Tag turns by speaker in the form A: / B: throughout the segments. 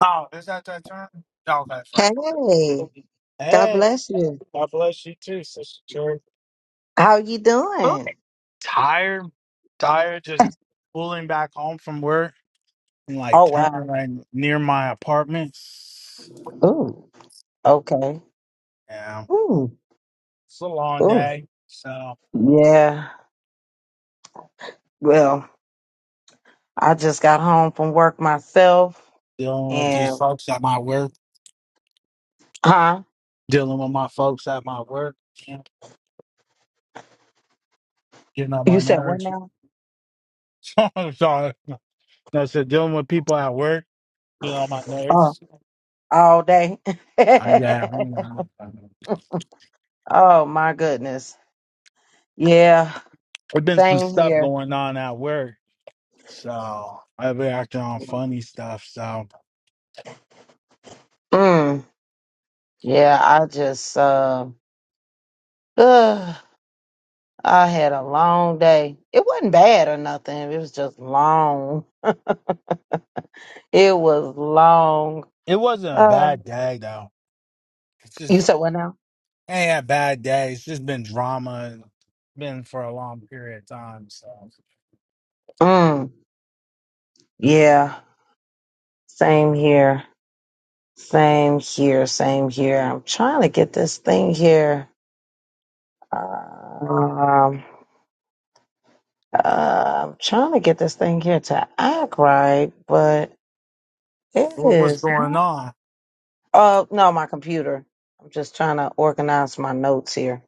A: Oh, is that that turn? Oh, that's right.
B: Hey, God
A: Hey,
B: bless you.
A: God bless you too, Sister Cherry.
B: How you doing?
A: Tired, tired, just pulling back home from work. I'm like
B: Oh
A: turning
B: wow.
A: right near my apartment.
B: Ooh. Okay.
A: Yeah,
B: Ooh.
A: it's a long
B: Ooh.
A: day. So
B: Yeah. Well, I just got home from work myself
A: dealing with these
B: and
A: folks at my work,
B: huh?
A: dealing with my folks at my work, yeah, getting on
B: You
A: my
B: said what
A: nerves.
B: now?
A: so so I said, dealing with people at work, getting on my
B: Oh,
A: nerves.
B: all day.
A: Oh, yeah, I mean, I- I mean,
B: oh my goodness. Yeah.
A: there's been some
B: Same
A: stuff
B: here.
A: going on at work. So I've been acting on funny stuff. So
B: Mm. Yeah, I just uh, ugh, I had a long day. It wasn't bad or nothing. It was just long. It was long.
A: it wasn't a
B: Uh,
A: bad day though. It's
B: you
A: just
B: said what now?
A: I ain't had bad days. It's just been drama. and Been for a long period of time. So
B: Mm, yeah. Same here. Same here. Same here. I'm trying to get this thing here. Um, uh, I'm trying to get this thing here to act right, but it
A: what, what's
B: is
A: going
B: not.
A: on?
B: Oh, no, my computer. I'm just trying to organize my notes here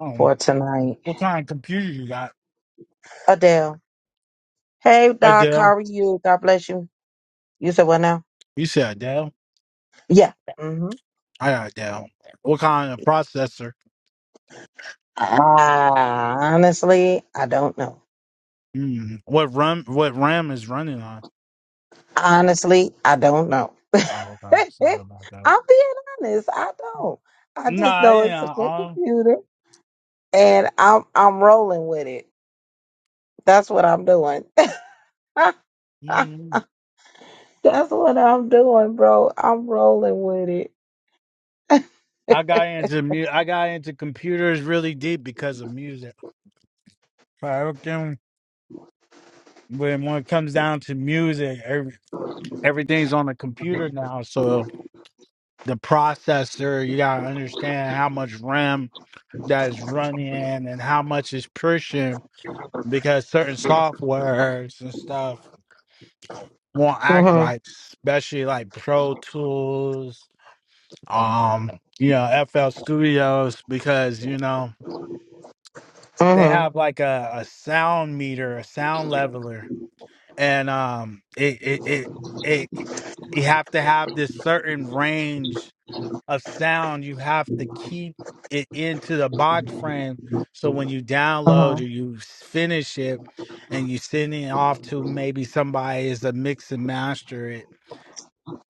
A: Um,
B: for tonight.
A: what kind of computer you got?
B: Adele. Hey,
A: I
B: Doc. How
A: Dell.
B: are you? God bless you. You said what now?
A: You said Dell.
B: Yeah. Mm-hmm.
A: I got
B: Yeah.
A: Dell. What kind of processor?
B: Ah, honestly, I don't know.
A: Mm, what RAM? What RAM is running on?
B: Honestly, I don't know.
A: Oh, okay.
B: I'm
A: Sorry about that.
B: being honest. I don't. I just
A: Nah,
B: know it's a good
A: yeah.
B: computer, and I'm I'm rolling with it. That's what I'm doing. That's
A: Um,
B: what I'm doing, bro. I'm rolling with it.
A: I got into mu- I got into computers really deep because of music. I reckon when when it comes down to music, every, everything's on the computer now. So the processor, you gotta understand how much RAM that is running and how much is pushing because certain softwares and stuff won't act
B: Mhm.
A: right, especially like Pro Tools, um, you know, FL Studios, because you know. they
B: Mhm.
A: have like a, a sound meter, a sound leveler, and um, it it it, it it- you have to have this certain range of sound. You have to keep it into the box frame, so when you download or
B: Mhm.
A: you s- finish it, and you send it off to maybe somebody is a mix and master it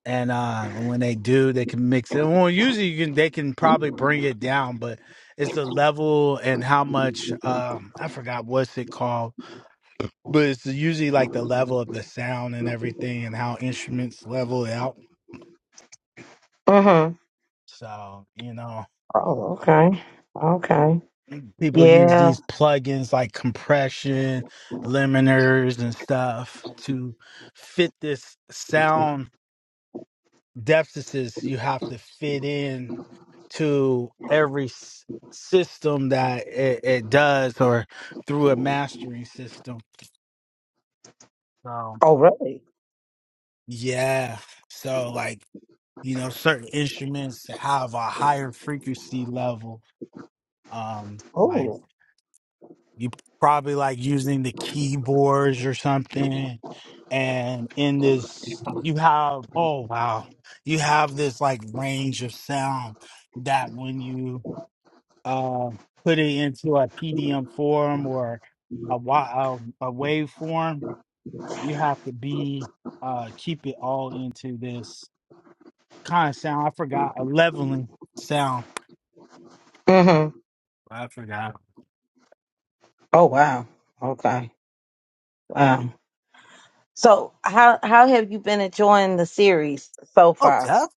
A: and uh when they do they can mix it well usually you can they can probably bring it down but it's the level and how much um i forgot what's it called but it's usually like the level of the sound and everything and how instruments level out
B: Mhm.
A: so you know
B: Oh, okay. Okay.
A: people use
B: Yeah.
A: these plugins like compression limiters and stuff to fit this sound deficits you have to fit in to every s- system that it, it does or through a mastering system. So,
B: Oh, really?
A: yeah. So, like, you know, certain instruments have a higher frequency level. Um, like,
B: Oh.
A: you probably like using the keyboards or something. And in this, you have, oh, wow, you have this like range of sound that when you um, put it into a PDM form or a, wa- a, a wave form. You have to be uh, keep it all into this kind of sound. I forgot a leveling sound.
B: Mhm.
A: I forgot.
B: Oh, wow. Okay. Wow. So how how have you been enjoying the series so
A: Oh,
B: far?
A: def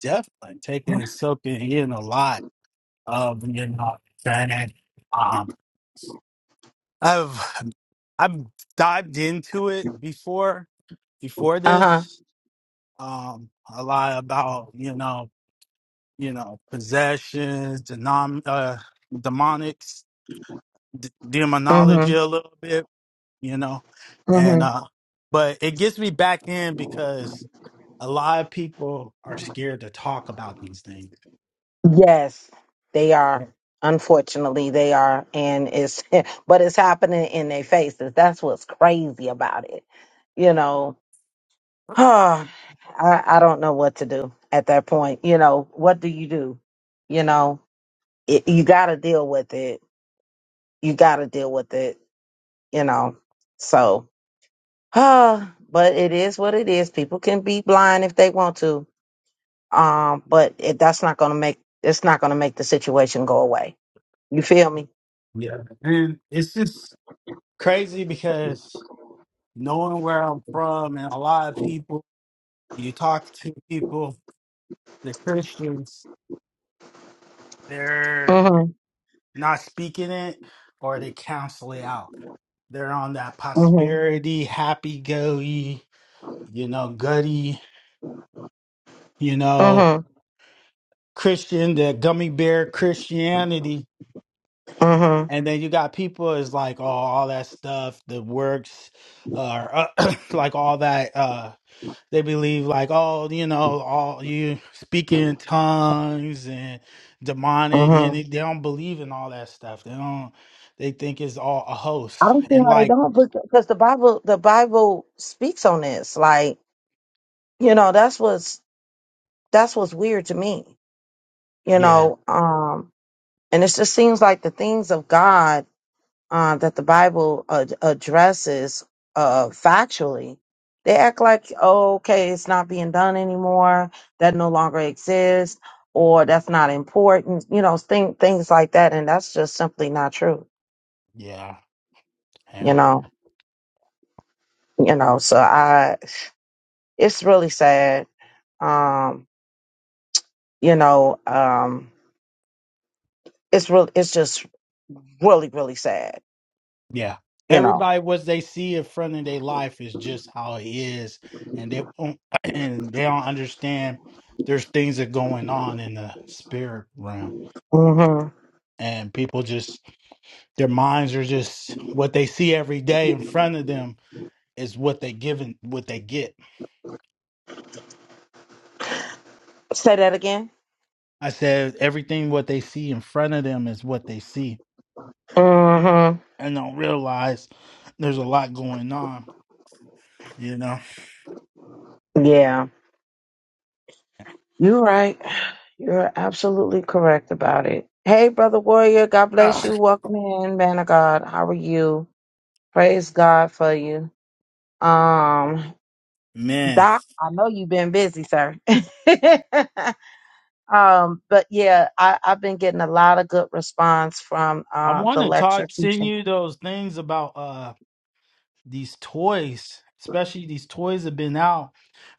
A: definitely taking and soaking in a lot of you know. Granted, um, I've I've dived into it before before
B: Uh-huh.
A: this. Um, a lot about you know you know, possessions, denom- uh, demonics, d- demonology
B: Mm-hmm.
A: a little bit, you know, and
B: Mm-hmm.
A: uh, but it gets me back in because a lot of people are scared to talk about these things.
B: Yes, they are. Unfortunately, they are, and it's but it's happening in their faces. That's what's crazy about it. You know, I I don't know what to do at that point. You know, what do you do? You know, it, you got to deal with it. You got to deal with it. You know, so. Ah, but it is what it is. People can be blind if they want to. Um, but it, that's not going to make it's not going to make the situation go away. You feel me?
A: Yeah, and it's just crazy because knowing where I'm from and a lot of people you talk to people, the Christians, they're
B: Mhm.
A: not speaking it or they counsel it out They're on that
B: Mhm.
A: prosperity, happy go you know, gutty, you know,
B: Mhm.
A: Christian, the gummy bear Christianity.
B: Mhm.
A: And then you got people is like, oh, all that stuff, the works, uh, like all that. Uh, they believe like, oh, you know, all you speaking in tongues and demonic, and
B: Mhm.
A: they they don't believe in all that stuff. They don't. They think it's all a
B: I
A: hoax.
B: don't see
A: And
B: how they
A: like,
B: don't because the Bible the Bible speaks on this. Like, you know, that's what's that's what's weird to me. You
A: yeah,
B: know, um and it just seems like the things of God uh, that the Bible ad- addresses uh, factually, they act like, oh, okay, it's not being done anymore, that no longer exists, or that's not important, you know, thing, things like that. And that's just simply not true,
A: yeah, yeah.
B: you know, you know, so I, it's really sad. Um, you know, um, it's real, it's just really, really sad,
A: Yeah.
B: you know.
A: Everybody, what they see in front of their life is just how it is, and they don't, and they don't understand there's things that going on in the spirit realm,
B: hmm
A: and people just their minds are just what they see every day in front of them is what they given what they get.
B: Say that again.
A: I said everything what they see in front of them is what they see,
B: hmm
A: and don't realize there's a lot going on. You know,
B: Yeah You're right. You're absolutely correct about it. Hey, brother warrior, God bless
A: Ugh,
B: you. Welcome in, man of God. How are you? Praise God for you. Um,
A: man.
B: Doc, I know you've been busy, sir. um, but yeah, I, I've been getting a lot of good response from
A: I
B: uh
A: want
B: the
A: to talk,
B: lecture
A: send
B: teaching.
A: you those things about. uh. these toys, especially these toys have been out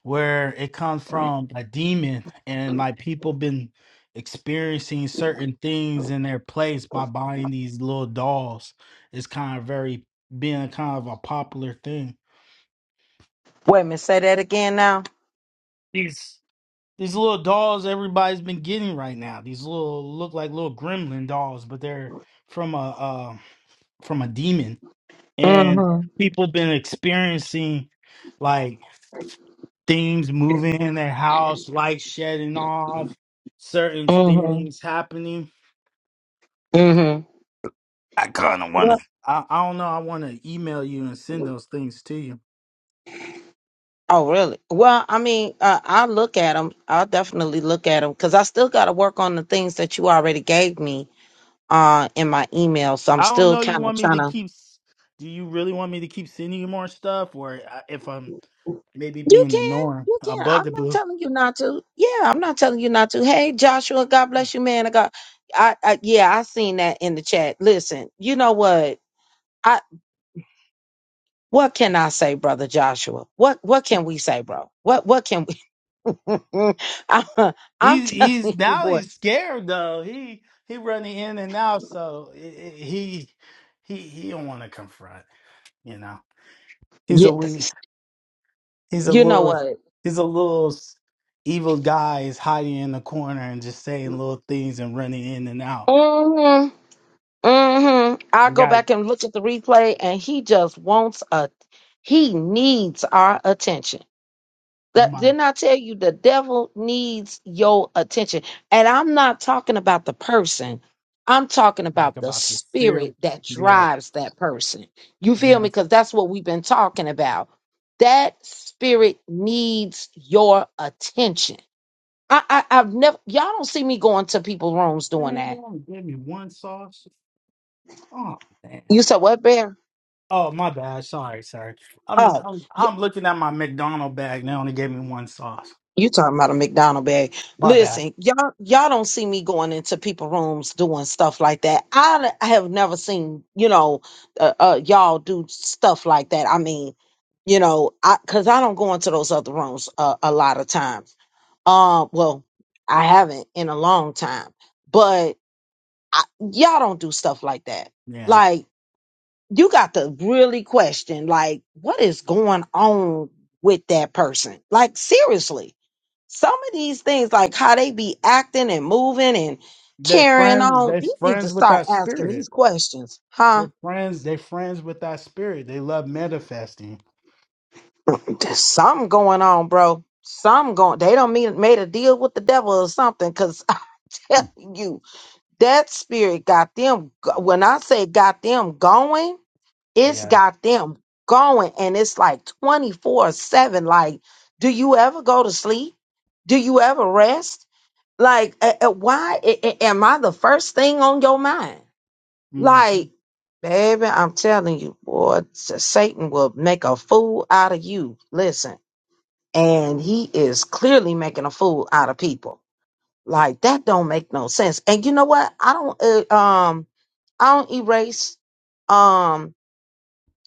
A: where it comes from a demon and like people been experiencing certain things in their place by buying these little dolls. It's kind of very being kind of a popular thing.
B: Wait a minute, say that again now.
A: These these little dolls everybody's been getting right now. These little look like little gremlin dolls, but they're from a uh, from a demon and
B: Mm-hmm.
A: people been experiencing like things moving in their house, lights shedding off, certain
B: Mm-hmm.
A: things happening.
B: Mm-hmm.
A: I kind of wanna. I, I don't know. I want to email you and send those things to you.
B: Oh, really? Well, I mean, uh, I'll look at them. I'll definitely look at them because I still got to work on the things that you already gave me uh, in my email. So I'm
A: I don't
B: still
A: know. You
B: kind of
A: want me
B: trying
A: to
B: to.
A: keep? s- Do you really want me to keep sending you more stuff, or I- if I'm maybe
B: You
A: being the
B: can.
A: norm,
B: You
A: a
B: can. I'm not
A: bugaboo?
B: telling you not to. Yeah, I'm not telling you not to. Hey, Joshua, God bless you, man. I got. I, I yeah, I seen that in the chat. Listen, you know what? I what can I say, brother Joshua? What what can we say, bro? What what can we? I'm, I'm
A: He's he's
B: telling you,
A: now
B: boy.
A: he's scared though. He he running in and out, so i- i- he he he don't want to confront. You know, he's a wee-
B: Yes.
A: he's a
B: you know
A: little
B: what?
A: he's a little s- evil guy. Is hiding in the corner and just saying little things and running in and out.
B: hmm hmm I
A: We
B: go
A: got
B: back and look at the replay, and he just wants a. He needs our attention. That
A: Mike
B: didn't I tell you? The devil needs your attention, and I'm not talking about the person. I'm talking
A: talk
B: about the
A: about the
B: spirit
A: spirit.
B: that
A: Yeah,
B: drives that person. You feel
A: yeah.
B: me? Because that's what we've been talking about. That spirit needs your attention. I, I I've never y'all don't see me going to people's rooms doing
A: Man, they
B: that.
A: only gave me one sauce. Oh man.
B: You said what, Barry?
A: Oh my bad. Sorry, sorry. I'm
B: Oh,
A: I'm
B: y-
A: I'm looking at my McDonald bag. They only gave me one sauce.
B: you talking about a McDonald bag?
A: My bad.
B: Listen, y'all, y'all don't see me going into people rooms doing stuff like that. I, I have never seen, you know, uh, uh, y'all do stuff like that. I mean, you know, I because I don't go into those other rooms uh, a lot of times. Um, well, I haven't in a long time, but I, y'all don't do stuff like that.
A: Yeah.
B: Like, you got to really question, like, what is going on with that person? Like, seriously Some of these things, like how they be acting and moving and
A: They're
B: carrying
A: friends.
B: on,
A: They're
B: you need to
A: friends with
B: start
A: that
B: asking
A: spirit.
B: these questions, huh?
A: They're friends. They're friends with that spirit. They love manifesting.
B: There's something going on, bro. Something going. They don't mean made a deal with the devil or something. Cause I tell you, that spirit got them. go- When I say got them going, it's
A: Yeah.
B: got them going, and it's like twenty four seven. Like, do you ever go to sleep? Do you ever rest? Like, a- a- why a- a- am I the first thing on your mind?
A: hmm
B: Like, baby, I'm telling you, boy, S- Satan will make a fool out of you. Listen, and he is clearly making a fool out of people. Like that don't make no sense. And you know what? I don't. Uh, um, I don't erase. Um,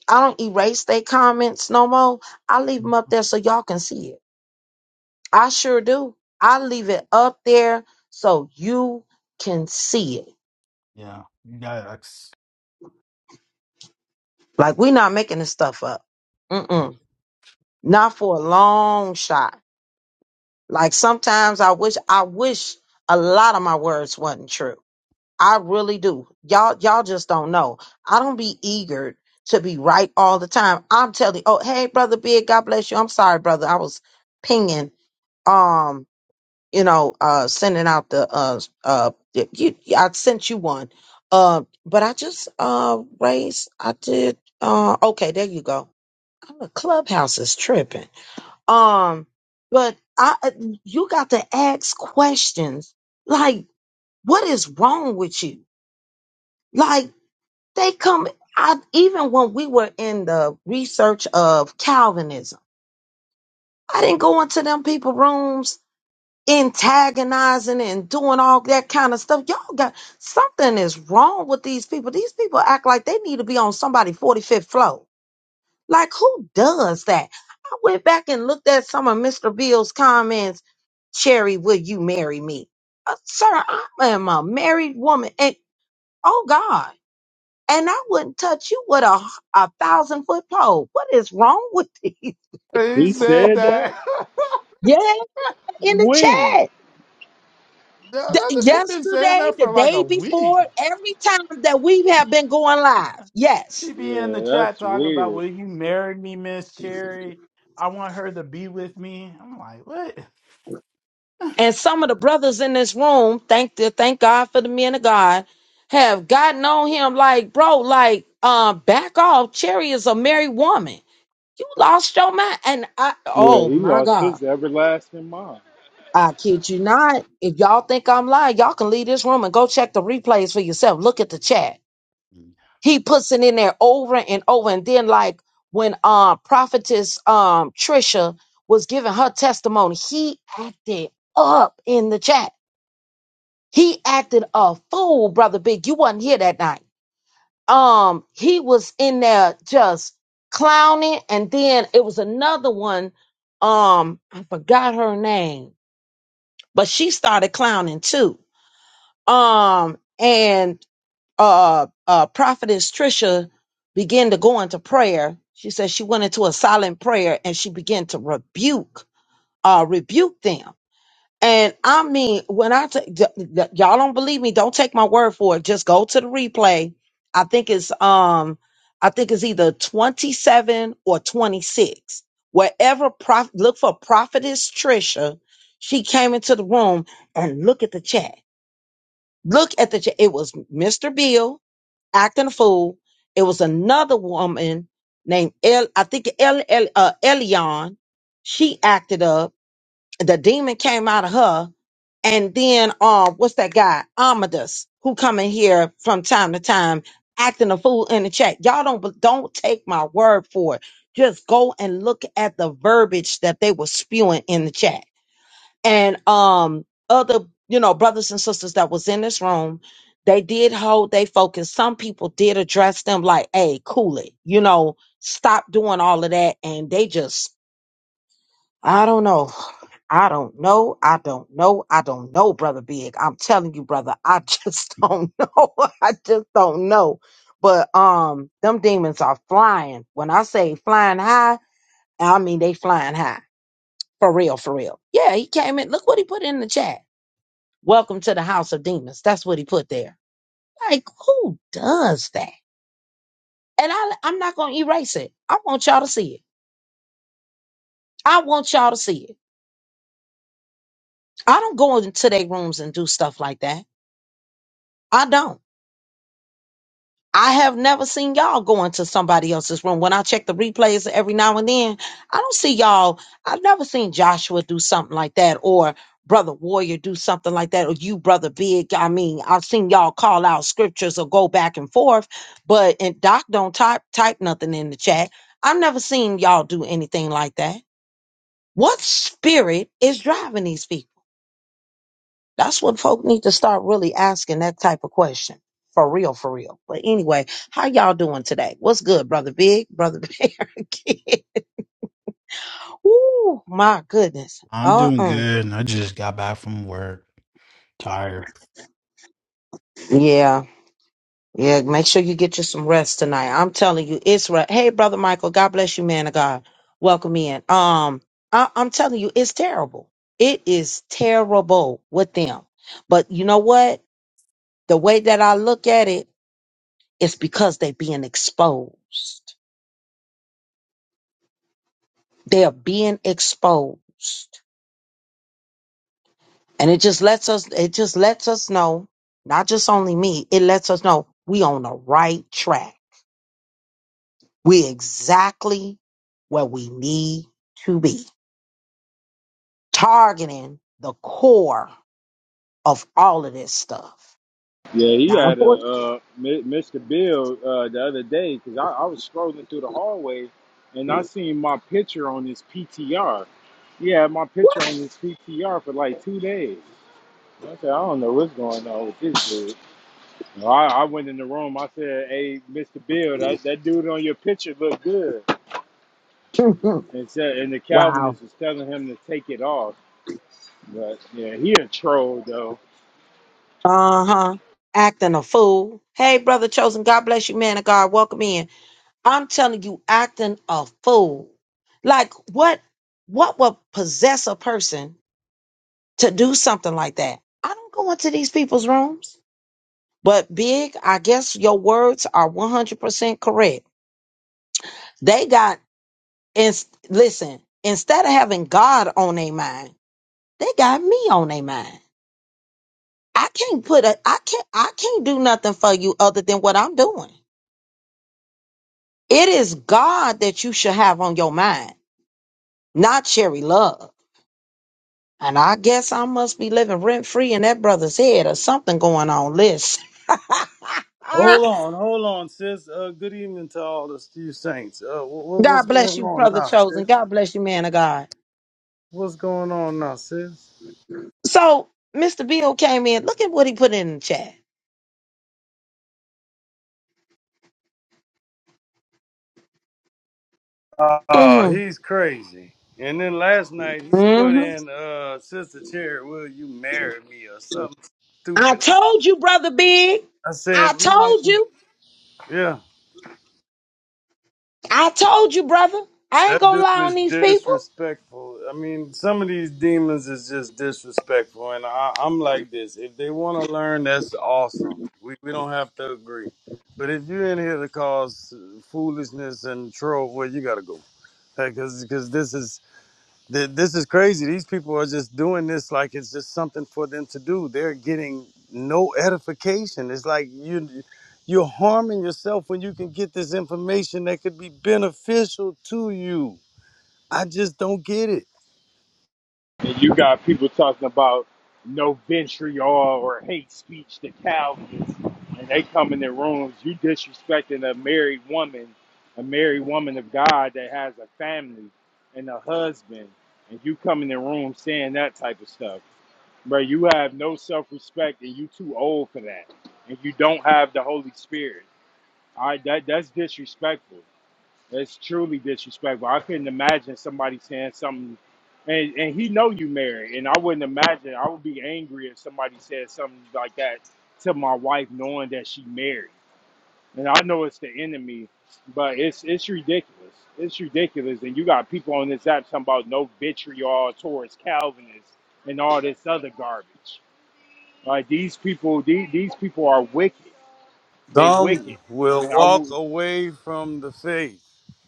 B: I don't erase their comments no more. I leave them up there so y'all can see it. I sure do. I leave it up there so you can see it
A: Yeah. Yikes.
B: Like we're not making this stuff up. Mm-mm. Not for a long shot. Like sometimes I wish I wish a lot of my words wasn't true. I really do. Y'all y'all just don't know. I don't be eager to be right all the time. I'm telling you, oh hey brother big, God bless you. I'm sorry, brother. I was pinging um, you know, uh sending out the uh uh you I sent you one. Uh but I just uh raised I did uh okay, there you go Oh, Clubhouse is tripping. Um, but I, uh, you got to ask questions like, what is wrong with you? Like they come. I even when we were in the research of Calvinism, I didn't go into them people rooms antagonizing and doing all that kind of stuff. Y'all got something is wrong with these people. These people act like they need to be on somebody 45th floor. Like, who does that? I went back and looked at some of Mr. Bill's comments. Cherry, will you marry me? Uh, sir, I am a married woman. And oh God. And I wouldn't touch you with a, a thousand foot pole. What is wrong with these?
A: He
C: He
A: said
C: said that?
A: that.
B: Yeah, in the
C: When?
B: chat.
A: No, no,
B: The-
A: no, he been saying
B: yesterday,
A: that
B: the
A: for like
B: day
A: a week.
B: before, every time that we have been going live. Yes.
A: He be in the
C: Yeah,
A: chat
C: that's
A: talking about,
C: weird.
A: will you marry me, Miss Cherry? I want her to be with me. I'm like, what?
B: And some of the brothers in this room, thank the thank God for the men of God, have gotten on him like, bro, like, uh, back off. Cherry is a married woman. You lost your mind. And I
C: Yeah,
B: oh
C: he
B: my
C: lost
B: God.
C: his everlasting mind.
B: I kid you not. If y'all think I'm lying, y'all can leave this room and go check the replays for yourself. Look at the chat. He puts it in there over and over. And then, like when um prophetess um Trisha was giving her testimony, he acted up in the chat He acted a fool, brother Big. You wasn't here that night. Um, he was in there just clowning, and then it was another one. Um, I forgot her name, but she started clowning too. Um, and uh, uh, prophetess Trisha began to go into prayer. She said she went into a silent prayer and she began to rebuke, uh, rebuke them. And I mean, when I t- y- y- y'all don't believe me, don't take my word for it. Just go to the replay. I think it's um, I think it's either twenty seven or twenty six. Wherever prof- look for prophetess Trisha, she came into the room and look at the chat. Look at the chat. It was Mr. Bill acting a fool. It was another woman named El. I think El El uh, Elion. She acted up the demon came out of her. And then um, what's that guy? Amadeus, who come in here from time to time acting a fool in the chat. Y'all don't don't take my word for it. Just go and look at the verbiage that they were spewing in the chat. And um other, you know, brothers and sisters that was in this room, they did hold they focus. Some people did address them like, hey, cool it, you know, stop doing all of that. And they just I don't know. I don't know. I don't know. I don't know, brother Big. I'm telling you, brother, I just don't know. I just don't know. But um them demons are flying. When I say flying high, I mean they flying high. For real, for real. Yeah, he came in. Look what he put in the chat. Welcome to the house of demons. That's what he put there. Like, who does that? And I I'm not gonna erase it. I want y'all to see it. I want y'all to see it. I don't go into their rooms and do stuff like that. I don't. I have never seen y'all go into somebody else's room. When I check the replays every now and then, I don't see y'all. I've never seen Joshua do something like that or Brother Warrior do something like that or you, Brother Big. I mean, I've seen y'all call out scriptures or go back and forth, but and Doc don't type type nothing in the chat. I've never seen y'all do anything like that. What spirit is driving these people? That's what folk need to start really asking that type of question. For real, for real. But anyway, how y'all doing today? What's good, brother Big, brother Bear? Kid? Ooh, my goodness.
A: I'm doing
B: Uh-uh.
A: good. I just got back from work. Tired.
B: Yeah. Yeah, make sure you get you some rest tonight. I'm telling you, it's right. Hey, brother Michael, God bless you, man of God. Welcome in. Um, I- I'm telling you, it's terrible. It is terrible with them. But you know what? The way that I look at it, it's because they're being exposed They're being exposed. And it just lets us, it just lets us know, not just only me, it lets us know we on the right track. We exactly where we need to be. Targeting the core of all of this stuff.
C: Yeah, he
B: Now,
C: had a
B: unfortunately,
C: uh, Mi- Mr. Bill uh, the other day because I, I was scrolling through the hallway and I seen my picture on his PTR. He had my
B: what?
C: picture on his PTR for like two days. I said, I don't know what's going on with this dude. So I, I went in the room. I said, Hey, Mr. Bill, that, that dude on your picture looked good. And said, and the
B: wow.
C: Calvinist was telling him to take it off. But yeah, he a troll though.
B: Uh huh. Acting a fool. Hey, brother chosen. God bless you, man of God. Welcome in. I'm telling you, acting a fool. Like what what would possess a person to do something like that? I don't go into these people's rooms. But big, I guess your words are 100% correct. They got and listen, instead of having God on their mind, they got me on their mind. I can't put a I can't I can't do nothing for you other than what I'm doing. It is God that you should have on your mind, not Cherry Love. And I guess I must be living rent free in that brother's head or something going on. Listen.
D: Hold on, hold on, sis. Uh, good evening to all the Steve Saints. Uh, what,
B: God
D: what's
B: bless
D: going
B: you,
D: on
B: brother
D: now,
B: chosen.
D: sis?
B: God bless you, man of God.
D: What's going on now, sis?
B: So Mr. Bill came in. Look at what he put in the chat.
D: Uh,
B: Mm-hmm.
D: he's crazy. And then last night he put
B: Mm-hmm.
D: in, uh, Sister Cherry, will you marry me or something
B: I
D: stupid?
B: told you, brother Big.
D: I
B: I
D: said,
B: told
D: man,
B: you.
D: yeah.
B: I told you, brother. I ain't
D: That
B: gonna
D: dude
B: lie on
D: is
B: these people.
D: disrespectful. I mean, some of these demons is just disrespectful, and I, I'm like this. If they want to learn, that's awesome. We we don't have to agree. But if you're in here to cause foolishness and troll, well, you gotta go, because because this is th- this is crazy. These people are just doing this like it's just something for them to do. They're getting no edification. It's like you you're harming yourself when you can get this information that could be beneficial to you. I just don't get it.
C: And you got people talking about no vitriol or hate speech to Calvinists, and they come in their rooms. You disrespecting a married woman, a married woman of God that has a family and a husband, and you come in their room saying that type of stuff, bro. You have no self respect, and you too old for that, and you don't have the Holy Spirit. All right, that that's disrespectful. It's truly disrespectful. I couldn't imagine somebody saying something, and and he know you married, and I wouldn't imagine. I would be angry if somebody said something like that to my wife, knowing that she married, and I know it's the enemy, but it's it's ridiculous. It's ridiculous, and you got people on this app talking about no vitriol towards Calvinists and all this other garbage. Like these people, these, these people are wicked. They wicked,
D: Some will
C: and I
D: walk
C: would.
D: away from the faith.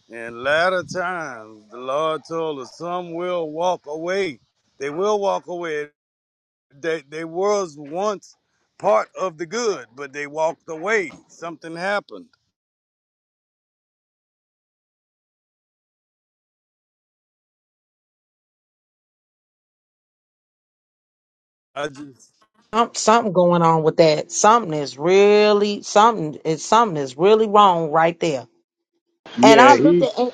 D: In latter times, the Lord told us, some will walk away. They will walk away. They, they was once part of the good, but they walked away. Something happened. I just,
B: Some, something going on with that. Something is really something is something is really wrong right there. And
C: Yeah,
B: I looked
C: he.
B: at and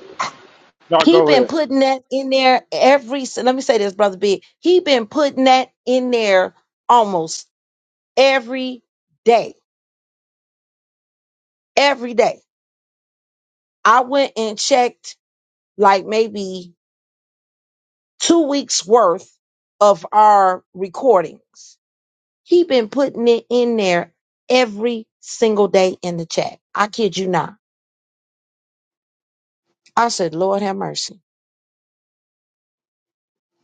C: No,
B: he
C: go ahead.
B: been putting that in there every s- let me say this, brother B. He been putting that in there almost every day. Every day. I went and checked like maybe two weeks worth of our recordings. He been putting it in there every single day in the chat. I kid you not. I said, Lord have mercy.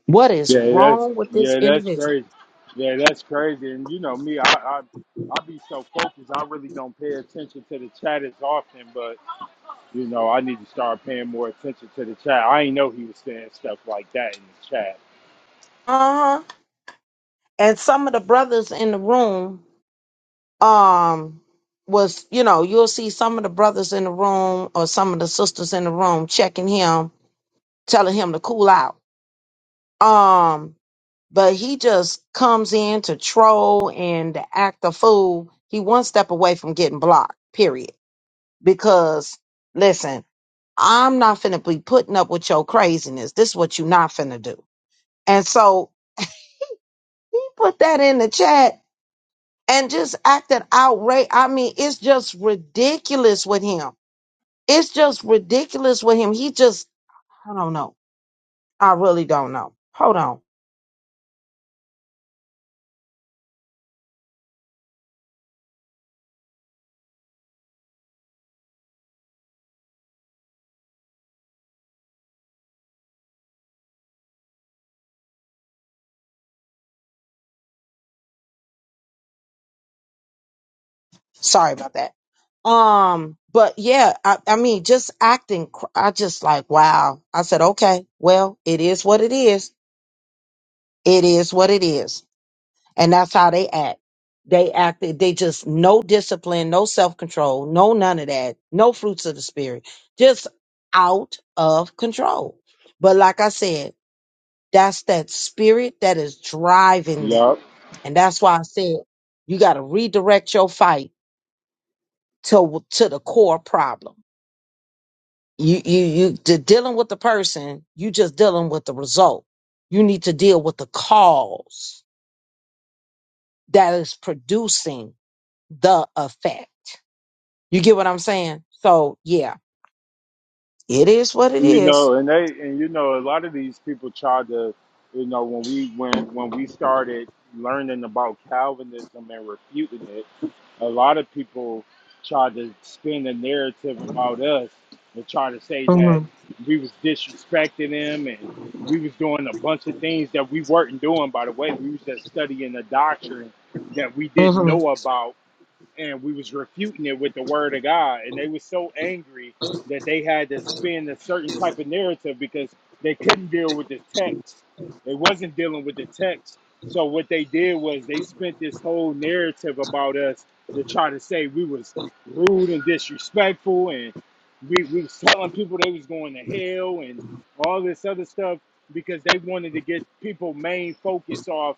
B: What is
C: Yeah, that's
B: wrong with this
C: yeah, that's
B: individual?
C: crazy. Yeah, that's crazy. And you know me, I I I be so focused, I really don't pay attention to the chat as often. But you know, I need to start paying more attention to the chat. I ain't know he was saying stuff like that in the chat.
B: Uh-huh. And some of the brothers in the room, um, was, you know, you'll see some of the brothers in the room or some of the sisters in the room checking him, telling him to cool out. Um, but he just comes in to troll and to act a fool. He one step away from getting blocked, period. Because listen. I'm not finna be putting up with your craziness. This is what you not finna do. And so he put that in the chat and just acted outrage. I mean, it's just ridiculous with him. It's just ridiculous with him. He just, I don't know. I really don't know. Hold on. Sorry about that. Um, but yeah, I, I mean, just acting, cr- I just like, wow. I said, okay, well, it is what it is. It is what it is. And that's how they act. They acted, they just no discipline, no self control, no none of that, no fruits of the spirit, just out of control. But like I said, that's that spirit that is driving them.
C: Yup.
B: And that's why I said you got to redirect your fight to to the core problem. You you you de- dealing with the person, you just dealing with the result. You need to deal with the cause that is producing the effect You get what I'm saying? So yeah, it is what it
C: You
B: is.
C: know, and they and you know, a lot of these people try to, you know, when we when when we started learning about Calvinism and refuting it. a lot of people try to spin a narrative about us and try to say that
B: Mhm,
C: we was disrespecting him and we was doing a bunch of things that we weren't doing by the way we was just studying a doctrine that we didn't
B: mhm,
C: know about and we was refuting it with the word of God. And they was so angry that they had to spin a certain type of narrative because they couldn't deal with the text. They wasn't dealing with the text. So what they did was they spent this whole narrative about us to try to say we was rude and disrespectful and we, we was telling people they was going to hell and all this other stuff because they wanted to get people main focus off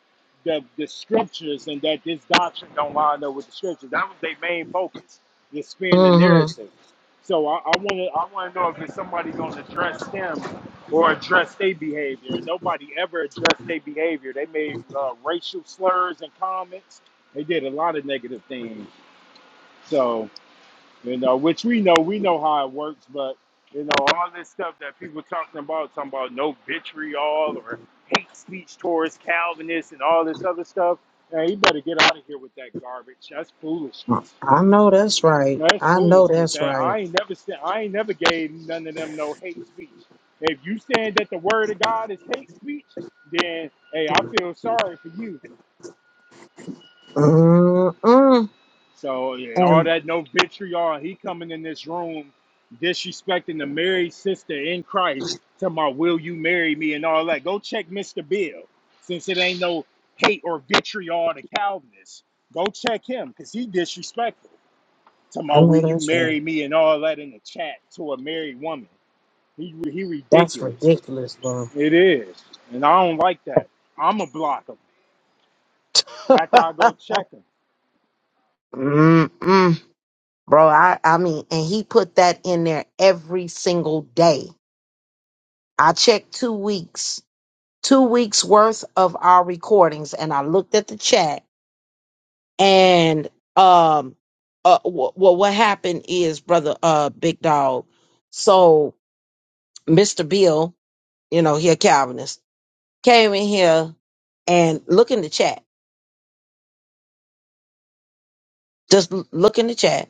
C: the, the scriptures and that this doctrine don't line up with the scriptures. That was their main focus, to spin the
B: mhm.
C: narrative. So I, I want to I want to know if there's somebody going to address them or address their behavior. Nobody ever addressed their behavior. They made uh, racial slurs and comments. They did a lot of negative things. So you know, which we know, we know how it works, but you know, all this stuff that people talking about, talking about no vitriol or hate speech towards Calvinists and all this other stuff, man, you better get out of here with that garbage. That's foolishness.
B: I know that's right.
C: No, that's
B: I know
C: foolishness.
B: that's
C: I,
B: right.
C: I ain't never said I ain't never gave none of them no hate speech. If you saying that the word of God is hate speech, then hey, I feel sorry for you.
B: Mm-mm.
C: So yeah, all
B: And
C: that no vitriol. He coming in this room disrespecting the married sister in Christ, talking about will you marry me and all that. Go check Mr. Bill, since it ain't no hate or vitriol to Calvinists. Go check him, cause he disrespectful. Talking
B: I
C: about will
B: know
C: you
B: that's right.
C: marry me and all that in the chat to a married woman. He he
B: That's
C: ridiculous.
B: ridiculous, bro.
C: It is, and I don't like that. I'ma block him after I go check him.
B: Mm-mm. Bro, I, I mean, and he put that in there every single day. I checked two weeks two weeks worth of our recordings and I looked at the chat and um uh wh- well what happened is brother uh big dog so Mr. Bill you know he a Calvinist came in here and look in the chat just l- look in the chat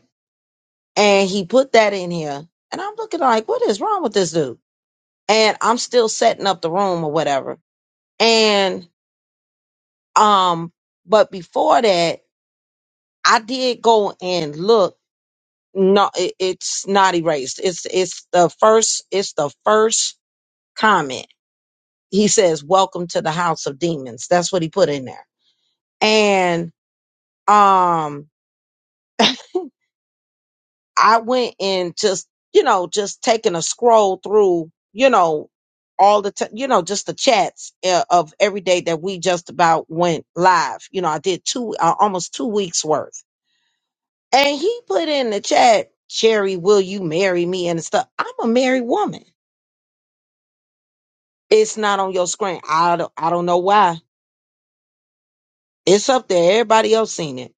B: and he put that in here and I'm looking like what is wrong with this dude and I'm still setting up the room or whatever and um but before that I did go and look No, it, it's not erased. It's it's the first. It's the first comment. He says, "Welcome to the house of demons." That's what he put in there. And um, I went and just you know just taking a scroll through you know all the t- you know just the chats uh, of every day that we just about went live. You know, I did two uh, almost two weeks worth, and he put in the chat, "Sherry, will you marry me?" and stuff. I'm a married woman. It's not on your screen. I don't, I don't know why. It's up there. Everybody else seen it.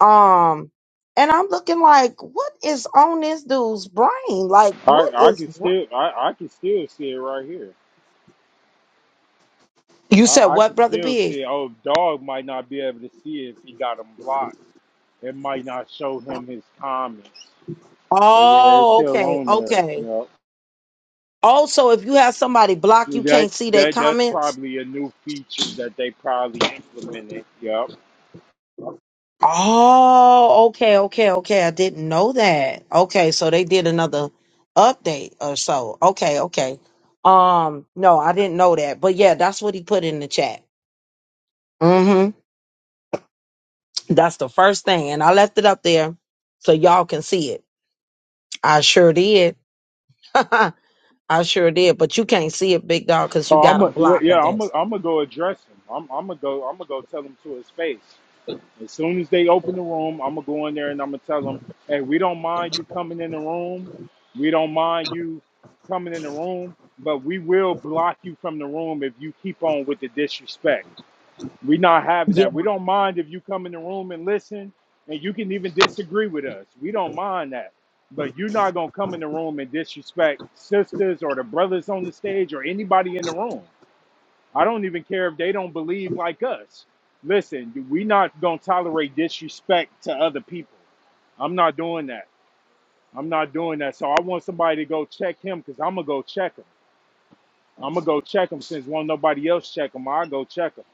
B: Um, and I'm looking like, what is on this dude's brain? Like,
C: I
B: what
C: I
B: is
C: can
B: wrong?
C: still I I can still see it right here.
B: You said
C: I, I
B: what,
C: can
B: brother
C: still
B: Big?
C: see. Oh, dog might not be able to see it if he got him blocked. It might not show him his comments, but yeah, it's
B: Oh,
C: still
B: okay,
C: on there.
B: okay.
C: You know
B: Also, if you have somebody blocked, you
C: that
B: can't see their
C: that that's
B: comments.
C: probably a new feature that they probably implemented. Yep.
B: Oh, okay, okay, okay. I didn't know that. Okay, so they did another update or so. Okay, okay. Um, no, I didn't know that. But yeah, that's what he put in the chat. Mm-hmm. That's the first thing. And I left it up there so y'all can see it. I sure did. I sure did. But you can't see it, big dog, because you
C: Oh,
B: got
C: I'm a,
B: them
C: yeah
B: blocked, I
C: yeah. I'm i am
B: guess.
C: a I'm gonna go address him. I'm I'm gonna go I'm gonna go tell him to his face. As soon as they open the room, I'm gonna go in there and I'm gonna tell them, "Hey, we don't mind you coming in the room. We don't mind you coming in the room, but we will block you from the room if you keep on with the disrespect. We're not having
B: Yeah.
C: that. We don't mind if you come in the room and listen, and you can even disagree with us. We don't mind that, but you're not gonna come in the room and disrespect sisters or the brothers on the stage or anybody in the room. I don't even care if they don't believe like us. Listen, we not gonna tolerate disrespect to other people. I'm not doing that. I'm not doing that. So I want somebody to go check him because I'm gonna go check him. I'm gonna go check him since won't nobody else check him. I go check him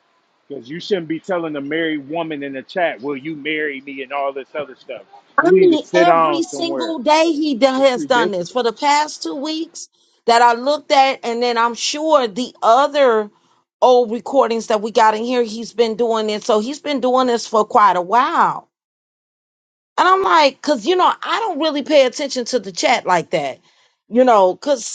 C: because you shouldn't be telling a married woman in the chat, "Will you marry me?" and all this other stuff. You
B: I
C: need to
B: mean,
C: sit
B: every
C: down somewhere.
B: single day he do-
C: It's
B: has done this for the
C: ridiculous.
B: past two weeks that I looked at, and then I'm sure the other old recordings that we got in here, he's been doing it. So he's been doing this for quite a while. And I'm like, because, you know, I don't really pay attention to the chat like that, you know, because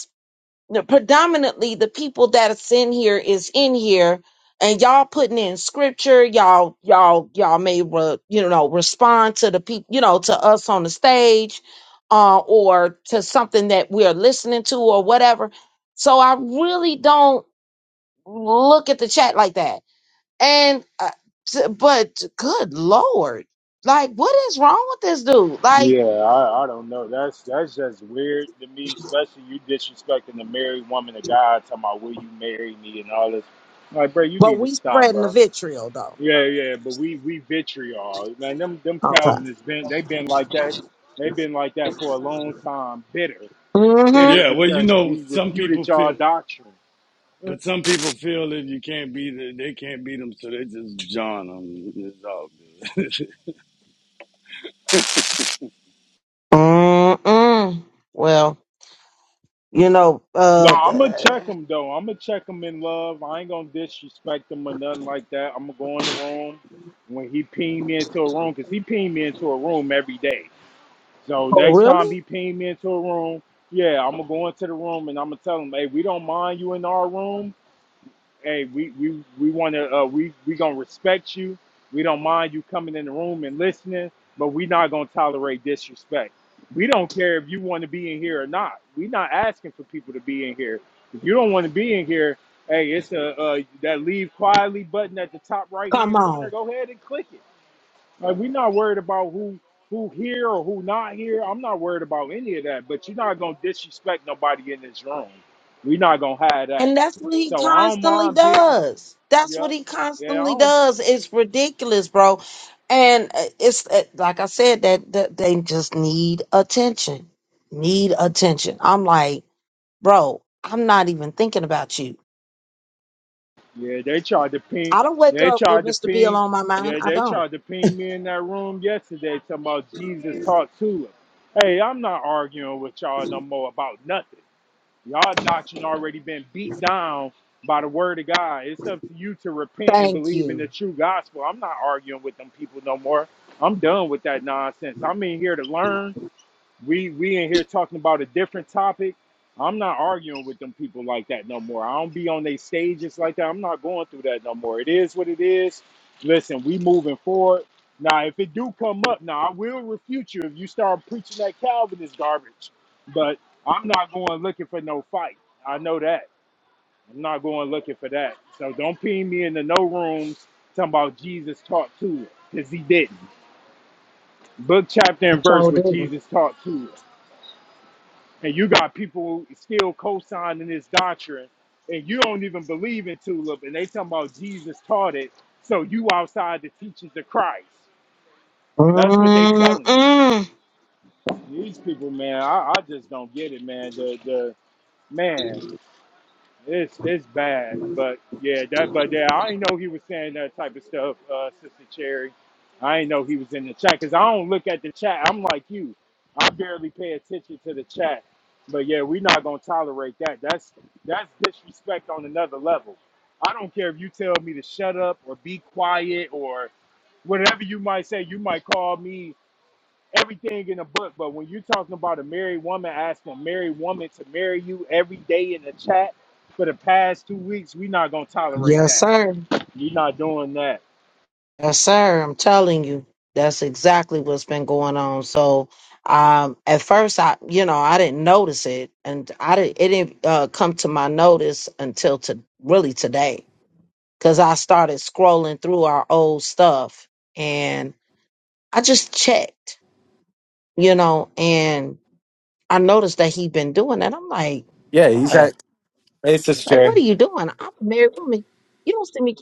B: the- predominantly the people that's in here is in here and y'all putting in scripture y'all y'all y'all may re, you know respond to the people you know to us on the stage uh or to something that we're listening to or whatever so i really don't look at the chat like that and uh, t- but good lord like what is wrong with this dude like
C: Yeah, I, I don't know. That's that's just weird to me, especially you disrespecting the married woman of God, talking about will you marry me and all this. I'm like, bro, you
B: But
C: need to
B: we
C: stop,
B: spreading the
C: bro.
B: vitriol though.
C: Yeah, yeah, but we we vitriol, man. Them them Calvinists been they've been like that. They've been like that for a long time, bitter,
B: Okay.
C: bitter
D: Yeah, well, you
C: because
D: know,
C: we
D: some people
C: refuted y'all
D: feel,
C: doctrine.
D: but some people feel that you can't beat it, they can't beat them, so they just John them. It's all good.
B: Mm-mm. Well, you know,
C: No,
B: uh,
C: I'm gonna
B: th-
C: check him though. I'm gonna check him in love. I ain't gonna disrespect him or nothing like that. I'm gonna go in the room when he ping me into a room because he ping me into a room every day. So
B: oh,
C: next time
B: really?
C: he ping me into a room, yeah, I'm gonna go into the room and I'm gonna tell him, hey, we don't mind you in our room, hey, we we we want to uh, we we gonna respect you. We don't mind you coming in the room and listening, but we not gonna tolerate disrespect. We don't care if you want to be in here or not. we not asking for people to be in here. If you don't want to be in here, hey, it's a uh, that leave quietly button at the top right
B: Come
C: hand corner.
B: on.
C: Go ahead and click it. Like we not worried about who who here or who not here. I'm not worried about any of that. But you're not gonna disrespect nobody in this room. we not gonna have that.
B: And that's what he
C: So I don't
B: constantly
C: mind being
B: does. That's what
C: Yep.
B: he
C: Yeah, I
B: constantly
C: don't.
B: does. It's ridiculous, bro. And uh, it's uh, like I said that, that they just need attention. Need attention. I'm like, bro, I'm not even thinking about you.
C: Yeah, they tried to ping.
B: I don't wake
C: They
B: up with
C: tried to
B: Mr. Bill
C: ping.
B: on my mind.
C: Yeah,
B: I
C: they
B: don't.
C: tried to ping me in that room yesterday talking about Jesus talked to us. Hey, I'm not arguing with y'all no more about nothing. Y'all doctrine already been beat down by the word of God. It's up to you to repent and
B: Thank
C: believe in the
B: you.
C: true gospel. I'm not arguing with them people no more. I'm done with that nonsense. I'm in here to learn We we in here talking about a different topic. I'm not arguing with them people like that no more. I don't be on their stages like that. I'm not going through that no more. It is what it is. Listen, we moving forward. Now, if it do come up, now I will refute you if you start preaching that Calvinist garbage. But I'm not going looking for no fight. I know that. I'm not going looking for that. So don't pin me into no rooms talking about Jesus taught to it, because he didn't. Book, chapter, and
B: It
C: verse
B: sure
C: what
B: didn't.
C: Jesus taught to us and you got people still co-signing this doctrine, and you don't even believe in tulip, and they talking about Jesus taught it, so you outside the teachings of Christ. That's what they telling you.
B: Mm-mm.
C: These people, man, I, I just don't get it, man. The the man. It's it's bad, but yeah, that but yeah, I didn't know he was saying that type of stuff, uh, Sister Cherry. I didn't know he was in the chat because I don't look at the chat. I'm like you, I barely pay attention to the chat. But yeah, we're not gonna tolerate that. That's that's disrespect on another level. I don't care if you tell me to shut up or be quiet or whatever you might say. You might call me everything in the book. But when you're talking about a married woman asking a married woman to marry you every day in the chat for the past two weeks, we're not gonna tolerate
B: Yes,
C: that.
B: sir.
C: We're not doing that.
B: Yes, sir. I'm telling you, that's exactly what's been going on. So, um, at first, I, you know, I didn't notice it, and I didn't. It didn't uh, come to my notice until to really today, because I started scrolling through our old stuff, and I just checked, you know, and I noticed that he'd been doing that. I'm like,
E: Yeah, he's at
B: bruh,
E: basis
B: like, what
E: chair,
B: are you doing? I'm a married woman. You don't see me.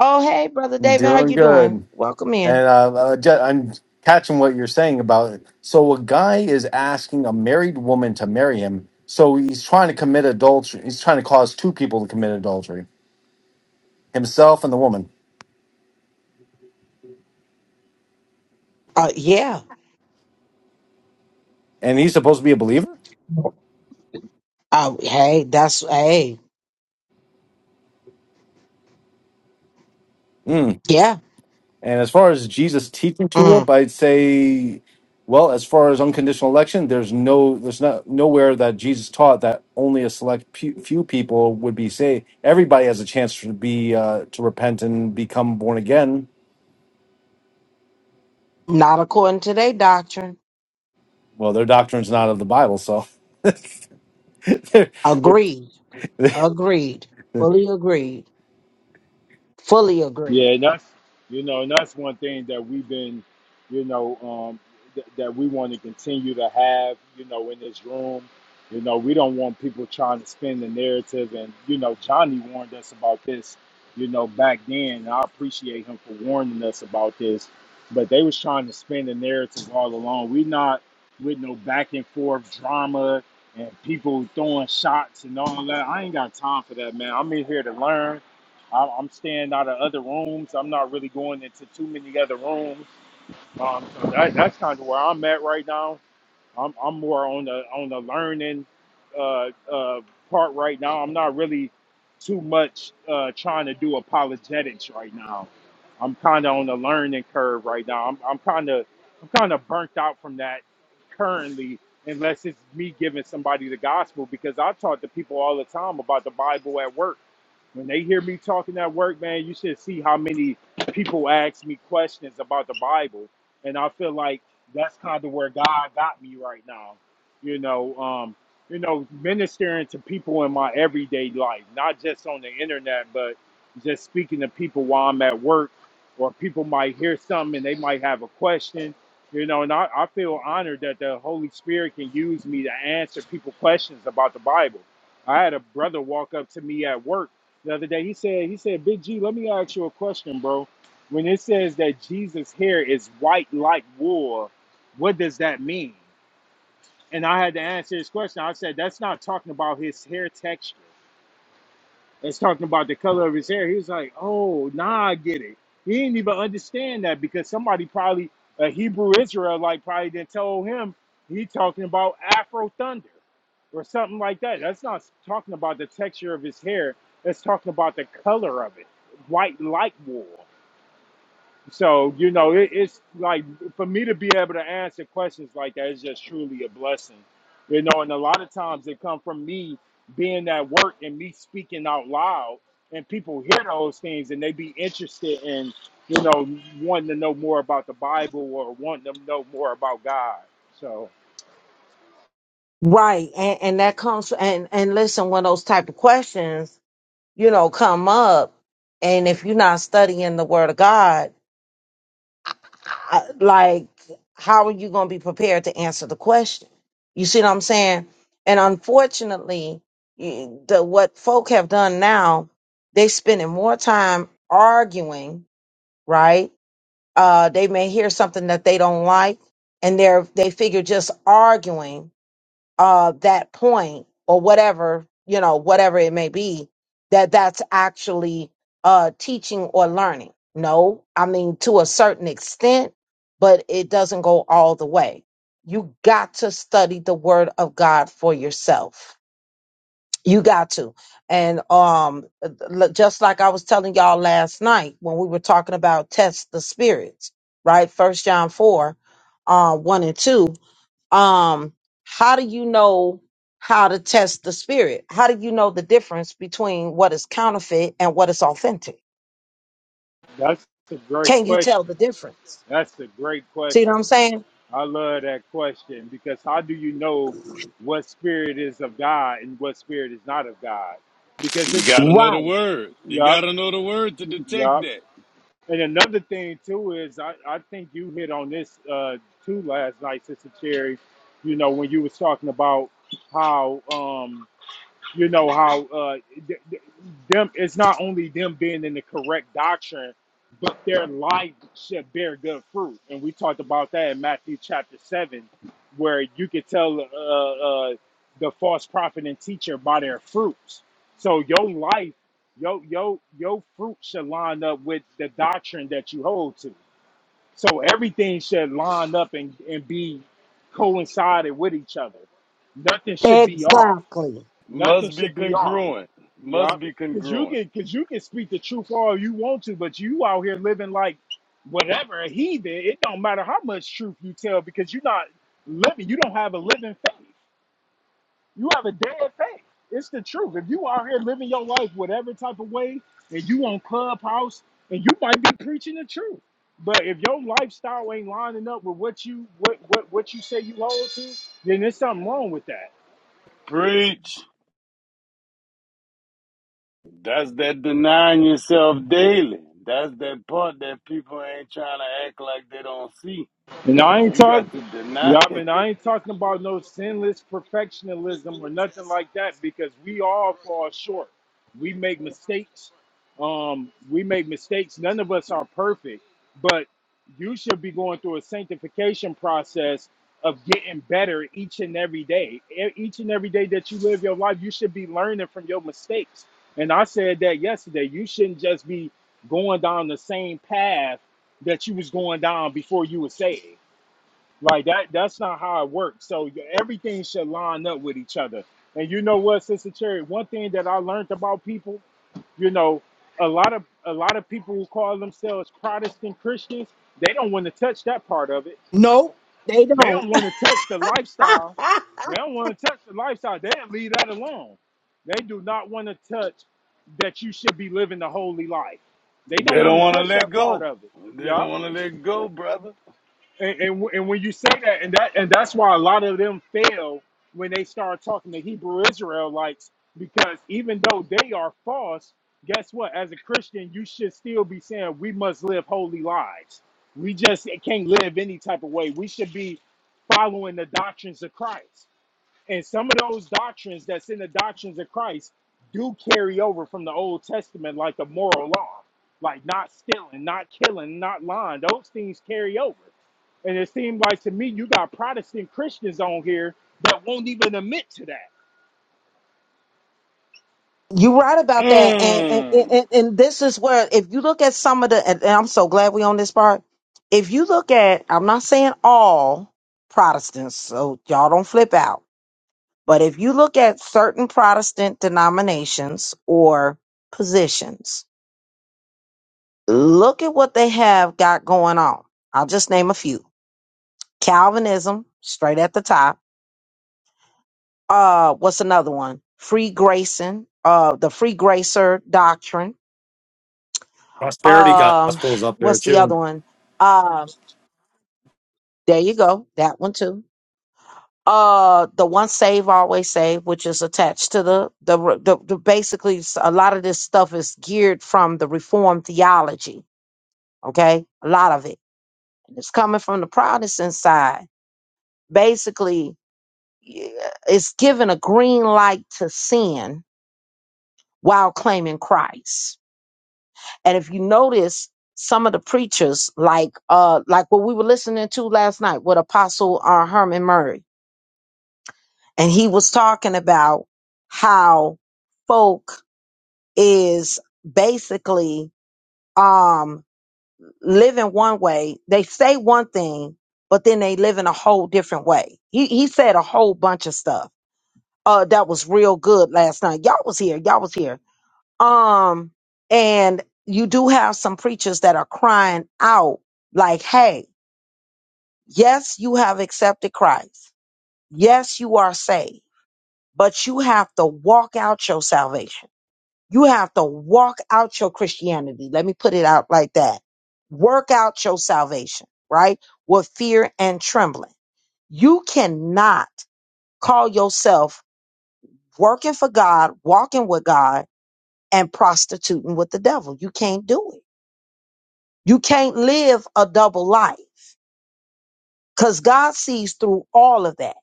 B: Oh, hey, brother David, how
E: doing
B: you
E: good,
B: doing? Welcome in.
E: and uh, uh, ju- I'm catching what you're saying about it. So a guy is asking a married woman to marry him, so he's trying to commit adultery. He's trying to cause two people to commit adultery, himself and the woman,
B: Uh, yeah.
E: and he's supposed to be a believer.
B: Oh, hey, that's hey,
E: Hmm.
B: yeah.
E: And as far as Jesus teaching tulip,
B: Mm.
E: I'd say, well, as far as unconditional election, there's no, there's not nowhere that Jesus taught that only a select pe- few people would be saved. Everybody has a chance to be uh, to repent and become born again.
B: Not according to their doctrine.
E: Well, their doctrine's not of the Bible, so.
B: Agreed. Agreed. Fully agreed. Fully agreed.
C: Yeah, and that's you know, and that's one thing that we've been, you know, um, th- that we want to continue to have, you know, in this room. You know, we don't want people trying to spin the narrative, and you know, Johnny warned us about this, you know, back then. And I appreciate him for warning us about this, but they was trying to spin the narrative all along. We not with no back and forth drama and people throwing shots and all that. I ain't got time for that, man. I'm in here to learn. I'm, I'm staying out of other rooms. I'm not really going into too many other rooms. Um, so that, that's kind of where I'm at right now. I'm, I'm more on the on the learning uh, uh, part right now. I'm not really too much uh, trying to do apologetics right now. I'm kind of on the learning curve right now. I'm I'm kind of I'm kind of burnt out from that currently, unless it's me giving somebody the gospel because I talk to people all the time about the Bible at work when they hear me talking at work, man, you should see how many people ask me questions about the Bible. And I feel like that's kind of where God got me right now. You know, um, you know, ministering to people in my everyday life, not just on the internet, but just speaking to people while I'm at work, or people might hear something and they might have a question. You know, and I, I feel honored that the Holy Spirit can use me to answer people questions about the Bible. I had a brother walk up to me at work the other day. He said, he said, Big G, let me ask you a question, bro. When it says that Jesus' hair is white like wool, what does that mean? And I had to answer his question. I said, that's not talking about his hair texture. It's talking about the color of his hair. He was like, "Oh, nah, I get it." He didn't even understand that because somebody probably a Hebrew Israelite probably didn't tell him he talking about Afro Thunder or something like that. That's not talking about the texture of his hair. That's talking about the color of it, white like wool. So you know, it, it's like for me to be able to answer questions like that is just truly a blessing, you know. And a lot of times they come from me being at work and me speaking out loud, and people hear those things and they be interested in, you know, wanting to know more about the Bible or wanting to know more about God. So
B: Right, and and that comes and and listen when those type of questions you know come up, and if you're not studying the Word of God. I- like how are you going to be prepared to answer the question you see what i'm saying and unfortunately you- the what folk have done now they spending more time arguing right uh they may hear something that they don't like and they're they figure just arguing uh, that point or whatever you know whatever it may be that that's actually uh, teaching or learning no i mean to a certain extent but it doesn't go all the way you got to study the word of god for yourself you got to and um uh, l- just like i was telling y'all last night when we were talking about test the spirits right first john 4 uh, 1 and 2 um how do you know how to test the spirit how do you know the difference between what is counterfeit and what is authentic
C: that's a great
B: can you
C: question.
B: tell the difference
C: That's a great question.
B: see what i'm saying
C: I love that question because how do you know what spirit is of God and what spirit is not of God? Because
D: you
C: it's,
D: gotta know the
B: right
D: word. You
C: yup,
D: gotta know the word to detect
C: yup. And another thing too is I, I think you hit on this uh, too last night, Sister Cherry. You know when you was talking about how um, you know how uh, th- th- them it's not only them being in the correct doctrine but their life should bear good fruit and we talked about that in matthew chapter 7 where you could tell uh, uh, the false prophet and teacher by their fruits so your life your your your fruit should line up with the doctrine that you hold to so everything should line up and, and be coincided with each other nothing should be off
B: exactly
C: Nothing
D: Must be
C: should be off.
D: congruent.
C: Yeah,
D: Must be
C: because you
D: congruent.
C: can because you can speak the truth all you want to, but you out here living like whatever a heathen. It don't matter how much truth you tell because you're not living. You don't have a living faith. You have a dead faith. It's the truth. If you out here living your life whatever type of way, and you on clubhouse, and you might be preaching the truth, but if your lifestyle ain't lining up with what you what what what you say you hold to, then there's something wrong with that.
D: Preach. That's that denying yourself daily. That's that part that people ain't trying to act like they don't see.
C: And I ain't
D: You
C: talk
D: got to deny
C: yeah, I
D: it.
C: mean I ain't talking about no sinless perfectionism or nothing like that because we all fall short. We make mistakes. Um, we make mistakes. None of us are perfect, but you should be going through a sanctification process of getting better each and every day. E- Each and every day that you live your life, you should be learning from your mistakes. And I said that yesterday. You shouldn't just be going down the same path that you was going down before you were saved. Like that that's not how it works. So everything should line up with each other. And you know what, Sister Cherry, one thing that I learned about people, you know, a lot of a lot of people who call themselves Protestant Christians, they don't want to touch that part of it.
B: no they
C: They
B: don't
C: don't want to touch the lifestyle. They don't want to touch the lifestyle. They leave that alone. They do not want to touch that you should be living the holy life. They
D: They
C: don't want
D: don't
C: to
D: want to
C: touch
D: let
C: that part
D: go.
C: of it.
D: They
C: Yup
D: don't want to let go, brother.
C: and, and and when you say that, and that and that's why a lot of them fail when they start talking to Hebrew Israelites, because even though they are false, guess what? As a Christian, you should still be saying we must live holy lives. We just can't live any type of way. We should be following the doctrines of Christ. And some of those doctrines that's in the doctrines of Christ do carry over from the Old Testament, like the moral law, like not stealing, not killing, not lying. Those things carry over. And it seemed like to me, you got Protestant Christians on here that won't even admit to that.
B: you're right about that and, and
D: Mm.
B: and and this is where if you look at some of the and and i'm so glad we on this part if you look at i'm not saying all protestants so y'all don't flip out But if you look at certain Protestant denominations or positions, look at what they have got going on. I'll just name a few. Calvinism, straight at the top. Uh, what's another one? Free Grayson, uh, the Free Gracer doctrine.
E: Prosperity
B: Um,
E: gospel is up there
B: what's the other
E: too.
B: one? Um, there you go. That one too uh the one save always save which is attached to the the, re- the the basically s- a lot of this stuff is geared from the reformed theology okay a lot of it and it's coming from the protestant side basically yeah, it's given a green light to sin while claiming christ and if you notice some of the preachers like uh like what we were listening to last night with apostle uh, herman murray and he was talking about how folk is basically um living one way. They say one thing, but then they live in a whole different way. He he said a whole bunch of stuff. Uh that was real good last night. Y'all was here. Y'all was here. Um and you do have some preachers that are crying out like, "Hey, yes, you have accepted Christ. Yes, you are saved, but you have to walk out your salvation." You have to walk out your Christianity. Let me put it out like that. Work out your salvation, right? With fear and trembling. You cannot call yourself working for God, walking with God, and prostituting with the devil. You can't do it. You can't live a double life because God sees through all of that.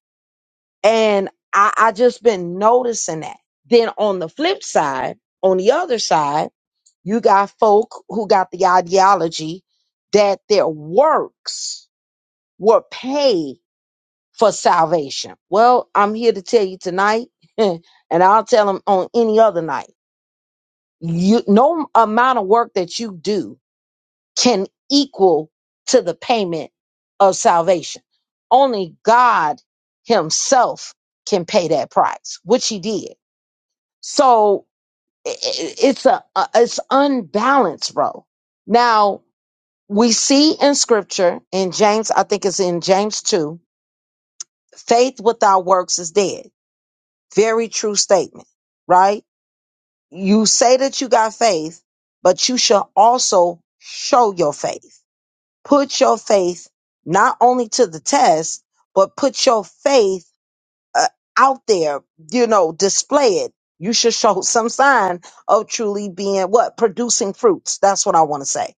B: And I, I just been noticing that. Then on the flip side, on the other side, You got folk who got the ideology that their works were paid for salvation. Well, I'm here to tell you tonight, and I'll tell them on any other night. You, no amount of work that you do can equal to the payment of salvation. Only God Himself can pay that price, which He did. So i- i- it's a, a it's unbalanced, bro. Now we see in scripture in James, I think it's in James 2, faith without works is dead. Very true statement, right? You say that you got faith, but you shall also show your faith. Put your faith not only to the test, but put your faith uh, out there, you know, display it. You should show some sign of truly being what? Producing fruits. That's what I want to say.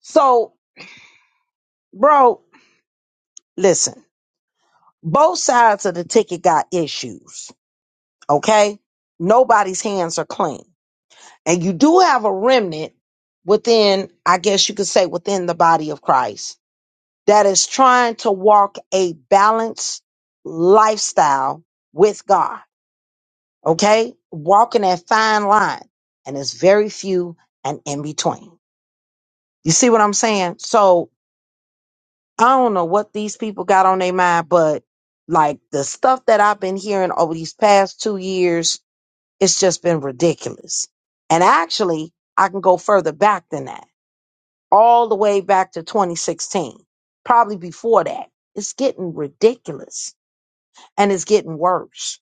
B: So, bro, listen. Both sides of the ticket got issues, okay? Nobody's hands are clean. And you do have a remnant within, I guess you could say, within the body of Christ that is trying to walk a balanced lifestyle with God, okay? Walking that fine line. And it's very few and in between. You see what I'm saying? So I don't know what these people got on their mind, but like the stuff that I've been hearing over these past two years It's just been ridiculous. And actually, I can go further back than that, all the way back to 2016, probably before that. It's getting ridiculous and it's getting worse,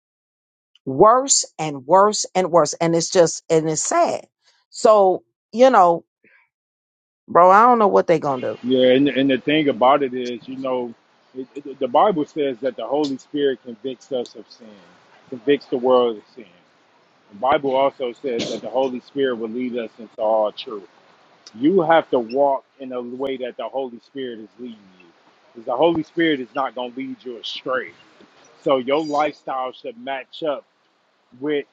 B: worse and worse and worse. And it's just, and it's sad. So, you know, bro, I don't know what they're going to do.
C: Yeah, and, and the thing about it is, you know, it, it, the Bible says that the Holy Spirit convicts us of sin, convicts the world of sin. The Bible also says that the Holy Spirit will lead us into all truth. You have to walk in a way that the Holy Spirit is leading you. Because the Holy Spirit is not going to lead you astray. So your lifestyle should match up with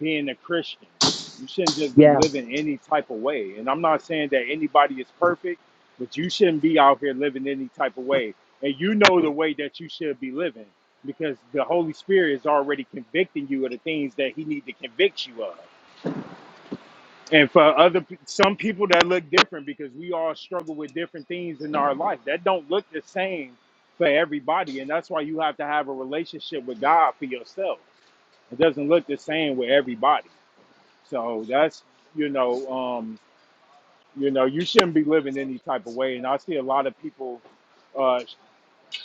C: being a Christian. You shouldn't just be
B: Yeah.
C: living any type of way. And I'm not saying that anybody is perfect, but you shouldn't be out here living any type of way. And you know the way that you should be living because the Holy Spirit is already convicting you of the things that He need to convict you of and for other pe- some people that look different because we all struggle with different things in our life that don't look the same for everybody and that's why you have to have a relationship with god for yourself it doesn't look the same with everybody so that's you know um you know you shouldn't be living any type of way and i see a lot of people uh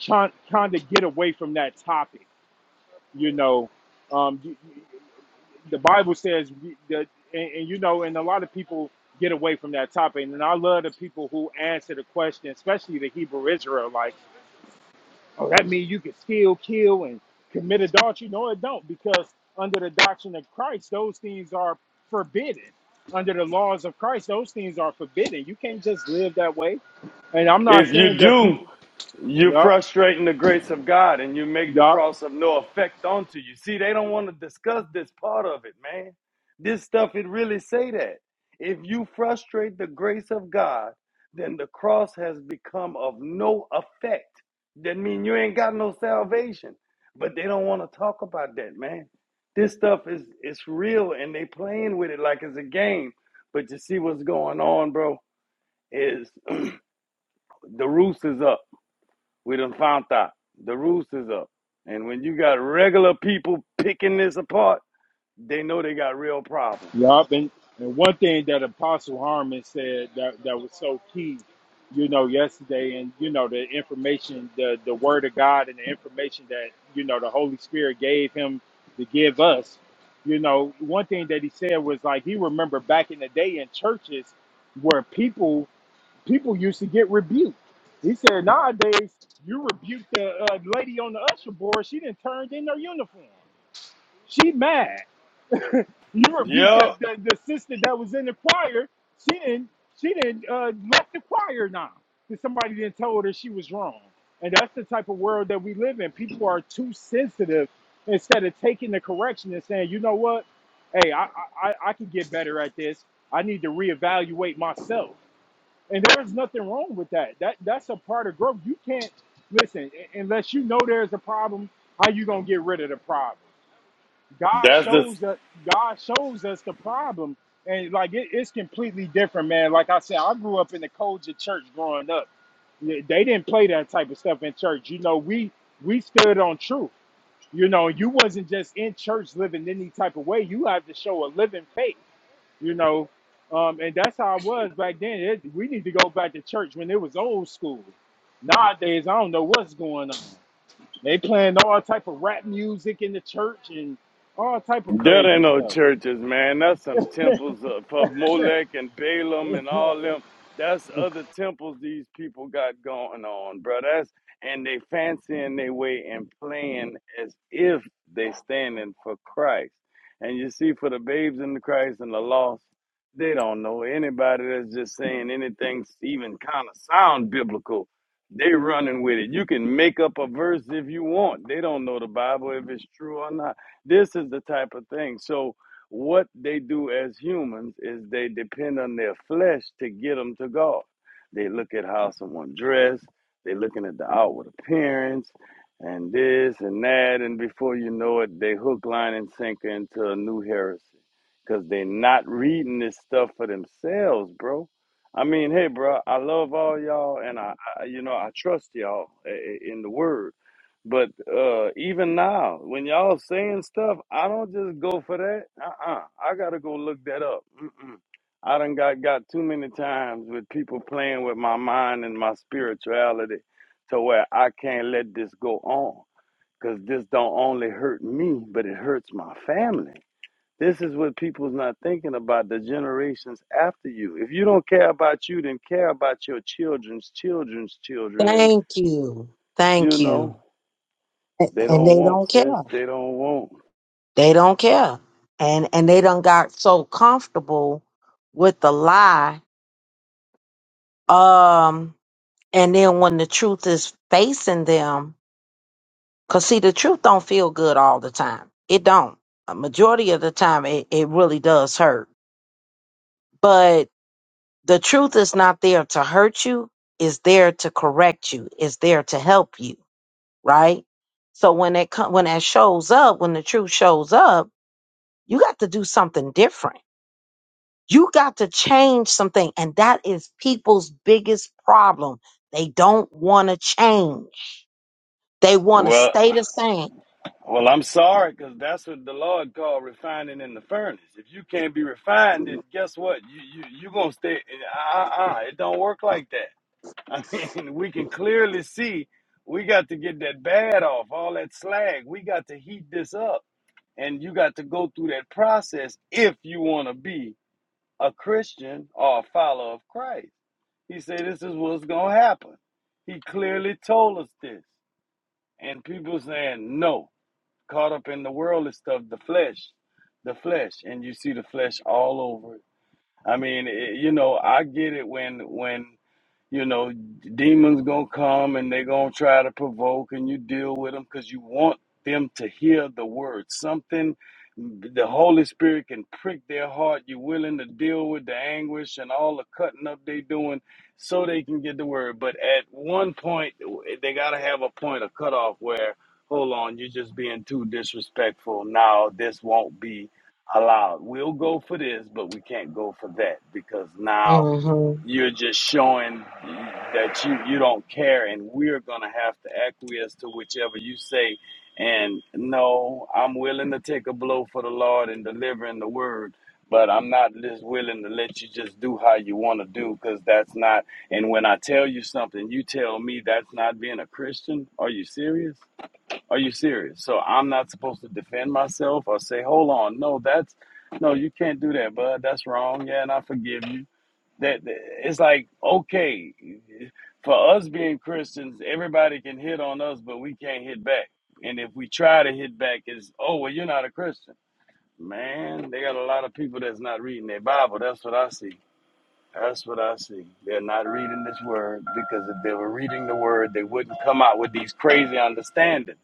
C: trying trying to get away from that topic you know um the Bible says we- that, and, and you know, and a lot of people get away from that topic. And I love the people who answer the question, especially the Hebrew Israel, like, oh, that means you can steal, kill, and commit adultery. No, it don't, because under the doctrine of Christ, those things are forbidden. Under the laws of Christ, those things are forbidden. You can't just live that way. And I'm not
D: If
C: saying
D: you
C: that
D: do,
C: people,
D: you're
C: yup,
D: frustrating the grace of God and you make the
C: yup.
D: cross of no effect onto you. See, they don't want to discuss this part of it, man. This stuff, it really say that. If you frustrate the grace of God, then the cross has become of no effect. That mean you ain't got no salvation. But they don't want to talk about that, man. This stuff is it's real and they playing with it like it's a game. But you see what's going on, bro, is the roost is up we done found out the roost is up. And when you got regular people picking this apart, they know they got real problems.
C: Yup, and, and one thing that Apostle Harmon said that, that was so key, you know, yesterday, and you know, the information, the the Word of God, and the information that you know the Holy Spirit gave him to give us, you know, one thing that he said was like he remembered back in the day in churches where people people used to get rebuked. He said nowadays you rebuke the uh, lady on the usher board, she didn't turn in her uniform. She mad you rebuked the,
D: Yep.
C: the, the sister that was in the choir. She didn't she didn't uh, left the choir now because somebody didn't told her she was wrong. And that's the type of world that we live in. People are too sensitive instead of taking the correction and saying, you know what, hey, I I, I I can get better at this. I need to reevaluate myself. And there is nothing wrong with that. That that's a part of growth. You can't listen u- unless you know there's a problem. How you gonna get rid of the problem? God
D: That's the
C: shows that God shows us the problem, and like it, it's completely different, man. Like I said, I grew up in the culture church growing up. Yeah, They didn't play that type of stuff in church. You know, we we stood on truth. You know, you wasn't just in church living any type of way. You have to show a living faith. You know, um, and that's how it was back then. It, we need to go back to church when it was old school. Nowadays, I don't know what's going on. They playing all type of rap music in the church and all type of
D: There ain't
C: crazy
D: no
C: stuff.
D: churches, man. That's some temples uh, for Molech and Balaam and all them. That's other temples these people got going on, bro. That's and they fancying their way and playing as if they standing for Christ. And you see, for the babes in the Christ and the lost, they don't know anybody that's just saying anything even kind of sound biblical. They running with it. You can make up a verse if you want. They don't know the Bible if it's true or not. This is the type of thing. So, what they do as humans is they depend on their flesh to get them to God. They look at how someone dressed, they're looking at the outward appearance, and this and that. And before you know it, they hook, line, and sinker into a new heresy because they're not reading this stuff for themselves, bro. I mean, hey, bro, I love all y'all, and I, I you know, I trust y'all eh, eh, in the word but uh, even now, when y'all saying stuff, I don't just go for that. Uh-uh. I gotta go look that up. Mm-mm. I done got got too many times with people playing with my mind and my spirituality to where I can't let this go on. Cause this don't only hurt me, but it hurts my family. This is what people's not thinking about the generations after you. If you don't care about you, then care about your children's children's children and
B: Thank you.
D: you
B: Thank
D: know.
B: you. A-
D: They
B: And
D: don't
B: they
D: want,
B: don't
D: sis.
B: care.
D: They don't want.
B: They don't care. And and they done got so comfortable with the lie Um, and then when the truth is facing them, cause see, the truth don't feel good all the time. It don't. A majority of the time, it, it really does hurt. But the truth is not there to hurt you. It's there to correct you. It's there to help you, right? So when it co- when that shows up, when the truth shows up, you got to do something different. You got to change something, and that is people's biggest problem. They don't want to change They want to
D: Well,
B: stay the same.
D: well, I'm sorry, because that's what the Lord called refining in the furnace. If you can't be refined, then guess what? You you you gonna stay. Uh, uh, uh, it don't work like that. I mean, we can clearly see we got to get that bad off, all that slag. We got to heat this up, and you got to go through that process if you want to be a Christian or a follower of Christ. He said, "This is what's gonna happen." He clearly told us this. and people saying no caught up in the worldly stuff the flesh the flesh and you see the flesh all over i mean it, you know i get it when when you know demons gonna come and they gonna try to provoke and you deal with them because you want them to hear the word something the holy spirit can prick their heart you're willing to deal with the anguish and all the cutting up they doing so they can get the word but at one point they gotta have a point of cutoff where hold on you're just being too disrespectful now this won't be allowed we'll go for this but we can't go for that because now
B: hmm
D: you're just showing that you, you don't care, and we're going to have to acquiesce to whichever you say. And no, I'm willing to take a blow for the Lord and delivering the word, but I'm not just willing to let you just do how you want to do because that's not. And when I tell you something, you tell me that's not being a Christian. Are you serious? Are you serious? So I'm not supposed to defend myself or say, hold on, no, that's no, you can't do that, bud. That's wrong. Yeah, and I forgive you that it's like okay for us being christians everybody can hit on us but we can't hit back and if we try to hit back it's oh well you're not a christian man they got a lot of people that's not reading their bible that's what i see that's what i see they're not reading this word because if they were reading the word they wouldn't come out with these crazy understandings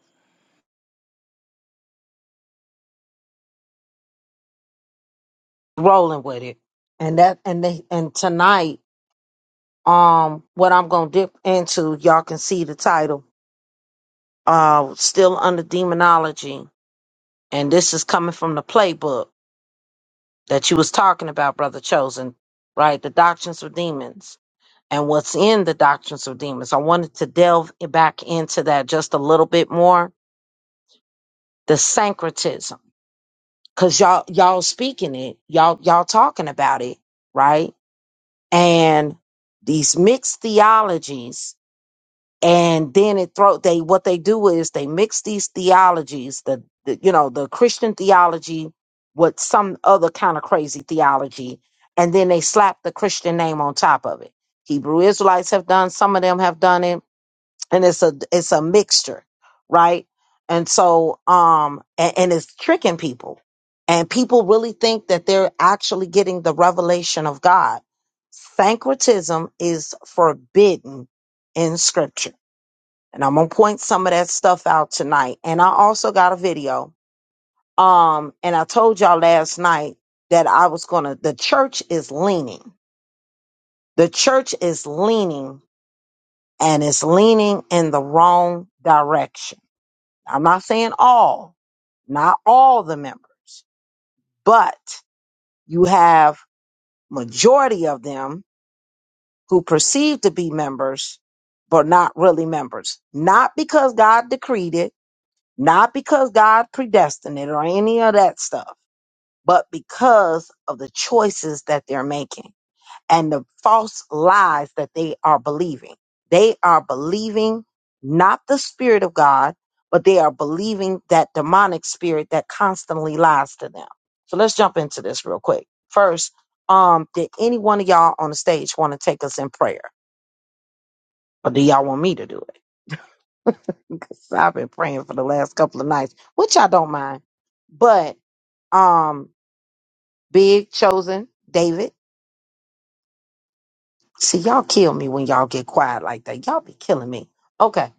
B: Rolling with it, and that and they and tonight, um, what I'm gonna dip into, y'all can see the title, uh, still under demonology, and this is coming from the playbook. that you was talking about, brother chosen, right? The doctrines of demons and what's in the doctrines of demons. I wanted to delve back into that just a little bit more. The syncretism, cause y'all y'all speaking it, y'all y'all talking about it, right? And these mixed theologies and then it throw they what they do is they mix these theologies the, the you know the christian theology with some other kind of crazy theology and then they slap the christian name on top of it hebrew israelites have done some of them have done it and it's a it's a mixture right and so um and, and it's tricking people and people really think that they're actually getting the revelation of god syncretism is forbidden in scripture and I'm gonna point some of that stuff out tonight. And I also got a video. Um, and I told y'all last night that I was gonna. The church is leaning. The church is leaning, and it's leaning in the wrong direction. I'm not saying all, not all the members, but you have majority of them who perceive to be members, but not really members. Not because God decreed it Not because God predestined it or any of that stuff, but because of the choices that they're making and the false lies that they are believing. They are believing not the Spirit of God, but they are believing that demonic spirit that constantly lies to them. So let's jump into this real quick. First, um, did any one of y'all on the stage want to take us in prayer? Or do y'all want me to do it? So I've been praying for the last couple of nights, which I don't mind. But um Big Chosen, David. See, y'all kill me when y'all get quiet like that. Y'all be killing me. Okay.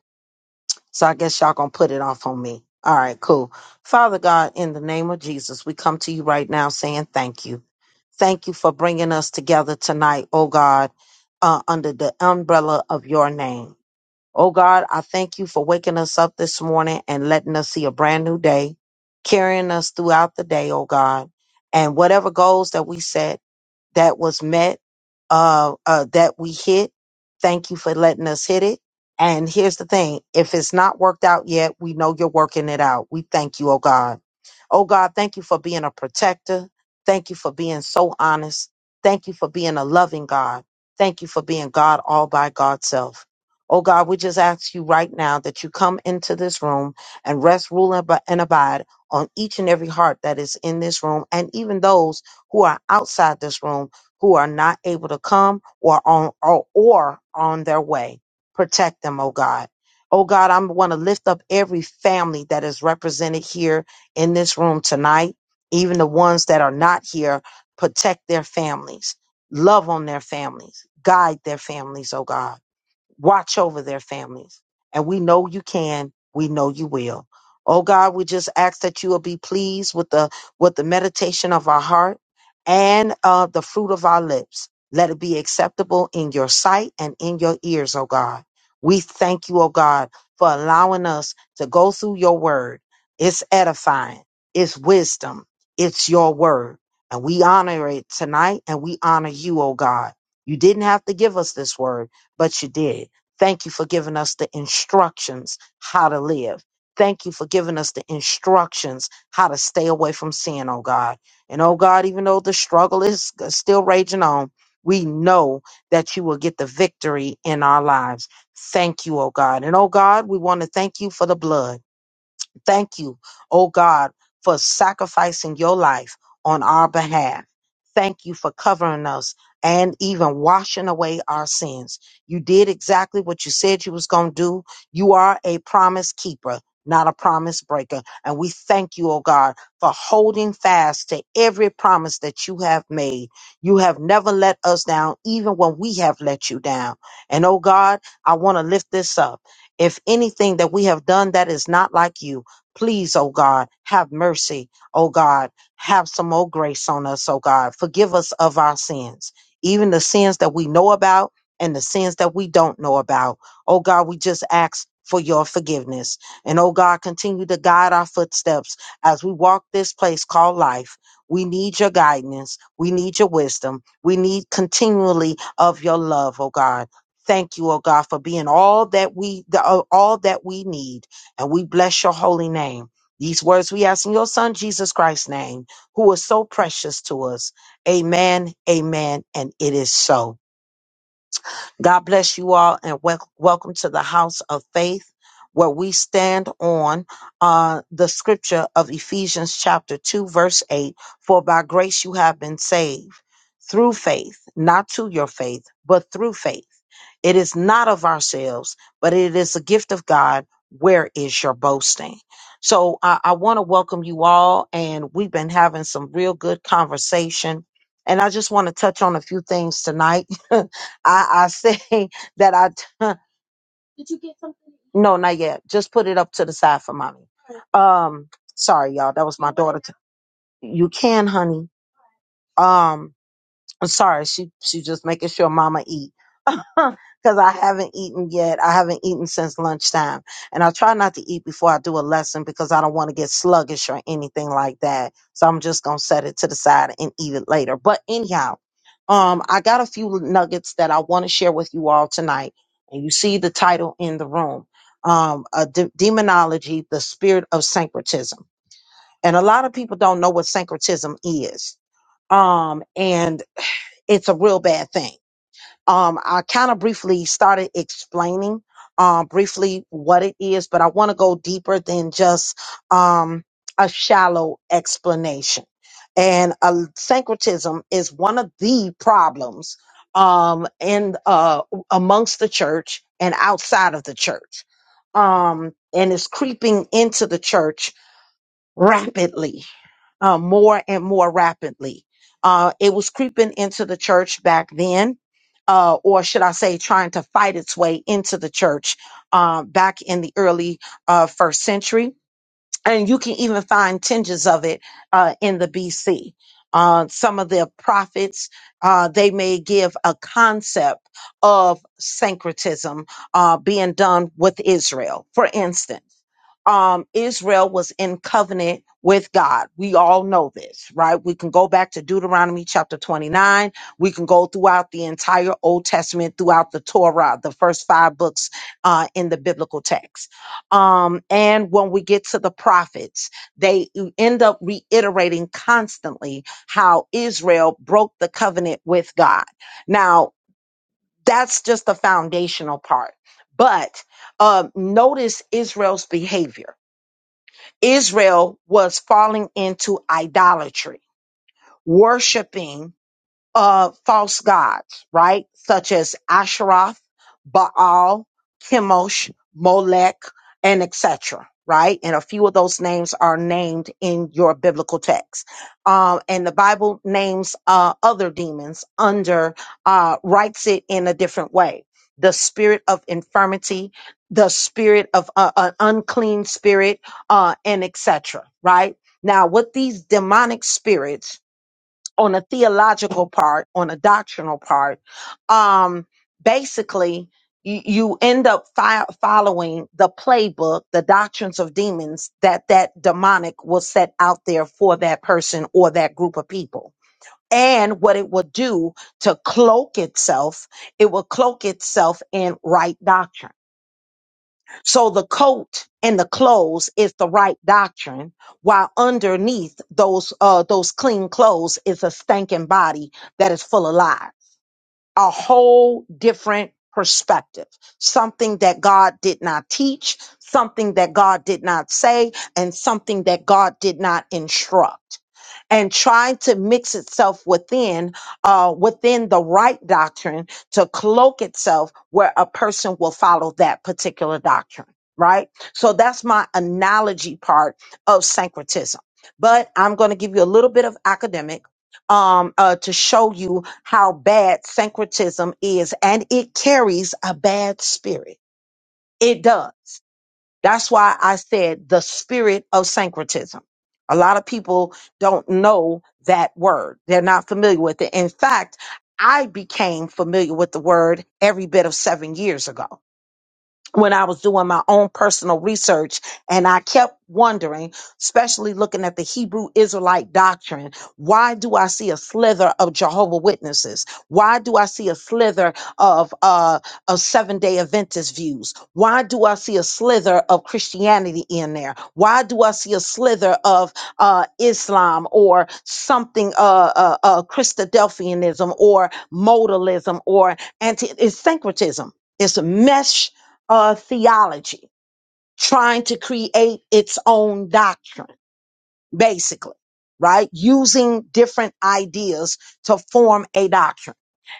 B: So I guess y'all gonna put it off on me. All right, cool. Father God, in the name of Jesus, we come to you right now saying thank you. Thank you for bringing us together tonight, oh God, uh, under the umbrella of your name. Oh God, I thank you for waking us up this morning and letting us see a brand new day, carrying us throughout the day, oh God. And whatever goals that we set, that was met, uh, uh, that we hit. Thank you for letting us hit it. And here's the thing. If it's not worked out yet, we know you're working it out. We thank you, oh God. Oh God, thank you for being a protector. Thank you for being so honest. Thank you for being a loving God. Thank you for being God all by God's self. Oh God, we just ask you right now that you come into this room and rest, rule, and ab- and abide on each and every heart that is in this room and even those who are outside this room who are not able to come or on or, or on their way. Protect them, oh God. Oh God, I want to lift up every family that is represented here in this room tonight, even the ones that are not here. Protect their families, love on their families, guide their families, oh God watch over their families. And we know you can, we know you will. Oh God, we just ask that you will be pleased with the with the meditation of our heart and uh, the fruit of our lips. Let it be acceptable in your sight and in your ears, oh God. We thank you, oh God, for allowing us to go through your word. It's edifying, it's wisdom, it's your word. And we honor it tonight and we honor you, oh God. You didn't have to give us this word but you did. Thank you for giving us the instructions how to live. Thank you for giving us the instructions how to stay away from sin, oh God. And oh God, even though the struggle is still raging on, we know that you will get the victory in our lives. Thank you, oh God. And oh God, we want to thank you for the blood. Thank you, oh God, for sacrificing your life on our behalf. Thank you for covering us and even washing away our sins. You did exactly what you said you was going to do. You are a promise keeper, not a promise breaker. And we thank you, oh God, for holding fast to every promise that you have made. You have never let us down, even when we have let you down. And oh God, I want to lift this up. If anything that we have done that is not like you, Please, oh God, have mercy, oh God. Have some more grace on us, oh God. Forgive us of our sins, even the sins that we know about and the sins that we don't know about. Oh God, we just ask for your forgiveness. And oh God, continue to guide our footsteps as we walk this place called life. We need your guidance. We need your wisdom. We need continually of your love, oh God. Thank you, oh God, for being all that we the- all that we need. And we bless your holy name. These words we ask in your son, Jesus Christ's name, who is so precious to us. Amen, amen, and it is so. God bless you all and wel- welcome to the house of faith where we stand on uh, the scripture of Ephesians chapter 2, verse 8. For by grace you have been saved through faith, not to your faith, but through faith it is not of ourselves, but it is a gift of God. Where is your boasting? So I, I want to welcome you all, and we've been having some real good conversation. And I just want to touch on a few things tonight. I, I say that I no, not yet. Just put it up to the side for mommy. Um, sorry, y'all. That was my daughter. t- You can, honey. Um, I'm sorry. She she just making sure mama eat. because I haven't eaten yet. I haven't eaten since lunchtime. And I try not to eat before I do a lesson because I don't want to get sluggish or anything like that. So I'm just going to set it to the side and eat it later. But anyhow, um, I got a few nuggets that I want to share with you all tonight. And you see the title in the room um, a de- Demonology, the Spirit of Syncretism. And a lot of people don't know what syncretism is. Um, and it's a real bad thing um, I kind of briefly started explaining uh, briefly what it is, but I want to go deeper than just um, a shallow explanation. And uh, syncretism is one of the problems um, in uh, amongst the church and outside of the church, um, and is creeping into the church rapidly uh, more and more rapidly. Uh, it was creeping into the church back then, uh, or should I say, trying to fight its way into the church uh, back in the early uh, first century and you can even find tinges of it uh, in the BC. Uh, some of their prophets, uh, they may give a concept of syncretism uh, being done with Israel. For instance, um, Israel was in covenant with God. We all know this, right? We can go back to Deuteronomy chapter 29. We can go throughout the entire Old Testament, throughout the Torah, the first five books uh, in the biblical text um, and when we get to the prophets, they end up reiterating constantly how Israel broke the covenant with God. Now, that's just the foundational part. But um, notice Israel's behavior. Israel was falling into idolatry, worshiping uh, false gods, right? Such as Asheroth, Baal, Chemosh, Molech, and etc. Right, and a few of those names are named in your biblical text, um, and the Bible names uh, other demons under uh, writes it in a different way. The spirit of infirmity, the spirit of uh, an unclean spirit, uh, and etc. Right now, with these demonic spirits on a theological part, on a doctrinal part, um, basically you, you end up fi- following the playbook, the doctrines of demons that that demonic will set out there for that person or that group of people. And what it will do to cloak itself, it will cloak itself in right doctrine so the coat and the clothes is the right doctrine, while underneath those uh those clean clothes is a stanking body that is full of lies. A whole different perspective, something that God did not teach, something that God did not say, and something that God did not instruct and trying to mix itself within uh, within the right doctrine to cloak itself where a person will follow that particular doctrine right so that's my analogy part of syncretism but i'm going to give you a little bit of academic um, uh, to show you how bad syncretism is and it carries a bad spirit it does that's why I said the spirit of syncretism. A lot of people don't know that word. They're not familiar with it. In fact, I became familiar with the word every bit of seven years ago when I was doing my own personal research and I kept wondering, especially looking at the Hebrew Israelite doctrine, why do I see a slither of Jehovah Witnesses? Why do I see a slither of uh of seven day Adventist views? Why do I see a slither of Christianity in there? Why do I see a slither of uh Islam or something uh uh, uh Christadelphianism or modalism or anti it's syncretism? It's a mesh uh, theology, trying to create its own doctrine, basically, right? Using different ideas to form a doctrine.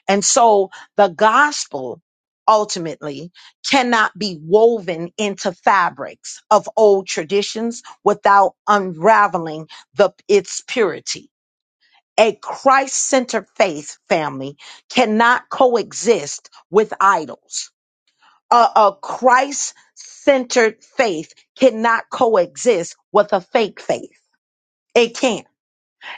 B: And so the gospel ultimately cannot be woven into fabrics of old traditions without unraveling the, its purity. A Christ centered faith family cannot coexist with idols a, a Christ centered faith cannot coexist with a fake faith. It can't.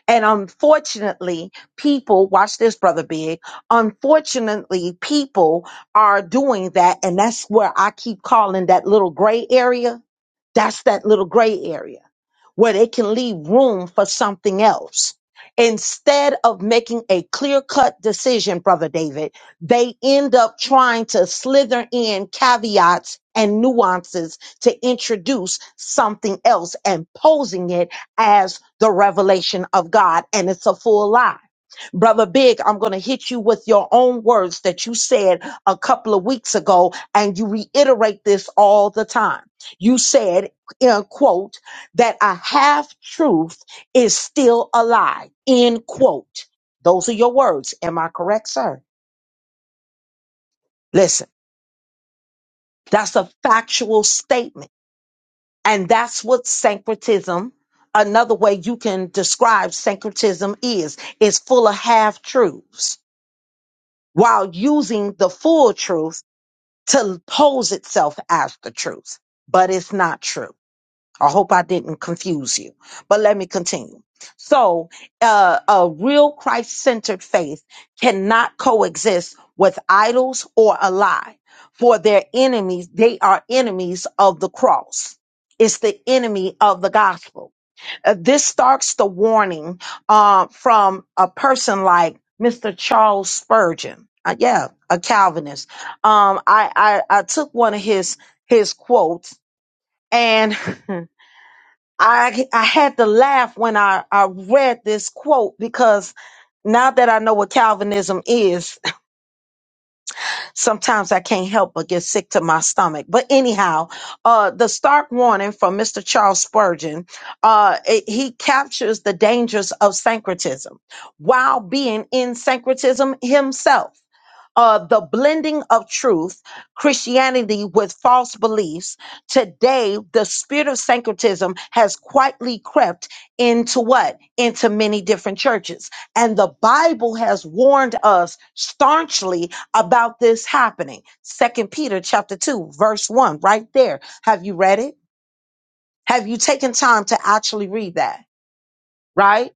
B: And unfortunately, people, watch this, Brother Big. Unfortunately, people are doing that. And that's where I keep calling that little gray area. That's that little gray area where they can leave room for something else. Instead of making a clear cut decision, Brother David, they end up trying to slither in caveats and nuances to introduce something else and posing it as the revelation of God. And it's a full lie. Brother Big, I'm going to hit you with your own words that you said a couple of weeks ago, and you reiterate this all the time. You said, in quote, that a half truth is still a lie. End quote. Those are your words. Am I correct, sir? Listen, that's a factual statement. And that's what syncretism, another way you can describe syncretism is, is full of half truths while using the full truth to pose itself as the truth. But it's not true. I hope I didn't confuse you, but let me continue. So, uh, a real Christ centered faith cannot coexist with idols or a lie, for their enemies, they are enemies of the cross. It's the enemy of the gospel. Uh, this starts the warning uh, from a person like Mr. Charles Spurgeon. Uh, yeah, a Calvinist. Um, I, I I took one of his his quotes and I I had to laugh when I, I read this quote because now that I know what Calvinism is, Sometimes I can't help but get sick to my stomach. But anyhow, uh, the stark warning from Mr. Charles Spurgeon, uh, it- he captures the dangers of syncretism while being in syncretism himself uh, the blending of truth, Christianity with false beliefs. Today, the spirit of syncretism has quietly crept into what? Into many different churches. And the Bible has warned us staunchly about this happening. Second Peter chapter 2 verse 1 right there. Have you read it? Have you taken time to actually read that? Right?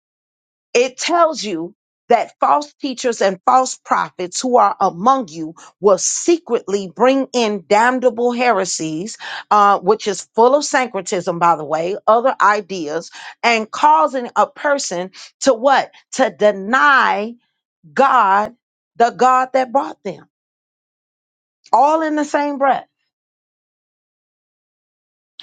B: It tells you that false teachers and false prophets who are among you will secretly bring in damnable heresies, uh, which is full of syncretism, by the way, other ideas, and causing a person to what? To deny God, the God that brought them, all in the same breath.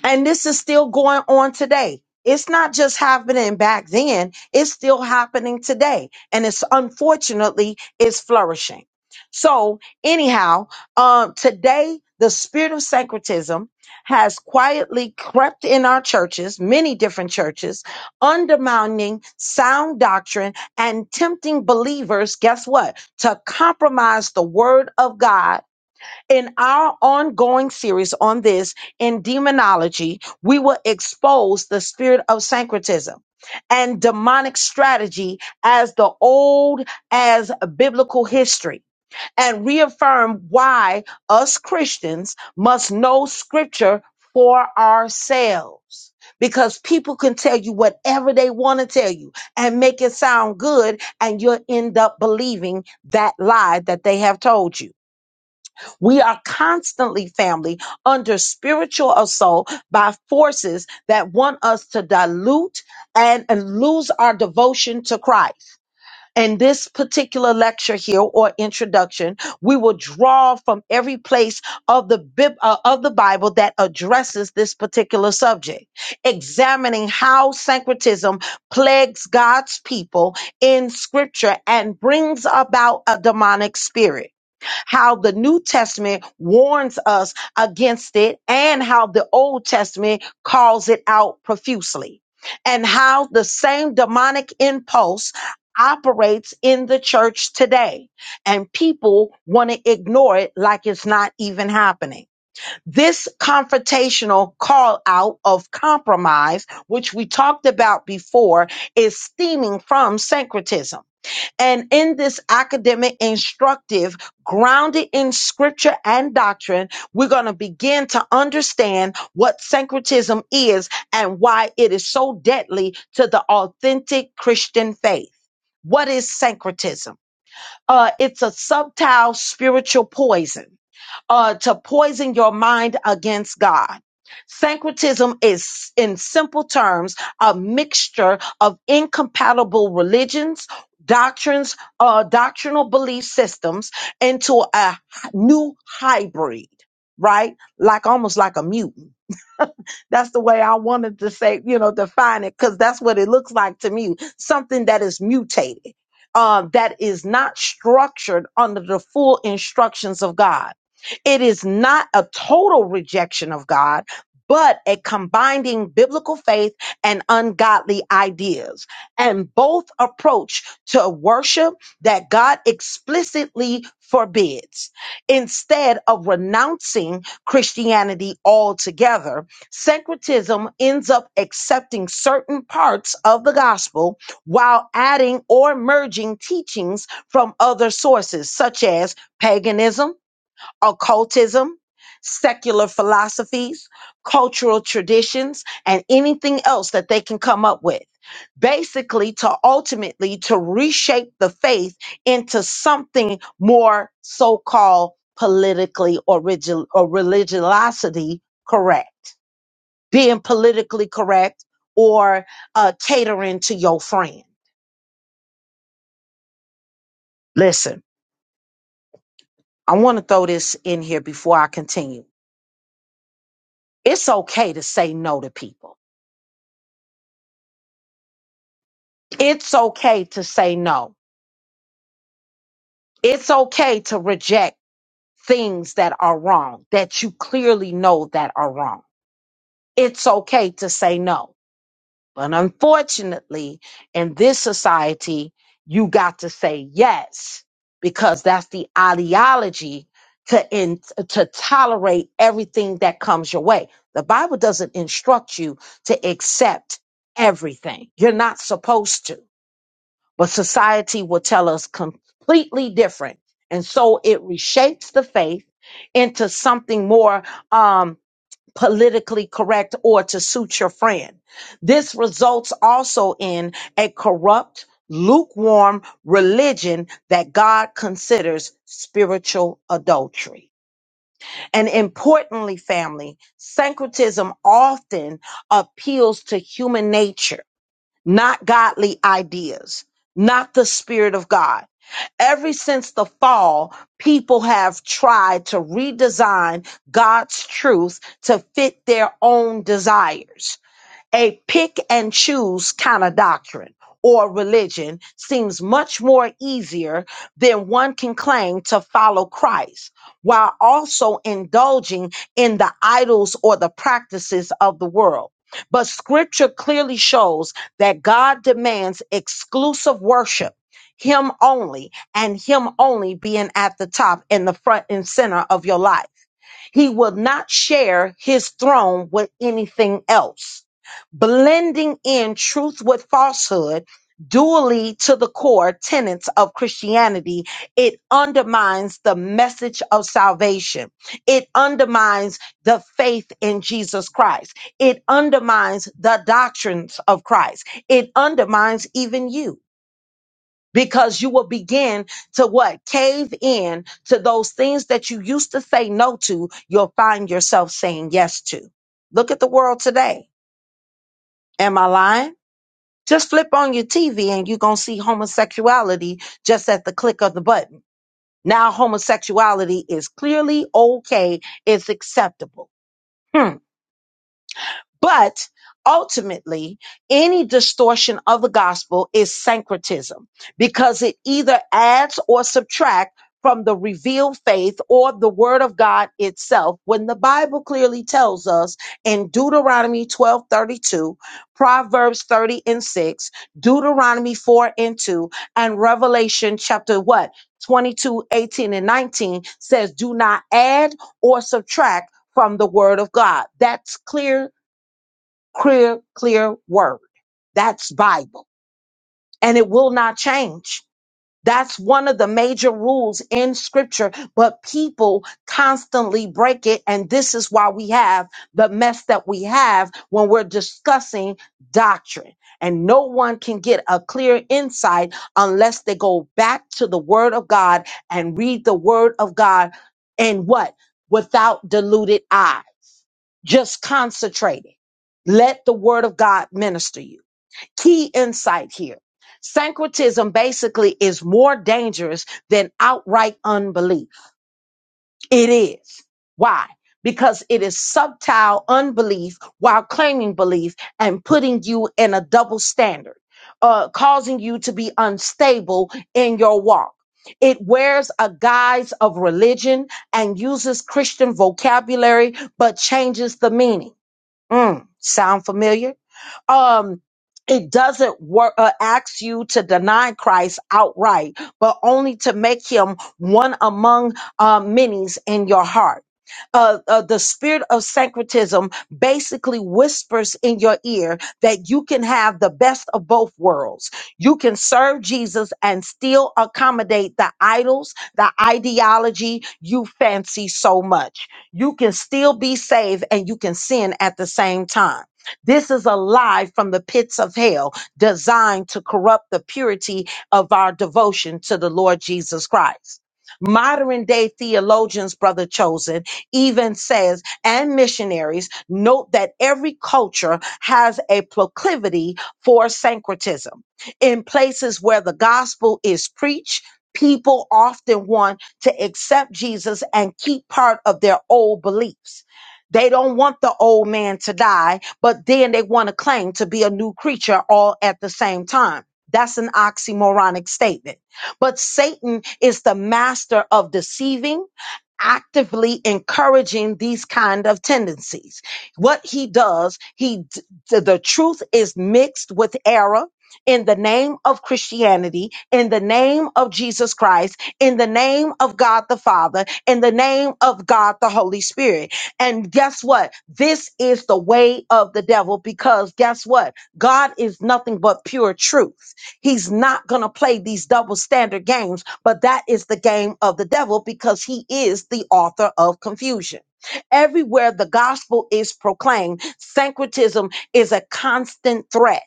B: And this is still going on today. It's not just happening back then, it's still happening today. And it's unfortunately it's flourishing. So, anyhow, um, today the spirit of syncretism has quietly crept in our churches, many different churches, undermining sound doctrine and tempting believers, guess what? To compromise the word of God in our ongoing series on this in demonology, we will expose the spirit of syncretism and demonic strategy as the old as biblical history and reaffirm why us Christians must know scripture for ourselves. Because people can tell you whatever they want to tell you and make it sound good, and you'll end up believing that lie that they have told you. We are constantly, family, under spiritual assault by forces that want us to dilute and, and lose our devotion to Christ. In this particular lecture here or introduction, we will draw from every place of the Bib- uh, of the Bible that addresses this particular subject, examining how syncretism plagues God's people in Scripture and brings about a demonic spirit how the New Testament warns us against it and how the Old Testament calls it out profusely, and how the same demonic impulse operates in the church today, and people want to ignore it like it's not even happening. This confrontational call out of compromise, which we talked about before, is stemming from syncretism and in this academic instructive, grounded in scripture and doctrine, we're going to begin to understand what syncretism is and why it is so deadly to the authentic Christian faith. What is syncretism? Uh, it's a subtile spiritual poison uh, to poison your mind against God. Syncretism is, in simple terms, a mixture of incompatible religions, doctrines, uh, doctrinal belief systems into a new hybrid, right? Like almost like a mutant. That's the way I wanted to say, you know, define it, because that's what it looks like to me. Something that is mutated, uh, that is not structured under the full instructions of God. It is not a total rejection of God, but a combining biblical faith and ungodly ideas. And both approach to worship that God explicitly forbids instead of renouncing Christianity altogether Syncretism ends up accepting certain parts of the gospel while adding or merging teachings from other sources, such as paganism, occultism, secular philosophies, cultural traditions, and anything else that they can come up with. Basically, to ultimately to reshape the faith into something more so-called politically origin or religiosity correct being politically correct or uh, catering to your friend. Listen, I want to throw this in here before I continue. It's okay to say no to people. It's okay to say no. It's okay to reject things that are wrong that you clearly know that are wrong. It's okay to say no But unfortunately, in this society, you got to say yes because that's the ideology to in, to tolerate everything that comes your way. The Bible doesn't instruct you to accept everything. You're not supposed to. But society will tell us completely different. And so it reshapes the faith into something more um, politically correct or to suit your friend. This results also in a corrupt, lukewarm religion that God considers spiritual adultery. And importantly, family, syncretism often appeals to human nature, not godly ideas, not the spirit of God. Ever since the fall, people have tried to redesign God's truth to fit their own desires a pick and choose kind of doctrine or religion seems much more easier than one can claim to follow Christ while also indulging in the idols or the practices of the world. But scripture clearly shows that God demands exclusive worship, Him only, and Him only being at the top in the front and center of your life. He will not share his throne with anything else. Blending in truth with falsehood, dually to the core tenets of Christianity, it undermines the message of salvation. It undermines the faith in Jesus Christ. It undermines the doctrines of Christ. It undermines even you because you will begin to what cave in to those things that you used to say no to you'll find yourself saying yes to look at the world today am i lying just flip on your tv and you're going to see homosexuality just at the click of the button now homosexuality is clearly okay it's acceptable Hmm. But ultimately, any distortion of the gospel is syncretism because it either adds or subtracts from the revealed faith or the word of God itself when the Bible clearly tells us in Deuteronomy 12 32, Proverbs 30 and 6, Deuteronomy 4 and 2, and Revelation chapter what? 22 18 and 19 says, Do not add or subtract from the word of God. That's clear clear, clear word. That's Bible. And it will not change. That's one of the major rules in scripture, but people constantly break it. And this is why we have the mess that we have when we're discussing doctrine. And no one can get a clear insight unless they go back to the word of God and read the word of God and what? Without deluded eyes. Just concentrate it. Let the word of God minister you. Key insight here. Syncretism basically is more dangerous than outright unbelief. It is. Why? Because it is subtile unbelief while claiming belief and putting you in a double standard, uh, causing you to be unstable in your walk. It wears a guise of religion and uses Christian vocabulary, but changes the meaning. Mm, sound familiar? Um, it doesn't work, uh, ask you to deny Christ outright, but only to make him one among uh, many's in your heart. Uh, uh, the spirit of syncretism basically whispers in your ear that you can have the best of both worlds. You can serve Jesus and still accommodate the idols, the ideology you fancy so much. You can still be saved and you can sin at the same time. This is a lie from the pits of hell designed to corrupt the purity of our devotion to the Lord Jesus Christ. Modern day theologians, brother chosen, even says, and missionaries note that every culture has a proclivity for syncretism. In places where the gospel is preached, people often want to accept Jesus and keep part of their old beliefs. They don't want the old man to die but then they want to claim to be a new creature all at the same time. That's an oxymoronic statement. But Satan is the master of deceiving, actively encouraging these kind of tendencies. What he does, he d- the truth is mixed with error in the name of Christianity, in the name of Jesus Christ, in the name of God the Father, in the name of God the Holy Spirit. And guess what? This is the way of the devil because guess what? God is nothing but pure truth. He's not going to play these double standard games, but that is the game of the devil because he is the author of confusion. Everywhere the gospel is proclaimed, syncretism is a constant threat.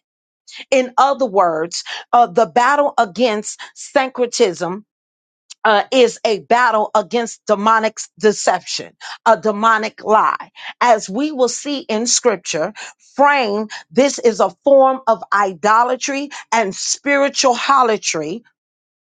B: In other words, uh, the battle against syncretism uh, is a battle against demonic s- deception, a demonic lie. As we will see in scripture, frame, this is a form of idolatry and spiritual holatry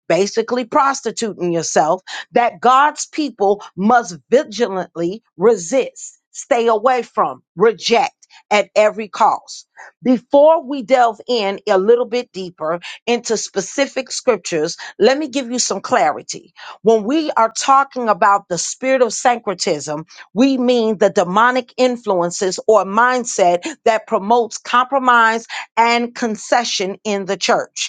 B: basically prostituting yourself, that God's people must vigilantly resist, stay away from, reject at every cost. Before we delve in a little bit deeper into specific scriptures, let me give you some clarity. When we are talking about the spirit of syncretism, we mean the demonic influences or mindset that promotes compromise and concession in the church.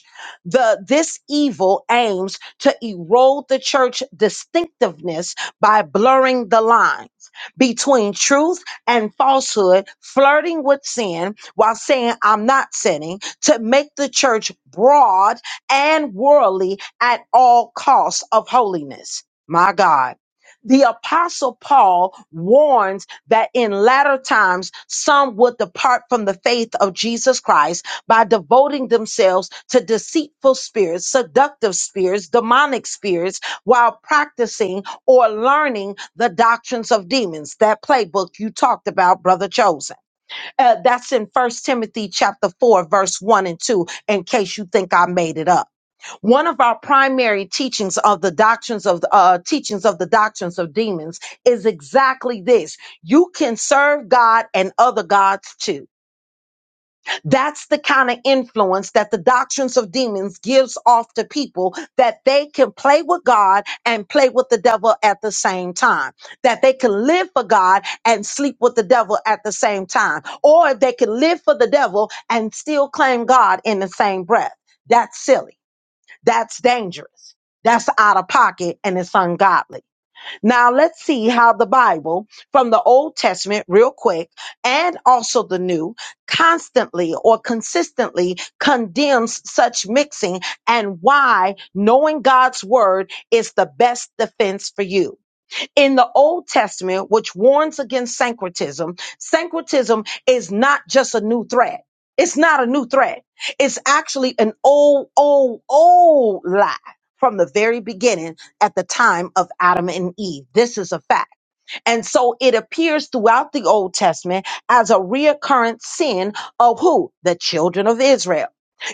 B: The this evil aims to erode the church distinctiveness by blurring the lines between truth and falsehood, flirting with sin while saying I'm not sinning, to make the church broad and worldly at all costs of holiness. My God. The apostle Paul warns that in latter times some would depart from the faith of Jesus Christ by devoting themselves to deceitful spirits, seductive spirits, demonic spirits, while practicing or learning the doctrines of demons. That playbook you talked about, Brother Chosen. Uh, that's in First Timothy chapter 4, verse 1 and 2, in case you think I made it up. One of our primary teachings of the doctrines of uh, teachings of the doctrines of demons is exactly this. You can serve God and other gods too that's the kind of influence that the doctrines of demons gives off to people that they can play with God and play with the devil at the same time. That they can live for God and sleep with the devil at the same time. Or they can live for the devil and still claim God in the same breath. That's silly. That's dangerous. That's out of pocket and it's ungodly. Now let's see how the Bible from the Old Testament, real quick, and also the New, constantly or consistently condemns such mixing and why knowing God's word is the best defense for you in the Old Testament, which warns against syncretism, syncretism is not just a new threat. It's not a new threat. It's actually an old, old, old lie from the very beginning at the time of Adam and Eve. This is a fact. And so it appears throughout the Old Testament as a reoccurrent sin of who? The children of Israel.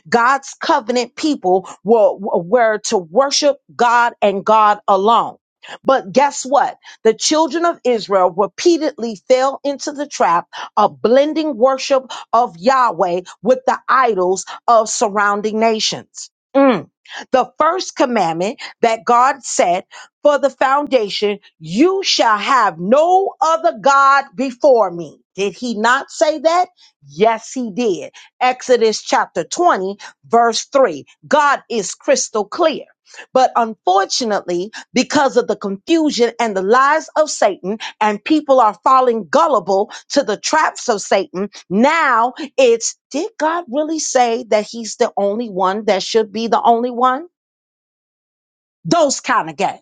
B: God's covenant people were, were to worship God and God alone. But guess what? The children of Israel repeatedly fell into the trap of blending worship of Yahweh with the idols of surrounding nations. Mm. The first commandment that God set for the foundation, you shall have no other God before me. Did he not say that? Yes, he did. Exodus chapter 20 verse 3. God is crystal clear. But unfortunately, because of the confusion and the lies of Satan, and people are falling gullible to the traps of Satan, now it's did God really say that he's the only one that should be the only one? Those kind of games.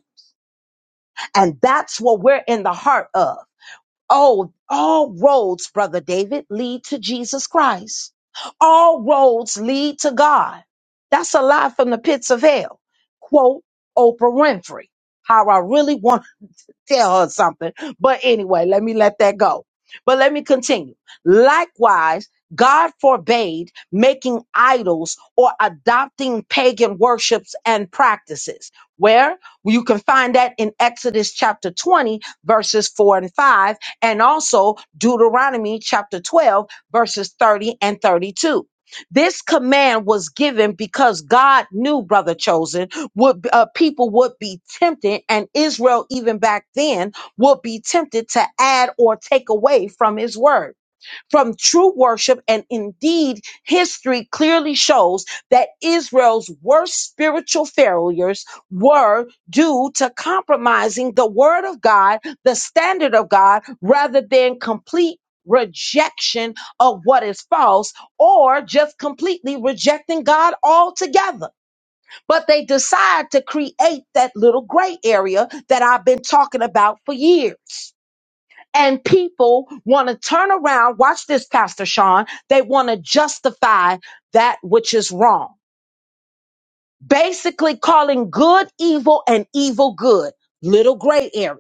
B: And that's what we're in the heart of. Oh, all roads, brother David, lead to Jesus Christ. All roads lead to God. That's a lie from the pits of hell. Quote Oprah Winfrey. How I really want tell her something. But anyway, let me let that go. But let me continue. Likewise, God forbade making idols or adopting pagan worships and practices. Where? Well, You can find that in Exodus chapter 20, verses 4 and 5, and also Deuteronomy chapter 12, verses 30 and 32. This command was given because God knew, brother chosen would uh, people would be tempted and Israel even back then would be tempted to add or take away from his word from true worship and indeed history clearly shows that Israel's worst spiritual failures were due to compromising the word of God the standard of God rather than complete rejection of what is false or just completely rejecting God altogether but they decide to create that little gray area that I've been talking about for years. And people want to turn around, watch this, Pastor Sean, they want to justify that which is wrong. Basically, calling good evil and evil good, little gray area,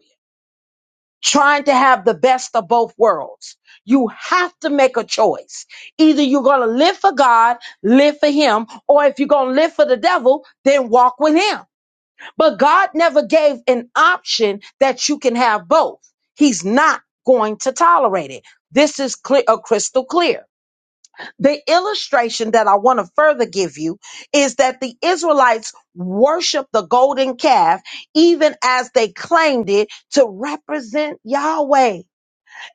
B: trying to have the best of both worlds. You have to make a choice. Either you're going to live for God, live for Him, or if you're going to live for the devil, then walk with Him. But God never gave an option that you can have both. He's not going to tolerate it. This is clear, uh, crystal clear. The illustration that I want to further give you is that the Israelites worshiped the golden calf even as they claimed it to represent Yahweh.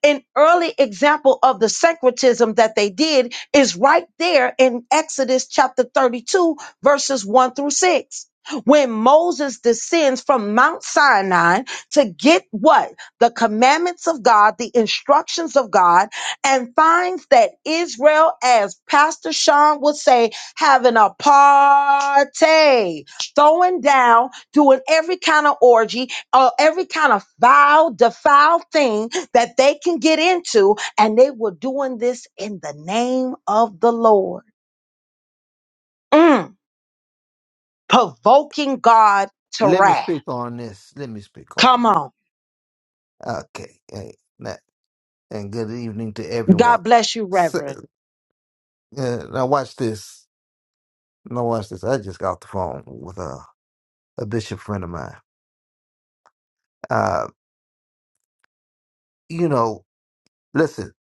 B: An early example of the syncretism that they did is right there in Exodus chapter 32, verses 1 through 6. When Moses descends from Mount Sinai to get what? The commandments of God, the instructions of God, and finds that Israel, as Pastor Sean would say, having a party, throwing down, doing every kind of orgy, uh, every kind of foul, defiled thing that they can get into, and they were doing this in the name of the Lord, Mm. provoking God to
F: Let me
B: wrath.
F: speak on this. Let me speak on
B: Come
F: it.
B: on.
F: Okay. Hey, na- And good evening to everyone.
B: God bless you,
F: So,
B: Reverend.
F: uh, now watch this. Now watch this. I just got the phone with a, a bishop friend of mine. Uh, you know, listen,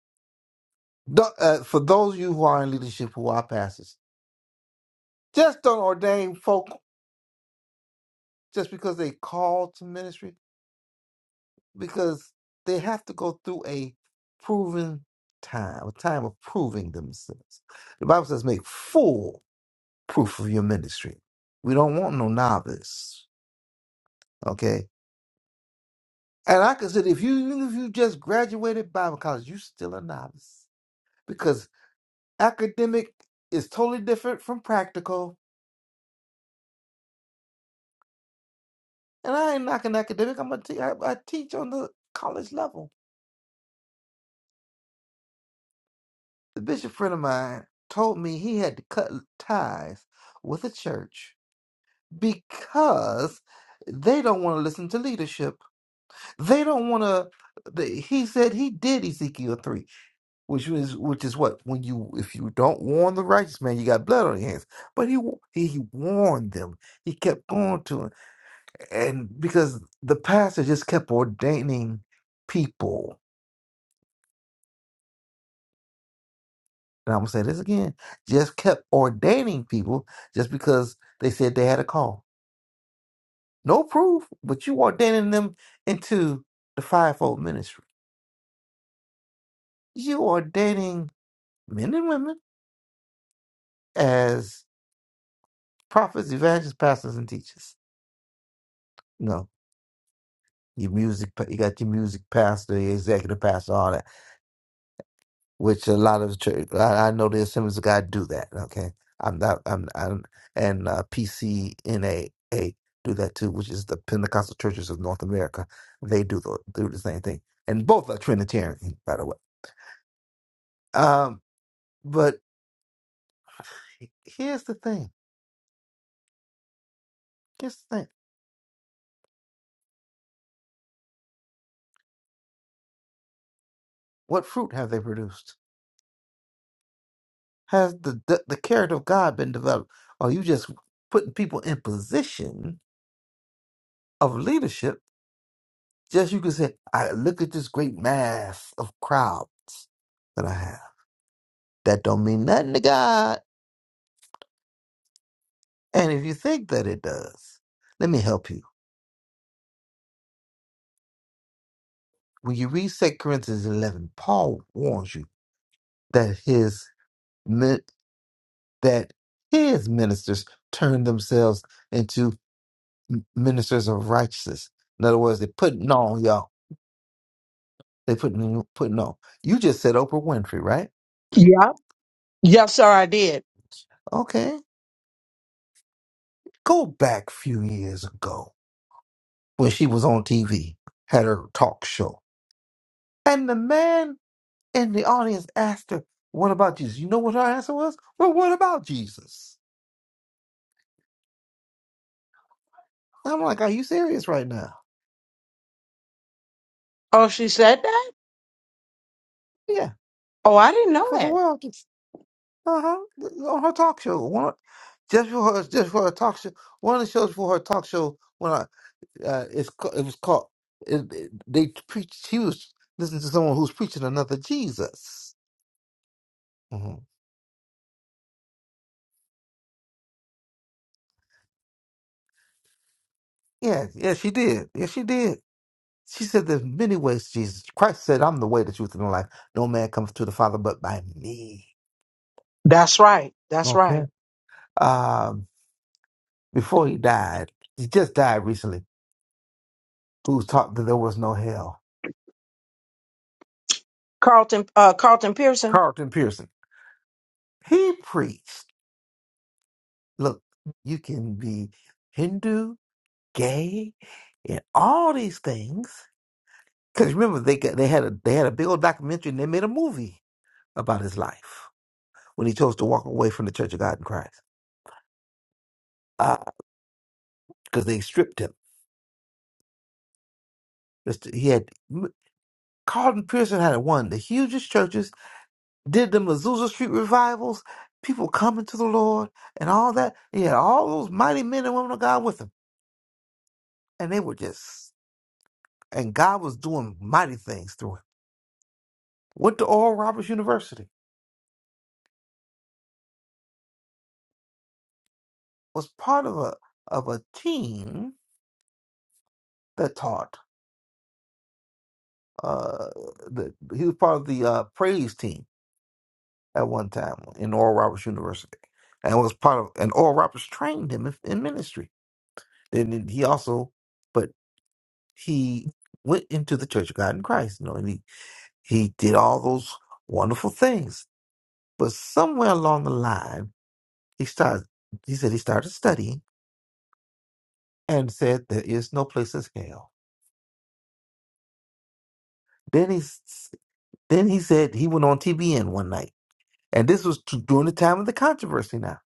F: don't, uh, for those of you who are in leadership who are pastors, just don't ordain folk just because they call to ministry, because they have to go through a proven time, a time of proving themselves. The Bible says make full proof of your ministry. We don't want no novice. Okay. And I consider if you even if you just graduated Bible college, you still a novice. Because academic is totally different from practical. And I ain't knocking academic. I'm a te- I, I teach on the college level. The bishop friend of mine told me he had to cut ties with a church because they don't want to listen to leadership. They don't want to. He said he did Ezekiel 3 which is which is what when you if you don't warn the righteous man, you got blood on your hands. But he wa- he, he warned them. He kept going to him, and because the pastor just kept ordaining people. And I'm gonna say this again: just kept ordaining people just because they said they had a call. No proof, but you ordaining them into the fivefold ministry. You ordaining men and women as prophets, evangelists, pastors, and teachers. No. Your music, pa- you got your music pastor, your executive pastor, all that. Which a lot of the church, I, I know the Assemblies of God do that. Okay, I'm not, I'm, I'm and uh, PCNAA do that too, which is the Pentecostal Churches of North America. They do the do the same thing, and both are Trinitarian, by the way. Um, but here's the thing. Here's the thing. What fruit have they produced? Has the the, the character of God been developed? Are you just putting people in position of leadership? Just you can say, I look at this great mass of crowds that I have. That don't mean nothing to God. And if you think that it does, let me help you. When you read Second Corinthians 11, Paul warns you that his min- that his ministers turn themselves into m- ministers of righteousness. In other words, they're putting on y'all. They putting putting on. You just said Oprah Winfrey, right?
B: Yeah. Yes, sir, I did.
F: Okay, go back few years ago when she was on TV, had her talk show. And the man in the audience asked her, What about Jesus? You know what her answer was? Well, what about Jesus? I'm like, Are you serious right now?
B: Oh, she said that?
F: Yeah,
B: Oh, I didn't know
F: for the
B: that.
F: world. Uh huh. On her talk show. One, just for her, just for her talk show. One of the shows for her talk show when I, uh, it's ca- it was called. It, it- they preached. She was listening to someone who's preaching another Jesus. hmm Yeah, yeah, she did. Yeah, she did. She said, There's many ways, Jesus. Christ said, I'm the way, the truth, and the life. No man comes to the Father but by me.
B: That's right. That's
F: Okay.
B: right.
F: Um, before he died, he just died recently, who taught that there was no hell.
B: Carlton, uh, Carlton Pearson.
F: Carlton Pearson. He preached, look, you can be Hindu, gay, and all these things. Because remember, they got, they had a they had a big old documentary and they made a movie about his life when he chose to walk away from the Church of God in Christ. because they stripped him. Just- He had. Carlton Pearson had one of the hugest churches, did the Azusa Street revivals, people coming to the Lord and all that. He had all those mighty men and women of God with him. And they were just, and God was doing mighty things through him. Went to Oral Roberts University, was part of a of a team that taught. Uh, the, he was part of the uh, praise team at one time in Oral Roberts University, and was part of. And Oral Roberts trained him in, in ministry. Then he also, but he went into the Church of God in Christ, you know, and he, he did all those wonderful things. But somewhere along the line, he started. He said he started studying and said there is no place as hell. Then he s- then he said he went on TBN one night, and this was t- during the time of the controversy. Now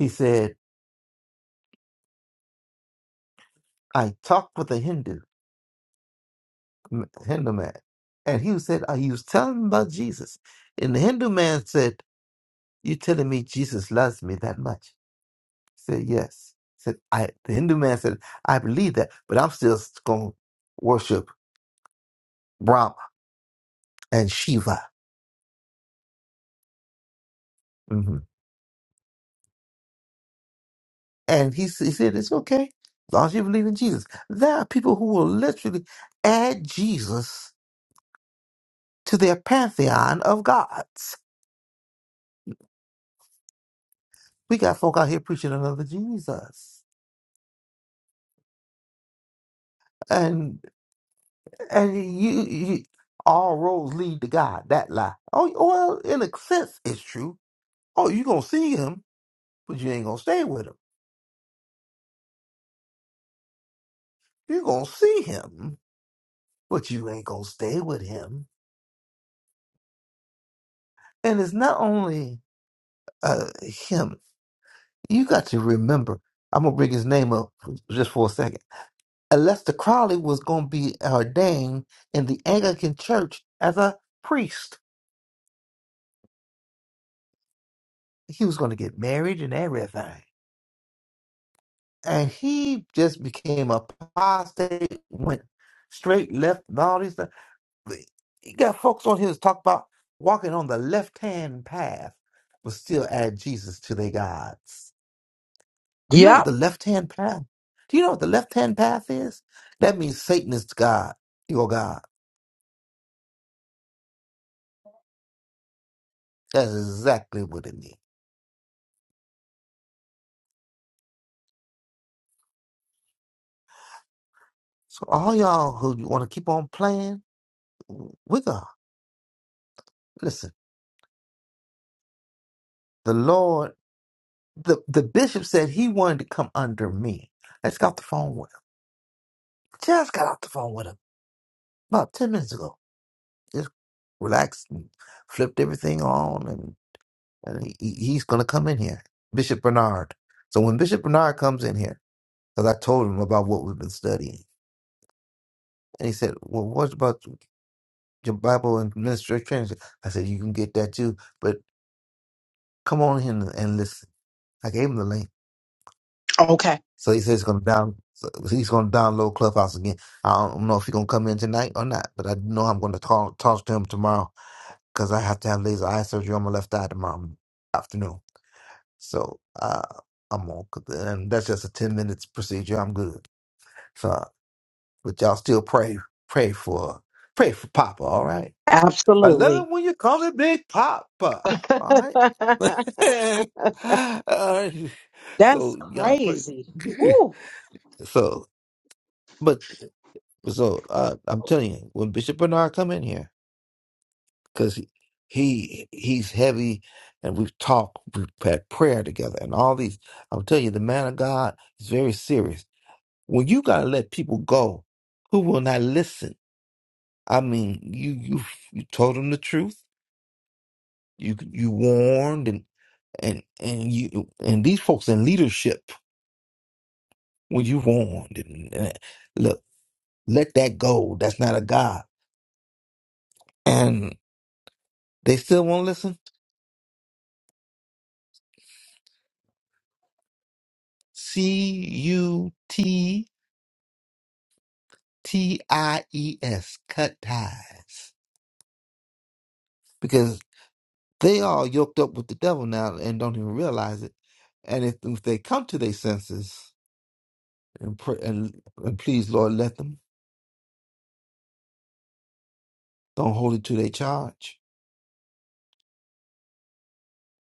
F: he said I talked with a Hindu Hindu man, and he said uh, he was telling me about Jesus, and the Hindu man said, "You telling me Jesus loves me that much?" said, Yes. Said I the Hindu man said, I believe that, but I'm still gonna worship Brahma and Shiva. hmm And he, s- he said, It's okay. As long as you believe in Jesus. There are people who will literally add Jesus to their pantheon of gods. We got folk out here preaching another Jesus. And and you, you all roads lead to God, that lie. Oh well, in a sense it's true. Oh, you gonna see him, but you ain't gonna stay with him. You're going to see him, but you ain't going to stay with him. And it's not only uh, him. You got to remember, I'm going to bring his name up just for a second. Lester Crowley was going to be ordained in the Anglican church as a priest. He was going to get married and everything. And he just became apostate, went straight left, and all these things. You got folks on here that talk about walking on the left hand path, but still add Jesus to their gods. Do you know what
B: Yep.
F: the left hand path? Do you know what the left hand path is? That means Satan is God, your God. That's exactly what it means. So all y'all who want to keep on playing with God, listen. The Lord, the the bishop said he wanted to come under me. I just got off the phone with him. Just got off the phone with him about ten minutes ago. Just relax and flipped everything on, and, and he, he- he's going to come in here. Bishop Bernard. So when Bishop Bernard comes in here, because I told him about what we've been studying, and he said, Well, what about your Bible and ministry training? I said, You can get that too, but come on in and listen. I gave him the link.
B: Okay.
F: So he said he's going to down. So he's going to download Clubhouse again. I don't know if he's going to come in tonight or not, but I know I'm going to talk, talk to him tomorrow because I have to have laser eye surgery on my left eye tomorrow afternoon. So uh, I'm on, and that's just a ten minutes procedure. I'm good. So, but y'all still pray, pray for, pray for Papa. All right. I love
B: Absolutely.
F: it when you call it Big Papa. All right. all right.
B: That's
F: So y'all pray.
B: crazy. Ooh,
F: so, but so uh, I'm telling you, when Bishop Bernard come in here, because he, he he's heavy, and we've talked, we've had prayer together, and all these. I'm telling you, the man of God is very serious When you gotta let people go who will not listen. I mean, you you you told them the truth. You you warned and and and you and these folks in leadership when you warned and, and look, let that go. That's not a god. And they still won't listen. C U T T I E S cut ties because they all yoked up with the devil now and don't even realize it. And if, if they come to their senses, and pray and, and please, Lord, let them don't hold it to their charge.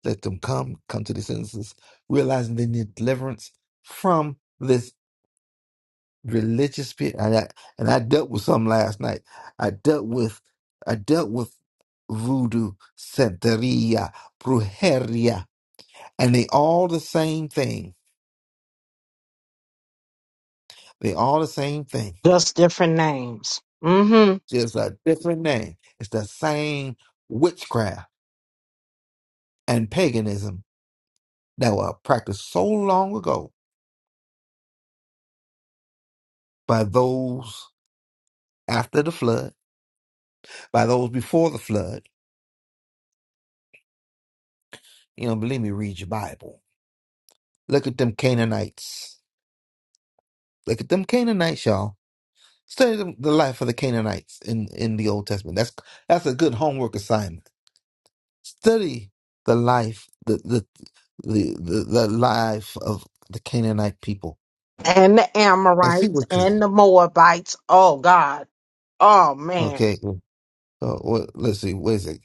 F: Let them come, come to the senses, realizing they need deliverance from this religious spirit. And I, and I dealt with some last night. I dealt with, I dealt with voodoo, santeria, brujeria, and they all the same thing. They all the same thing,
B: Just different names. Mm hmm.
F: just a different name. It's the same witchcraft and paganism that were practiced so long ago by those after the flood, by those before the flood. You know, believe me, read your Bible. Look at them Canaanites. Look at them Canaanites, y'all. Study them, the life of the Canaanites in, in the Old Testament. That's that's a good homework assignment. Study the life, the the the the, the life of the Canaanite people,
B: and the
F: and see
B: Amorites
F: what.
B: and the Moabites. Oh God. Oh man.
F: Okay, so what, let's see. What is it?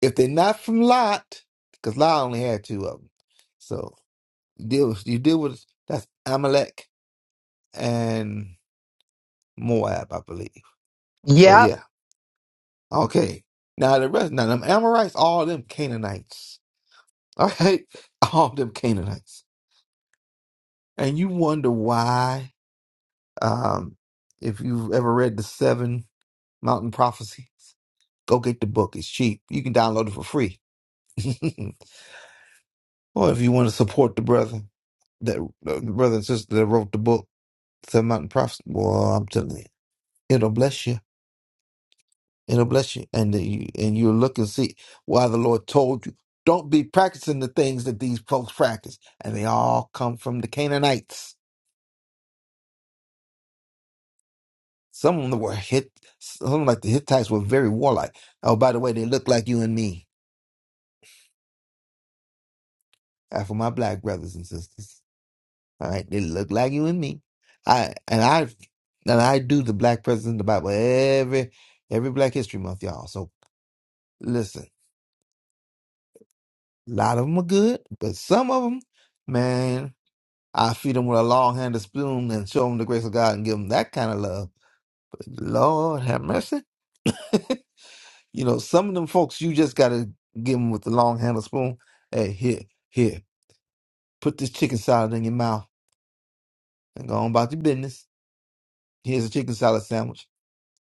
F: If they're not from Lot, because Lot only had two of them. so. You deal with you deal with that's Amalek and Moab, I believe. So
B: Yep.
F: yeah. Okay. Now the rest now them Amorites, all them Canaanites. All right. All them Canaanites. And you wonder why, um, if you've ever read the seven mountain prophecies, go get the book. It's cheap. You can download it for free. or if you want to support the brother that the brother and sister that wrote the book, Seven Mountain Prophecy. Well, I'm telling you, it'll bless you. and it'll bless you. And that you and you'll look and see why the Lord told you, don't be practicing the things that these folks practice. And they all come from the Canaanites. Some of them were hit some of them like the Hittites were very warlike. Oh, by the way, they look like you and me. Uh, For my black brothers and sisters. All right. They look like you and me. I and I and I do the black president in the Bible every every Black History Month, y'all. So listen, a lot of them are good, but some of them, man. I feed them with a long handed spoon and show them the grace of God and give them that kind of love. Lord have mercy. you know, some of them folks, you just got to give them with the long handled spoon. Hey, here, here, put this chicken salad in your mouth and go on about your business. Here's a chicken salad sandwich.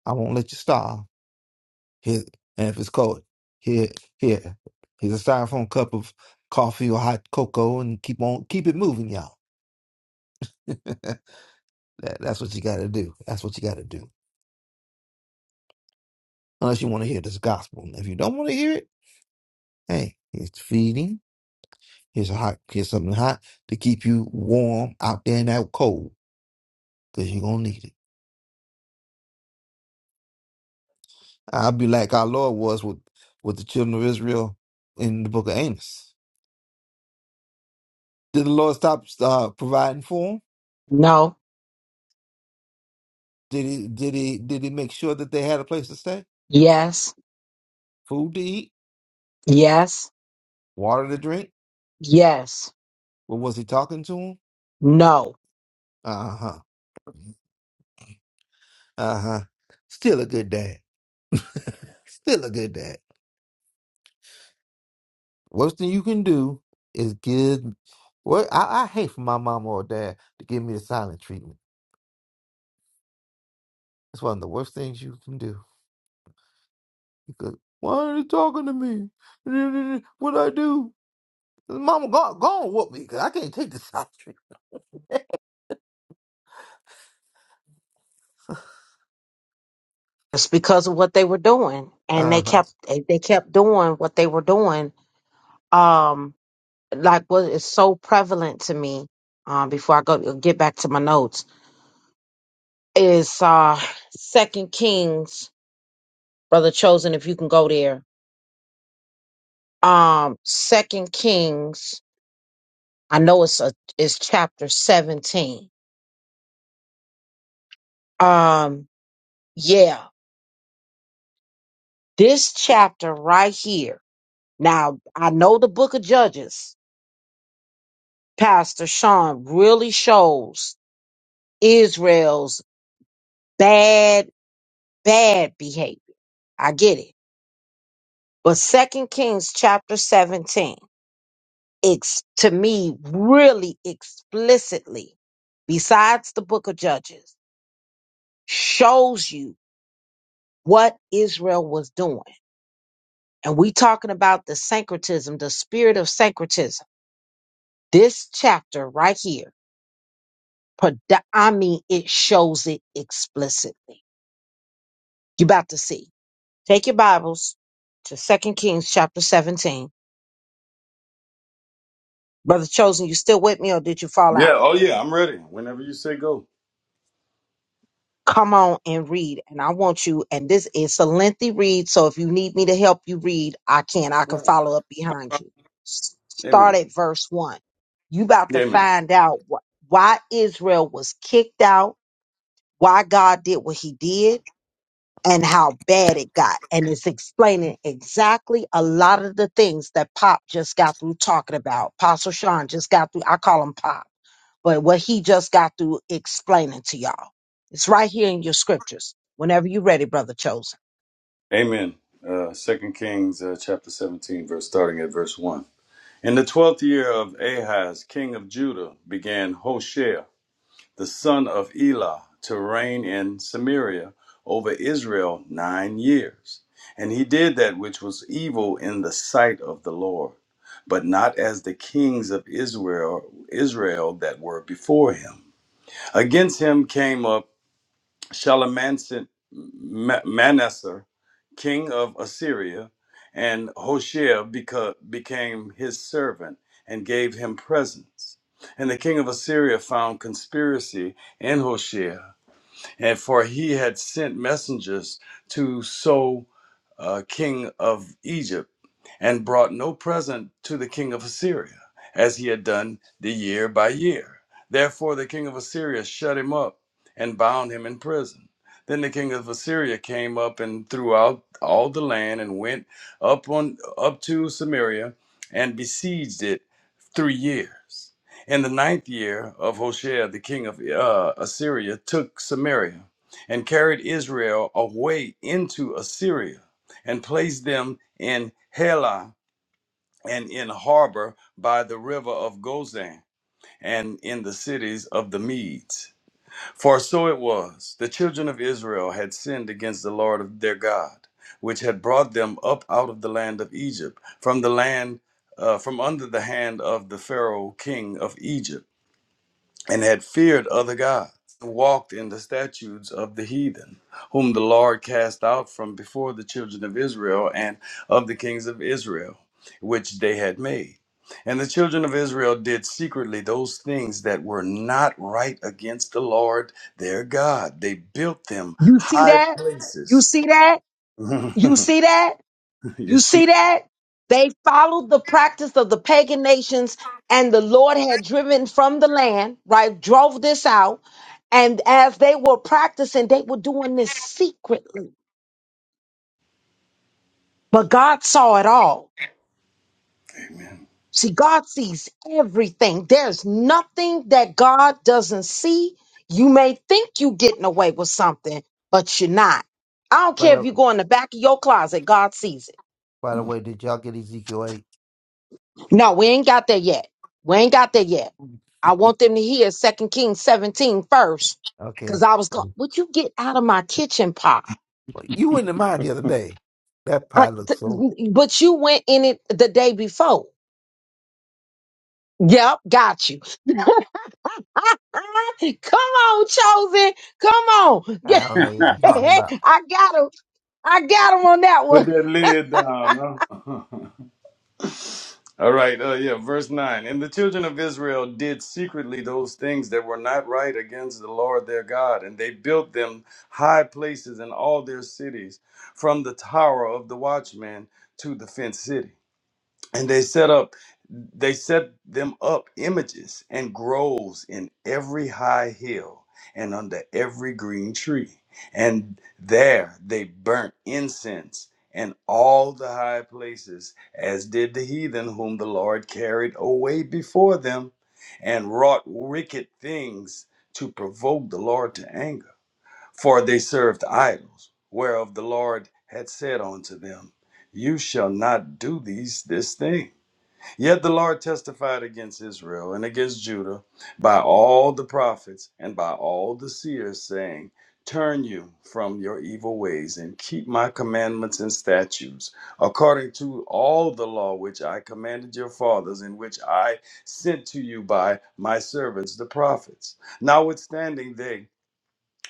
F: I won't let you starve. Here, and if it's cold, here, here, here's a styrofoam cup of coffee or hot cocoa and keep on, keep it moving, y'all. That, that's what you got to do. That's what you got to do. unless you want to hear this gospel. If you don't want to hear it, hey, it's feeding. Here's a hot, here's something hot to keep you warm out there in that cold, because you're gonna need it. I'll be like our Lord was with with the children of Israel in the book of Amos. Did the Lord stop uh, providing for them?
B: No.
F: Did he did he did he make sure that they had a place to stay,
B: Yes.
F: food to eat,
B: Yes.
F: water to drink?
B: Yes.
F: Or was he talking to them?
B: No.
F: Uh huh. Uh huh. Still a good dad. Still a good dad. Worst thing you can do is give. Well, I, I hate for my mom or dad to give me the silent treatment. That's one of the worst things you can do. Because why are you talking to me? What I do? Mama, go, go on with me because I can't take the silent treatment.
B: It's because of what they were doing, and
F: Uh
B: they
F: huh.
B: kept they they kept doing what they were doing. Um, like what is so prevalent to me. Um, before I go get back to my notes is uh Second Kings, brother chosen. If you can go there. Um, Second Kings. I know it's a it's chapter 17. Um yeah, this chapter right here. Now, I know the book of Judges, Pastor Sean really shows Israel's bad bad behavior. I get it. But Second Kings chapter 17, it's to me really explicitly besides the book of Judges shows you what Israel was doing And we talking about the syncretism, the spirit of syncretism. This chapter right here, prod- I mean, it shows it explicitly. You about to see. Take your Bibles to Second Kings chapter 17. Brother Chosen, you still with me or did you fall out?
D: Yeah. Oh, yeah. I'm ready. Whenever you say go.
B: Come on and read. And I want you, and this is a lengthy read. So if you need me to help you read, I can. I can
D: no
B: follow up behind you. S- Start
D: Amen.
B: at verse one. You about to
D: Amen.
B: find out wh- why Israel was kicked out why God did what he did and how bad it got. And it's explaining exactly a lot of the things that Pop just got through talking about. Apostle Sean just got through, I call him Pop, but what he just got through explaining to y'all. It's right here in your scriptures. Whenever you're ready, Brother Chosen.
D: Amen. Uh, Second Kings uh, chapter 17, verse starting at verse 1. In the twelfth year of Ahaz, king of Judah, began Hoshea, the son of Elah, to reign in Samaria over Israel nine years. And he did that which was evil in the sight of the Lord, but not as the kings of Israel, Israel that were before him. Against him came up Shalmaneser, Ma- Manasseh, king of Assyria, and Hoshea beca- became his servant and gave him presents. And the king of Assyria found conspiracy in Hoshea and for he had sent messengers to So, uh, king of Egypt, and brought no present to the king of Assyria, as he had done the year by year. Therefore the king of Assyria shut him up and bound him in prison. Then the king of Assyria came up and threw out all the land and went up on up to Samaria and besieged it three years. In the ninth year of Hoshea, the king of uh, Assyria took Samaria and carried Israel away into Assyria and placed them in Helah and in harbor by the river of Gozan and in the cities of the Medes. For so it was, the children of Israel had sinned against the Lord of their God, which had brought them up out of the land of Egypt, from the land uh, from under the hand of the Pharaoh king of Egypt and had feared other gods, and walked in the statutes of the heathen, whom the Lord cast out from before the children of Israel and of the kings of Israel, which they had made. And the children of Israel did secretly those things that were not right against the Lord their God. They built them
B: You see
D: high
B: that? You
D: places.
B: see that? You see that? You
D: yes,
B: see that? They followed the practice of the pagan nations, and the Lord had driven from the land, right? Drove this out. And as they were practicing, they were doing this secretly. But God saw it all.
D: amen.
B: See, God sees everything. There's nothing that God doesn't see. You may think you're getting away with something, but you're not. I don't
F: By
B: care if you
F: the,
B: go in the back of your closet, God sees it.
F: by the
D: Mm.
F: way, did y'all get Ezekiel eight?
B: No, we ain't got there yet. We ain't got there yet. I want them to hear Second Kings 17
F: okay.
B: Cause I was going, would you get out of my kitchen pot?
F: Like, You went to mine the other day. That pie
B: I,
F: looks
B: th-
F: so.
B: but you went in it the day before. Yep, got you. Come on, chosen. Come on.
F: I don't know what you're talking
B: Yeah,
F: about.
B: I got him. I got him on that
D: Put
B: one.
D: that lid down, huh? All right, uh, yeah, verse 9. And the children of Israel did secretly those things that were not right against the Lord their God, and they built them high places in all their cities, from the tower of the watchman to the fenced city and they set up they set them up images and groves in every high hill and under every green tree and there they burnt incense in all the high places as did the heathen whom the lord carried away before them and wrought wicked things to provoke the lord to anger for they served idols whereof the lord had said unto them you shall not do these this thing Yet the Lord testified against Israel and against Judah by all the prophets and by all the seers, saying, Turn you from your evil ways and keep my commandments and statutes, according to all the law which I commanded your fathers, and which I sent to you by my servants the prophets. Notwithstanding, they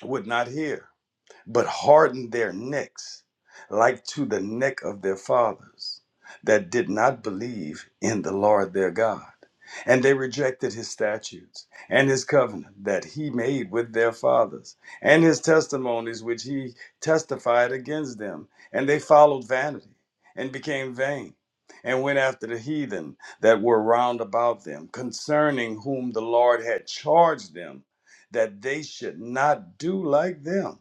D: would not hear but hardened their necks like to the neck of their fathers that did not believe in the Lord their God. And they rejected his statutes and his covenant that he made with their fathers, and his testimonies which he testified against them. And they followed vanity and became vain, and went after the heathen that were round about them, concerning whom the Lord had charged them that they should not do like them.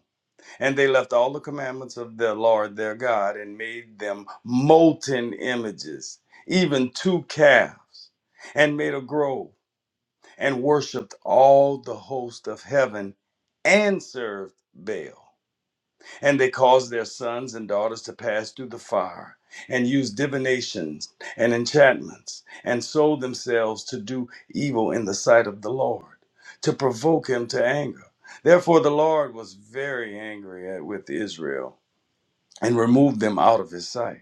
D: And they left all the commandments of the Lord their God and made them molten images, even two calves, and made a grove, and worshipped all the host of heaven and served Baal and they caused their sons and daughters to pass through the fire and use divinations and enchantments and sold themselves to do evil in the sight of the Lord to provoke him to anger. Therefore, the Lord was very angry at, with Israel and removed them out of his sight.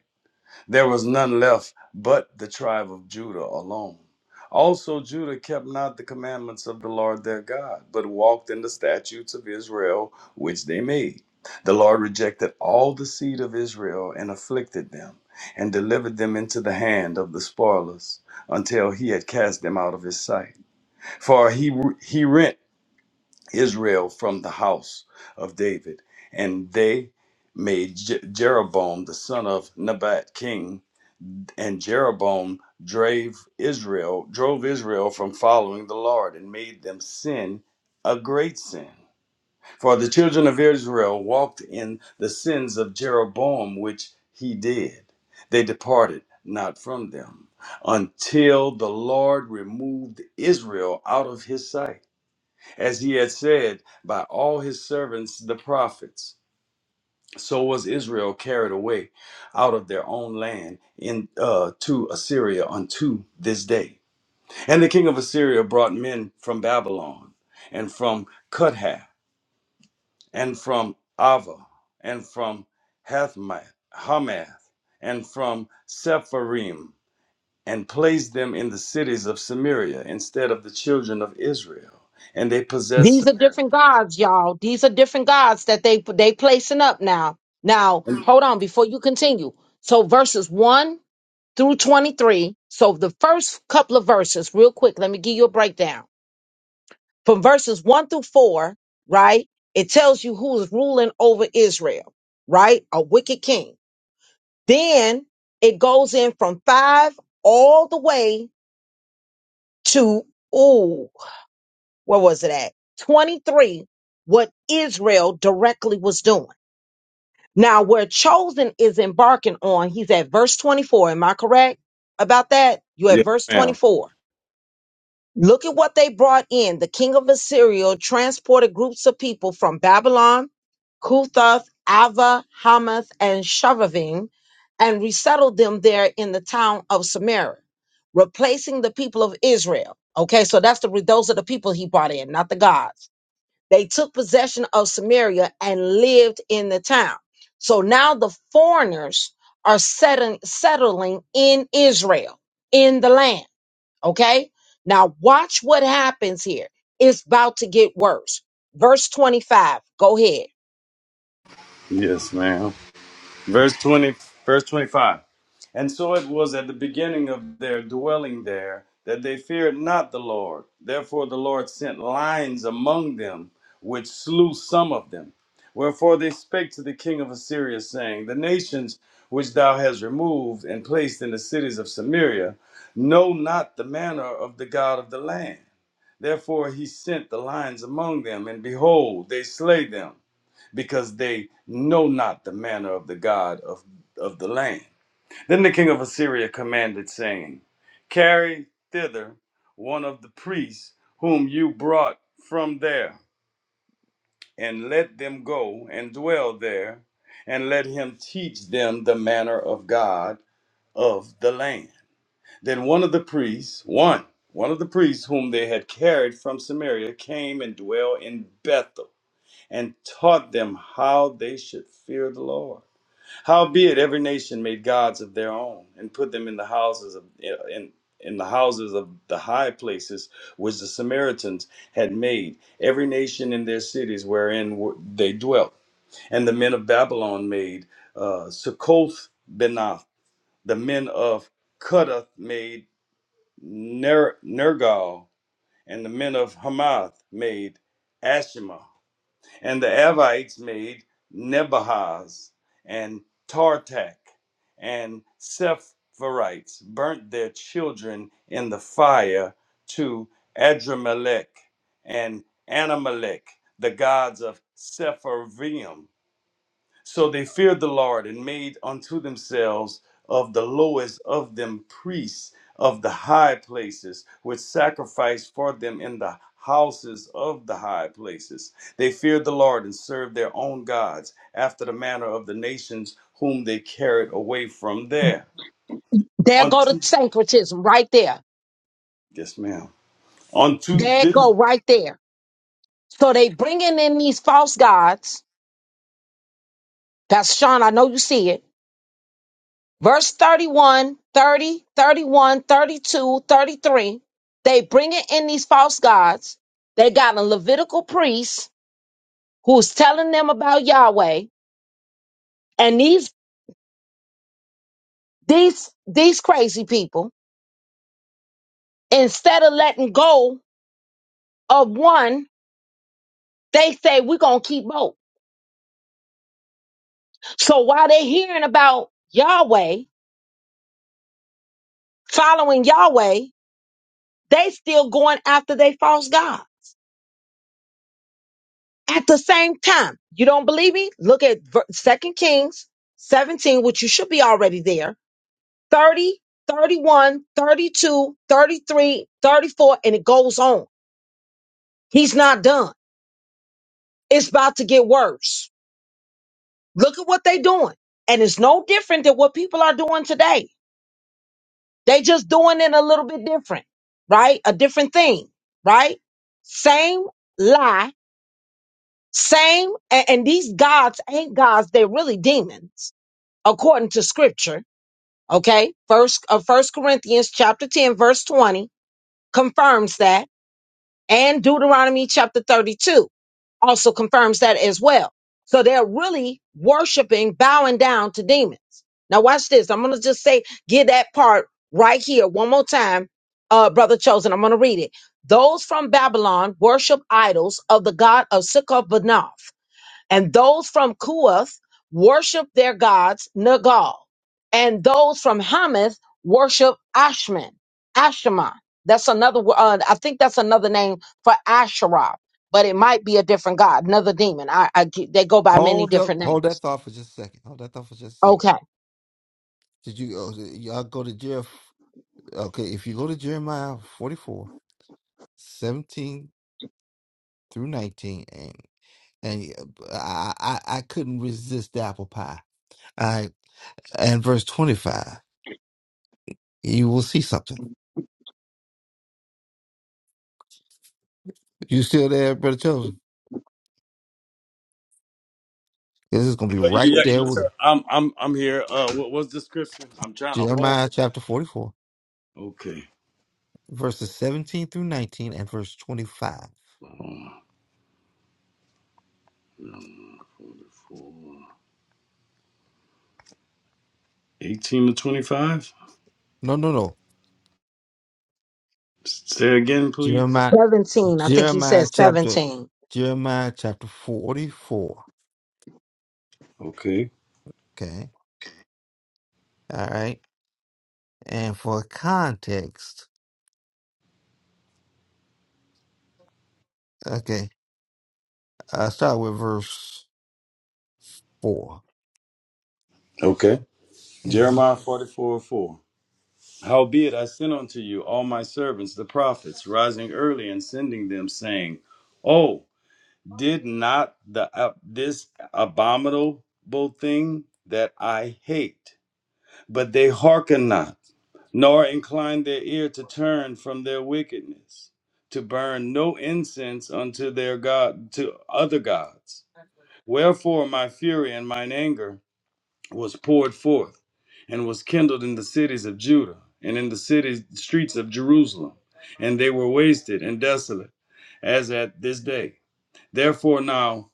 D: There was none left but the tribe of Judah alone. Also, Judah kept not the commandments of the Lord their God, but walked in the statutes of Israel, which they made. The Lord rejected all the seed of Israel and afflicted them, and delivered them into the hand of the spoilers, until he had cast them out of his sight. For he, he rent Israel from the house of David, and they made Je- Jeroboam the son of Nebat king and Jeroboam drave Israel, drove Israel from following the Lord and made them sin a great sin. For the children of Israel walked in the sins of Jeroboam, which he did. They departed not from them until the Lord removed Israel out of his sight, as he had said by all his servants the prophets so was Israel carried away out of their own land in uh, to Assyria unto this day. And the king of Assyria brought men from Babylon, and from Cuthah, and from Ava, and from Hathmath, Hamath, and from Sepharim, and placed them in the cities of Samaria instead of the children of Israel. And they possessed.
B: These are different gods, y'all. These are different gods that they they placing up now. Now, hold on before you continue. So verses one through 23. So the first couple of verses, real quick, let me give you a breakdown. From verses 1 through 4, right? It tells you who is ruling over Israel, right? A wicked king. Then it goes in from 5 all the way to, ooh, where was it at? 23, what Israel directly was doing. Now, where chosen is embarking on, he's at verse 24. Am I correct about that? You at
D: Yes,
B: verse
D: ma'am.
B: 24 Look at what they brought in. The king of Assyria transported groups of people from Babylon, Kuthoth, Ava, Hamath, and Shavavim, and resettled them there in the town of Samaria, replacing the people of Israel. Okay, so that's the those are the people he brought in, not the gods. They took possession of Samaria and lived in the town. So now the foreigners are settling, settling in Israel, in the land. Okay. Now watch what happens here. It's about to get worse. Verse 25. Go ahead.
D: Yes, ma'am. Verse 20, verse 25. And so it was at the beginning of their dwelling there that they feared not the Lord. Therefore the Lord sent lions among them, which slew some of them. Wherefore they spake to the king of Assyria, saying, The nations which thou hast removed and placed in the cities of Samaria know not the manner of the God of the land. Therefore he sent the lions among them, and behold, they slay them because they know not the manner of the God of, of the land. Then the king of Assyria commanded, saying, Carry thither one of the priests whom you brought from there, and let them go and dwell there, and let him teach them the manner of God of the land. Then one of the priests, one, one of the priests whom they had carried from Samaria came and dwelt in Bethel and taught them how they should fear the Lord Howbeit, every nation made gods of their own, and put them in the houses of in in the houses of the high places which the Samaritans had made, every nation in their cities wherein were- they dwelt. And the men of Babylon made uh, Succoth Benoth, the men of Cuttath made Ner- Nergal, and the men of Hamath made Ashima. And the Evites made Nebahaz and Tartak and Sepharites, burnt their children in the fire to Adramelech and Anamelech, the gods of Sepharvaim. So they feared the Lord and made unto themselves of the lowest of them priests of the high places, which sacrificed for them in the houses of the high places. They feared the Lord and served their own gods after the manner of the nations whom they carried away from there.
B: There go the
D: Unto
B: syncretism right there.
D: yes, ma'am. Unto
B: There it
D: this
B: go right there. So they bringing in these false gods. That's Sean. I know you see it. Verse 31, 30, 31, 32, 33. They bringing in these false gods. They got a Levitical priest who's telling them about Yahweh. And these, these, these crazy people instead of letting go of one, they say we're gonna keep both. So while they're hearing about Yahweh, following Yahweh, they still going after their false God. At the same time, you don't believe me? Look at Second Kings 17, which you should be already there. 30, 31, 32, 33, 34, and it goes on. He's not done. It's about to get worse. Look at what they're doing. And it's no different than what people are doing today They just doing it a little bit different, right? A different thing, right? Same lie, same, and, and these gods ain't gods, they're really demons, according to scripture. Okay. First uh, First Corinthians chapter 10, verse 20 confirms that and Deuteronomy chapter 32 also confirms that as well. So they're really worshiping, bowing down to demons. Now, watch this. I'm going to just say, get that part right here one more time, uh, Brother Chosen. I'm going to read it. Those from Babylon worship idols of the god of Sukkot and those from Kuath worship their gods Nagal, and those from Hamath worship Ashman, Ashima. That's another. wo- Uh, I think that's another name for Asherah, but it might be a different god, another demon. I, I ge- they go by many
F: Hold up.
B: different
F: Hold that
B: names.
F: thought for just a second. Hold that thought for just a second.
B: Okay,
F: Did you oh, y'all go to Jer? Okay, if you go to Jeremiah 44 17 through 19, and and I, I I couldn't resist the apple pie. I and verse 25, you will see something. You still there, brother chosen? This is gonna
D: uh,
F: be right
D: yeah, yeah,
F: there
D: yes, sir.
F: with
D: I'm I'm I'm here. Uh what was the scripture? I'm trying to hold
F: Jeremiah chapter 44,
D: Okay.
F: verses 17 through 19 and verse 25.
D: Um, um, forty-four. 18 to 25.
F: No, no, no.
D: Say again, please.
F: Jeremiah
B: 17. I think he said
F: Jeremiah chapter
B: 17.
F: Jeremiah chapter 44.
D: Okay.
F: Okay. All right. And for context, okay, I start with verse 4.
D: Okay.
F: Mm-hmm.
D: Jeremiah 44 4. Howbeit I sent unto you all my servants, the prophets, rising early and sending them, saying, Oh, did not the uh, this abominable thing that I hate, but they hearken not, nor incline their ear to turn from their wickedness, to burn no incense unto their God to other gods Wherefore my fury and mine anger was poured forth, and was kindled in the cities of Judah, and in the cities streets of Jerusalem, and they were wasted and desolate, as at this day. Therefore now,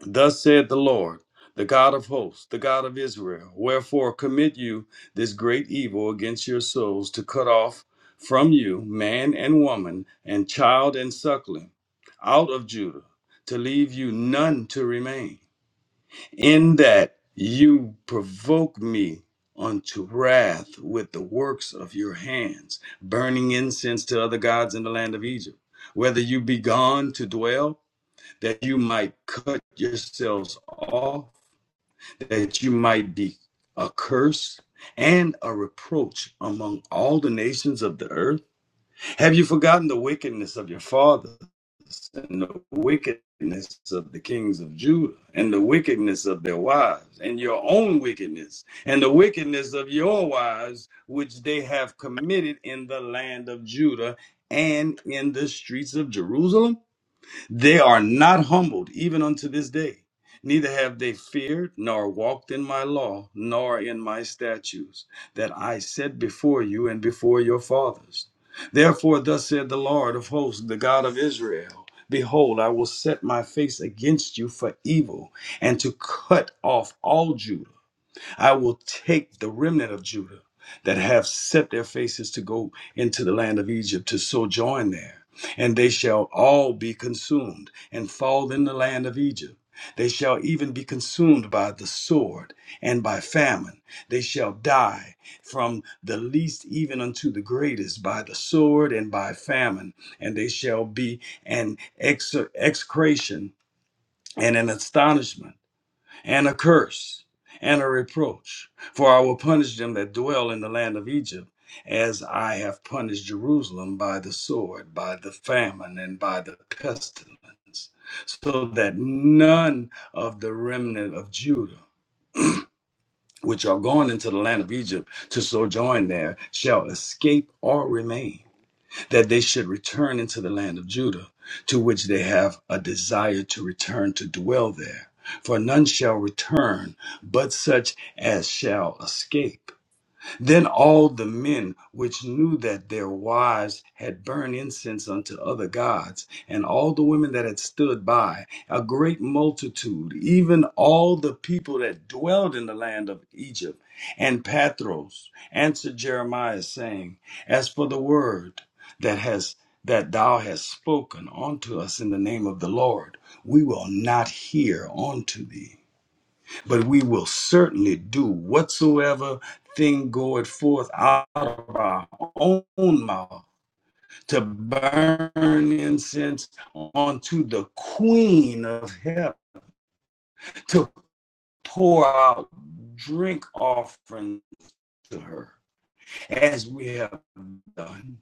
D: thus saith the Lord, the God of hosts, the God of Israel, wherefore commit you this great evil against your souls to cut off from you man and woman, and child and suckling, out of Judah, to leave you none to remain in that you provoke me unto wrath with the works of your hands, burning incense to other gods in the land of Egypt. Whether you be gone to dwell, that you might cut yourselves off, that you might be a curse and a reproach among all the nations of the earth. Have you forgotten the wickedness of your fathers and the wickedness of the kings of Judah and the wickedness of their wives and your own wickedness and the wickedness of your wives which they have committed in the land of Judah and in the streets of Jerusalem? They are not humbled even unto this day. Neither have they feared, nor walked in my law, nor in my statutes, that I set before you and before your fathers. Therefore, thus said the Lord of hosts, the God of Israel Behold, I will set my face against you for evil, and to cut off all Judah I will take the remnant of Judah that have set their faces to go into the land of Egypt to sojourn there, and they shall all be consumed and fall in the land of Egypt. They shall even be consumed by the sword and by famine. They shall die from the least even unto the greatest by the sword and by famine. And they shall be an ex- execration and an astonishment and a curse and a reproach. For I will punish them that dwell in the land of Egypt, as I have punished Jerusalem by the sword, by the famine, and by the pestilence, so that none of the remnant of Judah, which are gone into the land of Egypt to sojourn there, shall escape or remain that they should return into the land of Judah, to which they have a desire to return to dwell there. For none shall return but such as shall escape. Then all the men which knew that their wives had burned incense unto other gods, and all the women that had stood by, a great multitude, even all the people that dwelled in the land of Egypt, and Pathros answered Jeremiah, saying, As for the word that has that thou hast spoken unto us in the name of the Lord, we will not hear unto thee but we will certainly do whatsoever thing goeth forth out of our own mouth to burn incense onto the queen of heaven, to pour out drink offerings to her. as we have done.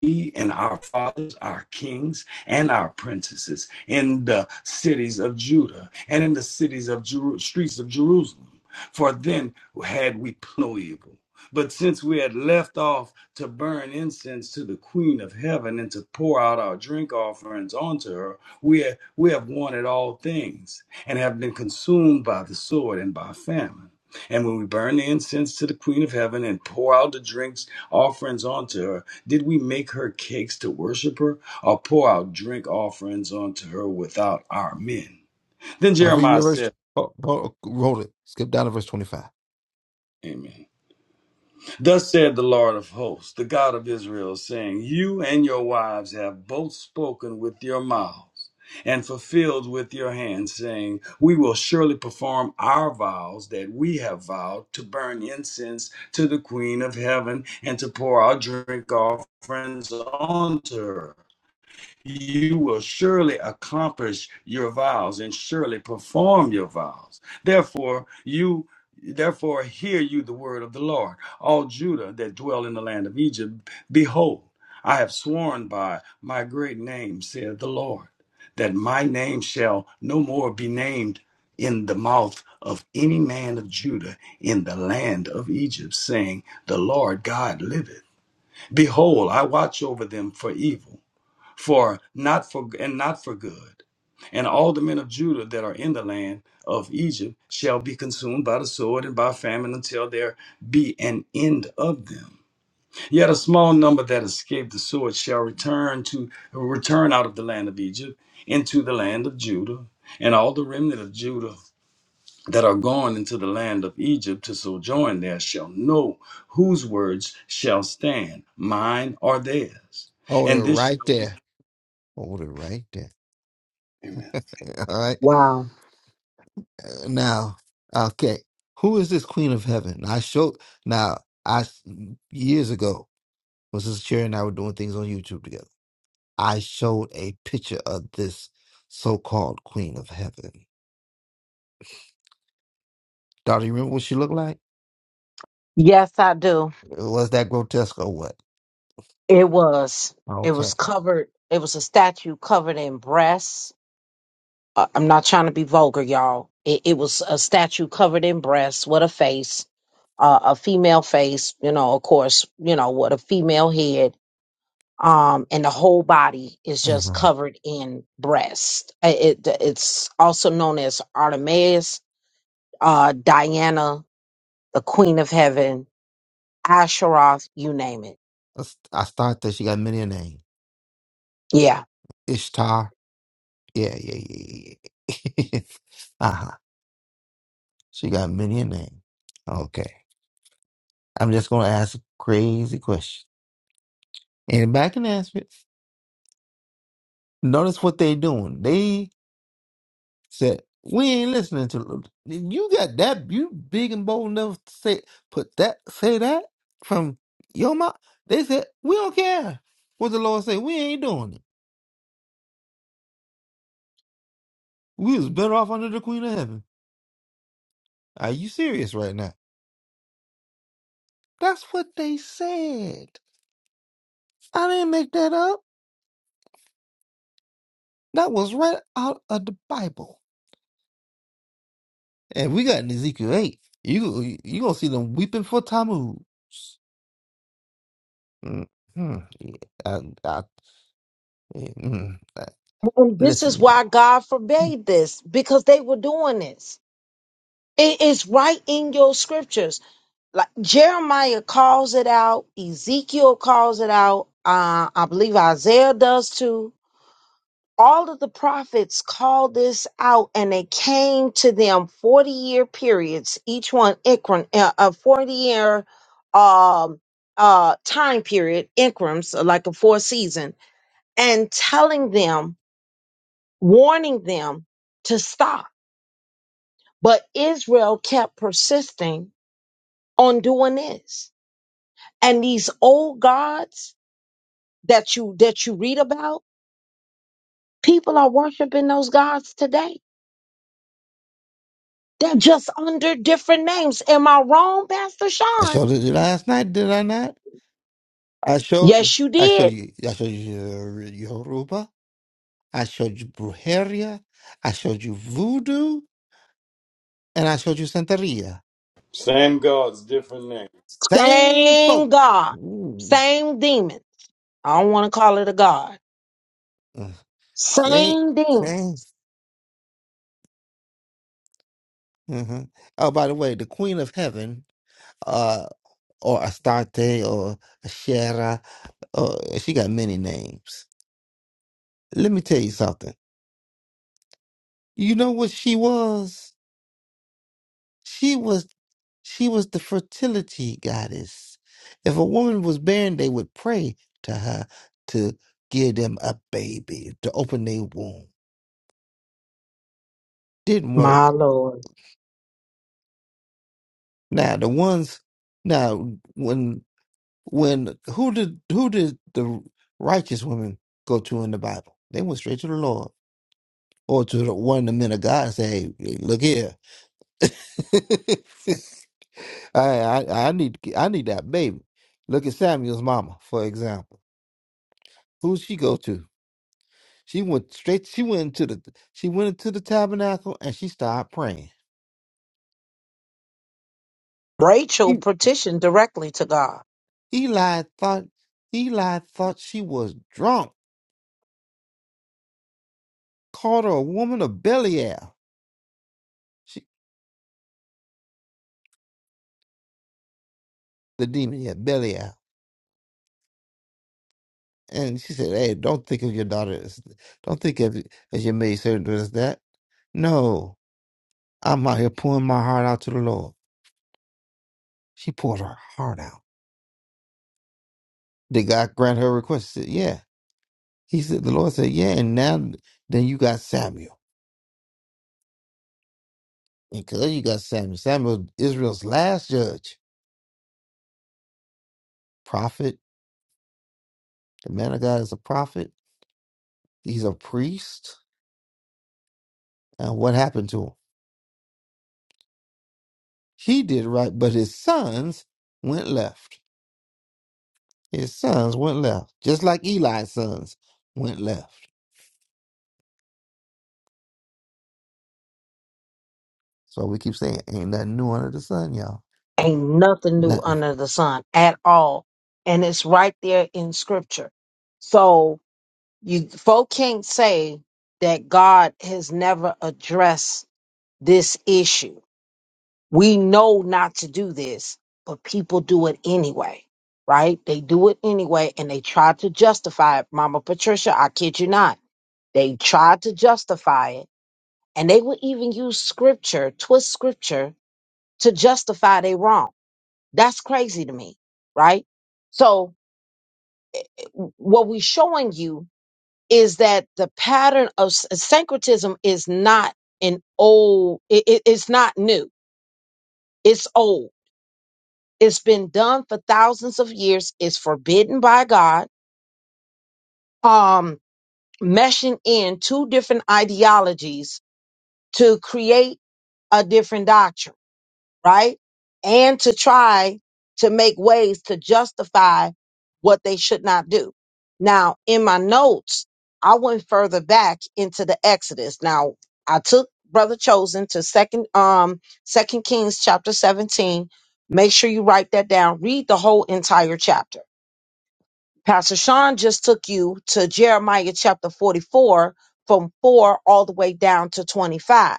D: We and our fathers, our kings, and our princesses in the cities of Judah and in the cities of Jeru- streets of Jerusalem. For then had we Ploible. But since we had left off to burn incense to the Queen of Heaven and to pour out our drink offerings onto her, we have, we have wanted all things and have been consumed by the sword and by famine. And when we burn the incense to the Queen of Heaven and pour out the drinks offerings onto her, did we make her cakes to worship her or pour out drink offerings onto her without our men? Then
F: I read
D: Jeremiah
F: with verse,
D: said,
F: oh, oh, roll it, skip down to verse 25.
D: Amen. Thus said the Lord of hosts, the God of Israel, saying, You and your wives have both spoken with your mouths and fulfilled with your hands, saying, We will surely perform our vows that we have vowed to burn incense to the Queen of Heaven and to pour our drink offerings onto her you will surely accomplish your vows and surely perform your vows. Therefore, you therefore hear you the word of the Lord, all Judah that dwell in the land of Egypt, behold, I have sworn by my great name, saith the Lord, that my name shall no more be named in the mouth of any man of Judah in the land of Egypt, saying, The Lord God liveth. Behold, I watch over them for evil for not for and not for good. And all the men of Judah that are in the land of Egypt shall be consumed by the sword and by famine until there be an end of them. Yet a small number that escape the sword shall return to return out of the land of Egypt into the land of Judah, and all the remnant of Judah that are gone into the land of Egypt to sojourn there shall know whose words shall stand, mine or theirs.
F: Hold it
D: And this
F: right
D: shall
F: there. Hold it right there.
D: Amen.
F: All right.
B: Wow.
F: Uh, Now, okay, who is this queen of heaven? I showed, now, I, s- years ago, was this Cherry and I were doing things on YouTube together. I showed a picture of this so called queen of heaven. Daughter, you remember what she looked like?
B: Yes, I do.
F: Was that grotesque or what?
B: It was. It
F: Okay.
B: was covered. It was a statue covered in breasts. Uh, I'm not trying to be vulgar, y'all. It, it was a statue covered in breasts with a face, uh, a female face, you know, of course, you know, with a female head. um, and the whole body is just
F: Mhm.
B: covered in breast. Uh, It, it's also known as Artemis, uh, Diana, the Queen of Heaven, Asheroth, you name it.
F: That's- I thought that she got many a name.
B: Yeah.
F: Ishtar. Yeah, yeah, yeah, yeah. yeah. uh-huh. She got many a name. Okay. I'm just gonna ask a crazy question. Anybody can answer it. Notice what they doing. They said, We ain't listening to you got that you big and bold enough to say put that say that from your mouth. They said, We don't care what the Lord say, we ain't doing it. We was better off under the Queen of Heaven. Are you serious right now? That's what they said. I didn't make that up. That was right out of the Bible. And we got in Ezekiel 8. You you gonna see them weeping for Tammuz. hmm Yeah, I, I, yeah, mm, I-
B: And this is
F: listen, y'all.
B: why God forbade this because they were doing this. It is right in your scriptures. Like Jeremiah calls it out, Ezekiel calls it out, uh, I believe Isaiah does too all of the prophets called this out and it came to them 40 year periods each one increment uh, a 40 year um uh time period increments like a four season and telling them warning them to stop but israel kept persisting on doing this and these old gods that you that you read about people are worshiping those gods today They're just under different names. Am I wrong, Pastor
F: I
B: Sean?
F: showed it last night, did I not? I show
B: Yes, you
F: I show
B: did.
F: you I show you uh, Yoruba, I showed you brujeria, I showed you voodoo, and I showed you Santeria. Same
B: Same
F: folk.
B: God,
F: Ooh.
B: same demon. I don't want to call it a God.
F: Uh, Same
B: Same demon.
F: same. hmm Oh, by the way, the Queen of Heaven, uh, or Astarte, or Ashera, uh, she got many names. Let me tell you something. You know what she was? She was she was the fertility goddess. If a woman was barren, they would pray to her to give them a baby, to open their womb. Didn't work.
B: My Lord.
F: Now the ones now when when who did who did the righteous women go to in the Bible? They went straight to the Lord. Or to the, one of the men of God and say, hey, look here. I, I I need I need that baby. Look at Samuel's mama, for example. Who would she go to? She went straight. She went into the. She went into the tabernacle and she started praying.
B: Rachel
F: E-
B: petitioned directly to God.
F: Eli thought. Eli thought she was drunk. Called her a woman of Belial. She, the demon, yeah, Belial. And she said, "Hey, don't think of your daughter. As, don't think of it as your maidservant as that. No, I'm out here pouring my heart out to the Lord." She poured her heart out. Did God grant her request? She said, "Yeah." He said, "The Lord said, yeah." And now, then you got Samuel. And because you got Samuel, Samuel, Israel's last judge, prophet, the man of God is a prophet, he's a priest. And what happened to him? He did right, but his sons went left. His sons went left, just like Eli's sons went left. So we keep saying, ain't nothing new under the sun, y'all.
B: Ain't nothing new
F: Nothing.
B: under the sun at all. And it's right there in scripture. So You folk can't say that God has never addressed this issue. We know not to do this, but people do it anyway, right? They do it anyway and they try to justify it. Mama Patricia, I kid you not. They tried to justify it and they will even use scripture, twist scripture to justify they wrong. That's crazy to me, right? So what we're showing you is that the pattern of s- syncretism is not an old it, it- it's not new it's old it's been done for thousands of years it's forbidden by god um meshing in two different ideologies to create a different doctrine right? And to try to make ways to justify what they should not do. Now, in my notes, I went further back into the Exodus. Now, I took Brother Chosen to second um second Kings chapter 17. Make sure you write that down. Read the whole entire chapter Pastor Sean just took you to Jeremiah chapter 44 from 4 all the way down to 25.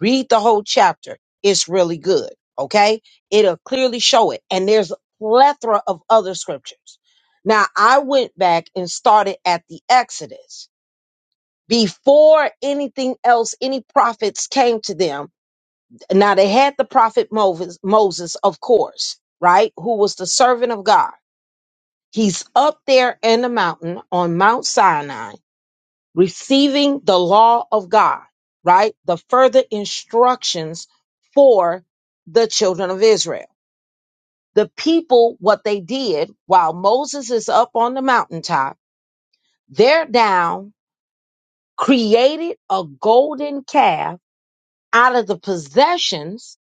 B: Read the whole chapter. It's really good. Okay. It'll clearly show it. And there's a plethora of other scriptures. Now I went back and started at the Exodus before anything else, any prophets came to them. Now they had the prophet Moses, Moses, of course, right? Who was the servant of God He's up there in the mountain on Mount Sinai receiving the law of God, right? The further instructions for the children of Israel. The people, what they did while Moses is up on the mountaintop, they're down, created a golden calf out of the possessions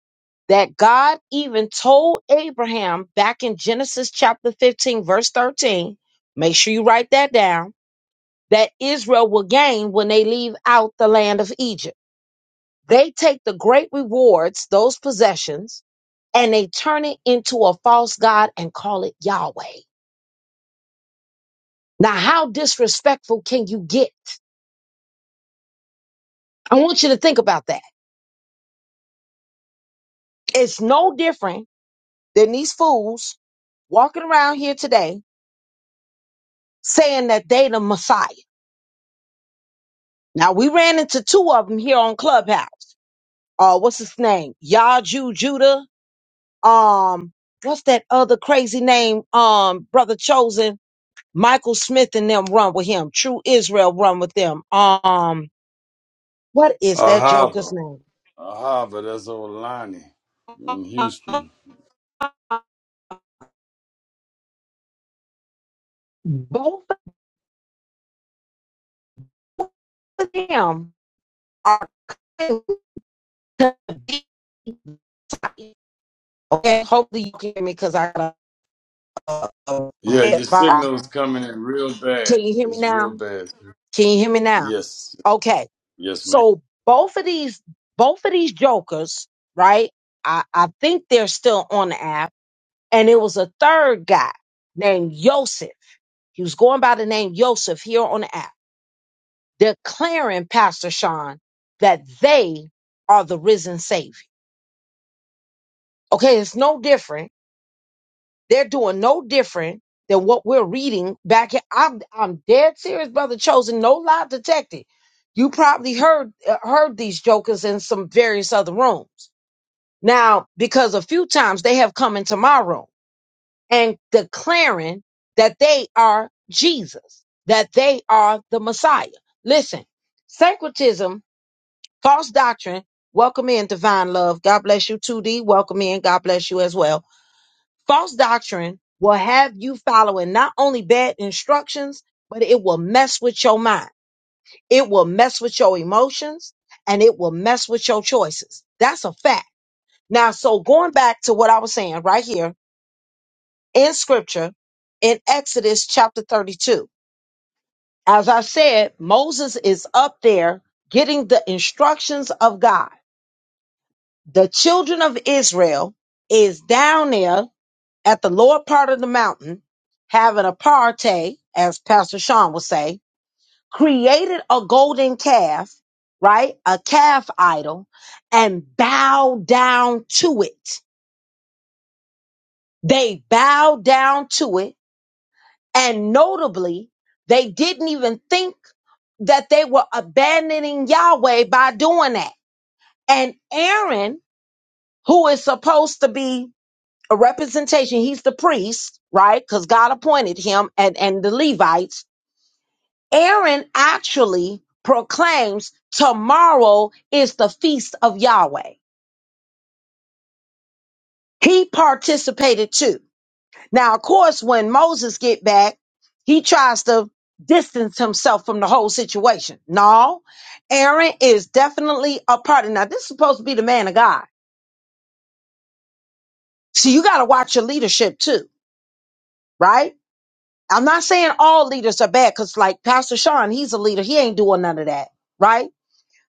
B: that God even told Abraham back in Genesis chapter 15, verse 13. Make sure you write that down that Israel will gain when they leave out the land of Egypt. They take the great rewards, those possessions, and they turn it into a false god and call it Yahweh. Now, how disrespectful can you get? I want you to think about that. It's no different than these fools walking around here today saying that they the Messiah. Now, we ran into two of them here on Clubhouse. Uh, what's his name? Yaju Judah um what's that other crazy name um brother chosen michael smith and them run with him true israel run with them um what is that
D: Aha,
B: joker's name
D: Aha, but that's old Lonnie in Houston.
B: both of them are okay hopefully you can hear me because i got a, a, a
D: Yeah,
B: red
D: your
B: bar
D: signal's coming in real
B: can
D: bad.
B: you hear me
D: It's real
B: now
D: bad.
B: can you hear me now
D: Yes,
B: Okay.
D: yes, ma'am.
B: So both of these both of these jokers, right? I, I think they're still on the app. And it was a third guy named Yosef. He was going by the name Yosef here on the app, declaring, Pastor Sean, that they are the risen savior. Okay, it's no different They're doing no different than what we're reading back here. I'm I'm dead serious, brother. Chosen, no lie detected. You probably heard uh, heard these jokers in some various other rooms. Now, because a few times they have come into my room and declaring that they are Jesus, that they are the Messiah. Listen, syncretism, false doctrine. Welcome in, divine love. God bless you, 2D. Welcome in. God bless you as well False doctrine will have you following not only bad instructions, but it will mess with your mind. It will mess with your emotions and it will mess with your choices. That's a fact. Now, so going back to what I was saying right here in scripture in Exodus chapter 32, as I said, Moses is up there getting the instructions of God. The children of Israel is down there at the lower part of the mountain, having a party, as Pastor Sean would say, created a golden calf, right? A calf idol, and bowed down to it. They bowed down to it. And notably, they didn't even think that they were abandoning Yahweh by doing that. And Aaron, who is supposed to be a representation, he's the priest, right? Because God appointed him and, and the Levites Aaron actually proclaims tomorrow is the feast of Yahweh. He participated too. Now, of course, when Moses get back, he tries to distance himself from the whole situation. No, Aaron is definitely a part. Now, this is supposed to be the man of God. So you got to watch your leadership too, right? I'm not saying all leaders are bad because like Pastor Sean, he's a leader. He ain't doing none of that, right?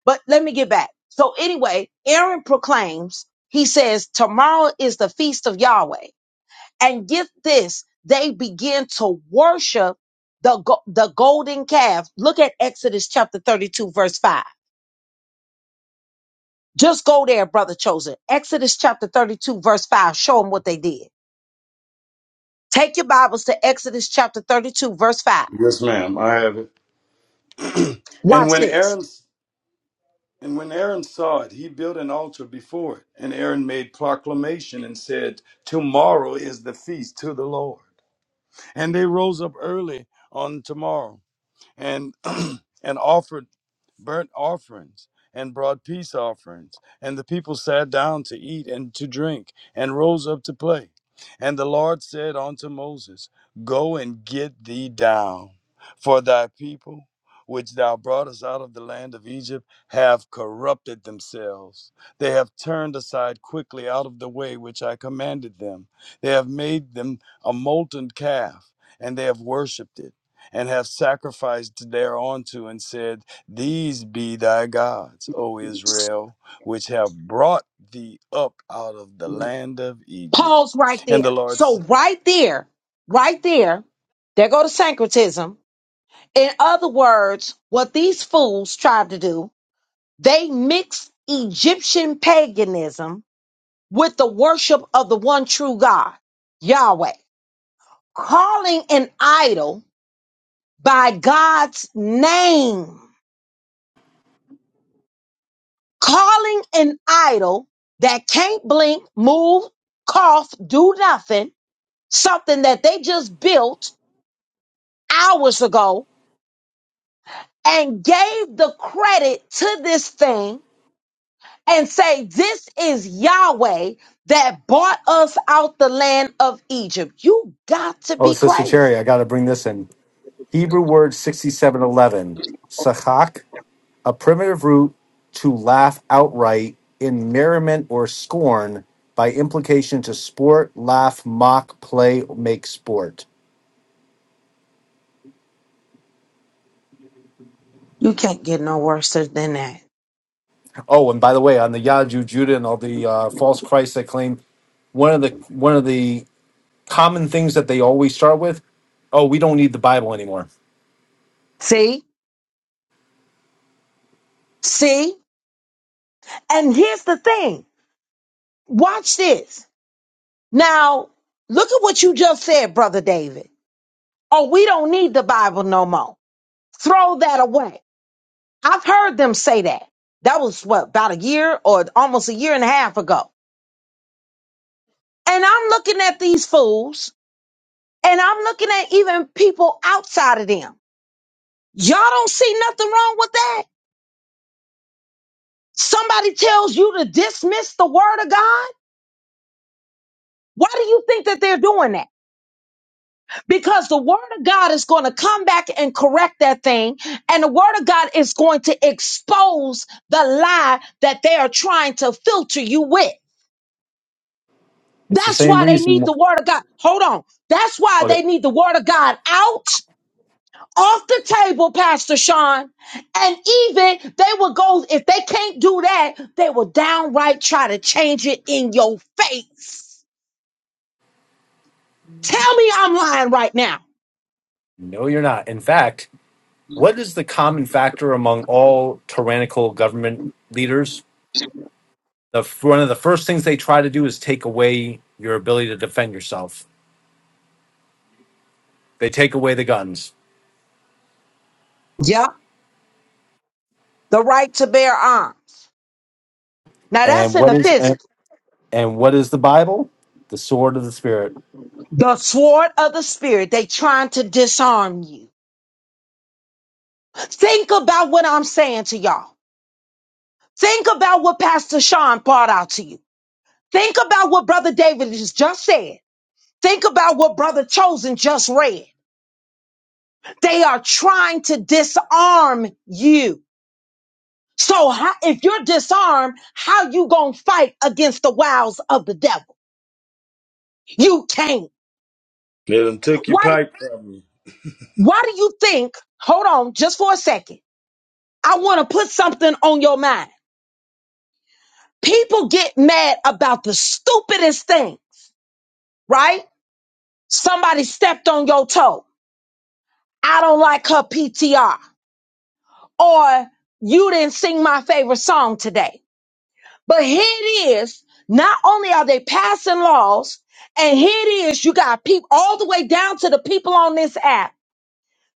B: But let me get back. So anyway, Aaron proclaims, he says, tomorrow is the feast of Yahweh. And get this, they begin to worship the, go- the golden calf. Look at Exodus chapter 32, verse 5. Just go there, brother chosen. Exodus chapter 32, verse 5. Show them what they did. Take your Bibles to Exodus chapter 32, verse 5.
D: Yes, ma'am. I have it. And
B: Watch
D: when
B: this.
D: Aaron and when Aaron saw it, he built an altar before it. And Aaron made proclamation and said, "Tomorrow is the feast to the Lord." And they rose up early on tomorrow and and offered burnt offerings and brought peace offerings and the people sat down to eat and to drink and rose up to play and the lord said unto moses go and get thee down for thy people which thou broughtest out of the land of Egypt have corrupted themselves. They have turned aside quickly out of the way which I commanded them. They have made them a molten calf, and they have worshipped it and have sacrificed thereunto and said, These be thy gods, O Israel, which have brought thee up out of the land of Egypt.
B: Pause right
D: And the
B: there.
D: Lord
B: So
D: s-
B: right there, right there, there go to syncretism In other words, what these fools tried to do, they mixed Egyptian paganism with the worship of the one true God, Yahweh, calling an idol by God's name, calling an idol that can't blink, move, cough, do nothing, something that they just built hours ago and gave the credit to this thing and say, This is Yahweh that brought us out the land of Egypt. You got to
E: Oh,
B: be
E: Sister
B: crazy.
E: Cherry, I got to bring this in. Hebrew word sixty-seven eleven, sachak. a primitive root to laugh outright in merriment or scorn by implication to sport laugh mock play make sport
B: You can't get no worse than that.
E: oh and by the way on the yadu judah and all the uh, false christs that claim one of the one of the common things that they always start with oh we don't need the bible anymore
B: See? See? And here's the thing watch this. Now, look at what you just said, Brother David. Oh, we don't need the Bible no more. Throw that away. I've heard them say that. That was what, about a year or almost a year and a half ago. And I'm looking at these fools And I'm looking at even people outside of them. Y'all don't see nothing wrong with that. Somebody tells you to dismiss the word of God. Why do you think that they're doing that? Because the word of God is going to come back and correct that thing. And the word of God is going to expose the lie that they are trying to filter you with.
E: it's the
B: That's
E: same
B: why they
E: reason
B: need
E: wh-
B: the word of God. Hold on. That's why
E: okay
B: they need the word of God out off the table, Pastor Sean. And even they will go, if they can't do that, they will downright try to change it in your face. Tell me I'm lying right now.
E: no you're not in fact what is the common factor among all tyrannical government leaders the one of the first things they try to do is take away your ability to defend yourself. They take away the guns.
B: Yeah, the right to bear arms. Now that's
E: And
B: in
E: what
B: the
E: is and,
B: physical.
E: and what is the Bible? The sword of the spirit.
B: The sword of the spirit, they trying to disarm you. Think about what I'm saying to y'all. Think about what Pastor Sean brought out to you. Think about what Brother David has just said. Think about what Brother Chosen just read. They are trying to disarm you. So how, if you're disarmed, how you gonna fight against the wiles of the devil? You can't.
D: "Let done took your
B: Why? do-
D: pipe from you.
B: Why do you think? Hold on, just for a second. I want to put something on your mind. People get mad about the stupidest things, right? Somebody stepped on your toe. I don't like her PTR, or you didn't sing my favorite song today But here it is. Not only are they passing laws, and here it is, you got people all the way down to the people on this app.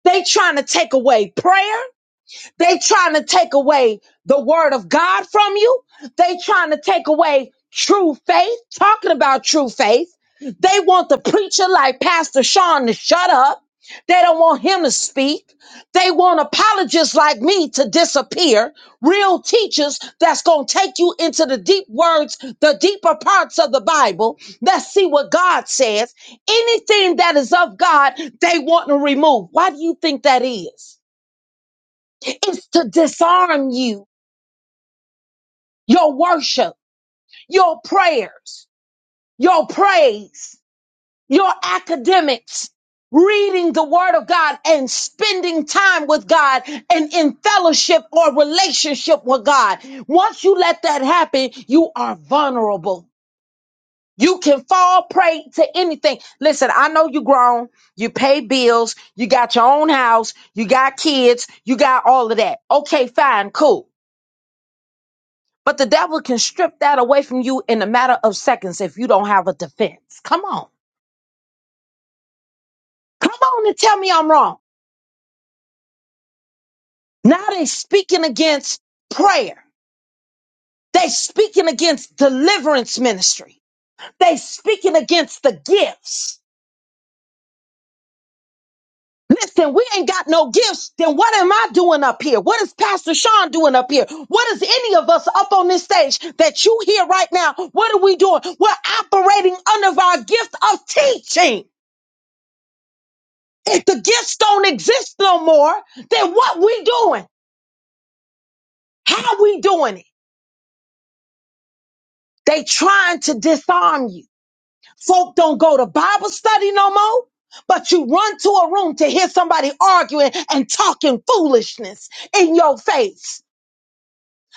B: They trying to take away prayer. They trying to take away the word of God from you. They trying to take away true faith, talking about true faith. They want the preacher like Pastor Sean to shut up. They don't want him to speak. They want apologists like me to disappear. Real teachers that's going to take you into the deep words, the deeper parts of the Bible. Let's see what God says. Anything that is of God, they want to remove. Why do you think that is? It's to disarm you, your worship, your prayers, your praise, your academics, reading the word of God and spending time with God and in fellowship or relationship with God. Once you let that happen, you are vulnerable. You can fall prey to anything. Listen, I know you grown, you pay bills, you got your own house, you got kids, you got all of that. Okay, fine, cool. But the devil can strip that away from you in a matter of seconds if you don't have a defense. Come on. Come on and tell me I'm wrong. Now they speaking against prayer. They speaking against deliverance ministry. They speaking against the gifts. Listen, we ain't got no gifts. Then what am I doing up here? What is Pastor Sean doing up here? What is any of us up on this stage that you hear right now? What are we doing? We're operating under our gift of teaching. If the gifts don't exist no more, then what we doing? How we doing it? They trying to disarm you. Folk don't go to Bible study no more, but you run to a room to hear somebody arguing and talking foolishness in your face.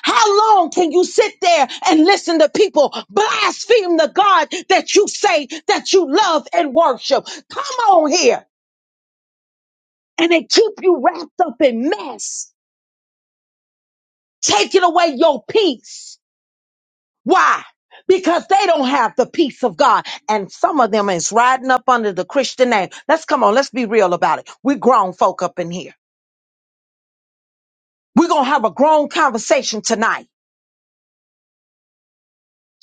B: How long can you sit there and listen to people blaspheme the God that you say that you love and worship? Come on here. And they keep you wrapped up in mess, taking away your peace Why? Because they don't have the peace of God. And some of them is riding up under the Christian name. Let's come on, let's be real about it. we grown folk up in here. We're going to have a grown conversation tonight.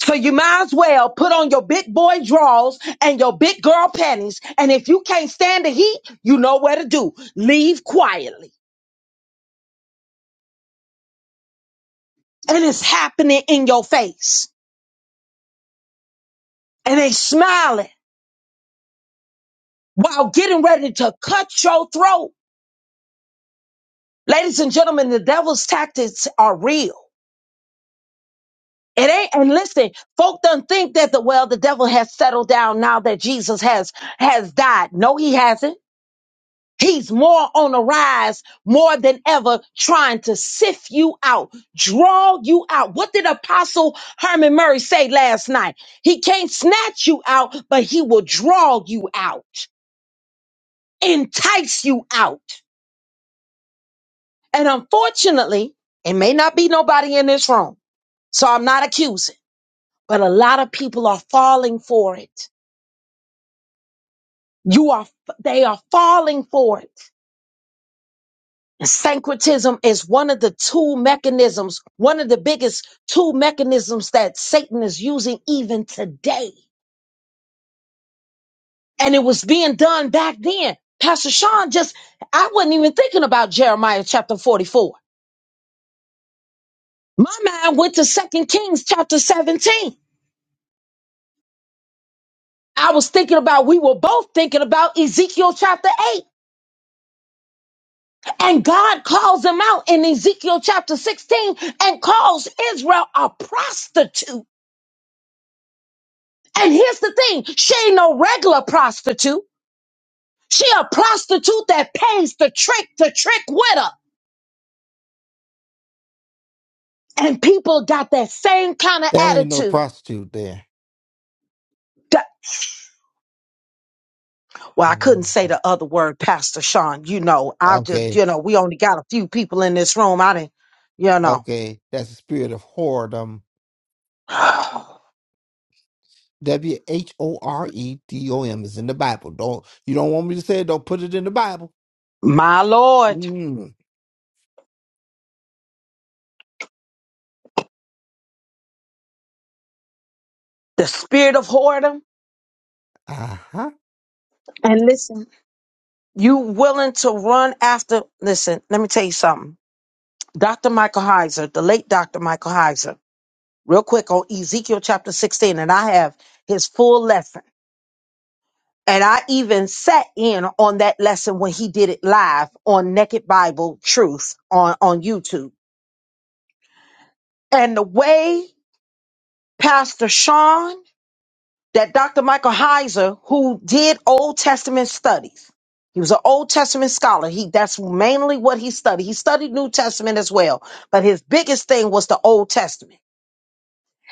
B: So you might as well put on your big boy drawers and your big girl panties. And if you can't stand the heat, you know where to do. Leave quietly. And it's happening in your face. And they smiling while getting ready to cut your throat. Ladies and gentlemen, the devil's tactics are real. It ain't, and listen, folk don't think that the well, the devil has settled down now that Jesus has has died. No, he hasn't. He's more on the rise, more than ever, trying to sift you out, draw you out. What did Apostle Herman Murray say last night? He can't snatch you out, but he will draw you out, entice you out. And unfortunately, it may not be nobody in this room, so I'm not accusing, but a lot of people are falling for it You are, they are falling for it. Syncretism is one of the two mechanisms, one of the biggest two mechanisms that Satan is using even today. And it was being done back then. Pastor Sean just, I wasn't even thinking about Jeremiah chapter 44. My mind went to Second Kings chapter 17. I was thinking about, we were both thinking about Ezekiel chapter 8. And God calls him out in Ezekiel chapter 16 and calls Israel a prostitute. And here's the thing she ain't no regular prostitute. She a prostitute that pays the trick to trick with her. And people got that same kind of
F: That ain't no
B: attitude.
F: prostitute there.
B: That- Well, I couldn't say the other word, Pastor Sean. You know, I just,
F: Okay,
B: you know, we only got a few people in this room. I didn't, you know.
F: okay, that's the spirit of whoredom W H O R E D O M is in the Bible. Don't you don't want me to say it? Don't put it in the Bible.
B: My Lord,
F: Mm.
B: the spirit of whoredom.
F: Uh huh.
B: And listen, you willing to run after, listen, let me tell you something. Dr. Michael Heiser, the late Dr. Michael Heiser. real quick on Ezekiel chapter 16, and I have his full lesson. And I even sat in on that lesson when he did it live on Naked Bible Truth on, on YouTube. And the way Pastor Sean, that Dr. Michael Heiser, who did Old Testament studies, he was an Old Testament scholar. He that's mainly what he studied. He studied New Testament as well, but his biggest thing was the Old Testament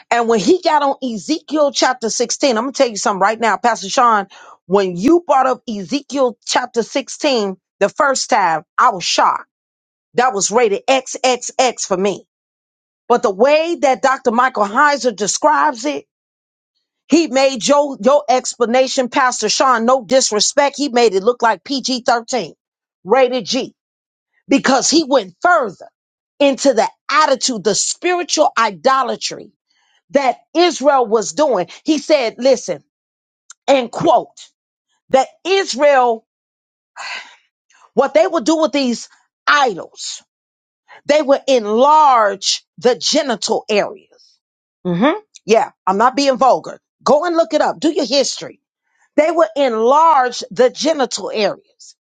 B: And when he got on Ezekiel chapter 16, I'm going to tell you something right now, Pastor Sean. When you brought up Ezekiel chapter 16 the first time, I was shocked. That was rated X X X for me. But the way that Dr. Michael Heiser describes it, he made your, your explanation, Pastor Sean, no disrespect. He made it look like PG 13, rated G, because he went further into the attitude, the spiritual idolatry that Israel was doing. He said, listen, and quote, that Israel, what they would do with these idols, they would enlarge the genital areas. hmm Yeah, I'm not being vulgar. Go and look it up. Do your history. They would enlarge the genital areas.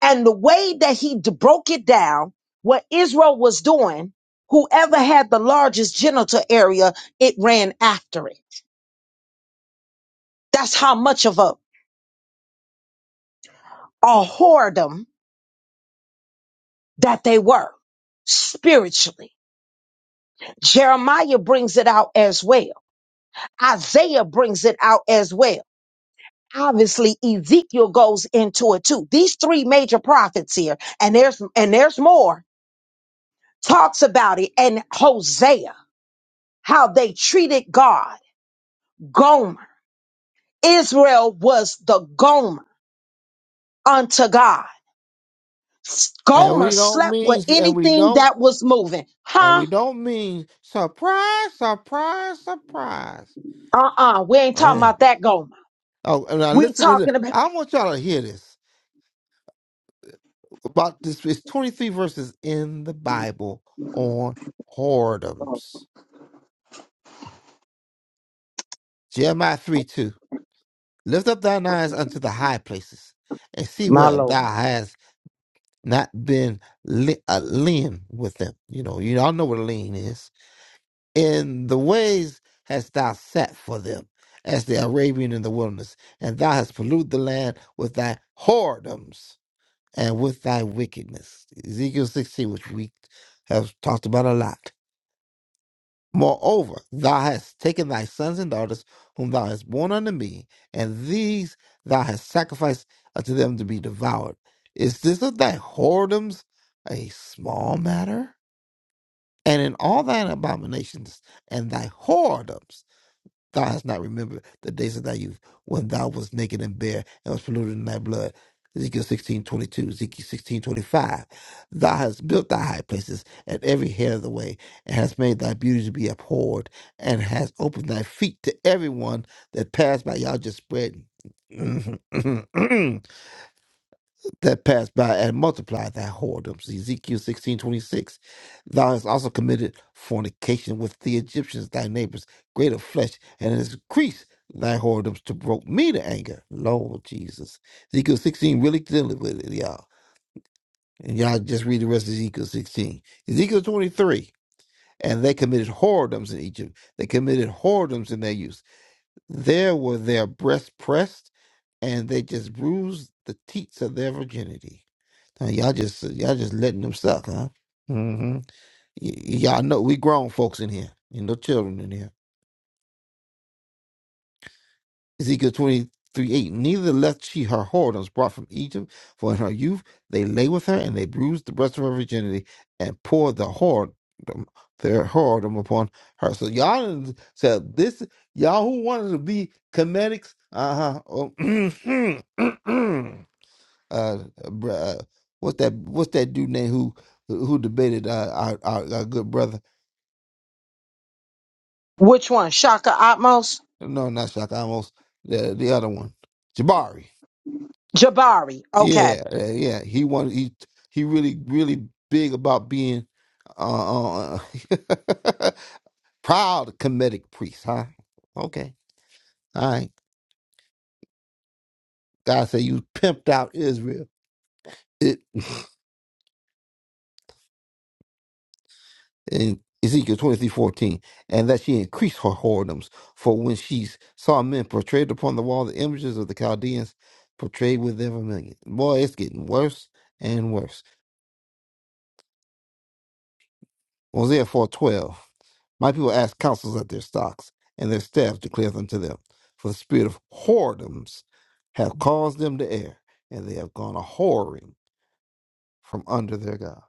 B: And the way that he d- broke it down, what Israel was doing, whoever had the largest genital area, it ran after it. That's how much of a or whoredom that they were spiritually. Jeremiah brings it out as well. Isaiah brings it out as well. Obviously, Ezekiel goes into it too. These three major prophets here, and there's and there's more, talks about it. And Hosea, how they treated God, Gomer. Israel was the Gomer unto God.
F: And
B: Gomer
F: we don't
B: slept with
F: mean and we
B: anything
F: don't
B: that was moving.
F: and
B: Huh?
F: we don't mean surprise, surprise, surprise.
B: Uh-uh. We ain't talking
F: Mm.
B: about that Gomer.
F: Oh, and now
B: We
F: listen to
B: talking
F: this.
B: about
F: I want y'all to hear this about this. It's twenty three verses in the Bible on whoredoms. Jeremiah three two. Lift up thine eyes unto the high places and see
B: My
F: where thou
B: Lord.
F: hast. not been li- uh, lean with them. You know, you all know what a lean is. In the ways hast thou set for them, as the Arabian in the wilderness, and thou hast polluted the land with thy whoredoms and with thy wickedness. Ezekiel 16, which we have talked about a lot. Moreover, thou hast taken thy sons and daughters, whom thou hast born unto me, and these thou hast sacrificed unto them to be devoured. Is this of thy whoredoms a small matter? And in all thine abominations and thy whoredoms, Thou hast not remembered the days of thy youth when thou was naked and bare and was polluted in thy blood. Ezekiel sixteen twenty two, Ezekiel sixteen twenty five. Thou hast built thy high places at every head of the way, and hast made thy beauty to be abhorred, and hast opened thy feet to everyone that passed by. Y'all just spread. that passed by and multiplied thy whoredoms. Ezekiel sixteen twenty six. Thou hast also committed fornication with the Egyptians, thy neighbors, great of flesh, and hast increased thy whoredoms to provoke me to anger. Lord Jesus. Ezekiel 16 really dealing with it, y'all. And y'all just read the rest of Ezekiel 16. Ezekiel 23. And they committed whoredoms in Egypt. They committed whoredoms in their youth. There were their breasts pressed, and they just bruised the teats of their virginity. Huh, y'all just y'all just letting them suck, huh? Mm-hmm. y'all know we grown folks in here, and no children in here. Ezekiel twenty three eight. Neither left she her whoredoms brought from Egypt, for in her youth they lay with her, and they bruised the breast of her virginity, and poured the whoredom their whoredom upon her. So y'all done said this. Y'all who wanted to be comedics, uh huh. uh, br- uh what's that what's that dude name who who debated uh, our, our our good brother?
B: which one? Shaka Atmos?
F: No, not Shaka. I Almost the the other one, Jabari.
B: Jabari. Okay.
F: Yeah, uh, yeah. He wanted he he really really big about being uh, uh proud Kemetic priest, huh? Okay, all right. God said you pimped out Israel. in Ezekiel twenty three fourteen, and that she increased her whoredoms. For when she saw men portrayed upon the wall, the images of the Chaldeans portrayed with them a Boy, it's getting worse and worse. Hosea four twelve. My people ask counsels at their stocks, and their staffs declare unto them. For the spirit of whoredoms have caused them to err, and they have gone a whoring from under their God.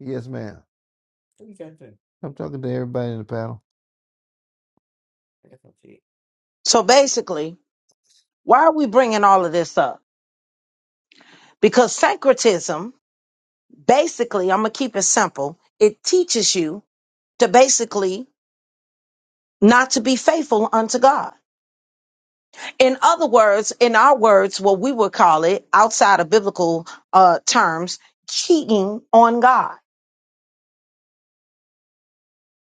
F: Yes, ma'am. I'm talking to everybody in the panel.
B: So basically, why are we bringing all of this up? Because syncretism, basically, I'm going to keep it simple. It teaches you to basically not to be faithful unto God. In other words, in our words, what we would call it outside of biblical uh, terms, cheating on God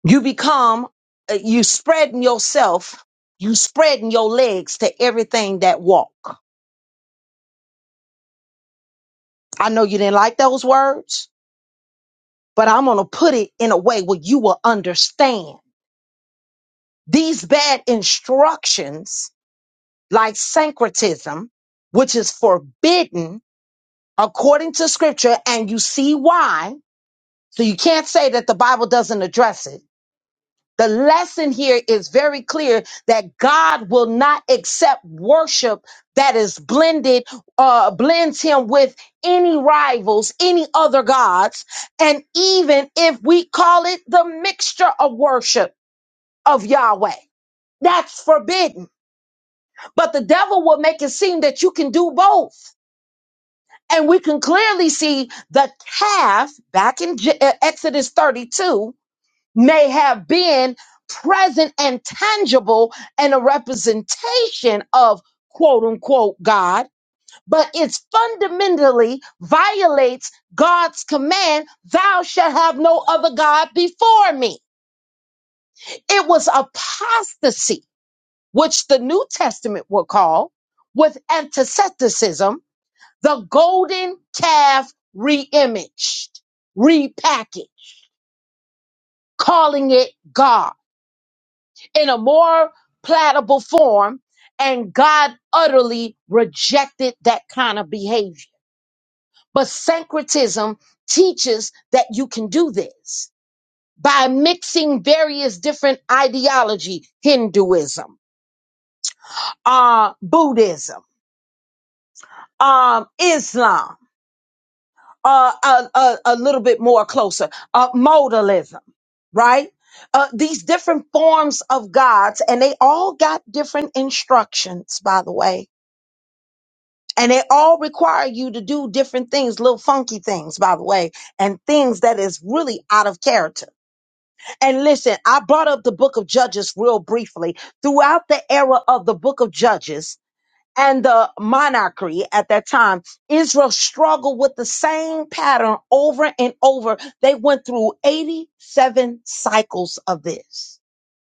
B: You become, uh, you spreading yourself, you spreading your legs to everything that walk. I know you didn't like those words, but I'm going to put it in a way where you will understand. These bad instructions, like syncretism, which is forbidden according to scripture, and you see why. So you can't say that the Bible doesn't address it The lesson here is very clear that God will not accept worship that is blended, uh, blends him with any rivals, any other gods. And even if we call it the mixture of worship of Yahweh, that's forbidden. But the devil will make it seem that you can do both. And we can clearly see the calf back in Je- uh, Exodus 32 may have been present and tangible and a representation of quote unquote God, but it fundamentally violates God's command, thou shalt have no other God before me. It was apostasy, which the New Testament will call with antitheticism, the golden calf reimaged, repackaged, calling it God. in a more palatable form, and God utterly rejected that kind of behavior. But syncretism teaches that you can do this by mixing various different ideology, Hinduism, uh, Buddhism, um, Islam, uh, a, a, a little bit more closer, uh, modalism, right? Uh, these different forms of gods, and they all got different instructions, by the way And they all require you to do different things, little funky things, by the way, and things that is really out of character. And listen, I brought up the book of Judges real briefly. Throughout the era of the book of Judges and the monarchy at that time, Israel struggled with the same pattern over and over. They went through 87 cycles of this.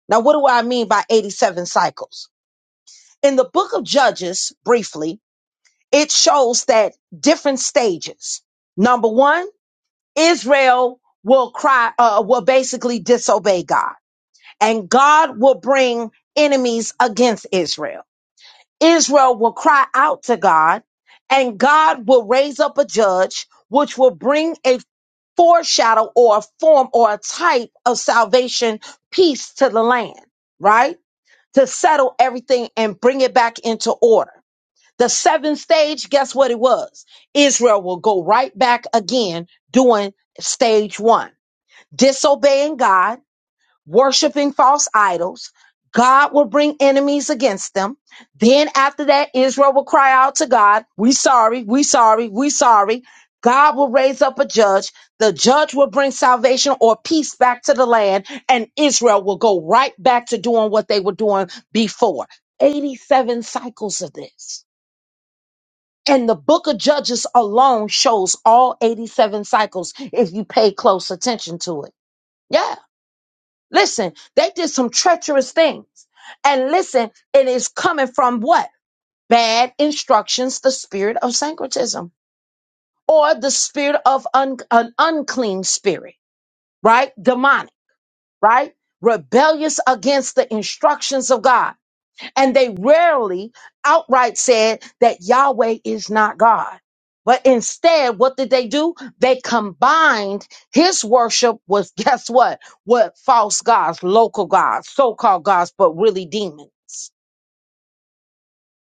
B: Now, what do I mean by 87 cycles? In the book of Judges, briefly, it shows that different stages. Number one, Israel will cry, uh, will basically disobey God, and God will bring enemies against Israel. Israel will cry out to God, and God will raise up a judge, which will bring a foreshadow or a form or a type of salvation, peace to the land, right? To settle everything and bring it back into order. The seventh stage, guess what it was? Israel will go right back again doing stage one, disobeying God, worshiping false idols. God will bring enemies against them. Then after that, Israel will cry out to God, we sorry, we sorry, we sorry. God will raise up a judge. The judge will bring salvation or peace back to the land and Israel will go right back to doing what they were doing before. 87 cycles of this. And the book of Judges alone shows all 87 cycles if you pay close attention to it. Yeah. Listen, they did some treacherous things. And listen, it is coming from what? Bad instructions, the spirit of syncretism or the spirit of un- an unclean spirit, right? Demonic, right? Rebellious against the instructions of God. And they rarely outright said that Yahweh is not God. But instead, what did they do? They combined his worship with, guess what? What false gods, local gods, so called gods, but really demons.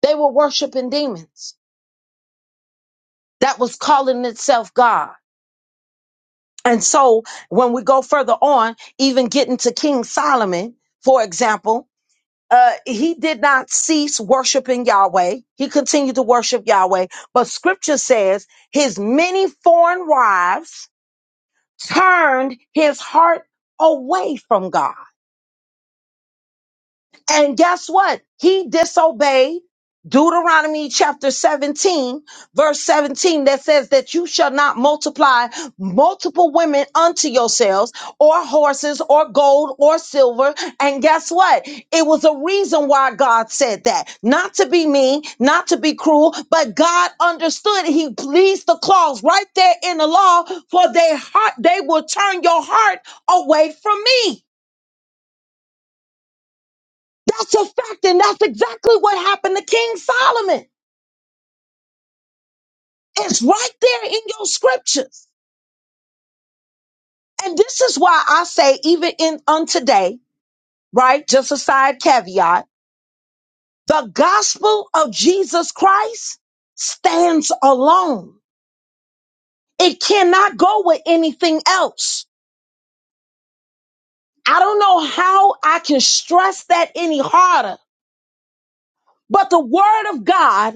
B: They were worshiping demons that was calling itself God. And so when we go further on, even getting to King Solomon, for example, uh, he did not cease worshiping Yahweh. He continued to worship Yahweh. But scripture says his many foreign wives turned his heart away from God. And guess what? He disobeyed Deuteronomy chapter 17, verse 17, that says that you shall not multiply multiple women unto yourselves, or horses, or gold, or silver. And guess what? It was a reason why God said that. Not to be mean, not to be cruel, but God understood. He pleased the clause right there in the law, for they heart they will turn your heart away from me. That's a fact, and that's exactly what happened to King Solomon. It's right there in your scriptures. And this is why I say, even in on today, right? Just a side caveat, the gospel of Jesus Christ stands alone. It cannot go with anything else. I don't know how I can stress that any harder, but the word of God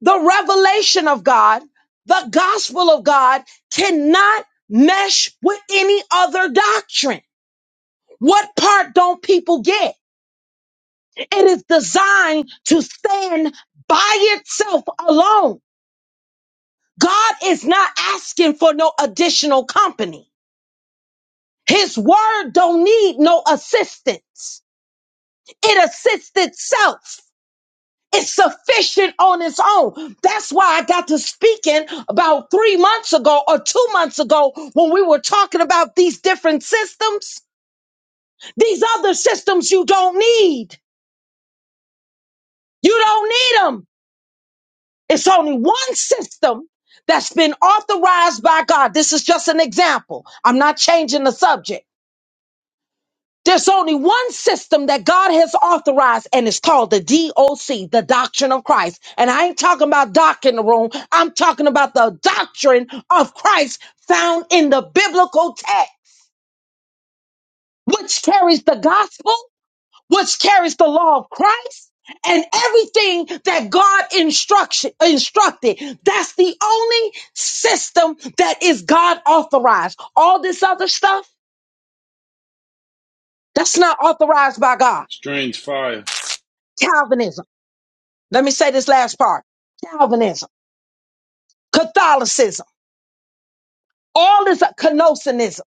B: the revelation of God, the gospel of God cannot mesh with any other doctrine. What part don't people get? It is designed to stand by itself alone. God is not asking for no additional company. His word don't need no assistance. It assists itself. It's sufficient on its own. That's why I got to speaking about three months ago or two months ago when we were talking about these different systems. These other systems you don't need. You don't need them. It's only one system that's been authorized by God. This is just an example. I'm not changing the subject. There's only one system that God has authorized, and it's called the DOC, the Doctrine of Christ. And I ain't talking about doc in the room. I'm talking about the doctrine of Christ found in the biblical text, which carries the gospel, which carries the law of Christ, and everything that God instruction instructed. That's the only system that is God authorized. All this other stuff, that's not authorized by God.
D: Strange fire.
B: Calvinism. Let me say this last part. Calvinism, Catholicism, all this Canosianism,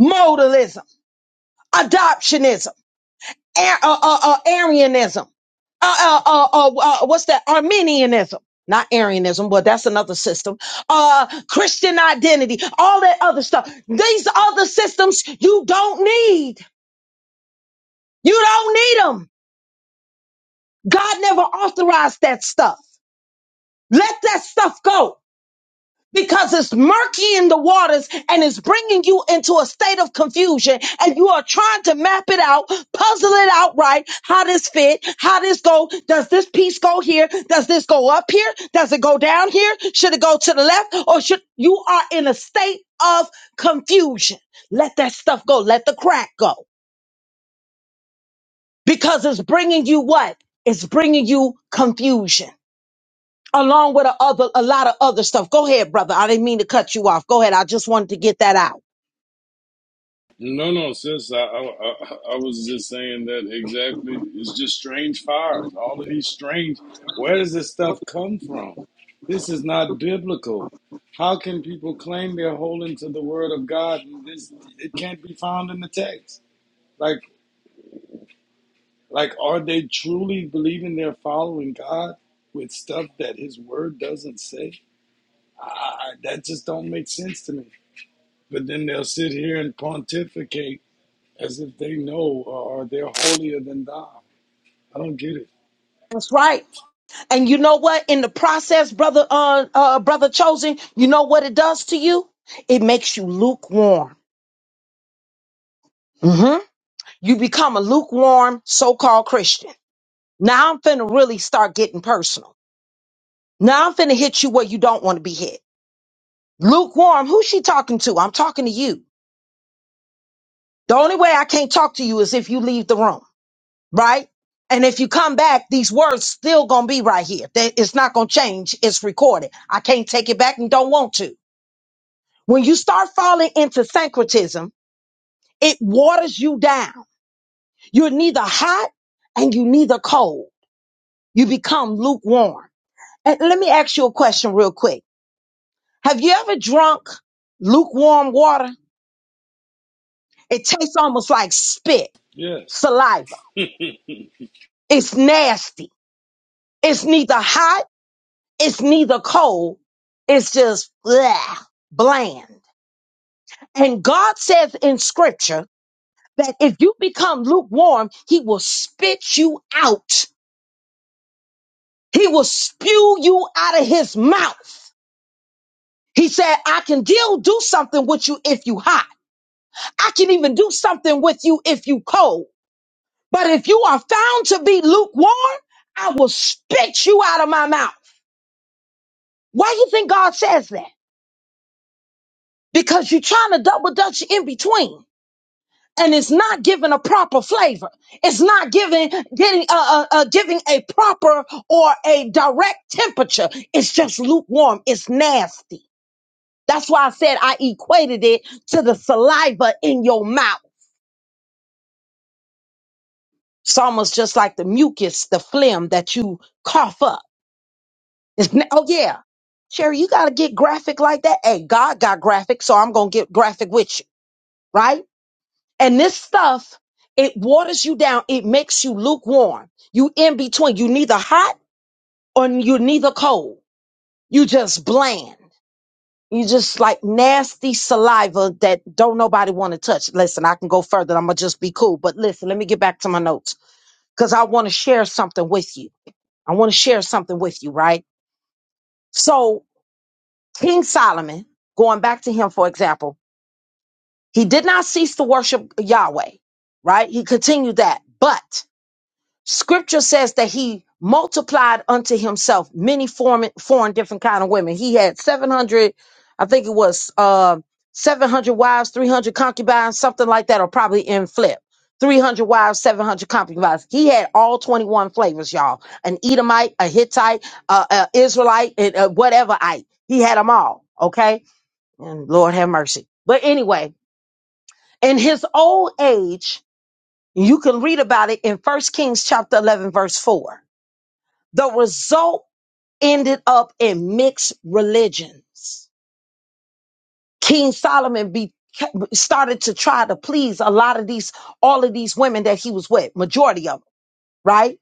B: modalism, adoptionism, Ar- uh, uh, uh, Arianism, uh, uh, uh, uh, uh, what's that? Arminianism. Not Arianism, but that's another system. Uh, Christian identity, all that other stuff. These other systems you don't need. You don't need them. God never authorized that stuff. Let that stuff go. because it's murky in the waters and it's bringing you into a state of confusion and you are trying to map it out, puzzle it out right. How this fit? How this go? Does this piece go here? Does this go up here? Does it go down here? Should it go to the left or should you are in a state of confusion? Let that stuff go. Let the crack go because it's bringing you what? It's bringing you confusion along with a other a lot of other stuff. Go ahead, brother. I didn't mean to cut you off. Go ahead. I just wanted to get that out.
D: No, no, sis. I, I I I was just saying that exactly. It's just strange fires. All of these strange. Where does this stuff come from? This is not biblical. How can people claim they're holding to the word of God and this it can't be found in the text? Like like are they truly believing they're following God with stuff that His Word doesn't say? I, I, I- that just don't make sense to me. But then they'll sit here and pontificate as if they know or they're holier than thou. I don't get it.
B: That's right. And you know what? In the process, brother, uh, uh, brother chosen, you know what it does to you? It makes you lukewarm. hmm You become a lukewarm so-called Christian. Now I'm finna really start getting personal. Now I'm finna hit you where you don't want to be hit. Lukewarm. Who's she talking to? I'm talking to you. The only way I can't talk to you is if you leave the room. right? And if you come back, these words still gonna be right here. They- It's not gonna change. It's recorded. I can't take it back and don't want to. When you start falling into syncretism, it waters you down. You're neither hot and you neither cold. You become lukewarm. And let me ask you a question real quick. Have you ever drunk lukewarm water? It tastes almost like spit,
D: Yes.
B: saliva. It's nasty. It's neither hot It's neither cold, it's just blah, bland. And God says in scripture that if you become lukewarm, he will spit you out. He will spew you out of his mouth. He said, I can deal, do something with you if you hot. I can even do something with you if you cold. But if you are found to be lukewarm, I will spit you out of my mouth. Why do you think God says that? Because you're trying to double dutch in between. and it's not giving a proper flavor. It's not giving getting uh, uh, uh, giving a proper or a direct temperature. It's just lukewarm. It's nasty. That's why I said I equated it to the saliva in your mouth. It's almost just like the mucus, the phlegm that you cough up. It's na- oh yeah, Sherry, you gotta get graphic like that. Hey, God got graphic, so I'm gonna get graphic with you, right? And this stuff, it waters you down. It makes you lukewarm. You in between. You neither hot or you neither cold. You just bland. You just like nasty saliva that don't nobody want to touch. Listen, I can go further. I'm gonna just be cool. But listen, let me get back to my notes because I want to share something with you. I want to share something with you, right? So King Solomon, going back to him for example, he did not cease to worship Yahweh, right? He continued that, but Scripture says that he multiplied unto himself many foreign, foreign different kind of women. He had 700, I think it was uh, 700 wives, 300 concubines, something like that, or probably in flip. 300 wives, 700 concubines. He had all 21 flavors, y'all. An Edomite, a Hittite, uh, a Israelite, and, uh, whateverite. He had them all, okay? And Lord have mercy. But anyway, in his old age, you can read about it in First Kings chapter 11, verse 4 the result ended up in mixed religions. King Solomon be, started to try to please a lot of these, all of these women that he was with, majority of them, right?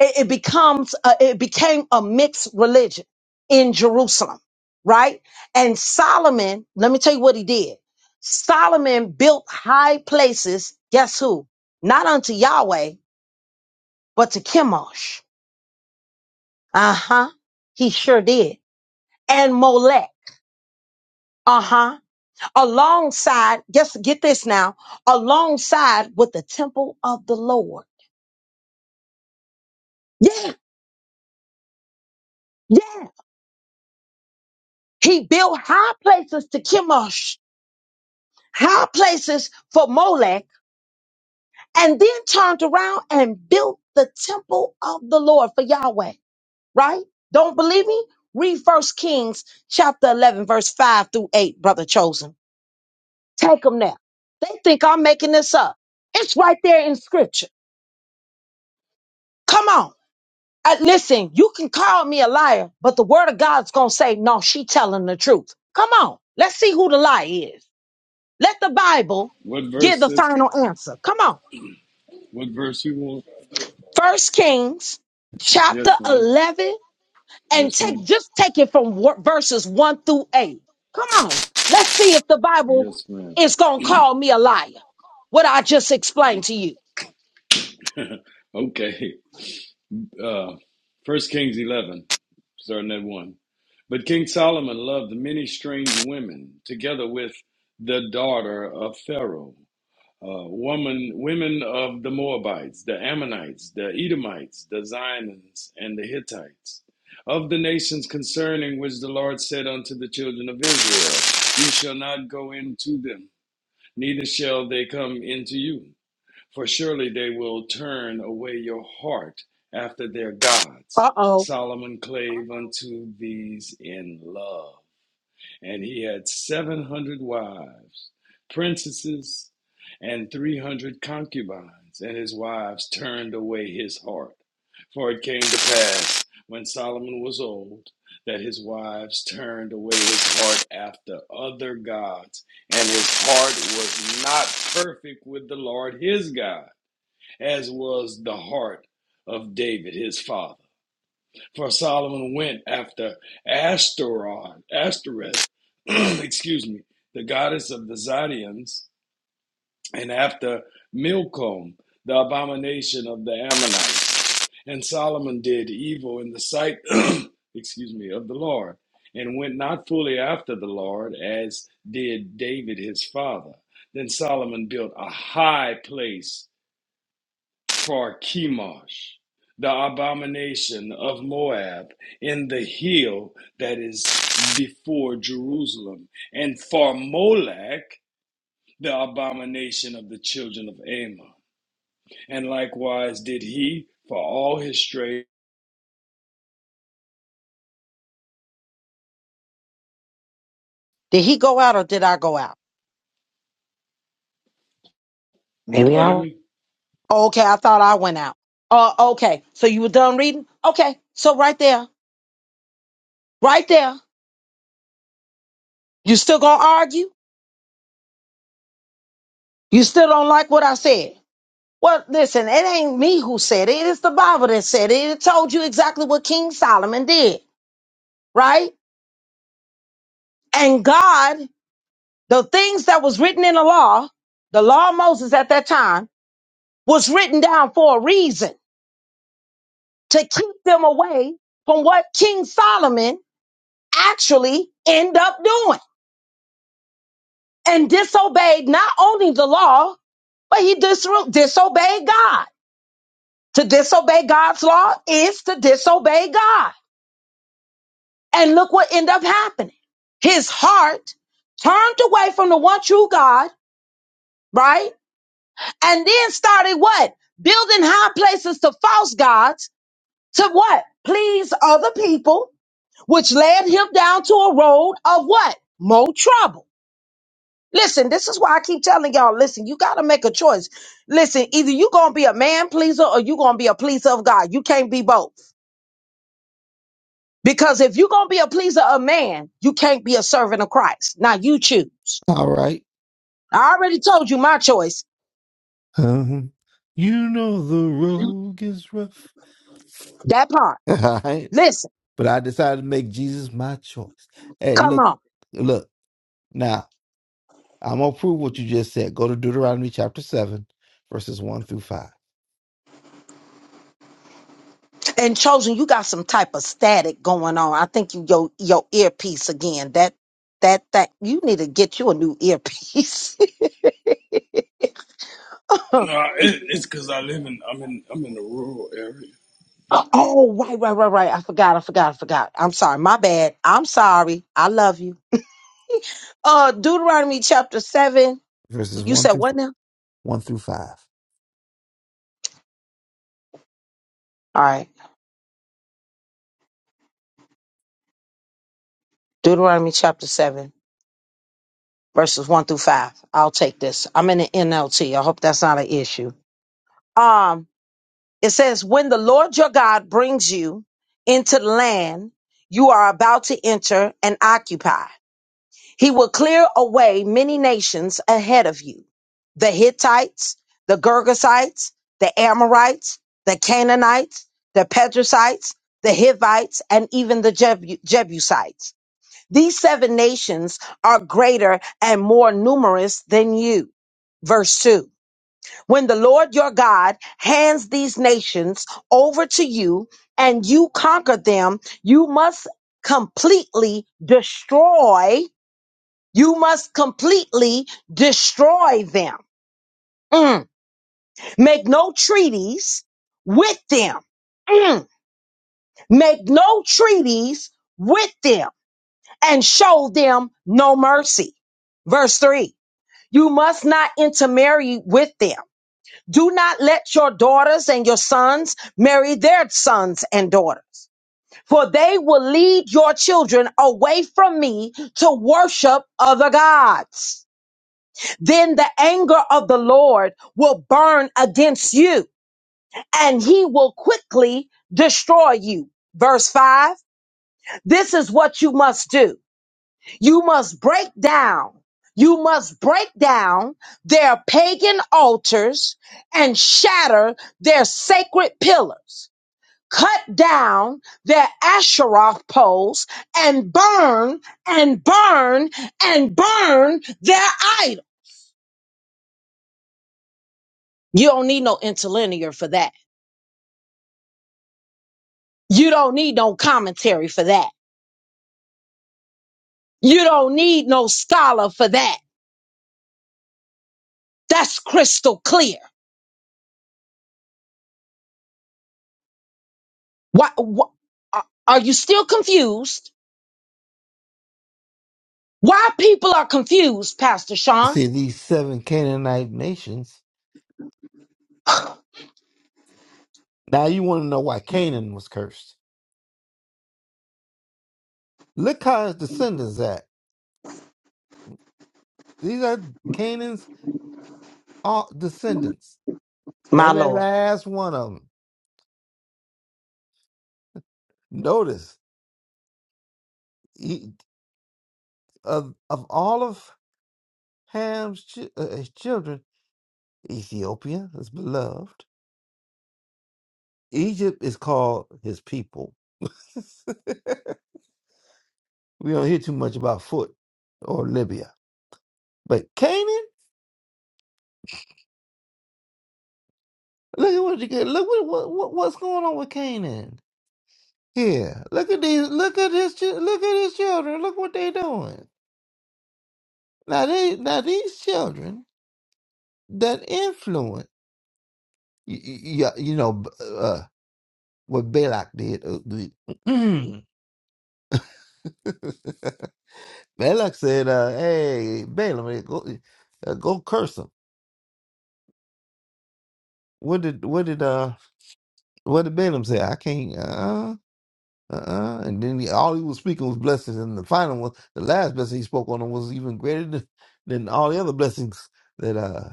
B: It, it becomes, a, it became a mixed religion in Jerusalem, right? And Solomon, let me tell you what he did. Solomon built high places. Guess who? Not unto Yahweh, but to Chemosh. Uh huh. He sure did. And Molech. Uh-huh. Alongside, just get this now, alongside with the temple of the Lord. Yeah, yeah. He built high places to Chemosh, high places for Molech, and then turned around and built the temple of the Lord for Yahweh, right? Don't believe me? Read First Kings chapter 11, verse 5 through 8, brother chosen. Take them there. They think I'm making this up. It's right there in scripture. Come on. I, listen, you can call me a liar, but the word of God's going to say, no, she telling the truth. Come on. Let's see who the lie is. Let the Bible
D: What
B: give
D: verse
B: the
D: is
B: final answer. Come on.
D: what verse you want?
B: First Kings chapter
D: Yes, ma'am.
B: 11 and
D: Yes,
B: take,
D: ma'am.
B: just take it from wo- verses one through eight. Come on. Let's see if the Bible
D: Yes, ma'am.
B: is going to call me a liar. What I just explained to you.
D: okay. Uh first Kings eleven, starting at one. But King Solomon loved many strange women, together with the daughter of Pharaoh. Uh, woman, women of the Moabites, the Ammonites, the Edomites, the Zionites, and the Hittites. of the As the Lord said unto the children of Israel, You shall not go into them, neither into you, for shall away your heart after their gods.
B: Uh oh.
D: Solomon clave unto these in love. And he had seven hundred wives, princesses, and three hundred concubines, and his wives turned away his heart. For it came to pass, when Solomon was old, that his wives turned away his heart after other gods, and his heart was not perfect with the Lord his God, as was the heart of David his father. For Solomon went after Ashtoreth, Ashtoreth, excuse me, the goddess of the Zidonians, and after Milcom, the abomination of the Ammonites. And Solomon did evil in the sight, excuse me, of the Lord, and went not fully after the Lord, as did David his father. Then Solomon built a high place for Chemosh, the abomination of Moab, in the hill that is before Jerusalem, and for Molech, the abomination of the children of Ammon and likewise did he for all his strayed.
B: Did he go out or did I go out? Maybe I
D: Pardon me.
B: Okay, I thought I went out. Uh, okay, so you were done reading? Okay, so right there, right there, you still gonna argue? You still don't like what I said? Well, listen, it ain't me who said it. It's the Bible that said it. It told you exactly what King Solomon did, right? And God, the things that was written in the law, the law of Moses at that time, was written down for a reason to keep them away from what King Solomon actually ended up doing. and disobeyed not only the law, but he dis- disobeyed God. To disobey God's law is to disobey God. And look what ended up happening. His heart turned away from the one true God, right? And then started what? Building high places to false gods to what? Please other people, which led him down to a road of what? More trouble. Listen, this is why I keep telling y'all, listen, you got to make a choice. Listen, either you going to be a man pleaser or you going to be a pleaser of God. You can't be both. Because if you going to be a pleaser of man, you can't be a servant of Christ. Now you choose.
F: All right.
B: I already told you my choice.
F: Um, you know the road is rough.
B: That part.
F: All right.
B: Listen,
F: But I decided to make Jesus my choice. Hey,
B: come
F: look,
B: on.
F: look, now I'm gonna prove what you just said. Go to Deuteronomy chapter seven, verses one through five.
B: And chosen, you got some type of static going on. I think you your your earpiece again. That that that you need to get you a new earpiece.
D: No, it, it's because I live in I'm in I'm in the rural area.
B: Oh, right, right, right, right. I forgot, I forgot, I forgot. I'm sorry. My bad. I'm sorry. I love you. Uh Deuteronomy chapter seven.
F: Verses
B: You
F: one
B: said
F: through
B: what now?
F: one through five.
B: All right. Deuteronomy chapter seven, verses one through five. I'll take this. I'm in the NLT. I hope that's not an issue. Um, it says, When the Lord your God brings you into the land you are about to enter and occupy. He will clear away many nations ahead of you the Hittites, the Girgasites, the Amorites, the Canaanites, the Perizzites, the Hivites, and even the Jebu- Jebusites. These seven nations are greater and more numerous than you. Verse 2 When the Lord your God hands these nations over to you and you conquer them, you must completely destroy you must completely destroy them. Mm. Make no treaties with them. Mm. Make no treaties with them and show them no mercy. Verse three. You must not intermarry with them. Do not let your daughters and your sons marry their sons and daughters, for they will lead your children away from me to worship other gods. Then the anger of the Lord will burn against you and he will quickly destroy you. Verse five. This is what you must do. You must break down. You must break down their pagan altars and shatter their sacred pillars. Cut down their Asherah poles and burn and burn and burn their idol. You don't need no interlinear for that. You don't need no commentary for that. You don't need no scholar for that. That's crystal clear. Why, why are are you still confused? Why people are confused, Pastor Sean?
F: See these seven Canaanite nations. Now you want to know why Canaan was cursed. Look how his descendants act. These are Canaan's all descendants.
B: My
F: Every
B: Lord,
F: last one of them. Notice. Of, of all of Ham's chi- uh, his children, Ethiopia is beloved. Egypt is called his people. we don't hear too much about Foot or Libya, but Canaan. Look at what you get. Look what, what what- what's going on with Canaan. Here, look at these. Look at his. chi- Look at his children. Look what they doing. Now they. Now these children that influence. You, you, you know b- uh, what Balak did. uh, Balak said, uh, "Hey, Balaam, hey, go uh, go curse him." What did what did uh what did Balaam say? I can't. Uh uh. uh And then he, all he was speaking was blessings, and the final one, the last blessing he spoke on was even greater than, than all the other blessings that uh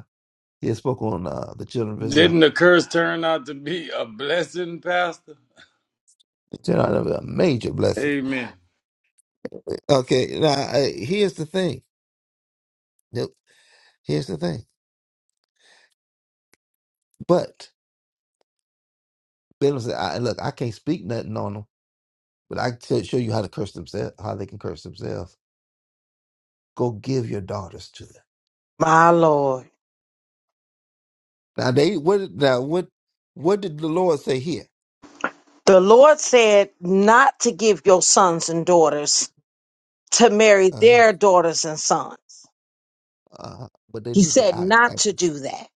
F: he had spoke on uh the children of Israel.
D: Didn't the curse turn out to be a blessing, Pastor?
F: It's a major blessing.
D: Amen.
F: Okay, now uh, here's the thing. Yep, Here's the thing. But Balaam said, I, "Look, I can't speak nothing on them, but I can tell- show you how to curse themselves, how they can curse themselves." Go give your daughters to them.
B: my Lord.
F: Now they what now what what did the Lord say here?
B: The Lord said not to give your sons and daughters to marry
F: Uh huh.
B: their daughters and sons.
F: Uh huh. But they
B: He
F: did the
B: said
F: act,
B: not to
F: act-
B: do that.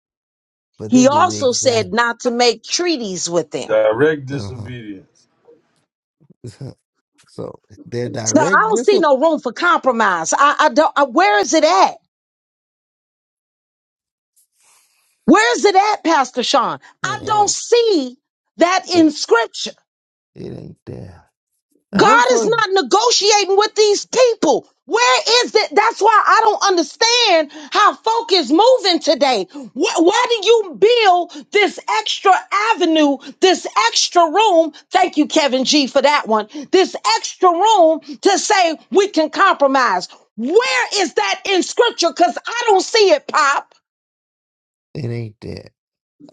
F: but they
B: He
F: did the
B: also
F: exact.
B: said not to make treaties with them.
D: Direct
F: Uh
D: disobedience,
F: huh. So their
B: So I
F: direct
B: don't see
F: discipline
B: no room for compromise. I, I don't. I, where is it at? Where is it at, Pastor Sean? I
F: it
B: don't see that in
F: ain't
B: Scripture.
F: it ain't there. Now them
B: God is
F: folks,
B: not negotiating with these people. Where is it? That's why I don't understand how folk is moving today. Why, why do you build this extra avenue, this extra room? Thank you, Kevin G, for that one. This extra room to say we can compromise. Where is that in scripture? Because I don't see it, Pop.
F: it ain't there.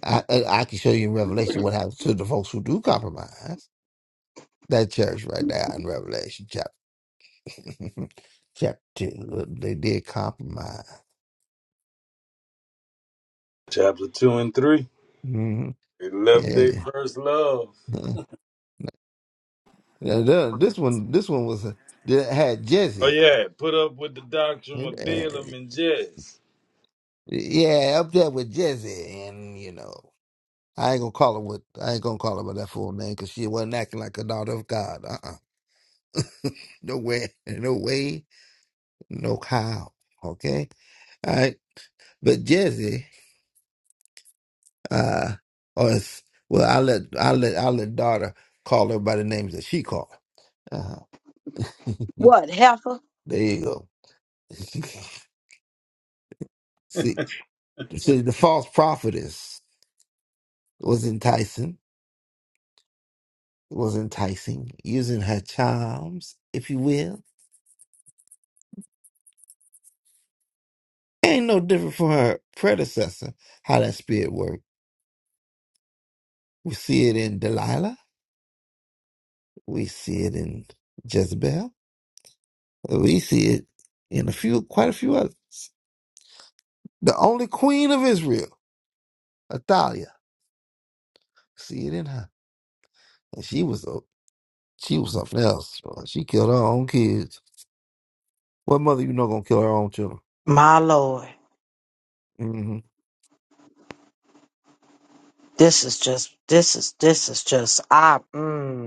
F: I I I can show you in Revelation what happens to the folks who do compromise. That church right there in Revelation chapter chapter two, they did compromise.
D: chapter two and three.
F: hmm
D: They left
F: Yeah.
D: their first love.
F: yeah. Now, the- this one, this one was that had
D: Oh
F: Jesse.
D: yeah, put up with the doctrine
F: Uh,
D: of Balaam and Jez.
F: Yeah, up there with Jesse, and you know, I ain't gonna call her what I ain't gonna call her by that full name because she wasn't acting like a daughter of God. Uh-uh. No way, no way, no how. Okay, all right. But Jesse, uh, or it's, well, I let I let I let daughter call her by the names that she called. Uh-huh.
B: What, Heifer?
F: there you go. See, see, the false prophetess. was enticing, was enticing, using her charms, if you will. Ain't no different from her predecessor, how that spirit worked. We see it in Delilah, we see it in Jezebel, we see it in a few, quite a few others. The only queen of Israel, Athalia, see it in her. And she was a, she was something else. She killed her own kids. What mother you know gonna kill her own children?
B: My Lord,
F: Mm-hmm.
B: this is just, this is, this is just, I, mm.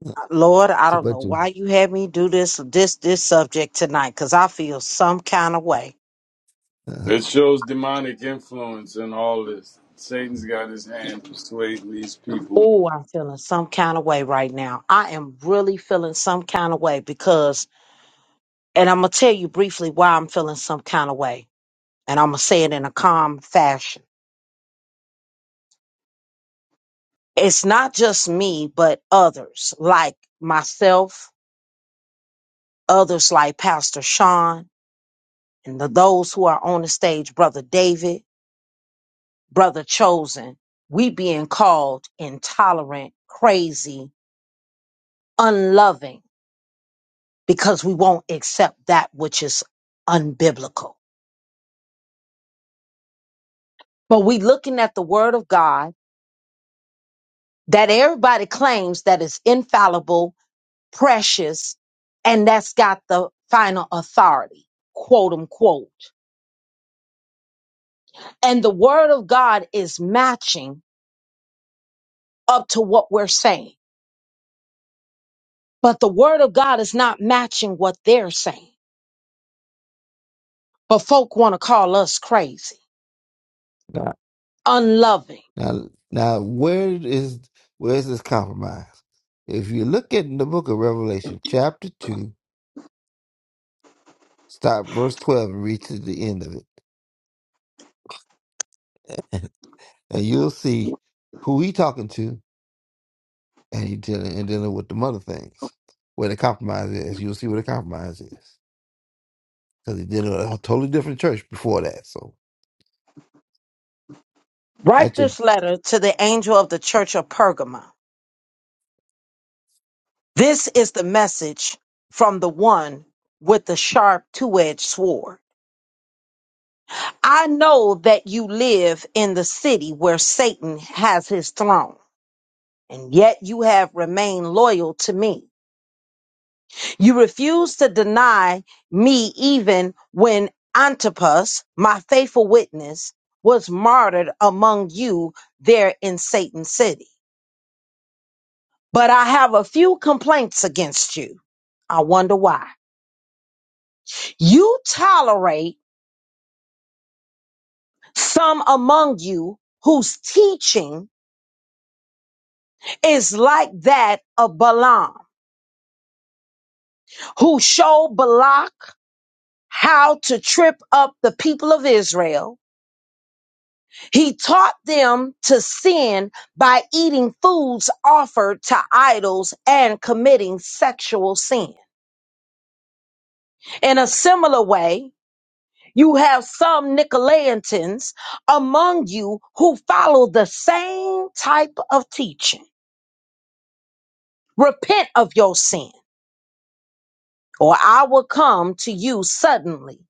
F: It's
B: Lord, I don't know
F: but you.
B: why you had me do this this this subject tonight because I feel some kind of way.
D: It
F: Uh-huh.
D: shows demonic influence in all this. Satan's got his hand persuading these people.
B: Oh, I'm feeling some kind of way right now. I am really feeling some kind of way because, and I'm gonna tell you briefly why I'm feeling some kind of way, and I'm gonna say it in a calm fashion. It's not just me, but others like myself, others like Pastor Sean, and the, those who are on the stage, Brother David. brother chosen, we being called intolerant, crazy, unloving because we won't accept that which is unbiblical. But we looking at the word of God that everybody claims that is infallible, precious, and that's got the final authority, quote unquote. And the word of God is matching up to what we're saying. But the word of God is not matching what they're saying. But folk want to call us crazy unloving.
F: Now, now, where is where is this compromise? If you look at the book of Revelation, chapter two, start verse twelve and read to the end of it, and you'll see who he talking to, and he dealing and dealing with the mother things, where the compromise is. You'll see where the compromise is, because he dealing with a totally different church before that. So
B: Write
F: that's your,
B: this letter to the angel of the church of Pergamum. This is the message from the one with the sharp two edged sword. I know that you live in the city where Satan has his throne, and yet you have remained loyal to me. You refuse to deny me even when Antipas, my faithful witness, was martyred among you there in Satan's city. but I have a few complaints against you. I wonder why. You tolerate some among you whose teaching is like that of Balaam, who showed Balak how to trip up the people of Israel. He taught them to sin by eating foods offered to idols and committing sexual sin. In a similar way, You have some Nicolaitans among you who follow the same type of teaching. Repent of your sin, or I will come to you suddenly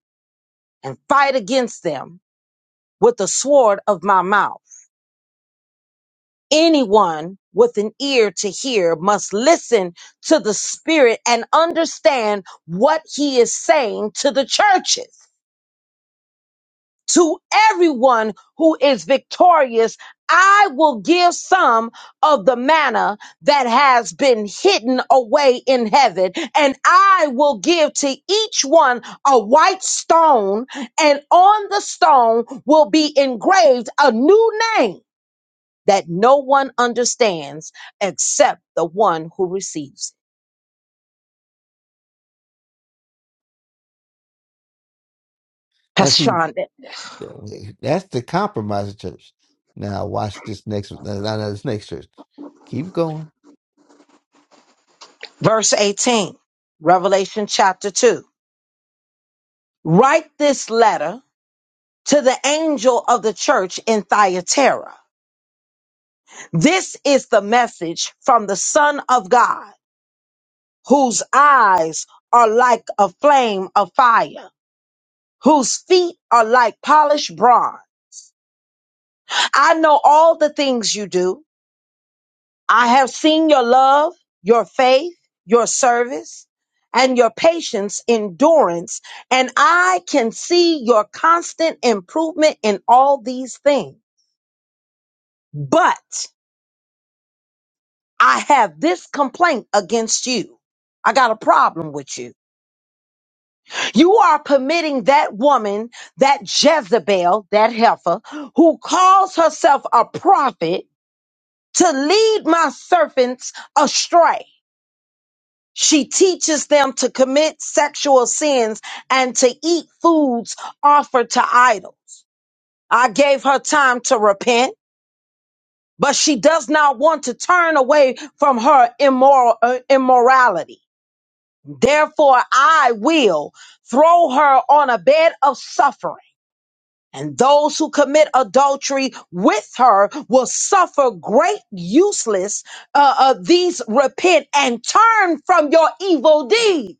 B: and fight against them with the sword of my mouth. Anyone with an ear to hear must listen to the Spirit and understand what he is saying to the churches. to everyone who is victorious, I will give some of the manna that has been hidden away in heaven, and I will give to each one a white stone, and on the stone will be engraved a new name that no one understands except the one who receives. it.
F: I
B: Pastor
F: see
B: Shonda,
F: that's the compromise church. Now watch this next. Now now this next church. Keep going.
B: verse 18, Revelation chapter 2. Write this letter to the angel of the church in Thyatira. This is the message from the Son of God, whose eyes are like a flame of fire, whose feet are like polished bronze. I know all the things you do. I have seen your love, your faith, your service, and your patience, endurance, and I can see your constant improvement in all these things. But I have this complaint against you. I got a problem with you. You are permitting that woman, that Jezebel, that heifer, who calls herself a prophet, to lead my servants astray. She teaches them to commit sexual sins and to eat foods offered to idols. I gave her time to repent, but she does not want to turn away from her immoral uh, immorality. Therefore, I will throw her on a bed of suffering, and those who commit adultery with her will suffer great useless. Uh, uh, these repent and turn from your evil deeds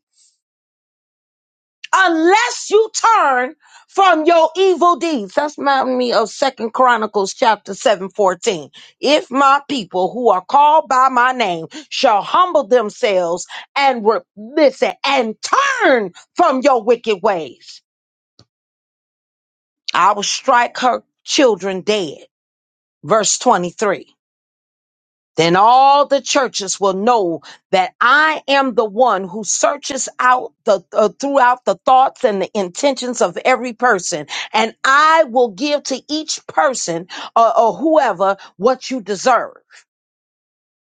B: unless you turn from your evil deeds. That's reminding me of Second Chronicles chapter 7 14. If my people who are called by my name shall humble themselves and re- listen and turn from your wicked ways, I will strike her children dead. Verse 23. Then all the churches will know that I am the one who searches out the uh, throughout the thoughts and the intentions of every person, and I will give to each person or, or whoever what you deserve.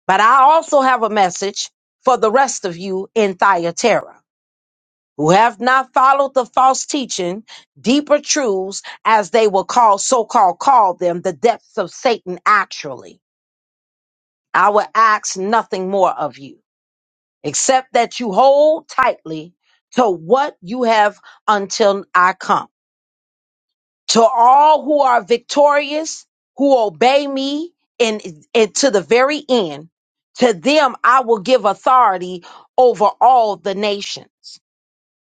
B: But I also have a message for the rest of you in Thyatira who have not followed the false teaching, deeper truths, as they will call so-called call them, the depths of Satan. Actually, I will ask nothing more of you. except that you hold tightly to what you have until I come. To all who are victorious, who obey me and, and to the very end, to them I will give authority over all the nations.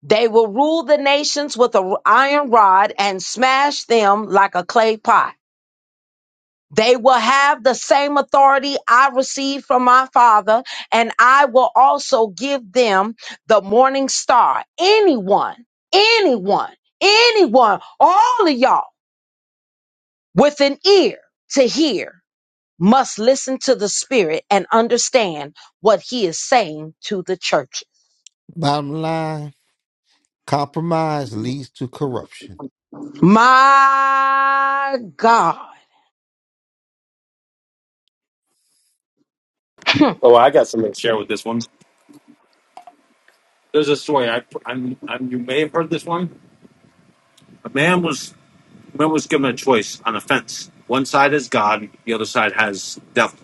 B: They will rule the nations with an iron rod and smash them like a clay pot. They will have the same authority I received from my father, and I will also give them the morning star. Anyone, anyone, anyone, all of y'all with an ear to hear must listen to the spirit and understand what he is saying to the church.
F: Bottom line. Compromise leads to corruption.
B: My God.
E: share with this one. I, I'm, I'm one. Man was man was given a choice on a fence. One side is God, the other side has devil.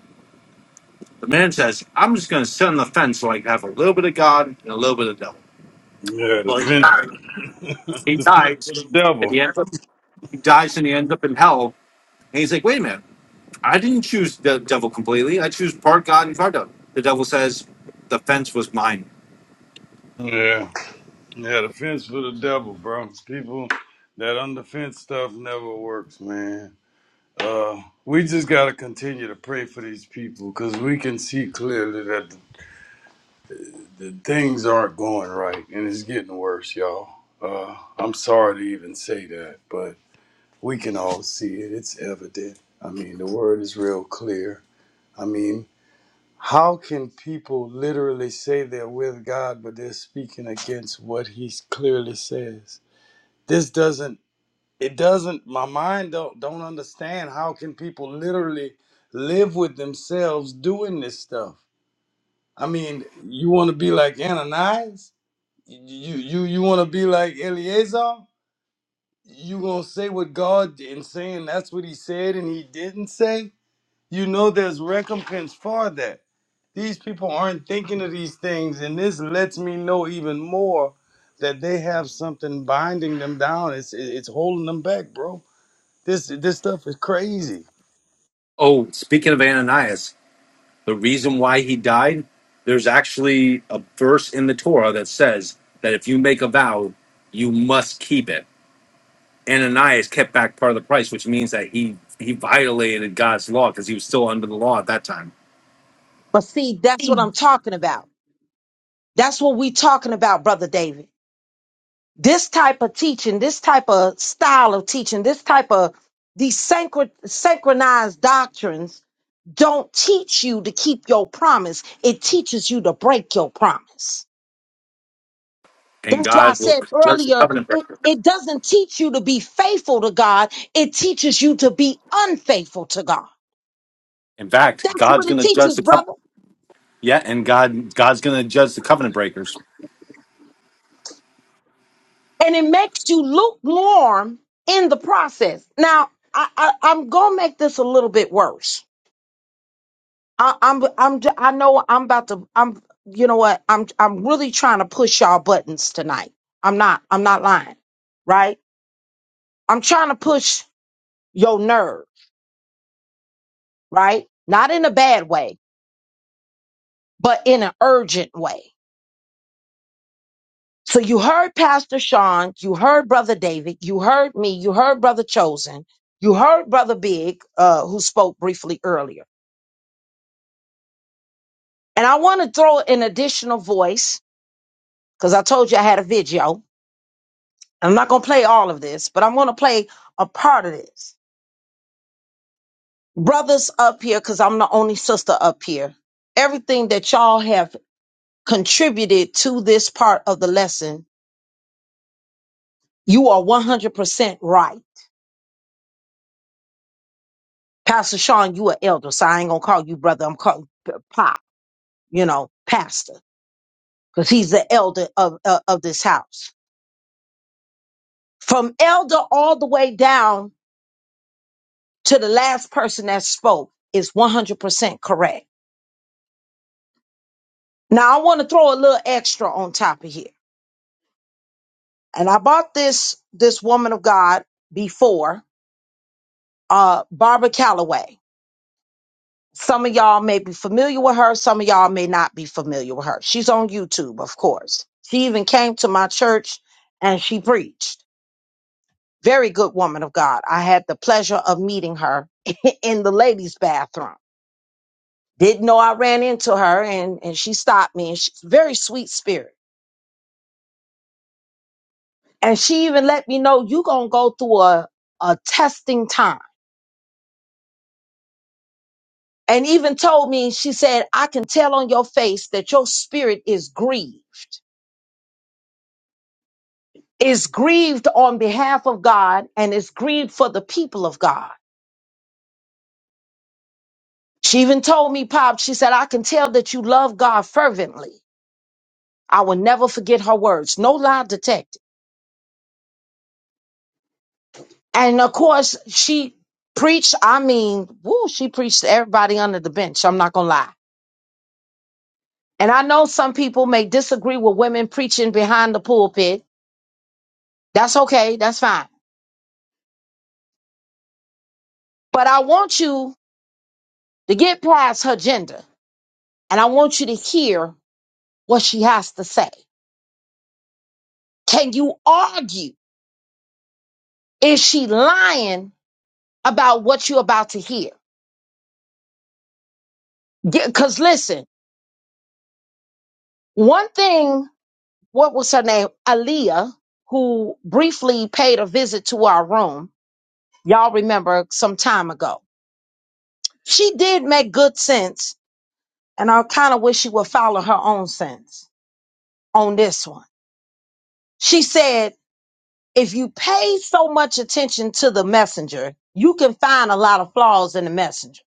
E: The man says, "I'm just going to sit on the fence, like have a little bit of God and a little bit of devil."
D: Yeah, the
E: Well,
D: fin-
E: he
D: The fence
E: dies,
D: for the
E: and
D: devil.
E: he ends up he dies, and he ends up in hell. And he's like, "Wait a minute." I didn't choose the devil completely. I choose part God and part devil. The devil says the fence was mine.
D: Yeah. Yeah, the fence for the devil, bro. People that on the fence stuff never works, man. Uh, we just gotta continue to pray for these people because we can see clearly that the, the things aren't going right and it's getting worse, y'all. Uh, I'm sorry to even say that, but we can all see it. It's evident. I mean, the word is real clear. I mean, How can people literally say they're with God, but they're speaking against what He clearly says? This doesn't. It doesn't. My mind don't don't understand. How can people literally live with themselves doing this stuff? I mean, you want to be like Ananias? You you you want to be like Eleazar? You gonna say what God and saying that's what He said and He didn't say? You know there's recompense for that. These people aren't thinking of these things, and this lets me know even more that they have something binding them down. It's it- it's holding them back, bro. This this stuff is crazy.
E: Oh, speaking of Ananias, the reason why he died, there's actually a verse in the Torah that says that if you make a vow, you must keep it. Ananias kept back part of the price, which means that he he violated God's law because he was still under the law at that time.
B: but see, that's what I'm talking about. That's what we are talking about, brother David. this type of teaching, this type of style of teaching, this type of these synchro- synchronized doctrines don't teach you to keep your promise. It teaches you to break your promise.
E: And
B: That's why I
E: God will
B: said
E: judge the
B: earlier,
E: covenant
B: it,
E: breaker.
B: it doesn't teach you to be faithful to God. It teaches you to be unfaithful to God.
E: In fact,
B: That's
E: God's
B: what it
E: going to judge
B: teaches,
E: the
B: brother.
E: covenant. Yeah, and God God's going to judge the covenant breakers.
B: And it makes you lukewarm in the process. Now, I, I, I'm going to make this a little bit worse I, I'm I'm j- I know I'm about to I'm you know what I'm I'm really trying to push y'all buttons tonight. I'm not I'm not lying, right? I'm trying to push your nerve, right? Not in a bad way, but in an urgent way. So you heard Pastor Sean, you heard Brother David, you heard me, you heard Brother Chosen, you heard Brother Big, uh, who spoke briefly earlier. And I want to throw an additional voice because I told you I had a video I'm not going to play all of this, but I'm going to play a part of this. Brothers up here, because I'm the only sister up here, everything that y'all have contributed to this part of the lesson, you are 100% right. Pastor Sean, you are elder, so I ain't going to call you brother. I'm calling you P- Pop, you know, pastor, because he's the elder of, uh, of of this house. From elder all the way down to the last person that spoke is 100% correct. Now, I want to throw a little extra on top of here and I bought this this woman of God before, uh, Barbara Calloway. Some of y'all may be familiar with her, some of y'all may not be familiar with her. She's on YouTube, of course. She even came to my church and she preached. Very good woman of God. I had the pleasure of meeting her in the ladies' bathroom. Didn't know I ran into her and, and she stopped me and she's a very sweet spirit. And she even let me know you're gonna go through a, a testing time and even told me, she said, I can tell on your face that your spirit is grieved, is grieved on behalf of God and is grieved for the people of God. She even told me, Pop, she said, I can tell that you love God fervently. I will never forget her words. No lie detected. And of course, she preached, I mean, woo, she preached to everybody under the bench. I'm not going to lie. And I know some people may disagree with women preaching behind the pulpit. That's okay. That's fine. But I want you to get past her gender, and I want you to hear what she has to say. Can you argue? Is she lying about what you're about to hear? Because listen, one thing, what was her name? Aaliyah, who briefly paid a visit to our room. Y'all remember some time ago. She did make good sense, and I kind of wish she would follow her own sense on this one. She said, if you pay so much attention to the messenger, you can find a lot of flaws in the messenger.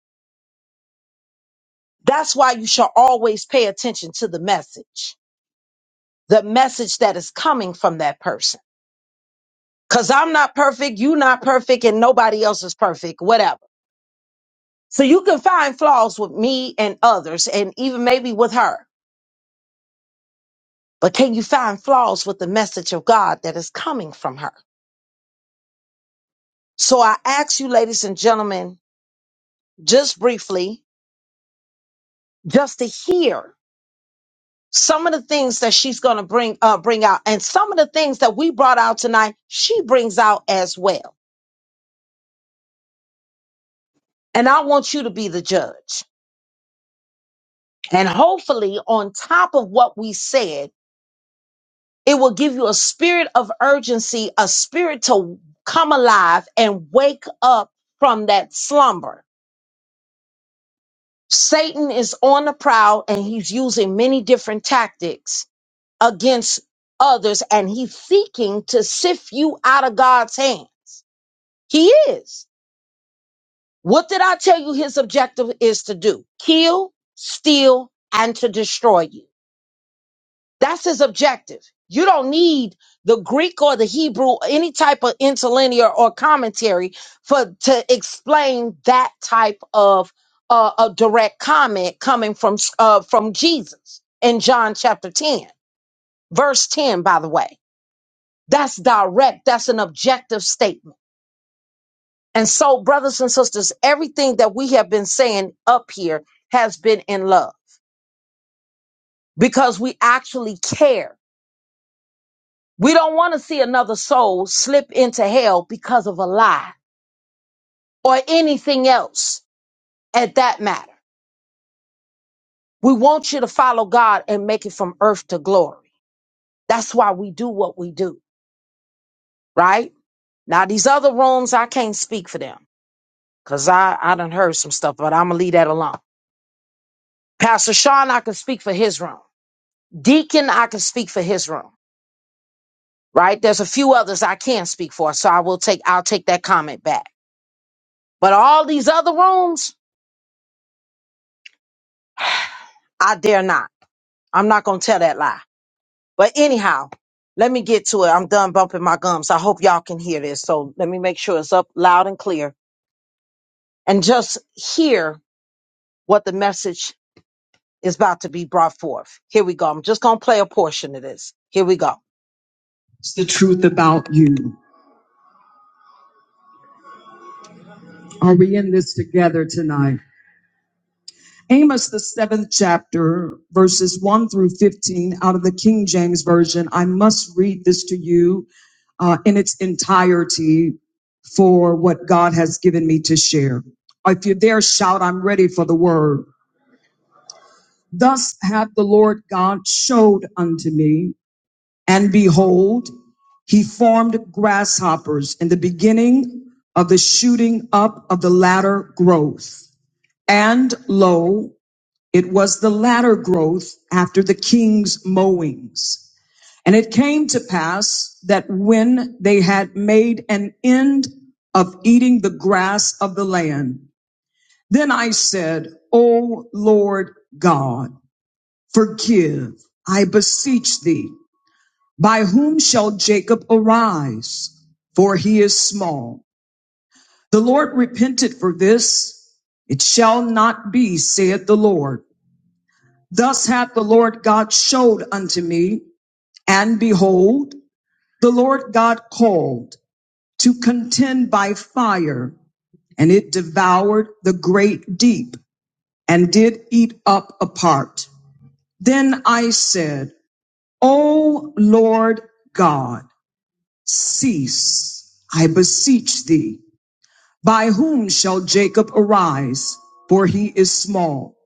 B: That's why you should always pay attention to the message, the message that is coming from that person. Cause I'm not perfect, you are not perfect, and nobody else is perfect, whatever. So you can find flaws with me and others, and even maybe with her. But can you find flaws with the message of God that is coming from her? So I ask you, ladies and gentlemen, just briefly, just to hear some of the things that she's going to bring uh, bring out and some of the things that we brought out tonight she brings out as well and i want you to be the judge and hopefully on top of what we said it will give you a spirit of urgency a spirit to come alive and wake up from that slumber satan is on the prowl and he's using many different tactics against others and he's seeking to sift you out of god's hands he is What did I tell you his objective is to do? Kill, steal, and to destroy you. That's his objective. You don't need the Greek or the Hebrew, or any type of interlinear or commentary for to explain that type of uh, a direct comment coming from uh, from Jesus in John chapter 10, verse 10, by the way. That's direct. That's an objective statement. And so, brothers and sisters, everything that we have been saying up here has been in love because we actually care. We don't want to see another soul slip into hell because of a lie or anything else at that matter. We want you to follow God and make it from earth to glory. That's why we do what we do, right? Now, these other rooms, I can't speak for them because I, I done heard some stuff, but I'm going to leave that alone. Pastor Sean, I can speak for his room. Deacon, I can speak for his room. right? There's a few others I can not speak for, so I will take I'll take that comment back. But all these other rooms, I dare not. I'm not gonna tell that lie. But anyhow, let me get to it. I'm done bumping my gums. I hope y'all can hear this. So let me make sure it's up loud and clear and just hear what the message is about to be brought forth. Here we go. I'm just gonna play a portion of this. Here we go. It's the truth about you. Are we in this together tonight? Amos, the seventh chapter, verses 1 through 15, out of the King James Version. I must read this to you uh, in its entirety for what God has given me to share. If you're there, shout, I'm ready for the word. Thus hath the Lord God showed unto me, and behold, he formed grasshoppers in the beginning of the shooting up of the latter growth. And lo, it was the latter growth after the king's mowings. And it came to pass that when they had made an end of eating the grass of the land, then I said, O Lord God, forgive, I beseech thee. By whom shall Jacob arise? For he is small. The Lord repented for this. It shall not be, saith the Lord. Thus hath the Lord God showed unto me, and behold, the Lord God called to contend by fire, and it devoured the great deep, and did eat up a part. Then I said, O Lord God, cease, I beseech thee. By whom shall Jacob arise? For he is small.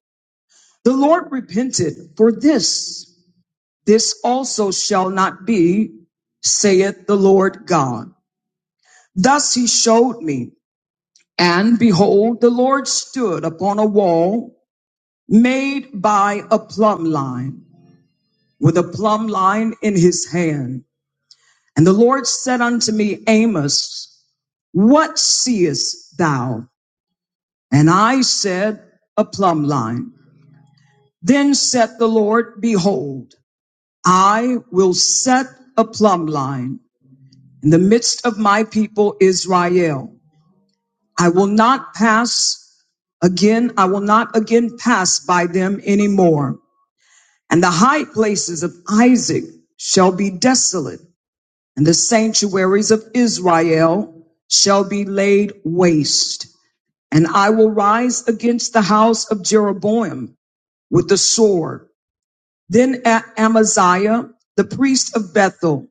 B: The Lord repented for this This also shall not be, saith the Lord God. Thus he showed me, and behold, the Lord stood upon a wall made by a plumb line, with a plumb line in his hand. And the Lord said unto me, Amos, what seest thou? And I said, A plumb line. Then said the Lord, Behold, I will set a plumb line in the midst of my people Israel. I will not pass again, I will not again pass by them anymore. And the high places of Isaac shall be desolate, and the sanctuaries of Israel shall be laid waste. And I will rise against the house of Jeroboam with the sword. Then Amaziah, the priest of Bethel,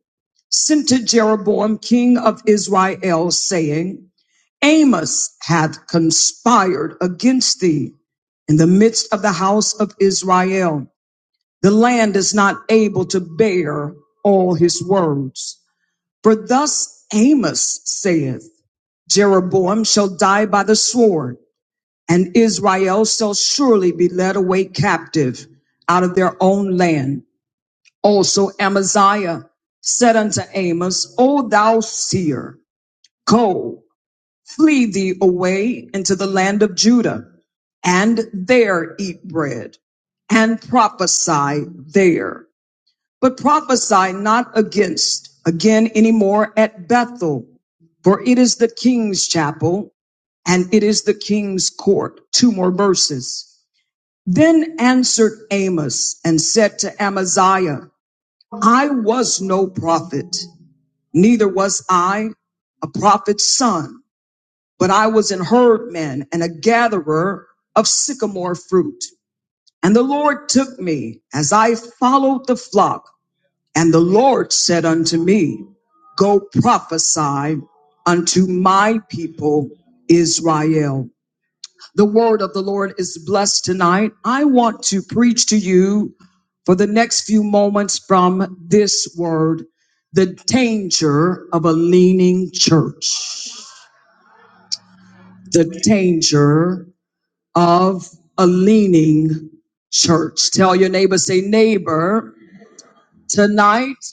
B: sent to Jeroboam, king of Israel, saying, Amos hath conspired against thee in the midst of the house of Israel. The land is not able to bear all his words. For thus Amos saith, Jeroboam shall die by the sword, and Israel shall surely be led away captive out of their own land. Also Amaziah said unto Amos, O thou seer, go. Flee thee away into the land of Judah, and there eat bread, and prophesy there. But prophesy not against again anymore at Bethel, for it is the king's chapel, and it is the king's court. Two more verses. Then answered Amos and said to Amaziah, I was no prophet, neither was I a prophet's son but I was an herdman and a gatherer of sycamore fruit. And the Lord took me as I followed the flock. And the Lord said unto me, Go prophesy unto my people Israel. The word of the Lord is blessed tonight. I want to preach to you for the next few moments from this word the danger of a leaning church. The danger of a leaning church. Tell your neighbor, say, neighbor, tonight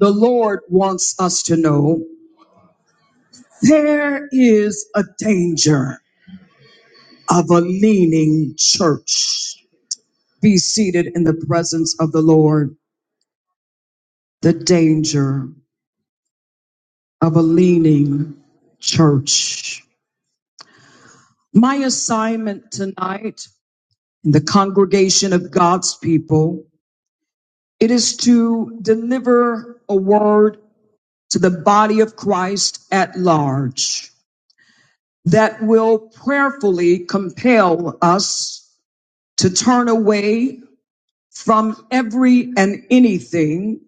B: the Lord wants us to know there is a danger of a leaning church. Be seated in the presence of the Lord. The danger of a leaning church. My assignment tonight in the congregation of God's people, it is to deliver a word to the body of Christ at large that will prayerfully compel us to turn away from every and anything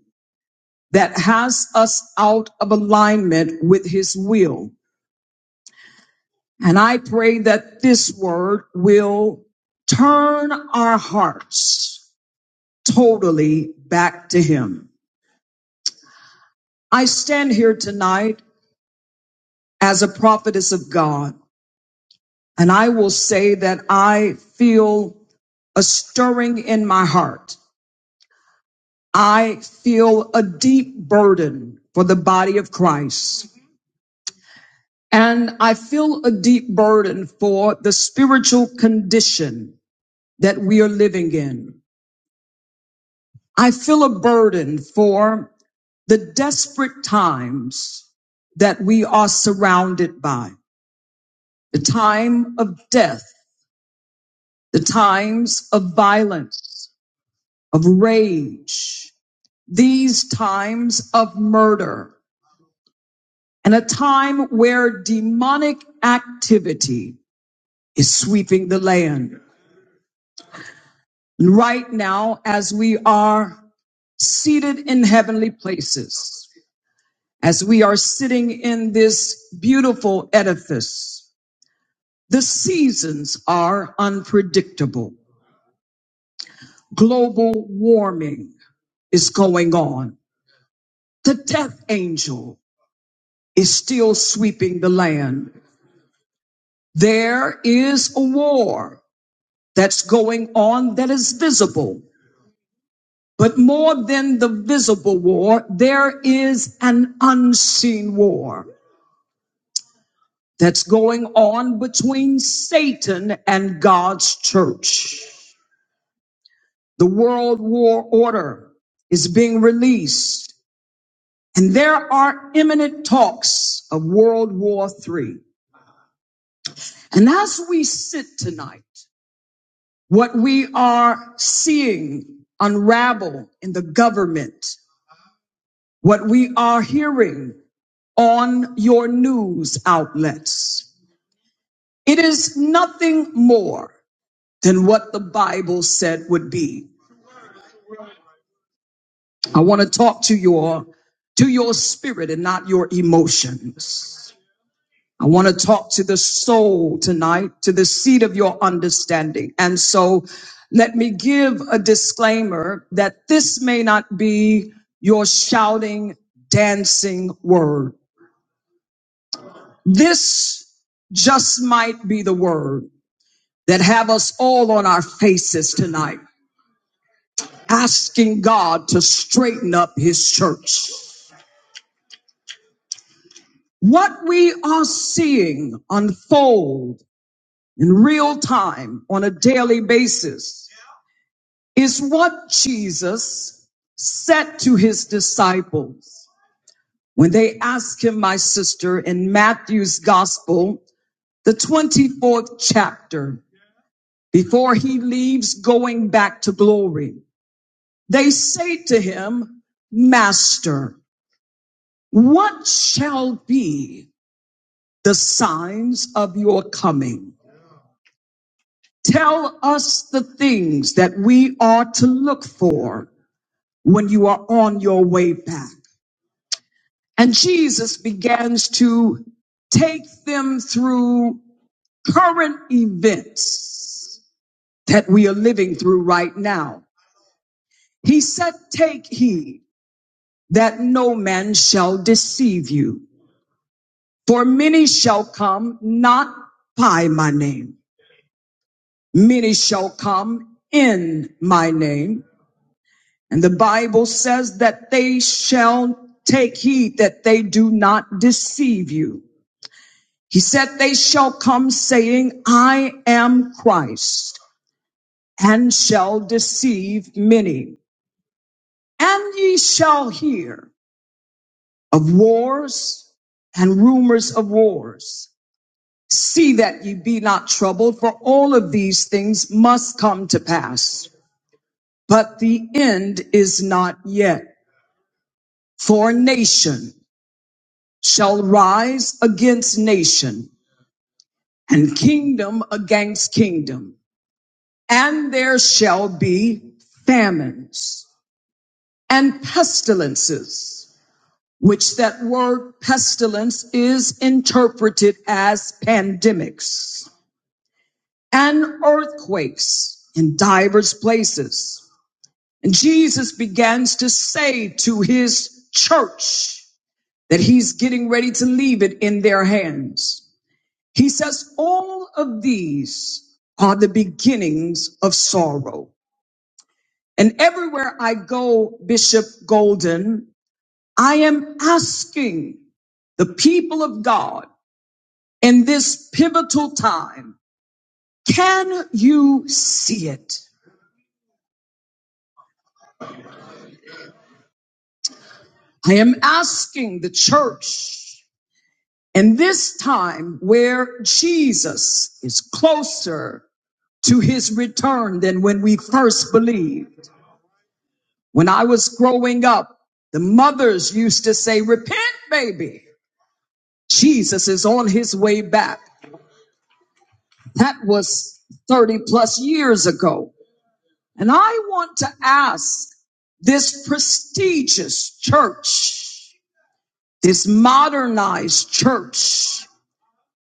B: that has us out of alignment with his will. And I pray that this word will turn our hearts totally back to him. I stand here tonight as a prophetess of God And I will say that I feel a stirring in my heart. I feel a deep burden for the body of Christ. And I feel a deep burden for the spiritual condition that we are living in. I feel a burden for the desperate times that we are surrounded by, the time of death, the times of violence, of rage, these times of murder and a time where demonic activity is sweeping the land. And right now, as we are seated in heavenly places, as we are sitting in this beautiful edifice, the seasons are unpredictable. Global warming is going on. The death angel is still sweeping the land. There is a war that's going on that is visible. But more than the visible war, there is an unseen war that's going on between Satan and God's church. The world war order is being released and there are imminent talks of World War III. And as we sit tonight, What we are seeing unravel in the government, what we are hearing on your news outlets, it is nothing more than what the Bible said would be. I want to talk to your to your spirit and not your emotions. I want to talk to the soul tonight, to the seat of your understanding. And so let me give a disclaimer that this may not be your shouting, dancing word. This just might be the word that have us all on our faces tonight, asking God to straighten up his church. What we are seeing unfold in real time on a daily basis is what Jesus said to his disciples when they asked him, my sister, in Matthew's gospel, the 24th chapter, before he leaves going back to glory. They say to him, Master, what shall be the signs of your coming? Tell us the things that we are to look for when you are on your way back. And Jesus begins to take them through current events that we are living through right now. He said, take heed that no man shall deceive you. For many shall come not by my name. Many shall come in my name. And the Bible says that they shall take heed that they do not deceive you. He said, They shall come saying, I am Christ, and shall deceive many. And ye shall hear of wars and rumors of wars. See that ye be not troubled, for all of these things must come to pass. But the end is not yet. For nation shall rise against nation, and kingdom against kingdom. and there shall be famines and pestilences, which that word pestilence is interpreted as pandemics and earthquakes in divers places. And Jesus begins to say to his church that he's getting ready to leave it in their hands. He says, all of these are the beginnings of sorrow. And everywhere I go, Bishop Golden, I am asking the people of God in this pivotal time, can you see it? I am asking the church in this time where Jesus is closer to his return than when we first believed. When I was growing up, the mothers used to say, repent, baby. Jesus is on his way back. That was 30 plus years ago. And I want to ask this prestigious church, this modernized church,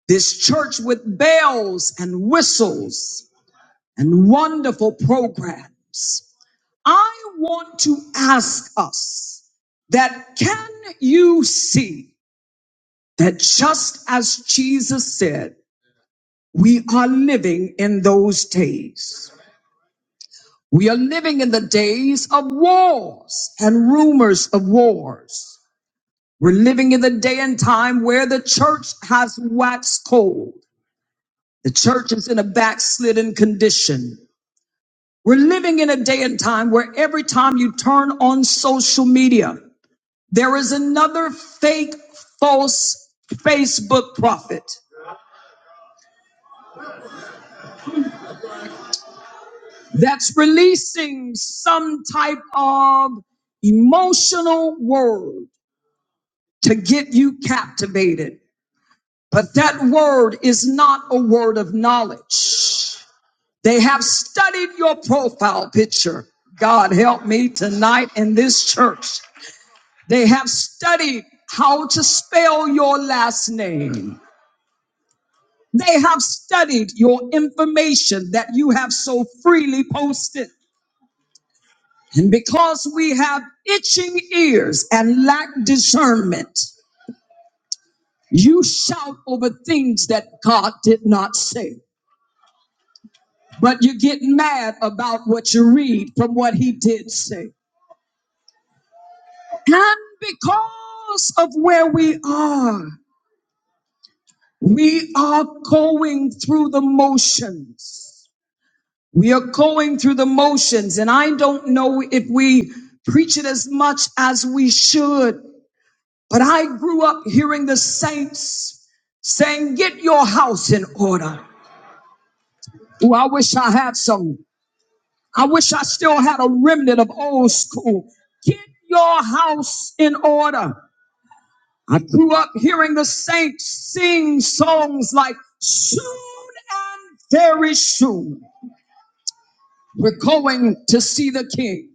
B: this church with bells and whistles and wonderful programs. I want to ask us that can you see that just as Jesus said, we are living in those days? We are living in the days of wars and rumors of wars. We're living in the day and time where the church has waxed cold. The church is in a backslidden condition. We're living in a day and time where every time you turn on social media, there is another fake, false Facebook prophet that's releasing some type of emotional word to get you captivated But that word is not a word of knowledge. They have studied your profile picture. God help me tonight in this church. They have studied how to spell your last name. They have studied your information that you have so freely posted. And because we have itching ears and lack discernment, you shout over things that God did not say. but you get mad about what you read from what he did say. And because of where we are, we are going through the motions. We are going through the motions, and I don't know if we preach it as much as we should, but I grew up hearing the saints saying, Get your house in order. Oh, I wish I had some. I wish I still had a remnant of old school. Get your house in order. I grew up hearing the saints sing songs like soon and very soon. We're going to see the king.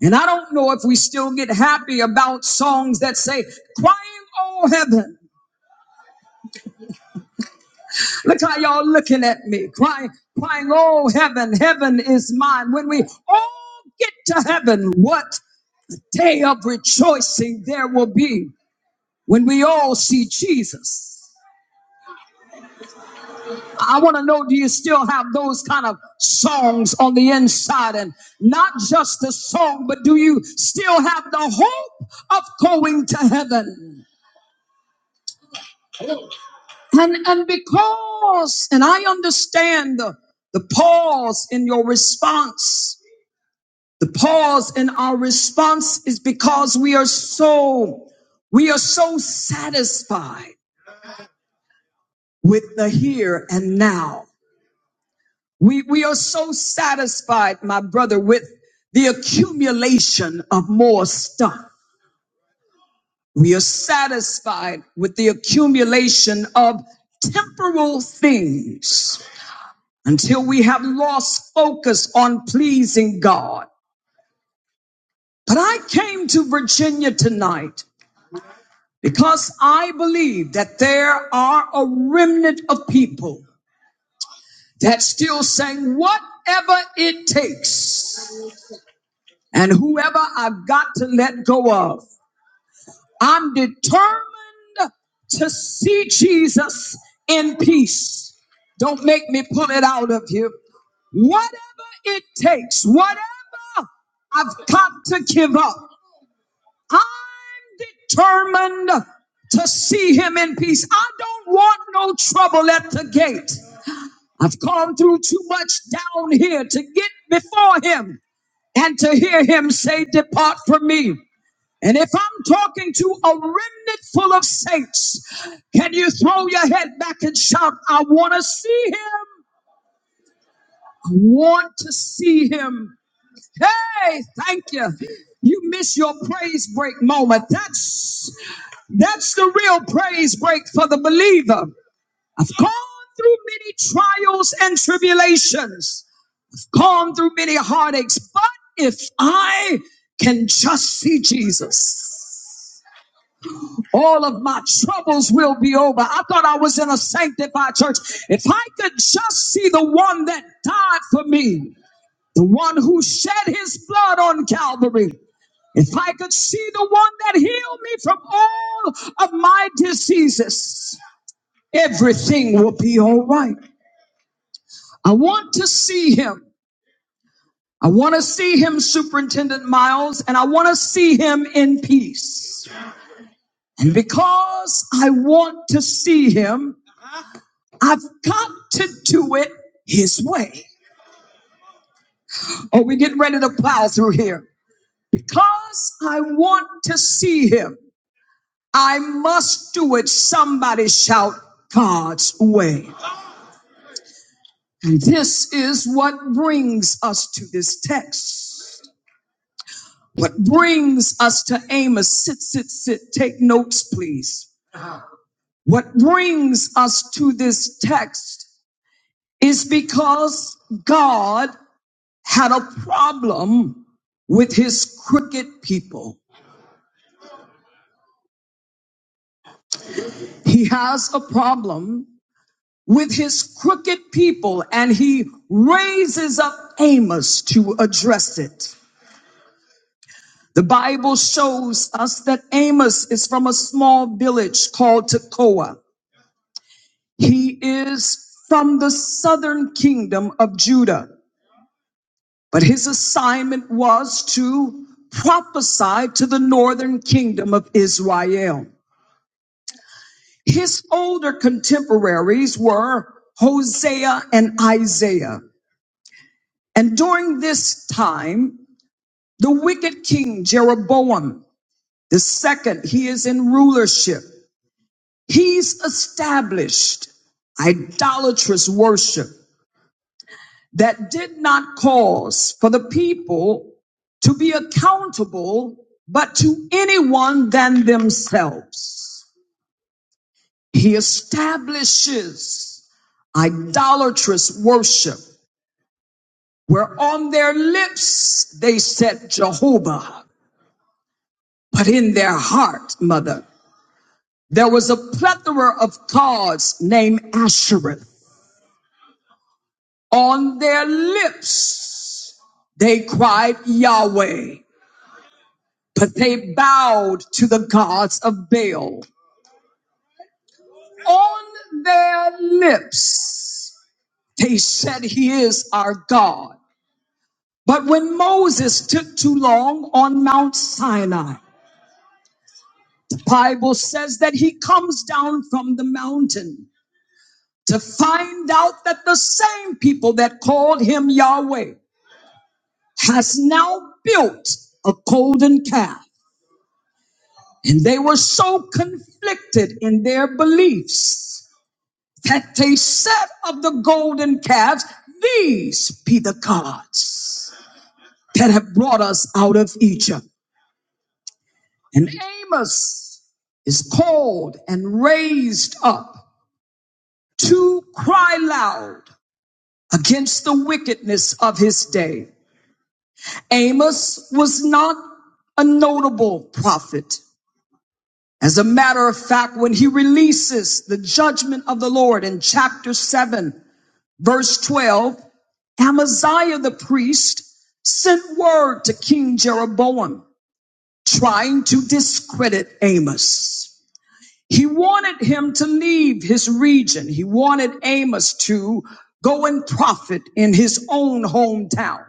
B: And I don't know if we still get happy about songs that say, crying, oh heaven. Look how y'all looking at me, crying, crying, oh heaven, heaven is mine. When we all get to heaven, what day of rejoicing there will be when we all see Jesus. I want to know do you still have those kind of songs on the inside and not just the song but do you still have the hope of going to heaven? And and because and I understand the, the pause in your response. The pause in our response is because we are so we are so satisfied with the here and now. We, we are so satisfied, my brother, with the accumulation of more stuff. We are satisfied with the accumulation of temporal things until we have lost focus on pleasing God. But I came to Virginia tonight because I believe that there are a remnant of people that still saying whatever it takes. and whoever I've got to let go of. I'm determined to see Jesus in peace. Don't make me pull it out of you. Whatever it takes, whatever I've got to give up, I'm determined to see him in peace. I don't want no trouble at the gate. I've gone through too much down here to get before him and to hear him say, Depart from me. And if I'm talking to a remnant full of saints, can you throw your head back and shout, I want to see him? I want to see him. Hey, thank you. You miss your praise break moment. That's that's the real praise break for the believer. I've gone through many trials and tribulations, I've gone through many heartaches, but if I can just see Jesus, All of my troubles will be over. I thought I was in a sanctified church. If I could just see the one that died for me, the one who shed his blood on Calvary, if I could see the one that healed me from all of my diseases, everything will be all right. I want to see him. I want to see him, Superintendent Miles, and I want to see him in peace. And because I want to see him, I've got to do it his way. Or we're getting ready to plow through here. Because I want to see him, I must do it. Somebody shout God's way. And this is what brings us to this text. What brings us to Amos, sit, sit, sit, take notes, please. What brings us to this text is because God had a problem with his crooked people. He has a problem with his crooked people and he raises up Amos to address it. The Bible shows us that Amos is from a small village called Tekoa. He is from the southern kingdom of Judah, but his assignment was to prophesy to the northern kingdom of Israel. His older contemporaries were Hosea and Isaiah. And during this time, the wicked king Jeroboam the second, he is in rulership. He's established idolatrous worship that did not cause for the people to be accountable, but to anyone than themselves. He establishes idolatrous worship where on their lips they said Jehovah, but in their heart, mother, there was a plethora of gods named Ashereth. On their lips they cried Yahweh, but they bowed to the gods of Baal. On their lips they said he is our God But when Moses took too long on Mount Sinai, the Bible says that he comes down from the mountain to find out that the same people that called him Yahweh has now built a golden calf. And they were so conflicted in their beliefs that they said of the golden calves, These be the gods that have brought us out of Egypt. And Amos is called and raised up to cry loud against the wickedness of his day. Amos was not a notable prophet. As a matter of fact, when he releases the judgment of the Lord in chapter 7, verse 12, Amaziah the priest sent word to King Jeroboam trying to discredit Amos. He wanted him to leave his region. He wanted Amos to go and profit in his own hometown.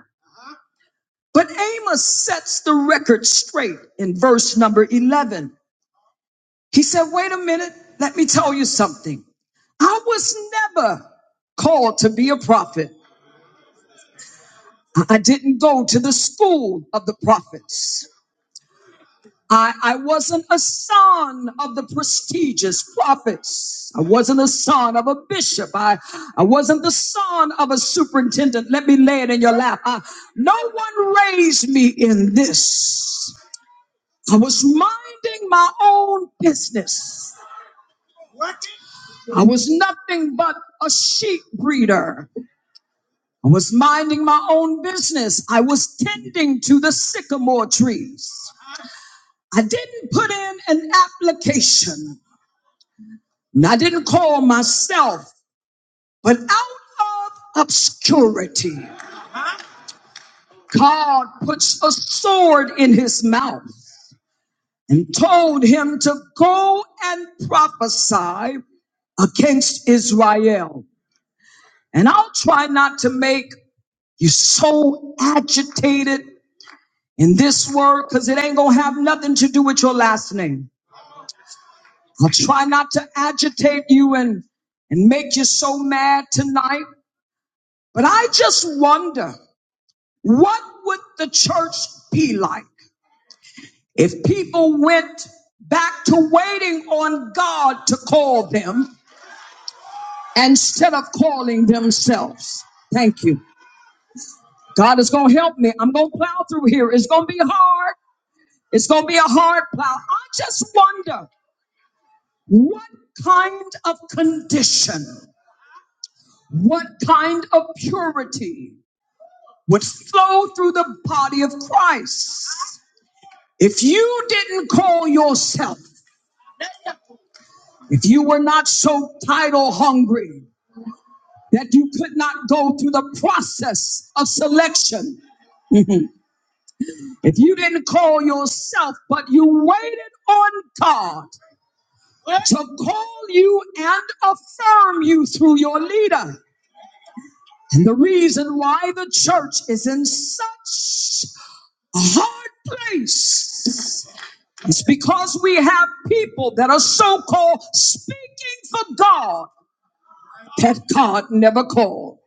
B: But Amos sets the record straight in verse number 11. He said, Wait a minute, let me tell you something. I was never called to be a prophet. I I didn't go to the school of the prophets. I, I wasn't a son of the prestigious prophets. I wasn't a son of a bishop. I, I wasn't the son of a superintendent. Let me lay it in your lap. I- no one raised me in this. I was minding my own business. I was nothing but a sheep breeder. I was minding my own business. I was tending to the sycamore trees. I didn't put in an application. And I didn't call myself, but out of obscurity, God puts a sword in his mouth and told him to go and prophesy against Israel. And I'll try not to make you so agitated in this word because it ain't going to have nothing to do with your last name. I'll try not to agitate you and, and make you so mad tonight. But I just wonder. What would the church be like if people went back to waiting on God to call them instead of calling themselves? Thank you. God is going to help me. I'm going to plow through here. It's going to be hard. It's going to be a hard plow. I just wonder what kind of condition, what kind of purity would flow through the body of Christ if you didn't call yourself If you were not so title hungry that you could not go through the process of selection, if you didn't call yourself, but you waited on God to call you and affirm you through your leader. And the reason why the church is in such a hard place is because we have people that are so called speaking for God that God never called.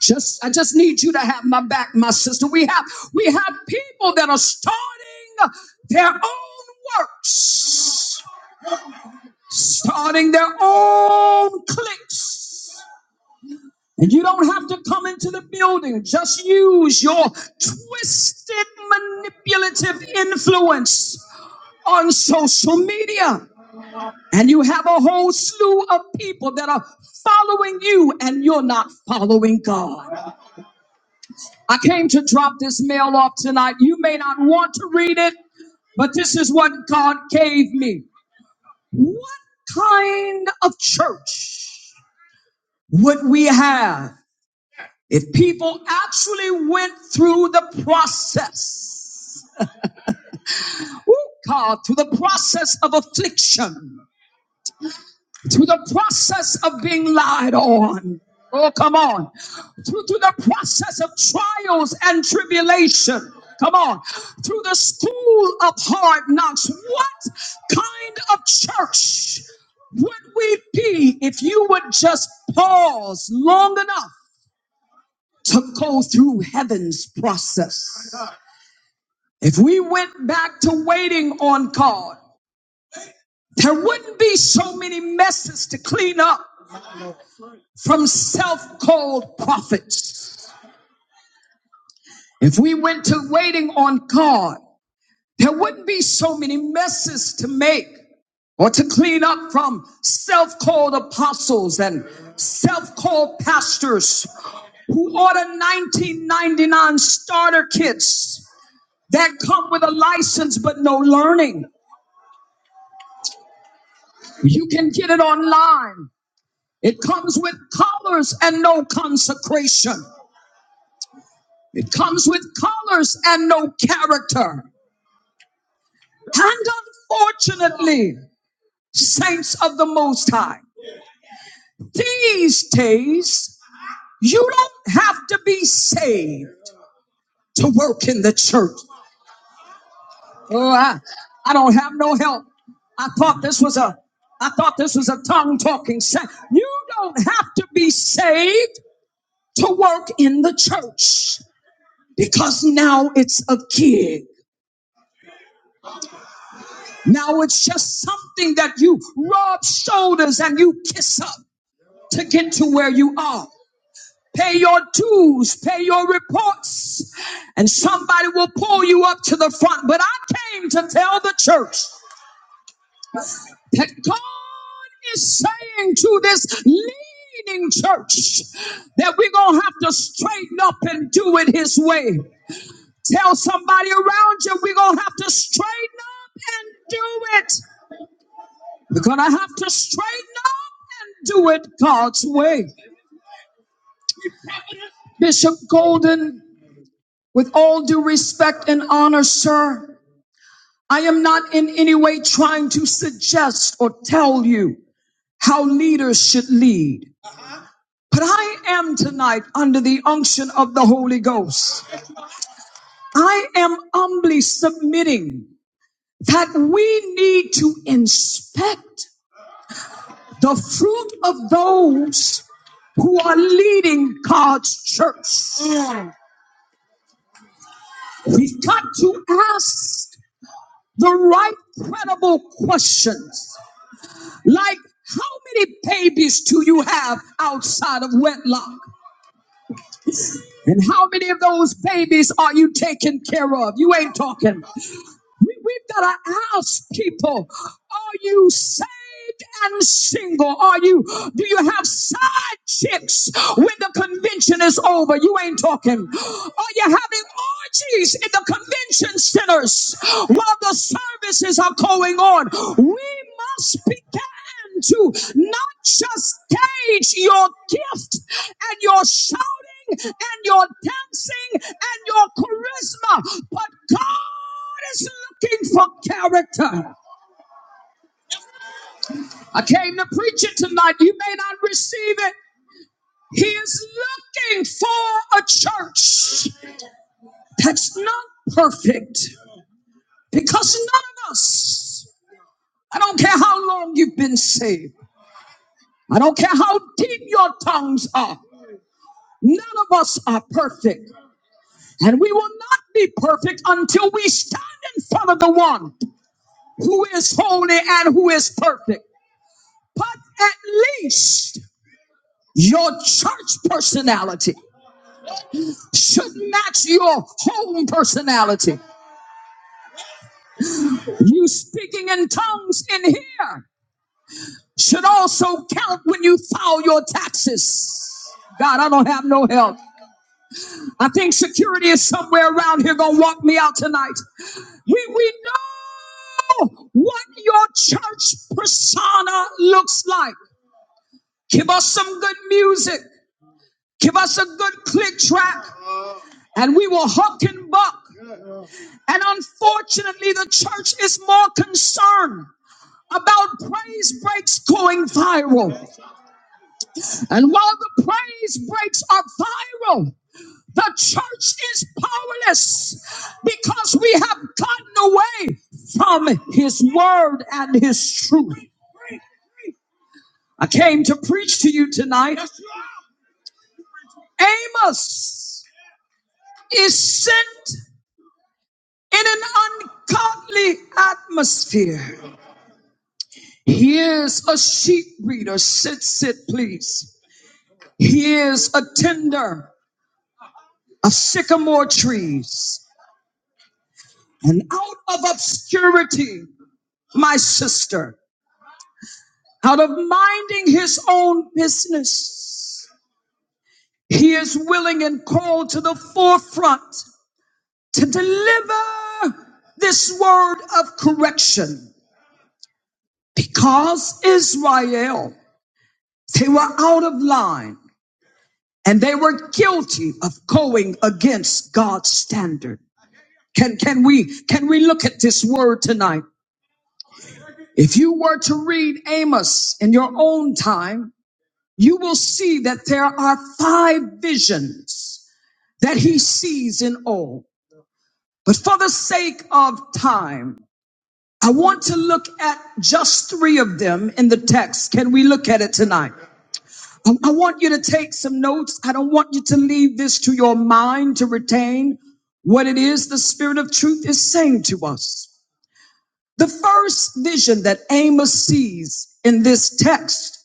B: Just I just need you to have my back, my sister. We have we have people that are starting their own works, starting their own cliques. And you don't have to come into the building. Just use your twisted manipulative influence on social media. And you have a whole slew of people that are following you and you're not following God. I came to drop this mail off tonight. You may not want to read it, but this is what God gave me. What kind of church would we have if people actually went through the process? Ooh, God, through the process of affliction, Through the process of being lied on. Oh, come on. Through, through the process of trials and tribulation. Come on. Through the school of hard knocks. What kind of church would we be if you would just pause long enough to go through heaven's process? If we went back to waiting on God, there wouldn't be so many messes to clean up. from self-called prophets. If we went to waiting on God, there wouldn't be so many messes to make or to clean up from self-called apostles and self-called pastors who order 1999 starter kits that come with a license but no learning. You can get it online. It comes with collars and no consecration. It comes with collars and no character. And unfortunately, saints of the Most High, these days, you don't have to be saved to work in the church. Oh, I, I don't have no help. I thought this was a I thought this was a tongue talking saint. You don't have to be saved to work in the church because now it's a gig. Now it's just something that you rub shoulders and you kiss up to get to where you are. Pay your dues, pay your reports, and somebody will pull you up to the front. But I came to tell the church that God is saying to this leading church that we're going to have to straighten up and do it His way. Tell somebody around you we're going to have to straighten up and do it. We're going to have to straighten up and do it God's way. Bishop Golden, with all due respect and honor, sir. I am not in any way trying to suggest or tell you how leaders should lead. But I am tonight under the unction of the Holy Ghost. I am humbly submitting that we need to inspect the fruit of those who are leading God's church. We've got to ask the right credible questions. Like, how many babies do you have outside of wedlock? And how many of those babies are you taking care of? You ain't talking. We, we've got to ask people, are you saved and single? Are you, do you have side chicks when the convention is over? You ain't talking. Are you having orgies in the convention centers while the services are going on? We must begin to not just gauge your gift and your shouting and your dancing and your charisma, but God is looking for character. I came to preach it tonight. You may not receive it. He is looking for a church that's not perfect because none of us, I don't care how long you've been saved, I don't care how deep your tongues are, none of us are perfect. And we will not be perfect until we stand in front of the one who is holy and who is perfect. But at least Your church personality should match your home personality. You speaking in tongues in here should also count when you file your taxes. God, I don't have no help. I think security is somewhere around here gonna walk me out tonight. We we know what your church persona looks like. Give us some good music. Give us a good click track, and we will huck and buck. And unfortunately, the church is more concerned about praise breaks going viral. And while the praise breaks are viral, the church is powerless because we have gotten away from his word and his truth. I came to preach to you tonight. Amos is sent in an ungodly atmosphere. Here's a sheep reader. Sit, sit, please. Here's a tender of sycamore trees. And out of obscurity, my sister, out of minding his own business, he is willing and called to the forefront to deliver this word of correction because Israel, they were out of line. and they were guilty of going against God's standard. Can, can we, can we look at this word tonight? If you were to read Amos in your own time, you will see that there are five visions that he sees in all. But for the sake of time, I want to look at just three of them in the text. Can we look at it tonight? I I want you to take some notes. I don't want you to leave this to your mind to retain what it is the Spirit of truth is saying to us. The first vision that Amos sees in this text,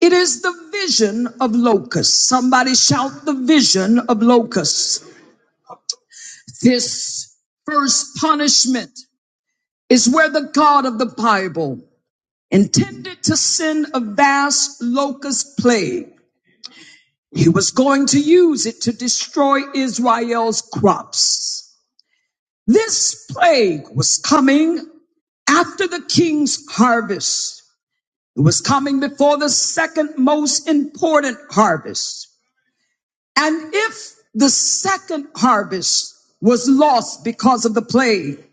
B: it is the vision of locusts. Somebody shout the vision of locusts. This first punishment is where the God of the Bible intended to send a vast locust plague He was going to use it to destroy Israel's crops. This plague was coming after the king's harvest. It was coming before the second most important harvest. And if the second harvest was lost because of the plague,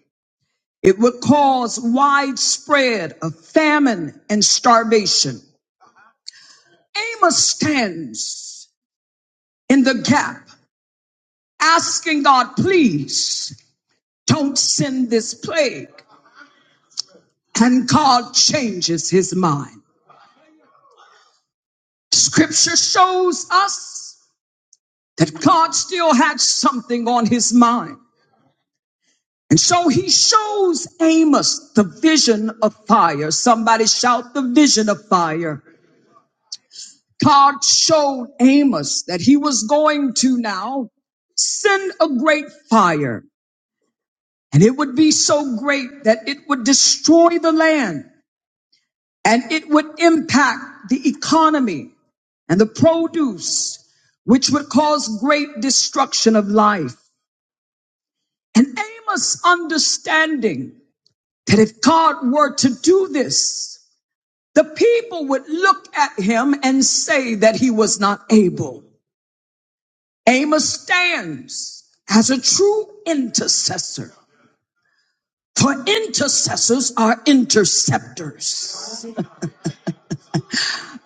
B: it would cause widespread of famine and starvation. Amos stands in the gap asking God, please Don't send this plague. And God changes his mind. Scripture shows us that God still had something on his mind. And so he shows Amos the vision of fire. Somebody shout the vision of fire. God showed Amos that he was going to now send a great fire and it would be so great that it would destroy the land and it would impact the economy and the produce which would cause great destruction of life. And Amos understanding that if God were to do this, the people would look at him and say that he was not able. Amos stands as a true intercessor. For intercessors are interceptors.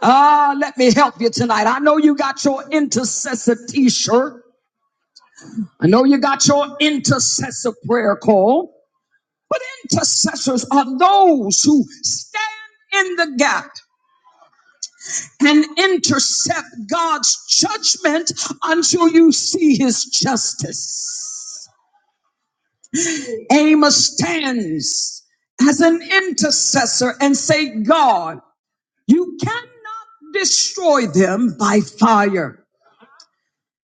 B: Ah, let me help you tonight. I know you got your intercessor t-shirt. I know you got your intercessor prayer call, but intercessors are those who stand in the gap and intercept God's judgment until you see his justice. Amos stands as an intercessor and say, God, you cannot destroy them by fire.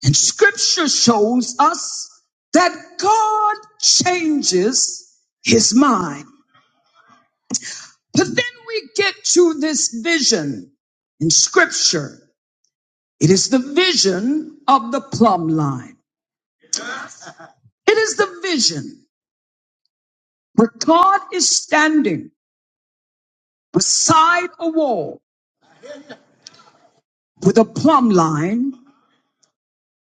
B: And scripture shows us that God changes his mind. But then we get to this vision in scripture. It is the vision of the plumb line. It is the vision where God is standing beside a wall with a plumb line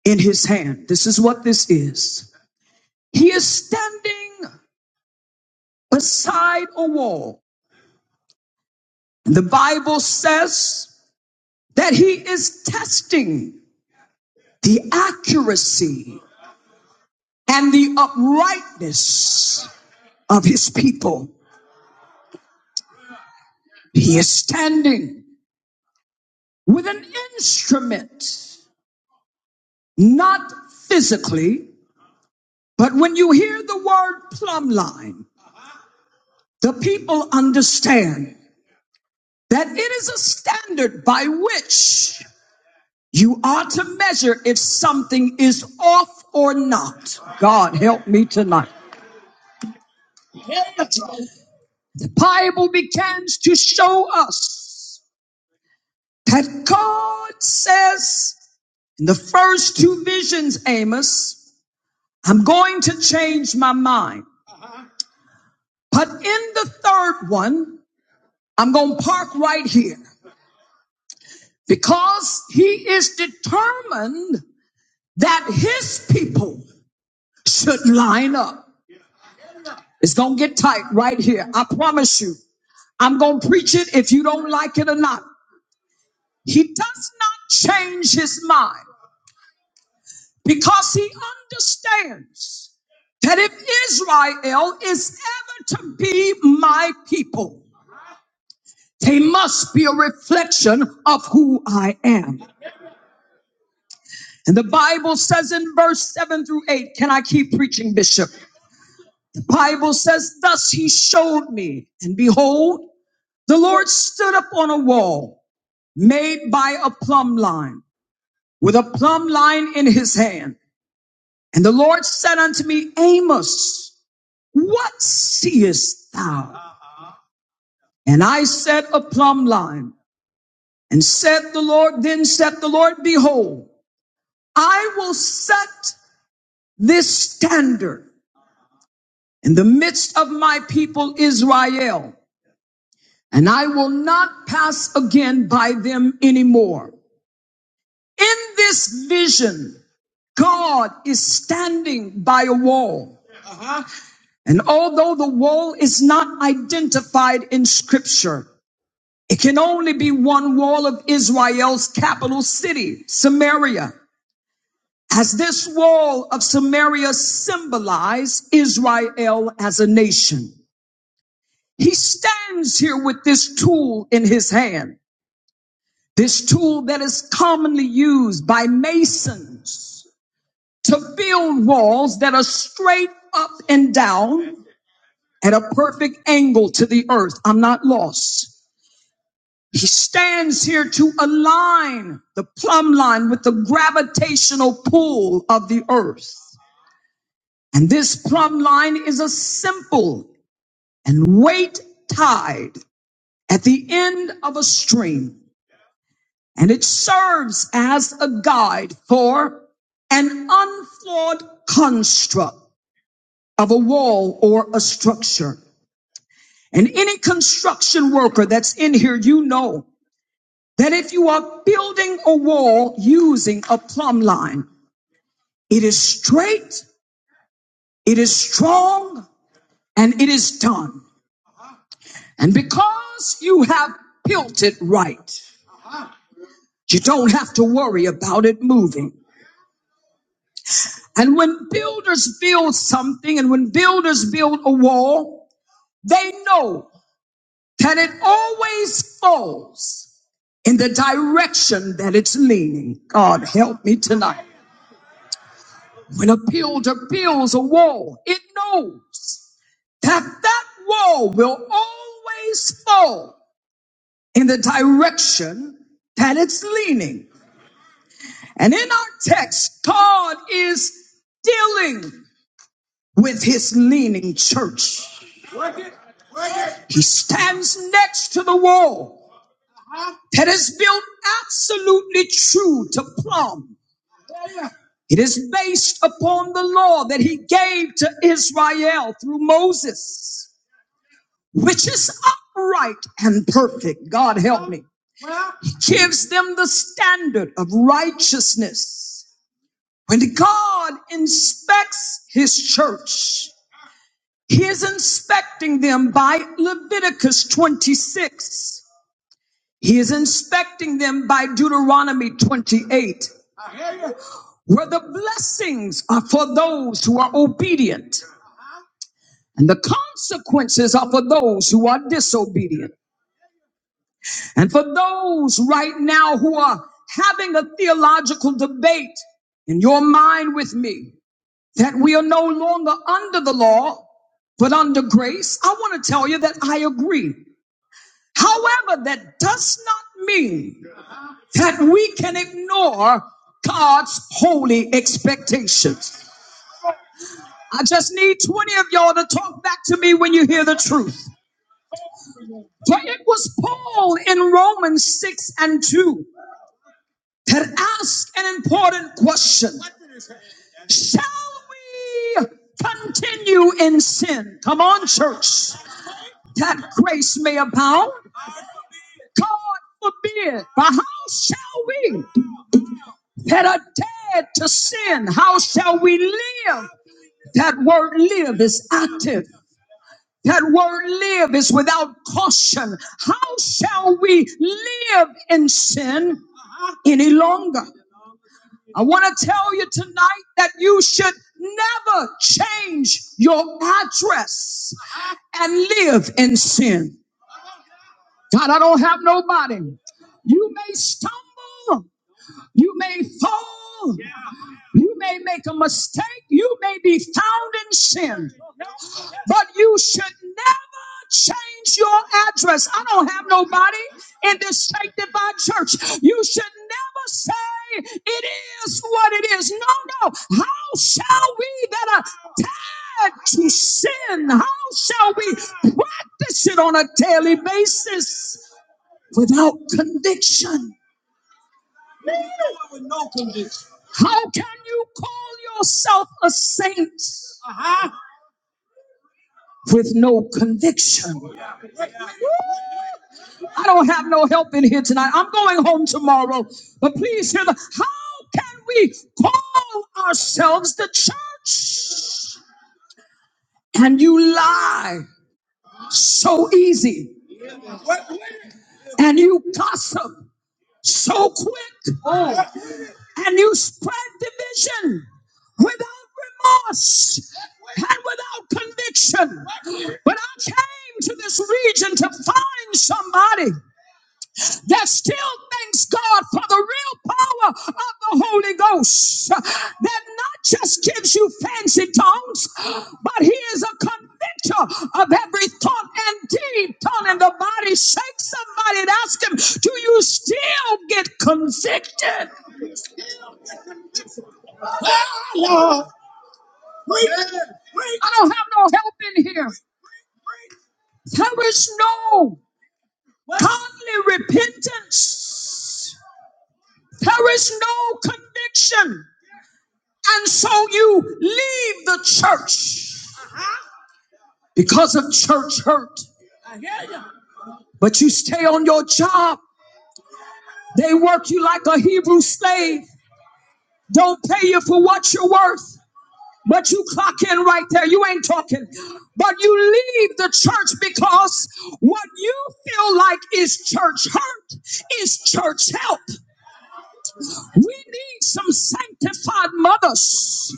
B: in his hand. This is what this is. He is standing beside a wall. And the Bible says that he is testing the accuracy and the uprightness of his people. He is standing with an instrument, not physically, but when you hear the word plumb line, the people understand that it is a standard by which you are to measure if something is off or not. God help me tonight. The Bible begins to show us that God says in the first two visions, Amos, I'm going to change my mind. But in the third one, I'm going to park right here because he is determined that his people should line up. It's going to get tight right here. I promise you. I'm going to preach it if you don't like it or not. He does not change his mind because he understands that if Israel is ever to be my people, He must be a reflection of who I am. And the Bible says in verse 7 through 8, can I keep preaching, Bishop? The Bible says, Thus he showed me, and behold, the Lord stood up on a wall made by a plumb line, with a plumb line in his hand. And the Lord said unto me, Amos, what seest thou? And I said, A plumb line. And said the Lord, then said the Lord, Behold, I will set this standard in the midst of my people Israel, and I will not pass again by them anymore. In this vision, God is standing by a wall. And although the wall is not identified in scripture, it can only be one wall of Israel's capital city, Samaria. As this wall of Samaria symbolized Israel as a nation, he stands here with this tool in his hand. This tool that is commonly used by masons to build walls that are straight up and down at a perfect angle to the earth. I'm not lost. He stands here to align the plumb line with the gravitational pull of the earth. And this plumb line is a simple and weight tied at the end of a string. And it serves as a guide for an unflawed construct of a wall or a structure. And any construction worker that's in here, you know that if you are building a wall using a plumb line, it is straight, it is strong, and it is done. And because you have built it right, you don't have to worry about it moving. And when builders build something and when builders build a wall, they know that it always falls in the direction that it's leaning. God help me tonight. When a builder builds a wall, it knows that that wall will always fall in the direction that it's leaning. And in our text, God is dealing with his leaning church. He stands next to the wall that is built absolutely true to plumb. It is based upon the law that he gave to Israel through Moses, which is upright and perfect. God help me. He gives them the standard of righteousness. When God inspects his church, He is inspecting them by Leviticus 26. He is inspecting them by Deuteronomy 28, where the blessings are for those who are obedient and the consequences are for those who are disobedient. And for those right now who are having a theological debate in your mind with me that we are no longer under the law, but under grace, I want to tell you that I agree. However, that does not mean that we can ignore God's holy expectations. I just need 20 of y'all to talk back to me when you hear the truth. For it was Paul in Romans 6 and 2 that asked an important question Shall we continue in sin? Come on, church, that grace may abound. God forbid. But how shall we? that are dead to sin. How shall we live? That word live is active. That word live is without caution. How shall we live in sin any longer? I want to tell you tonight that you should never change your address and live in sin. God, I don't have nobody. You may stumble, you may fall, You may make a mistake. You may be found in sin, but you should never change your address. I don't have nobody in this sanctified church. You should never say it is what it is. No, no. How shall we that are tied to sin? How shall we practice it on a daily basis without conviction? How can you call yourself a saint? with no conviction. I don't have no help in here tonight. I'm going home tomorrow. But please hear the how can we call ourselves the church? And you lie so easy, and you gossip so quick, Oh. and you spread division without remorse and without conviction. But I came to this region to find somebody. There's still thanks God for the real power of the Holy Ghost that not just gives you fancy tongues, but He is a convictor of every thought and deed done in the body. Shake somebody and ask Him, Do you still get convicted? I don't have no help in here. There is no only repentance, there is no conviction. And so you leave the church because of church hurt, but you stay on your job. They work you like a Hebrew slave, don't pay you for what you're worth, but you clock in right there. You ain't talking. But you leave the church because what you feel like is church hurt is church help. We need some sanctified mothers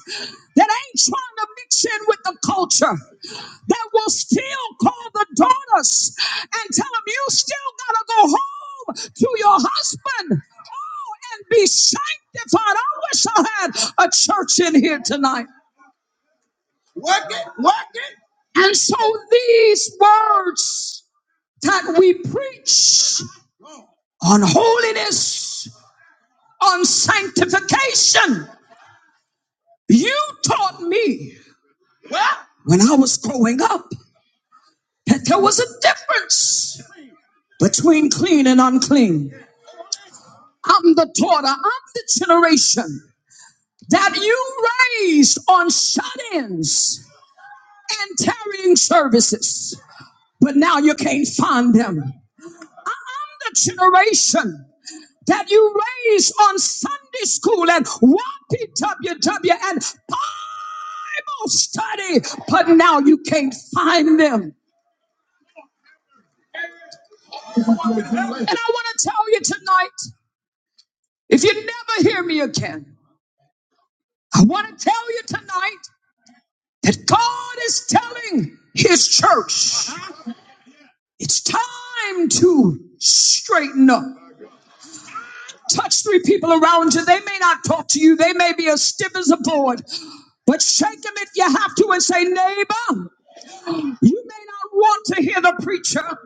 B: that ain't trying to mix in with the culture, that will still call the daughters and tell them, you still got to go home to your husband. Oh, and be sanctified. I wish I had a church in here tonight. And so these words that we preach on holiness, on sanctification, you taught me When I was growing up, that there was a difference between clean and unclean. I'm the daughter, I'm the generation that you raised on shut ins and tarrying services, but now you can't find them. I'm the generation that you raised on Sunday school and YPWW and Bible study, but now you can't find them. And I want to tell you tonight If you never hear me again, I want to tell you tonight that God is telling His church it's time to straighten up. Touch three people around you. They may not talk to you, they may be as stiff as a board, but shake them if you have to and say, Neighbor, you may not want to hear the preacher,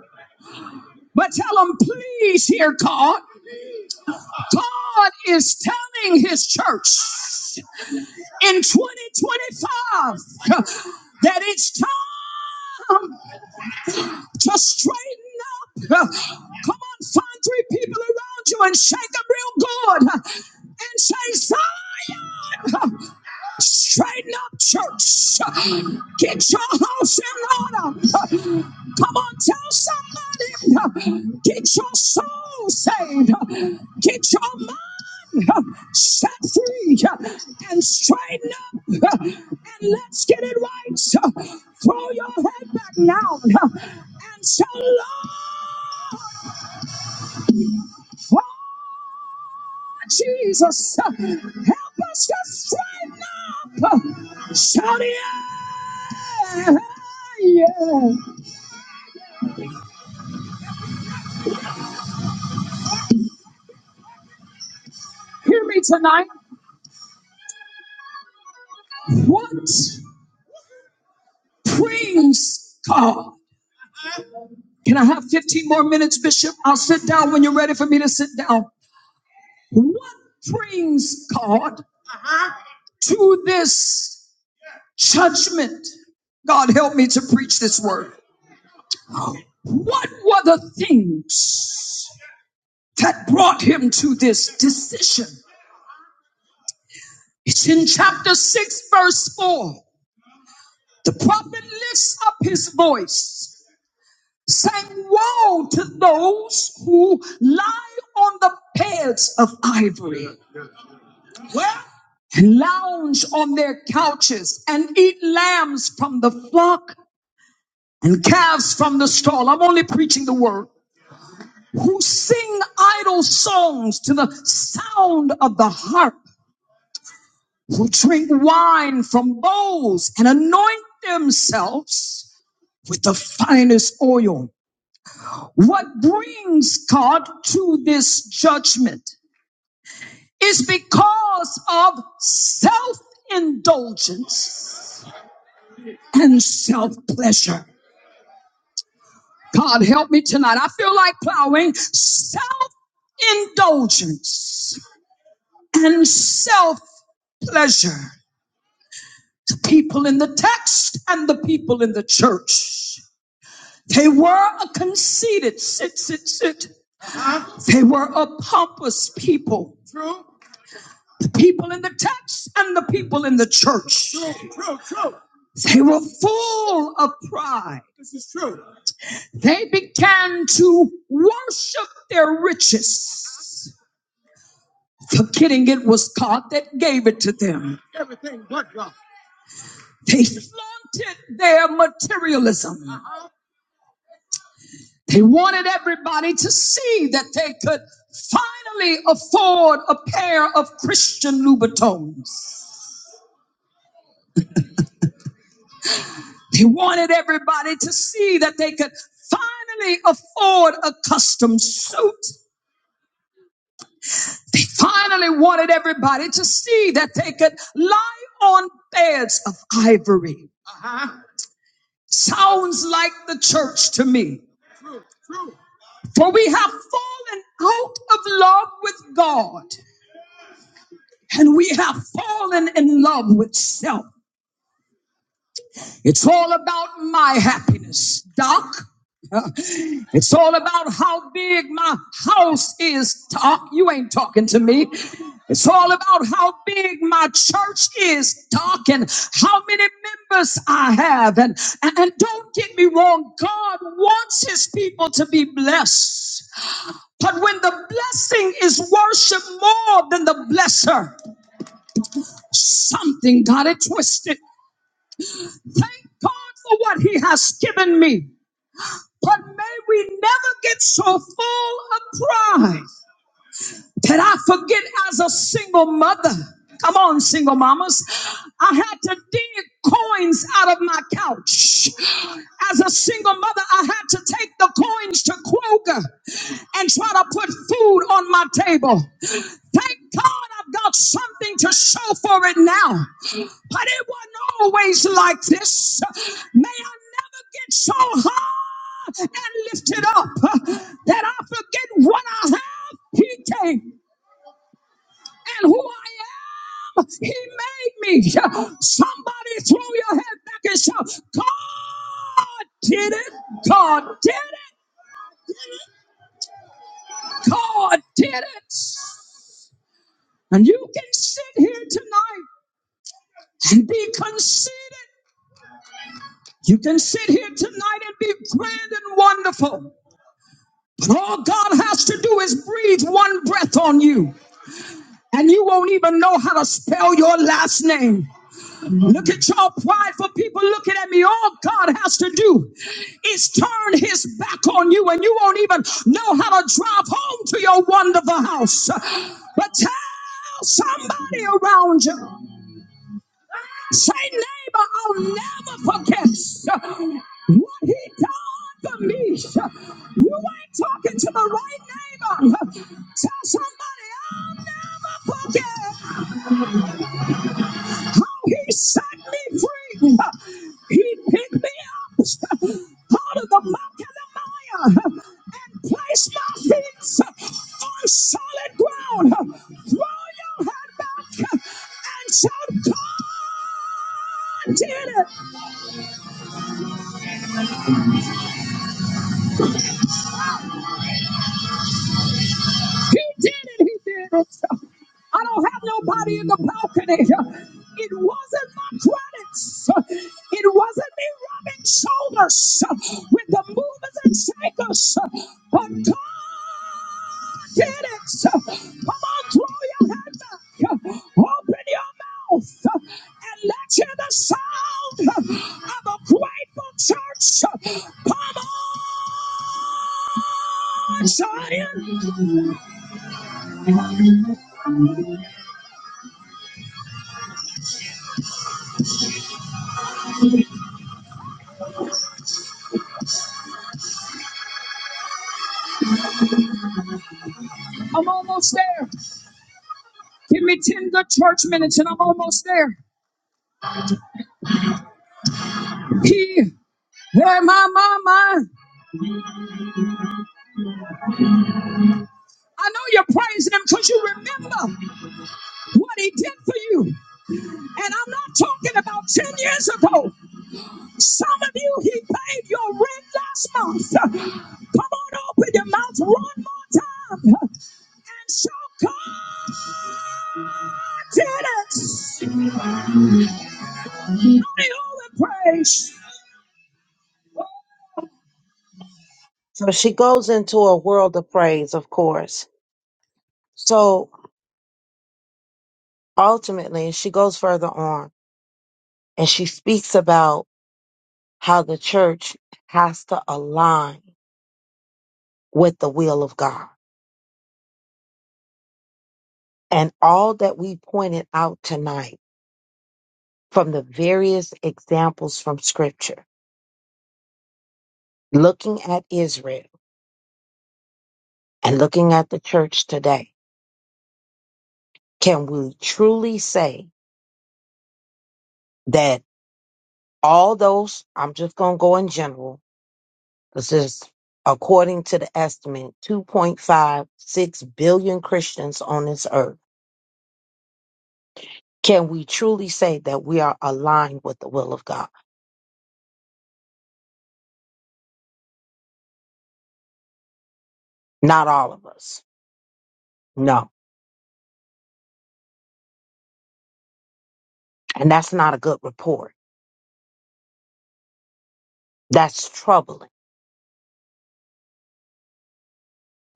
B: but tell them, please hear God. God is telling His church. in 2025 uh, that it's time to straighten up. Uh, Come on, find three people around you and shake them real good uh, and say, Zion! uh, Straighten up, church. Get your house in order. Come on, tell somebody. Get your soul saved. Get your mind set free and straighten up and let's get it right. Throw your head back now and say, Lord. Jesus, help us to straighten up. Shout yeah. yeah. Hear me tonight. What please God? Can I have 15 more minutes, Bishop? I'll sit down when you're ready for me to sit down. What brings God to this judgment? God, help me to preach this word. What were the things that brought him to this decision? It's in chapter 6, verse 4. The prophet lifts up his voice, saying, Woe to those who lie on the beds of ivory, and lounge on their couches, and eat lambs from the flock and calves from the stall. I'm only preaching the word. Who sing idle songs to the sound of the harp, who drink wine from bowls and anoint themselves with the finest oil. What brings God to this judgment is because of self indulgence and self pleasure. God help me tonight. I feel like plowing self indulgence and self pleasure. The people in the text and the people in the church. They were a conceited, sit, sit, sit. They were a pompous people. The people in the text and the people in the church, they were full of pride. They began to worship their riches, forgetting it was God that gave it to them. They flaunted their materialism. They wanted everybody to see that they could finally afford a pair of Christian Louboutins. They wanted everybody to see that they could finally afford a custom suit. They finally wanted everybody to see that they could lie on beds of ivory. Sounds like the church to me. For we have fallen out of love with God and we have fallen in love with self. It's all about my happiness, Doc. It's all about how big my house is, Doc. You ain't talking to me. It's all about how big my church is, Doc, and how many members I have. And, and, and don't get me wrong, God wants his people to be blessed. But when the blessing is worshiped more than the blesser, something got it twisted. Thank God for what he has given me. But may we never get so full of pride that I forget as a single mother. Come on, single mamas. I had to dig coins out of my couch. As a single mother, I had to take the coins to Kroger and try to put food on my table. Thank God I've got something to show for it now but it wasn't always like this. May I never get so high and lifted up that I forget what I have. He came and who I am. He made me. Somebody throw your head back and shout, God did it. God did it. God did it. And you can sit here tonight and be conceited. You can sit here tonight and be grand and wonderful. All God has to do is breathe one breath on you, and you won't even know how to spell your last name. Look at y'all prideful people looking at me. All God has to do is turn his back on you, and you won't even know how to drive home to your wonderful house. But tell somebody around you. Say, neighbor, I'll never forget what he done for me. You ain't talking to the right neighbor. Tell somebody, I'll never forget how he set me free. He picked me up out of the muck and the mire and placed my feet on solid ground. Throw your head back and shout, God did it. He did it. He did it. So, I don't have nobody in the balcony. It wasn't my credits. It wasn't me rubbing shoulders with the movers and shakers. But God did it. Come on, throw your head back. Open your mouth and let's hear the sound of a grateful church. Come on, Zion. I'm almost there. Give me 10 good church minutes and I'm almost there. He, hey, my, my, my. I know you're praising him because you remember what he did for you. And I'm not talking about 10 years ago. Some of you, he paid your rent last month. Come on, open your mouth one more time. And so God did it. Only all the praise. So she goes into a world of praise, of course. So ultimately, she goes further on and she speaks about how the church has to align with the will of God. And all that we pointed out tonight from the various examples from scripture, looking at Israel and looking at the church today, can we truly say that all those, I'm just going to go in general, this is according to the estimate, 2.56 billion Christians on this earth. Can we truly say that we are aligned with the will of God? Not all of us. No. And that's not a good report. That's troubling.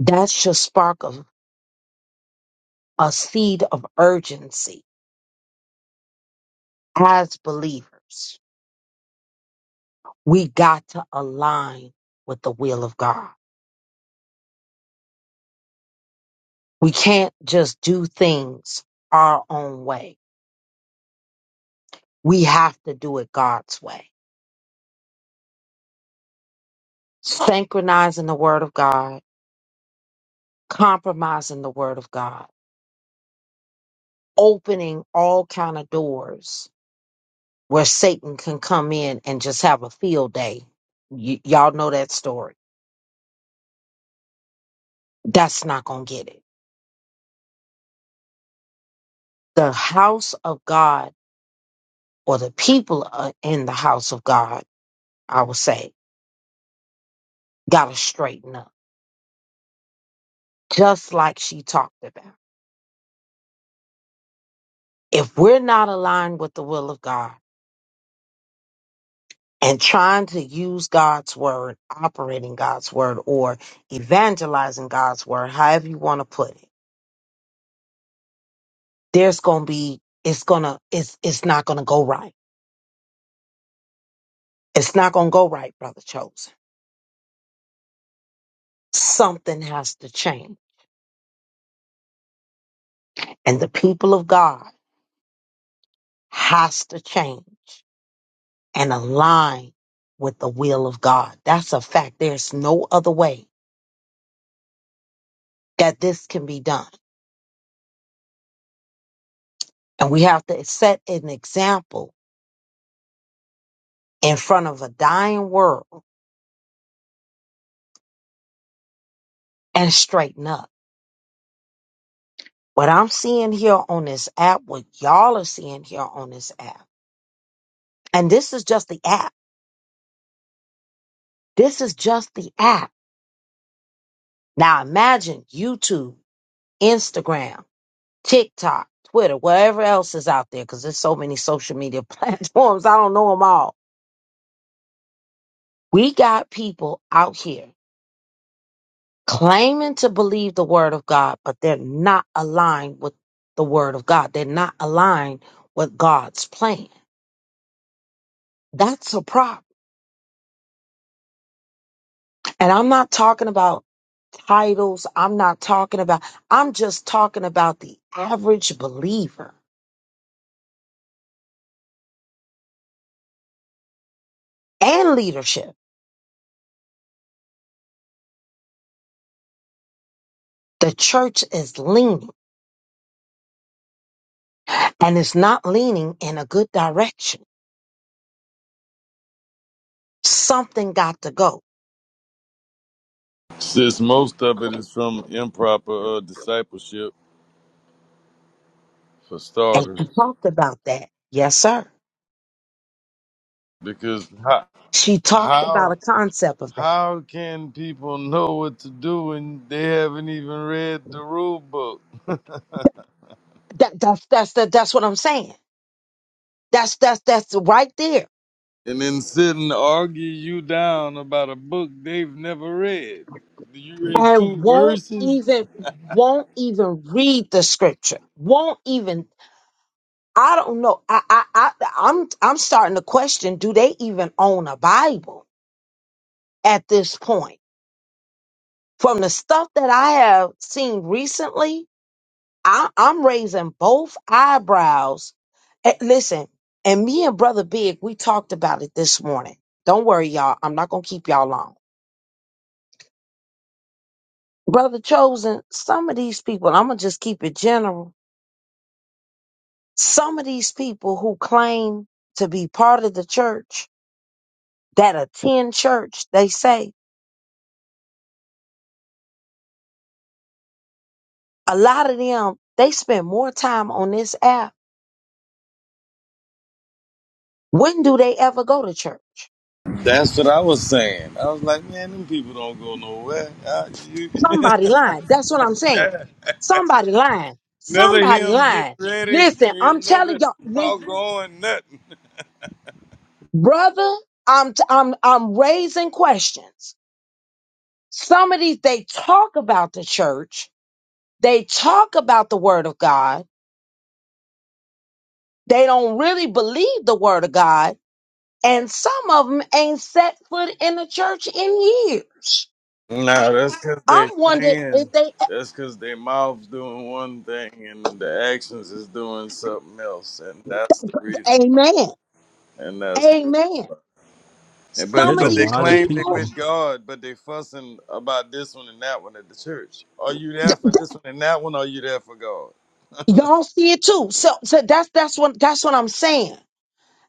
B: That should spark a, a seed of urgency as believers. We got to align with the will of God. We can't just do things our own way. We have to do it God's way. Synchronizing the word of God, compromising the word of God, opening all kind of doors where Satan can come in and just have a field day. Y- y'all know that story. That's not going to get it. The house of God or the people uh, in the house of God, I would say, got to straighten up, just like she talked about. If we're not aligned with the will of God and trying to use God's word, operating God's word, or evangelizing God's word, however you want to put it, there's going to be, it's going to, it's, it's not going to go right It's not going to go right, brother chosen. Something has to change. And the people of God has to change and align with the will of God. That's a fact. There's no other way that this can be done. And we have to set an example in front of a dying world and straighten up. What I'm seeing here on this app, what y'all are seeing here on this app, and this is just the app. This is just the app. Now imagine YouTube, Instagram. TikTok, Twitter, whatever else is out there, because there's so many social media platforms. I don't know them all. We got people out here claiming to believe the word of God, but they're not aligned with the word of God. They're not aligned with God's plan. That's a problem. And I'm not talking about titles. I'm not talking about, I'm just talking about the average believer and leadership. The church is leaning and it's not leaning in a good direction Something got to go.
D: Since most of it is from improper uh, discipleship, for
B: And
D: starters,
B: she talked about that. Yes, sir.
D: because how,
B: She talked about a
D: How
B: concept of that.
D: how can people know what to do when they haven't even read the rule book?
B: that that's that's that, that's what I'm saying. That's that's that's right there.
D: and then sit and argue you down about a book they've never read. You read
B: And
D: two
B: won't
D: verses.
B: even won't even read the scripture. Won't even I don't know. I I, I I'm I'm starting to question do they even own a Bible at this point? From the stuff that I have seen recently, I, I'm raising both eyebrows. Eh, Listen, and me and Brother Big, we talked about it this morning. Don't worry, y'all. I'm not going to keep y'all long. Brother Chosen, some of these people, I'm going to just keep it general. Some of these people who claim to be part of the church, that attend church, they say a lot of them, they spend more time on this app. When do they ever go to church?
D: That's what I was saying. I was like, man, them people don't go nowhere. I, you,
B: Somebody lying. That's what I'm saying.
D: yeah.
B: Somebody lying.
D: Never
B: Somebody
D: hear get
B: lying.
D: ready.
B: Listen,
D: They
B: I'm
D: never
B: telling y'all, this
D: about going nothing.
B: brother, I'm t- I'm I'm raising questions. Some of these they talk about the church, they talk about the word of God, they don't really believe the word of God, and some of them ain't set foot in the church in years.
D: Nah, that's because
B: I'm
D: they
B: wondering
D: saying.
B: if they
D: That's because their mouth's doing one thing and the actions is doing something else, and that's the reason.
B: amen.
D: And that's the
B: Amen.
D: And- But
B: Some of
D: but they
B: these
D: claim they
B: people
D: with God, but they fussing about this one and that one at the church. Are you there for this one and that one? Or are you there for God?
B: Y'all see it too. So, so that's that's what that's what I'm saying.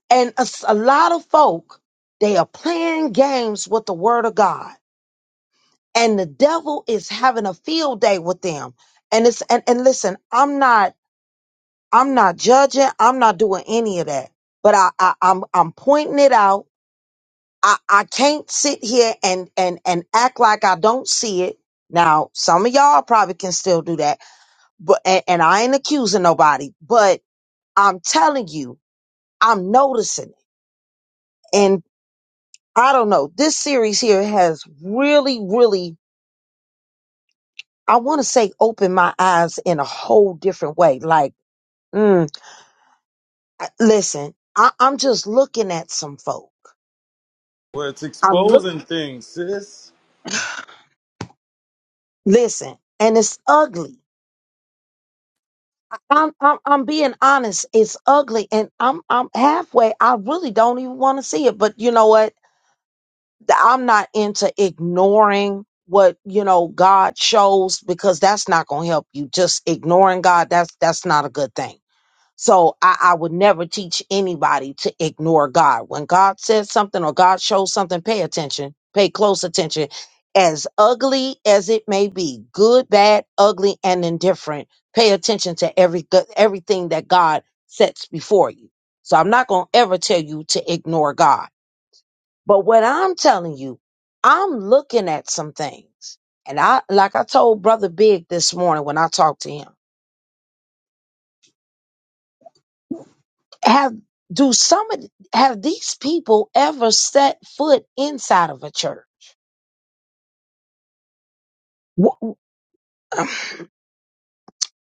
B: And a, s- a lot of folk they are playing games with the word of God, and the devil is having a field day with them. And it's and, and listen, I'm not I'm not judging. I'm not doing any of that. But I, I I'm I'm pointing it out. I, I can't sit here and and and act like I don't see it. Now, some of y'all probably can still do that, but and, and I ain't accusing nobody. But I'm telling you I'm noticing. it. And I don't know, this series here has really, really, I want to say, opened my eyes in a whole different way. Like, mm, I- listen, I, I'm just looking at some folk.
D: Well, it's
B: I'm look,
D: exposing things, sis.
B: listen, and it's ugly. I'm, I'm, I'm being honest. It's ugly, and I'm, I'm halfway. I really don't even want to see it, but you know what? th- I'm not into ignoring what you know God shows because that's not going to help you. Just ignoring God that's that's not a good thing. So I, I would never teach anybody to ignore God. When God says something or God shows something, pay attention, pay close attention. As ugly as it may be, good, bad, ugly, and indifferent, pay attention to every good- everything that God sets before you. So I'm not going to ever tell you to ignore God but what I'm telling you, I'm looking at some things. And I like I told Brother Big this morning when I talked to him, have do some of have these people ever set foot inside of a church? Wh-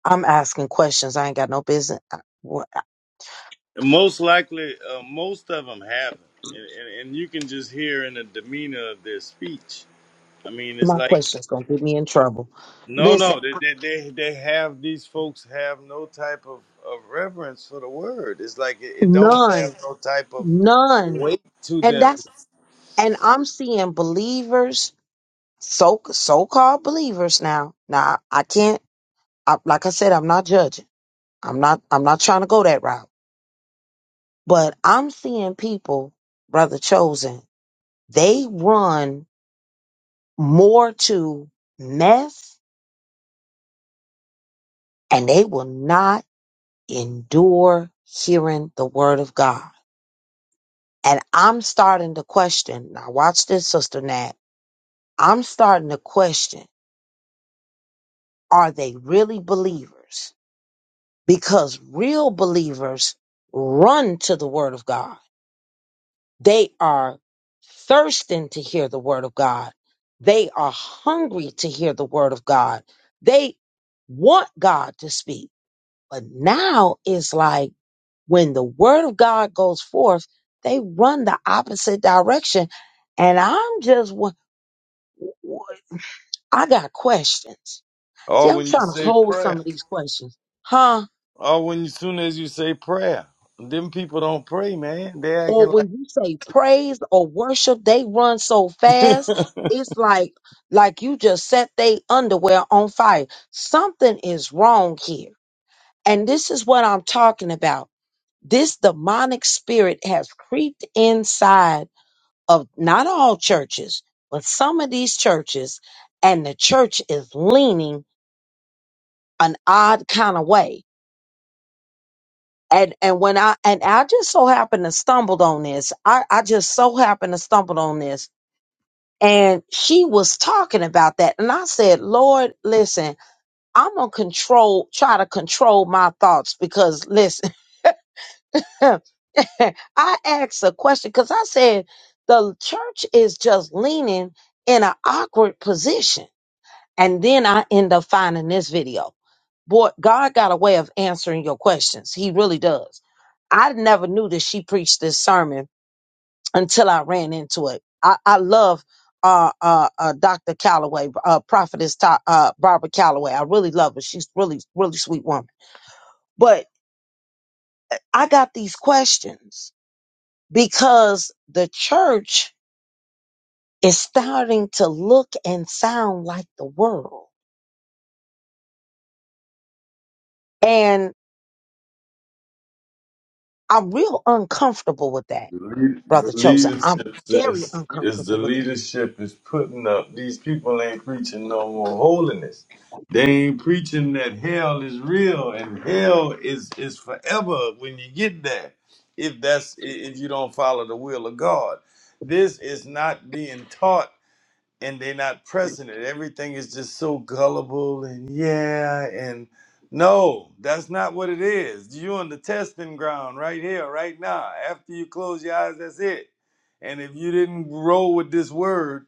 B: I'm asking questions. I ain't got no business. I- what-
D: And most likely, uh, most of them haven't, and, and and you can just hear in the demeanor of their speech. I mean, it's
B: My
D: like
B: questions gonna get me in trouble.
D: No,
B: Listen,
D: no, they they they, they have these folks have no type of, of reverence for the word. It's like it, it don't have
B: none,
D: no type of
B: none,
D: weight to
B: and
D: them.
B: that's and I'm seeing believers, so so called believers now. Now I can't. I, like I said, I'm not judging. I'm not. I'm not trying to go that route. But I'm seeing people, brother chosen. They run more to mess, and they will not endure hearing the word of God. And I'm starting to question. Now, watch this, sister Nat. I'm starting to question: Are they really believers? Because real believers run to the word of God They are thirsting to hear the word of God. They are hungry to hear the word of God. They want God to speak. But now it's like when the word of God goes forth, they run the opposite direction. And I'm just, wa- wa- I got questions. See,
D: Or
B: I'm
D: when you
B: trying to
D: say
B: hold some
D: prayer,
B: of these questions. Huh?
D: or when you, soon as you say prayer, them people don't pray, man. They
B: or
D: acting
B: when you say praise or worship, they run so
D: like
B: fast. It's like like you just set they underwear on fire. Something is wrong here. And this is what I'm talking about. This demonic spirit has creeped inside of not all churches, but some of these churches, and the church is leaning an odd kind of way. And and when I and I just so happened to stumbled on this. I, I just so happened to stumbled on this And she was talking about that. And I said, Lord, listen, I'm going to control, try to control my thoughts because listen, I asked a question because I said, the church is just leaning in an awkward position. And then I end up finding this video. Boy, God got a way of answering your questions. He really does. I never knew that she preached this sermon until I ran into it. I, I love uh, uh, uh, Dr. Calloway, uh, Prophetess Ta- uh, Barbara Calloway. I really love her. She's really, really sweet woman. But I got these questions because the church is starting to look and sound like the world. And I'm real uncomfortable with that,
D: The, lead,
B: Brother
D: the
B: Chosen. I'm
D: leadership
B: very
D: is, is the
B: uncomfortable with that
D: leadership is putting up. These people ain't preaching no more holiness. They ain't preaching that hell is real and hell is is forever when you get there. If that's i- if you don't follow the will of God, this is not being taught and they're not pressing it. Everything is just so gullible and yeah and no, that's not what it is. You're on the testing ground right here, right now. After you close your eyes, that's it. And if you didn't roll with this word,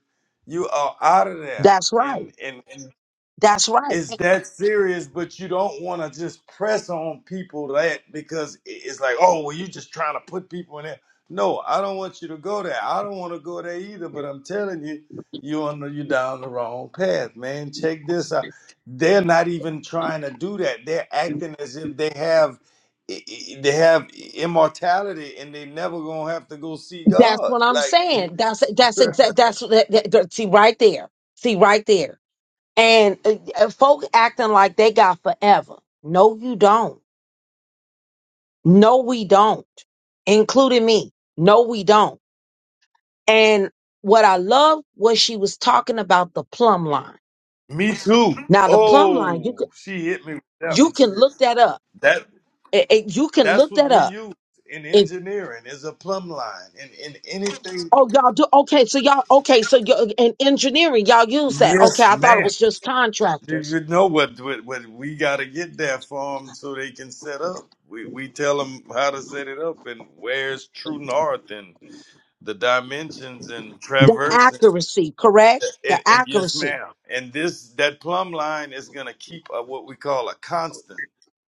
D: you are out of there.
B: That's right.
D: And and, and
B: That's right.
D: it's that serious, but you don't want to just press on people that because i- it's like, oh, well, you just trying to put people in there. No, I don't want you to go there. I don't want to go there either. But I'm telling you, you on the, you're down the wrong path, man. Check this out. They're not even trying to do that. They're acting as if they have i- i- they have immortality and they never gonna have to go see
B: That's
D: God.
B: what I'm
D: Like,
B: saying. That's that's exact. That's that, that, that- see right there. See right there. And uh, uh, folk acting like they got forever. No, you don't. No, we don't, including me. No, we don't. And what I love was she was talking about the plumb line.
D: me too.
B: Now, the plumb line, you
D: Oh,
B: can
D: she hit me with that
B: you
D: one.
B: can look
D: Sis.
B: that up. It- it- you can
D: That's
B: look
D: what
B: that
D: we
B: up.
D: use in
B: If
D: engineering is a plumb line and in anything.
B: oh y'all do okay, so y'all okay, so you in engineering y'all use that. Okay,
D: Yes,
B: I thought it
D: ma'am.
B: was just
D: You
B: contractors.
D: you know what, what, what we got to get there for them so they can set up. We, we tell them how to set it up and where's true north and the dimensions and
B: The
D: traverse
B: accuracy, correct? The
D: and, and yes,
B: accuracy.
D: ma'am. And this that plumb line is gonna keep a, what we call a constant.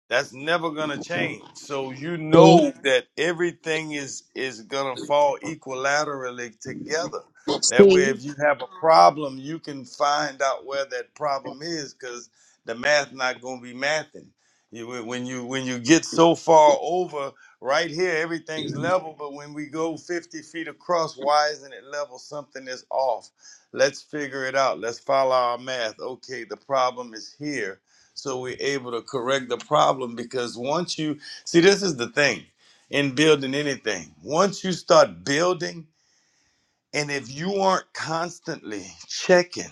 D: That's never gonna change. So you
B: See,
D: know that everything is is gonna fall equilaterally together. That way, if you have a problem, you can find out where that problem is, because the math not gonna be mathing. You, when when you when you get so far over right here, everything's level, but when we go 50 feet across, why isn't it level? Something is off Let's figure it out. Let's follow our math. Okay, the problem is here. So we're able to correct the problem because once you see, this is the thing in building anything. Once you start building, and if you aren't constantly checking,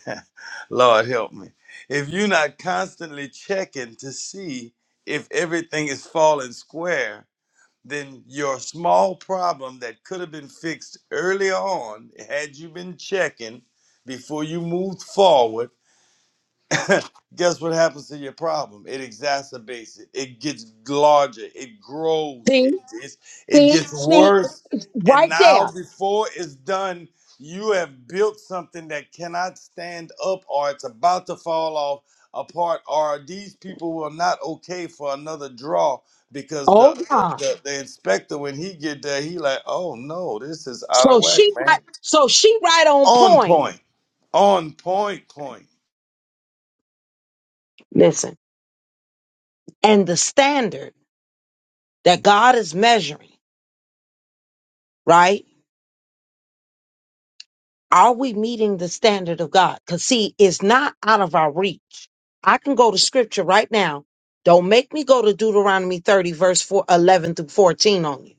D: Lord help me, if you're not constantly checking to see if everything is falling square, then your small problem that could have been fixed early on, had you been checking before you moved forward Guess what happens to your problem? It exacerbates it. It gets larger. It grows. It it's, it
B: see.
D: gets worse. And now, before it's done, you have built something that cannot stand up, or it's about to fall off apart, or these people were not okay for another draw because the
B: Oh
D: the,
B: God.
D: the, the inspector when he get there, he like, oh no, this is out of
B: So
D: whack,
B: she
D: man.
B: right. So she right on
D: On
B: point.
D: point. On point. Point.
B: Listen, and the standard. that God is measuring, right? Are we meeting the standard of God? Because see, it's not out of our reach. I can go to scripture right now. Don't make me go to Deuteronomy 30, verse 4, 11 through 14 on you.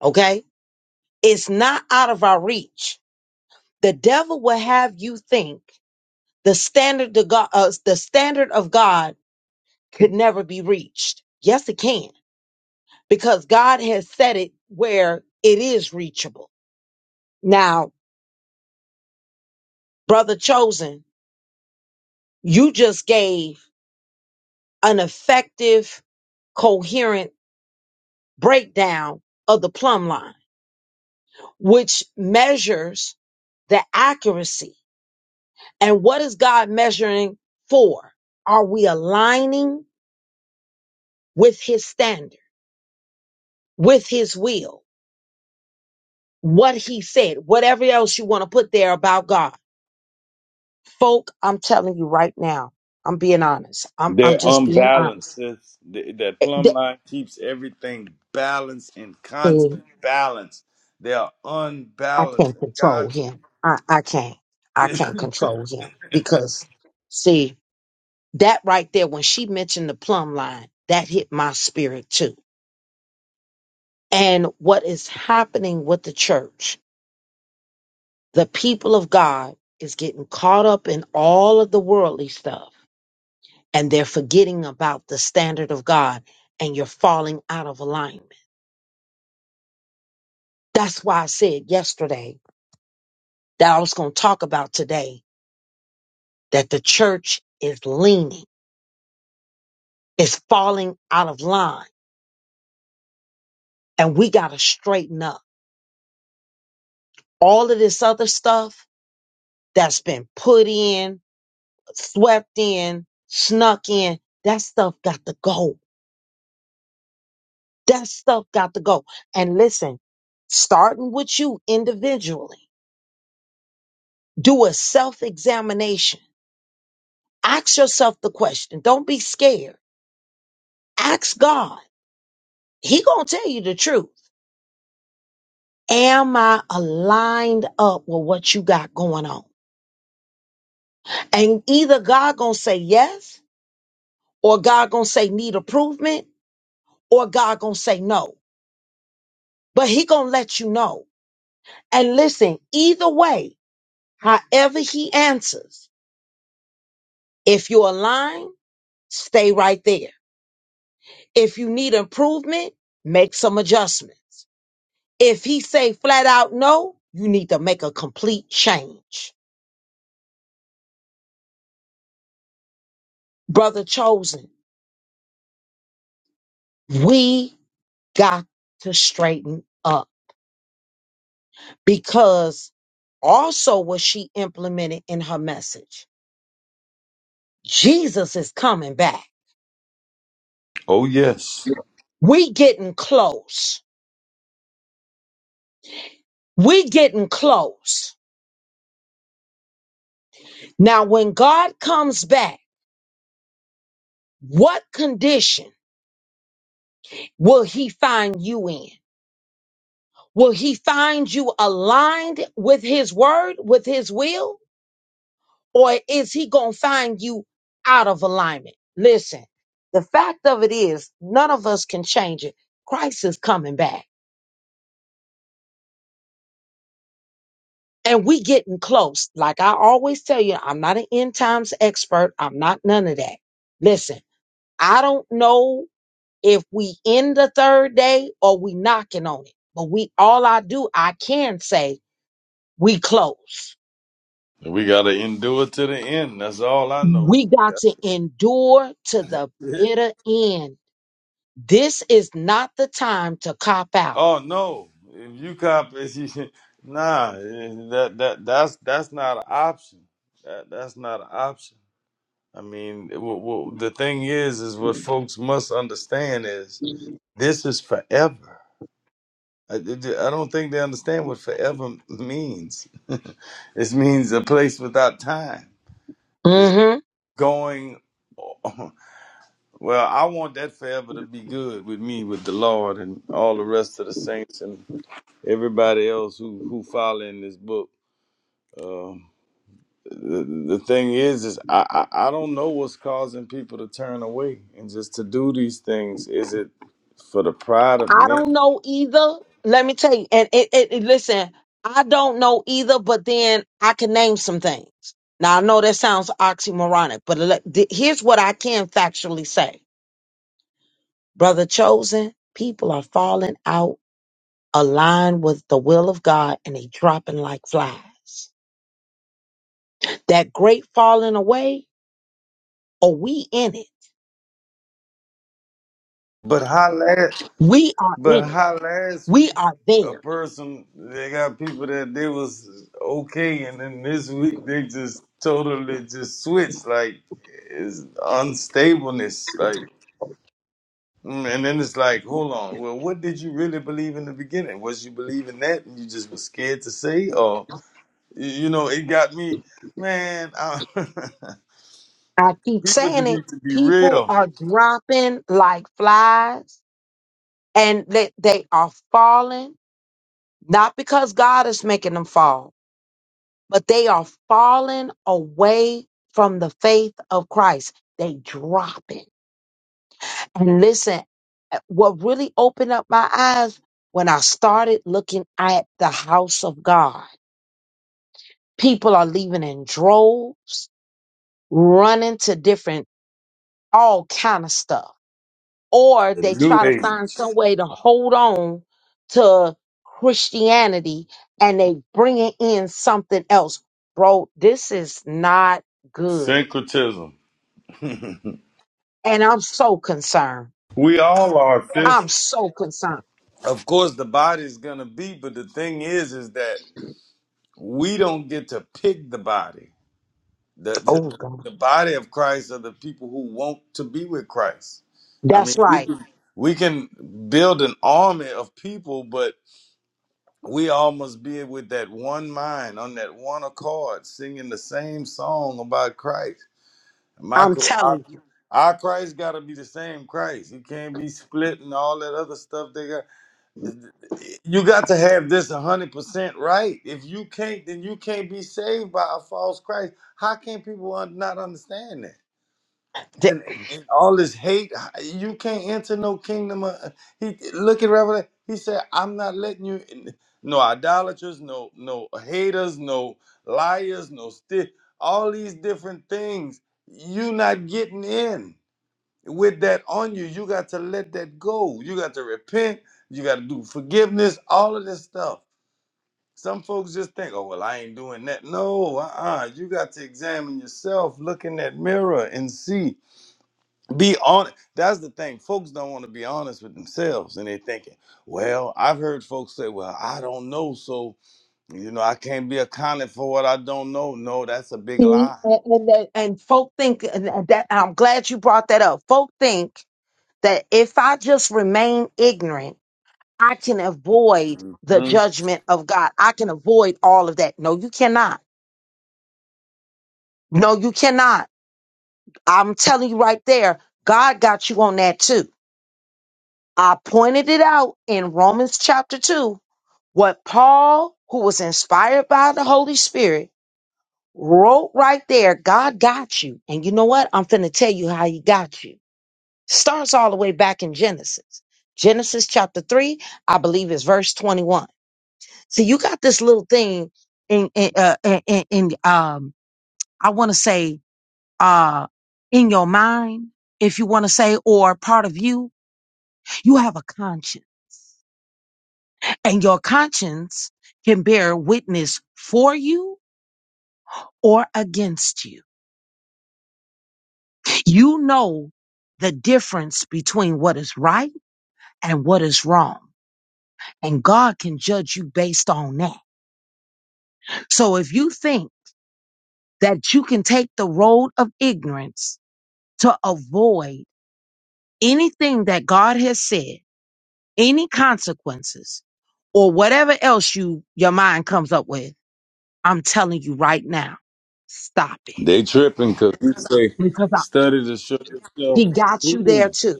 B: Okay? It's not out of our reach. The devil will have you think the standard of God, uh, the standard of God could never be reached. Yes, it can, because God has set it where it is reachable. Now, brother chosen, You just gave an effective, coherent breakdown of the plumb line, which measures the accuracy. And what is God measuring for? Are we aligning with his standard, with his will, what he said, whatever else you want to put there about God? Folk, I'm telling you right now, I'm being honest. I'm, I'm
D: They're
B: just being
D: unbalanced.
B: honest.
D: sis. Th- That
B: Eh,
D: plumb
B: th-
D: line keeps everything balanced in
B: see,
D: constant balance. They are
B: I
D: unbalanced.
B: can't
D: And
B: control
D: God,
B: him. I, I can't. I can't control him because see that right there when she mentioned the plumb line, that hit my spirit too. And what is happening with the church, the people of God is getting caught up in all of the worldly stuff and they're forgetting about the standard of God and you're falling out of alignment. That's why I said yesterday that I was going to talk about today that the church is leaning. is falling out of line and we got to straighten up all of this other stuff that's been put in, swept in, snuck in. That stuff got to go. That stuff got to go. And listen, starting with you individually, do a self examination. Ask yourself the question. Don't be scared. Ask God. He going to tell you the truth. Am I aligned up with what you got going on? And either God going to say yes or God gonna say need improvement, or God gonna say no. But he gonna let you know. And listen, either way, however he answers, if you're aligned, stay right there. If you need improvement, make some adjustments. If he say flat out no, you need to make a complete change. Brother chosen, we got to straighten up because also what she implemented in her message. Jesus is coming back.
D: oh yes,
B: We getting close. We getting close. Now, when God comes back, what condition will he find you in? Will he find you aligned with his word, with his will, or is he going to find you out of alignment? Listen, the fact of it is, none of us can change it. Christ is coming back. And we getting close. Like I always tell you, I'm not an end times expert. I'm not none of that. Listen, I don't know if we in the third day or we knocking on it. But we all I do, I can say we close.
D: And we gotta endure to the end. That's all I know.
B: We got
D: That's
B: to endure to the
D: it.
B: bitter end. This is not the time to cop out.
D: Oh no, if you cop, if you- nah, that that that's that's not an option. That that's not an option. I mean, w w the thing is, is what folks must understand is this is forever. I, I don't think they understand what forever means. it means a place without time. It's going. Well, I want that forever to be good with me, with the Lord, and all the rest of the saints and everybody else who who follow in this book. Um, the, the thing is, is I, I I don't know what's causing people to turn away and just to do these things. Is it for the pride of
B: I don't
D: men?
B: know either. Let me tell you. And it, it, it- listen, I don't know either, but then I can name some things. Now I know that sounds oxymoronic, but let, th- here's what I can factually say. Brother chosen, people are falling out aligned with the will of God and they dropping like flies. That great falling away, or we in it.
D: But how? last?
B: We are
D: But
B: in it.
D: how last
B: We
D: week
B: are
D: a
B: there.
D: person they got people that they was okay, and then this week they just totally just switched like it's unstableness like. mm, And then it's like, hold on. Well, what did you really believe in the beginning? Was you believing that, and you just was scared to say, or y- you know, it got me, man. I,
B: I keep
D: people
B: saying
D: just
B: it.
D: need to be
B: People
D: real.
B: are dropping like flies and they, they are falling, not because God is making them fall, but they are falling away from the faith of Christ. They dropping. And listen, eh, what really opened up my eyes when I started looking at the house of God. People are leaving in droves, running to different all kind of stuff, or
D: The
B: they
D: new
B: try to
D: age
B: find some way to hold on to Christianity and they bringing in something else. Bro, this is not good.
D: syncretism.
B: And I'm so concerned.
D: we all are, sis.
B: I'm so concerned.
D: of course the body is gonna be but the thing is is that we don't get to pick the body the
B: Oh God.
D: the, the body of christ are the people who want to be with christ i mean
B: That's
D: we
B: right.
D: can build an army of people but we all must be with that one mind on that one accord singing the same song about christ my
B: I'm
D: our,
B: telling you.
D: our christ got to be the same christ he can't be split and all that other stuff they got you got to have this 100% right. If you can't, then you can't be saved by a false Christ. How can people un- not understand that? And, and all this hate, you can't enter no kingdom. Of, he look at Revelation. He said, "I'm not letting you. in." No idolaters, no no haters, no liars, no stiff. All these different things. You not getting in with that on you, you got to let that go. You got to repent. You got to do forgiveness, all of this stuff. Some folks just think, oh, well, I ain't doing that. No, uh uh You got to examine yourself, look in that mirror and see. Be honest. That's the thing. Folks don't want to be honest with themselves. And they're thinking, well, I've heard folks say, well, I don't know. So, you know, I can't be accounted for what I don't know. No, that's a big
B: See,
D: lie.
B: and, and, and folk think and that and I'm glad you brought that up. Folk think that if I just remain ignorant, I can avoid the judgment of God. I can avoid all of that. No, you cannot. No, you cannot. I'm telling you right there, God got you on that too. I pointed it out in Romans chapter 2, what Paul, who was inspired by the Holy Spirit, wrote right there. God got you. And you know what? I'm finna tell you how he got you. starts all the way back in Genesis. Genesis chapter 3, I believe is verse 21. So you got this little thing in in uh, in, in in, um I want to say uh in your mind if you want to say or part of you, you have a conscience. And your conscience can bear witness for you or against you. You know the difference between what is right and what is wrong. And God can judge you based on that. So if you think that you can take the road of ignorance to avoid anything that God has said, any consequences, or whatever else you your mind comes up with, I'm telling you right now, stop it.
D: They tripping because we say study to show yourself
B: He got you there
D: approved,
B: too.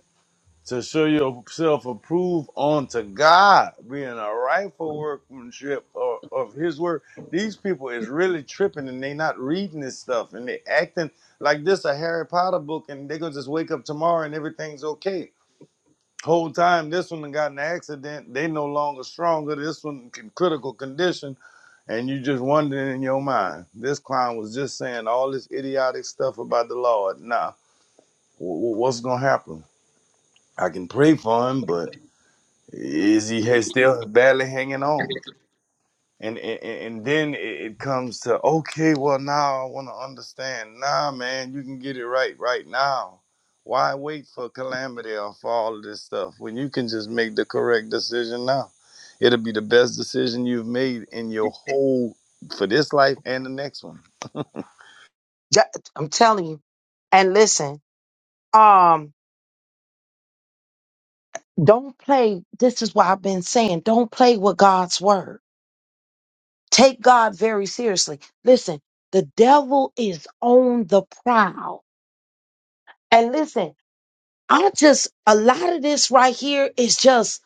D: to show yourself approved unto God, being a rightful workmanship of, of His work. These people is really tripping and they not reading this stuff and they acting like this a Harry Potter book and they gonna just wake up tomorrow and everything's okay. Whole time this one done got in an accident, they no longer stronger. This one in critical condition, and you just wondering in your mind. This clown was just saying all this idiotic stuff about the Lord. Nah, wh- wh- what's gonna happen? I can pray for him, but is he ha- still barely hanging on? and and, and then it it comes to okay well now i want to understand nah man you can get it right right now why wait for calamity or for all of this stuff when you can just make the correct decision now it'll be the best decision you've made in your whole for this life and the next one
B: Ju- I'm telling you. And listen, um, don't play. This is why I've been saying, don't play with God's word. Take God very seriously. Listen, the devil is on the prowl. And listen, I just, a lot of this right here is just,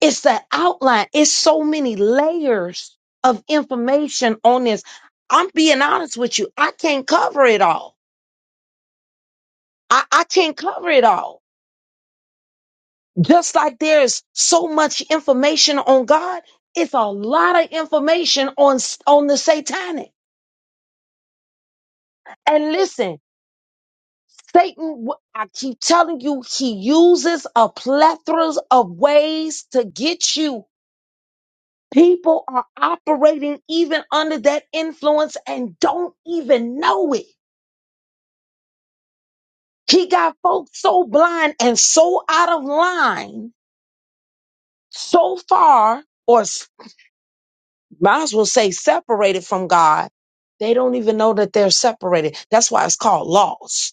B: it's the outline. It's so many layers of information on this. I'm being honest with you. I can't cover it all. I, I can't cover it all. Just like there's so much information on God, it's a lot of information on, s- on the satanic. And listen, Satan, wh- I keep telling you, he uses a plethora of ways to get you People are operating even under that influence and don't even know it. He got folks so blind and so out of line, so far, or s- might as well say separated from God, they don't even know that they're separated. That's why it's called laws,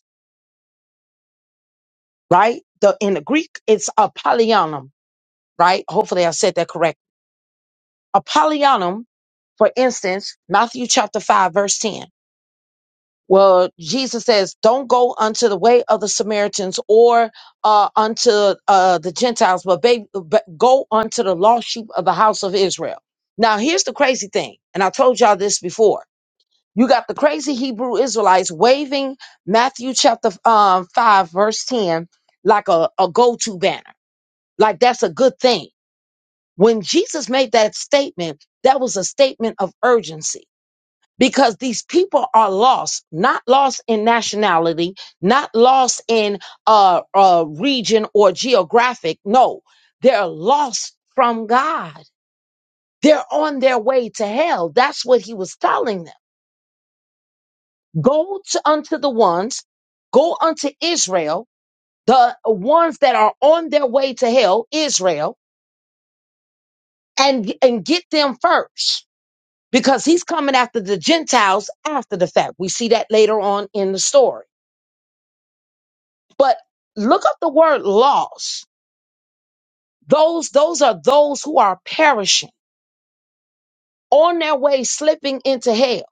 B: right? The, in the Greek, it's apollyonum, right? Hopefully I said that correct. Apollyonum, for instance, Matthew chapter 5, verse 10. Well, Jesus says, "Don't go unto the way of the Samaritans or uh, unto uh, the Gentiles, but, ba- but go unto the lost sheep of the house of Israel." Now, here's the crazy thing, and I told y'all this before. You got the crazy Hebrew Israelites waving Matthew chapter um, five, verse ten, like a, a go-to banner, like that's a good thing. When Jesus made that statement, that was a statement of urgency because these people are lost, not lost in nationality, not lost in uh, uh, region or geographic. No, they're lost from God. They're on their way to hell. That's what he was telling them. Go to, unto the ones, go unto Israel, the ones that are on their way to hell, Israel, and, and get them first because he's coming after the Gentiles after the fact. We see that later on in the story. But look up the word lost. Those those are those who are perishing on their way slipping into hell.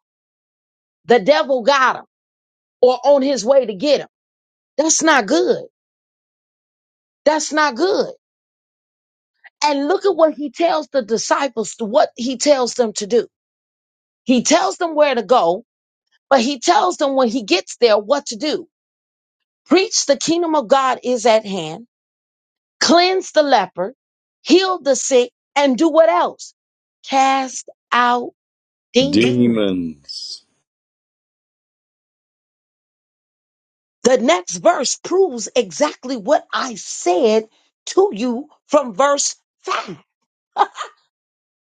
B: The devil got him or on his way to get him. That's not good. That's not good. And look at what he tells the disciples to what he tells them to do. He tells them where to go, but he tells them when he gets there what to do. Preach the kingdom of God is at hand. Cleanse the leper, heal the sick, and do what else? Cast out demons
D: demons
B: The next verse proves exactly what I said to you from verse 5.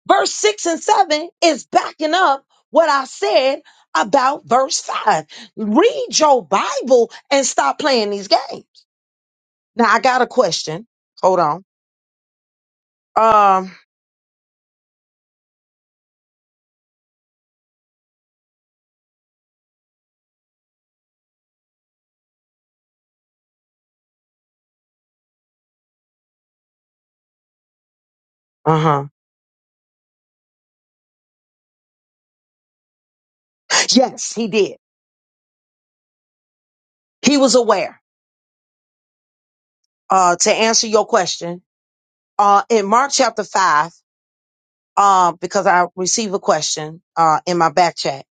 B: Verse 6 and 7 is backing up what I said about verse 5. Read your Bible and stop playing these games. Now, I got a question. Hold on. Uh huh. Yes, he did. He was aware. Uh, to answer your question, uh, in Mark chapter 5, uh, because I received a question, uh, in my back chat,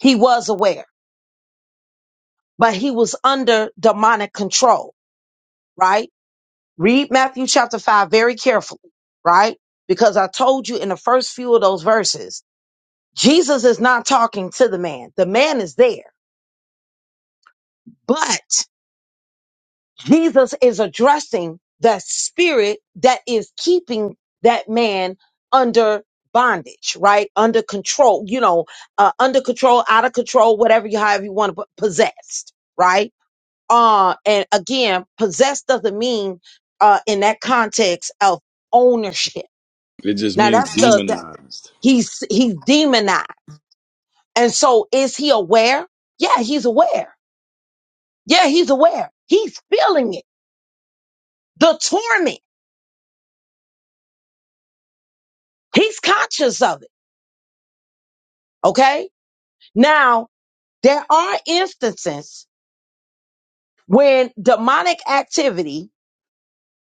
B: he was aware but he was under demonic control, right? Read Matthew chapter 5 very carefully, right? Because I told you in the first few of those verses, Jesus is not talking to the man. The man is there, but Jesus is addressing the spirit that is keeping that man under bondage, right? Under control, you know, uh, under control, out of control, whatever you, however you want to put possessed, right? Uh, and again, possess doesn't mean uh, in that context of ownership.
D: it just
B: Now
D: means
B: that's the, the
D: demonized
B: he's he's demonized. And so is he aware? Yeah, he's aware. Yeah, he's aware. He's feeling it. The torment. He's conscious of it. Okay. Now there are instances when demonic activity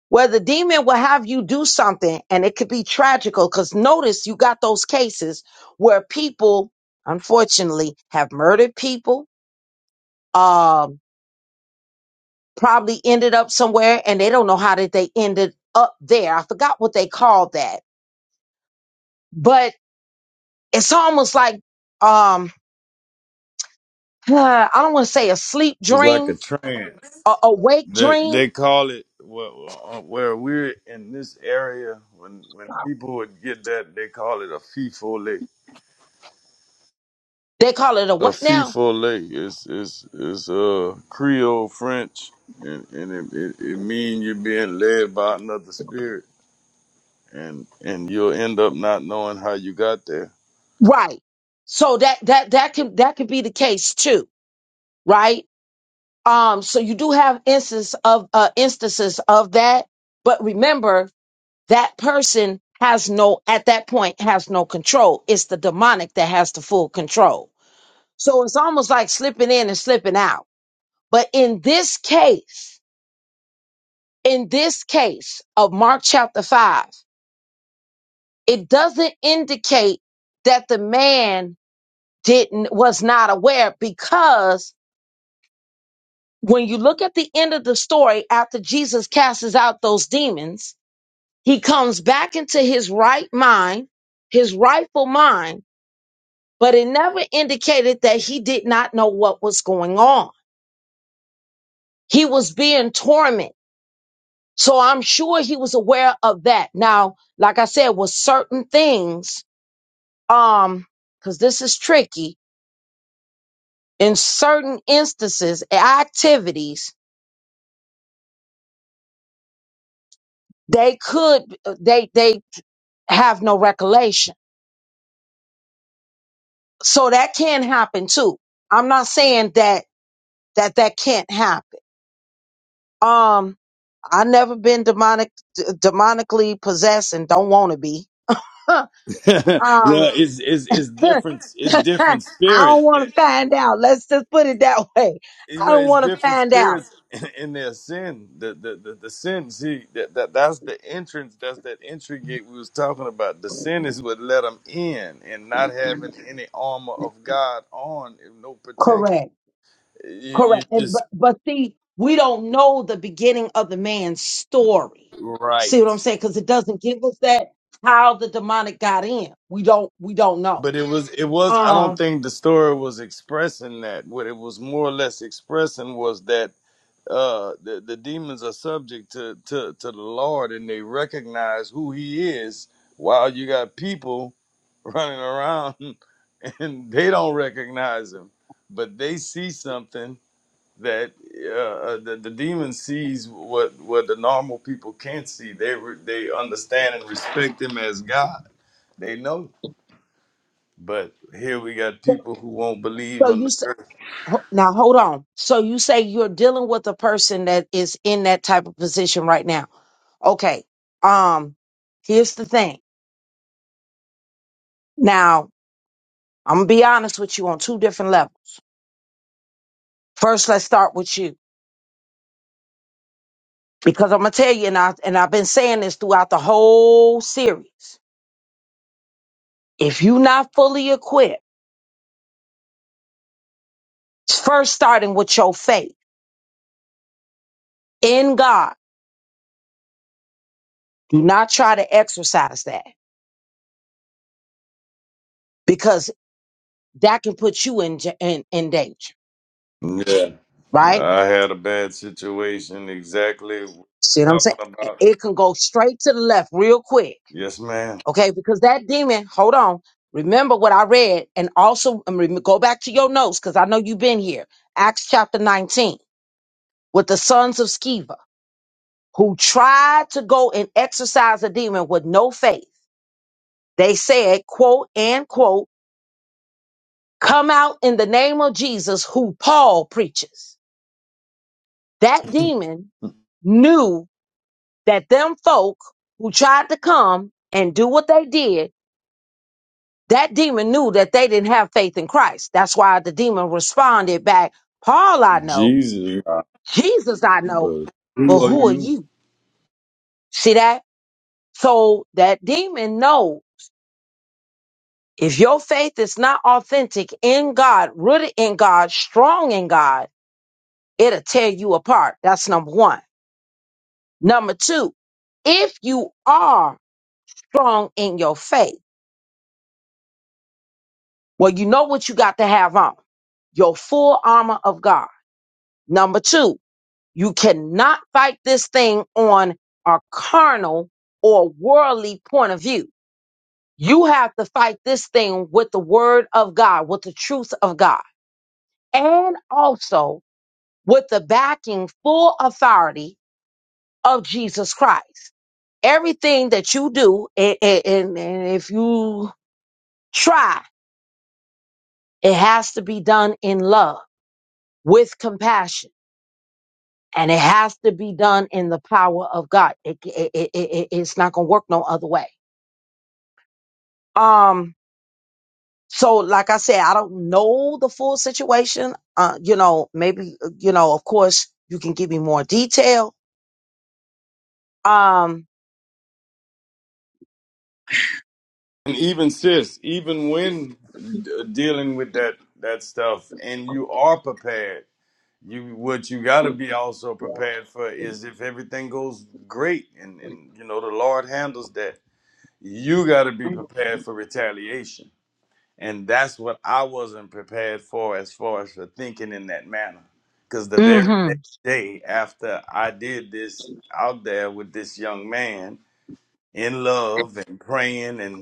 B: where the demon will have you do something and it could be tragical because notice you got those cases where people unfortunately have murdered people um probably ended up somewhere and they don't know how did they ended up there i forgot what they called that but it's almost like um i don't want to say a sleep
D: it's like a
B: dream
D: trance
B: a awake
D: They
B: dream
D: they call it well, uh, where we're in this area when when people would get that they call it a fifole.
B: they call it
D: A
B: now
D: fifole is is is uh Creole French and and it, it it mean you're being led by another spirit and and you'll end up not knowing how you got there.
B: right so that that that can that could be the case too right Um, so you do have instances of uh, instances of that, but remember that person has no at that point has no control. It's the demonic that has the full control. So it's almost like slipping in and slipping out. But in this case, in this case of Mark chapter five, it doesn't indicate that the man didn't was not aware because when you look at the end of the story after Jesus casts out those demons He comes back into his right mind, his rightful mind, but it never indicated that he did not know what was going on. He was being tormented. So I'm sure he was aware of that. Now, like I said, with certain things, um, cause this is tricky, in certain instances, activities, they could, they, they have no recollection. So that can happen too. I'm not saying that, that that can't happen. Um, I never been demonic, d- demonically possessed, and don't want to be. Huh,
D: it's
B: um,
D: it's it's
B: I
D: different it's different
B: don't
D: spirits.
B: want to find out. Let's just put it that way. I don't want to find out.
D: in their sin, the the the, the sin. See, that, that that's the entrance. That's that entry gate we was talking about. The sin is what let them in, and not having any armor of God on, and no protection.
B: Correct.
D: You you
B: Correct. And,
D: just
B: but but see, we don't know the beginning of the man's story.
D: right,
B: See what I'm saying? Because it doesn't give us that how the demonic got in. We don't. We don't know.
D: but it. was It was. I don't
B: Um.
D: think the story was expressing that. What it was more or less expressing was that uh, the the demons are subject to, to to the Lord, and they recognize who He is. While you got people running around and they don't recognize him, but they see something that uh, uh, the, the demon sees what what the normal people can't see. They re- they understand and respect him as God. They know. But here we got people who won't believe
B: So
D: on
B: you
D: the
B: say
D: earth.
B: ho- now hold on. So you say you're dealing with a person that is in that type of position right now. Okay. Um, here's the thing. Now, I'm gonna be honest with you on two different levels. First, let's start with you because I'm gonna tell you, and I and I've been saying this throughout the whole series. If you're not fully equipped, first starting with your faith in God, do not try to exercise that because that can put you in ja- in, in danger.
D: Yeah,
B: Right?
D: I had a bad situation exactly what
B: See what I'm
D: you're
B: saying?
D: talking about.
B: It can go straight to the left real quick
D: Yes, ma'am.
B: Okay, because that demon, hold on. Remember what I read and also um, rem- go back to your notes because I know you've been here. Acts chapter 19 with the sons of Sceva who tried to go and exorcise a demon with no faith. They said, quote, and quote, come out in the name of Jesus who Paul preaches. That demon knew that them folk who tried to come and do what they did That demon knew that they didn't have faith in Christ. That's why the demon responded back, Paul, I know,
D: Jesus,
B: Jesus, I know,
D: but
B: but
D: who are
B: who are
D: you?
B: you? See that? So that demon know if your faith is not authentic in God, rooted in God, strong in God, it'll tear you apart. That's number one. Number two, if you are strong in your faith, well, you know what you got to have on your full armor of God. Number two, You cannot fight this thing on a carnal or worldly point of view. You have to fight this thing with the word of God, with the truth of God, and also with the backing full authority of Jesus Christ. Everything that you do, a- a- and, and if you try, it has to be done in love, with compassion, and it has to be done in the power of God. It, it, it, it- it's not going to work no other way Um, so like I said, I don't know the full situation. Uh, you know, maybe uh, you know, of course, you can give me more detail. Um,
D: And even sis, even when d- dealing with that that stuff, and you are prepared, you what you got to be also prepared for is if everything goes great, and and you know the Lord handles that, you got to be prepared for retaliation, and that's what I wasn't prepared for as far as for thinking in that manner, because the very
B: mhm,
D: next day after I did this out there with this young man in love and praying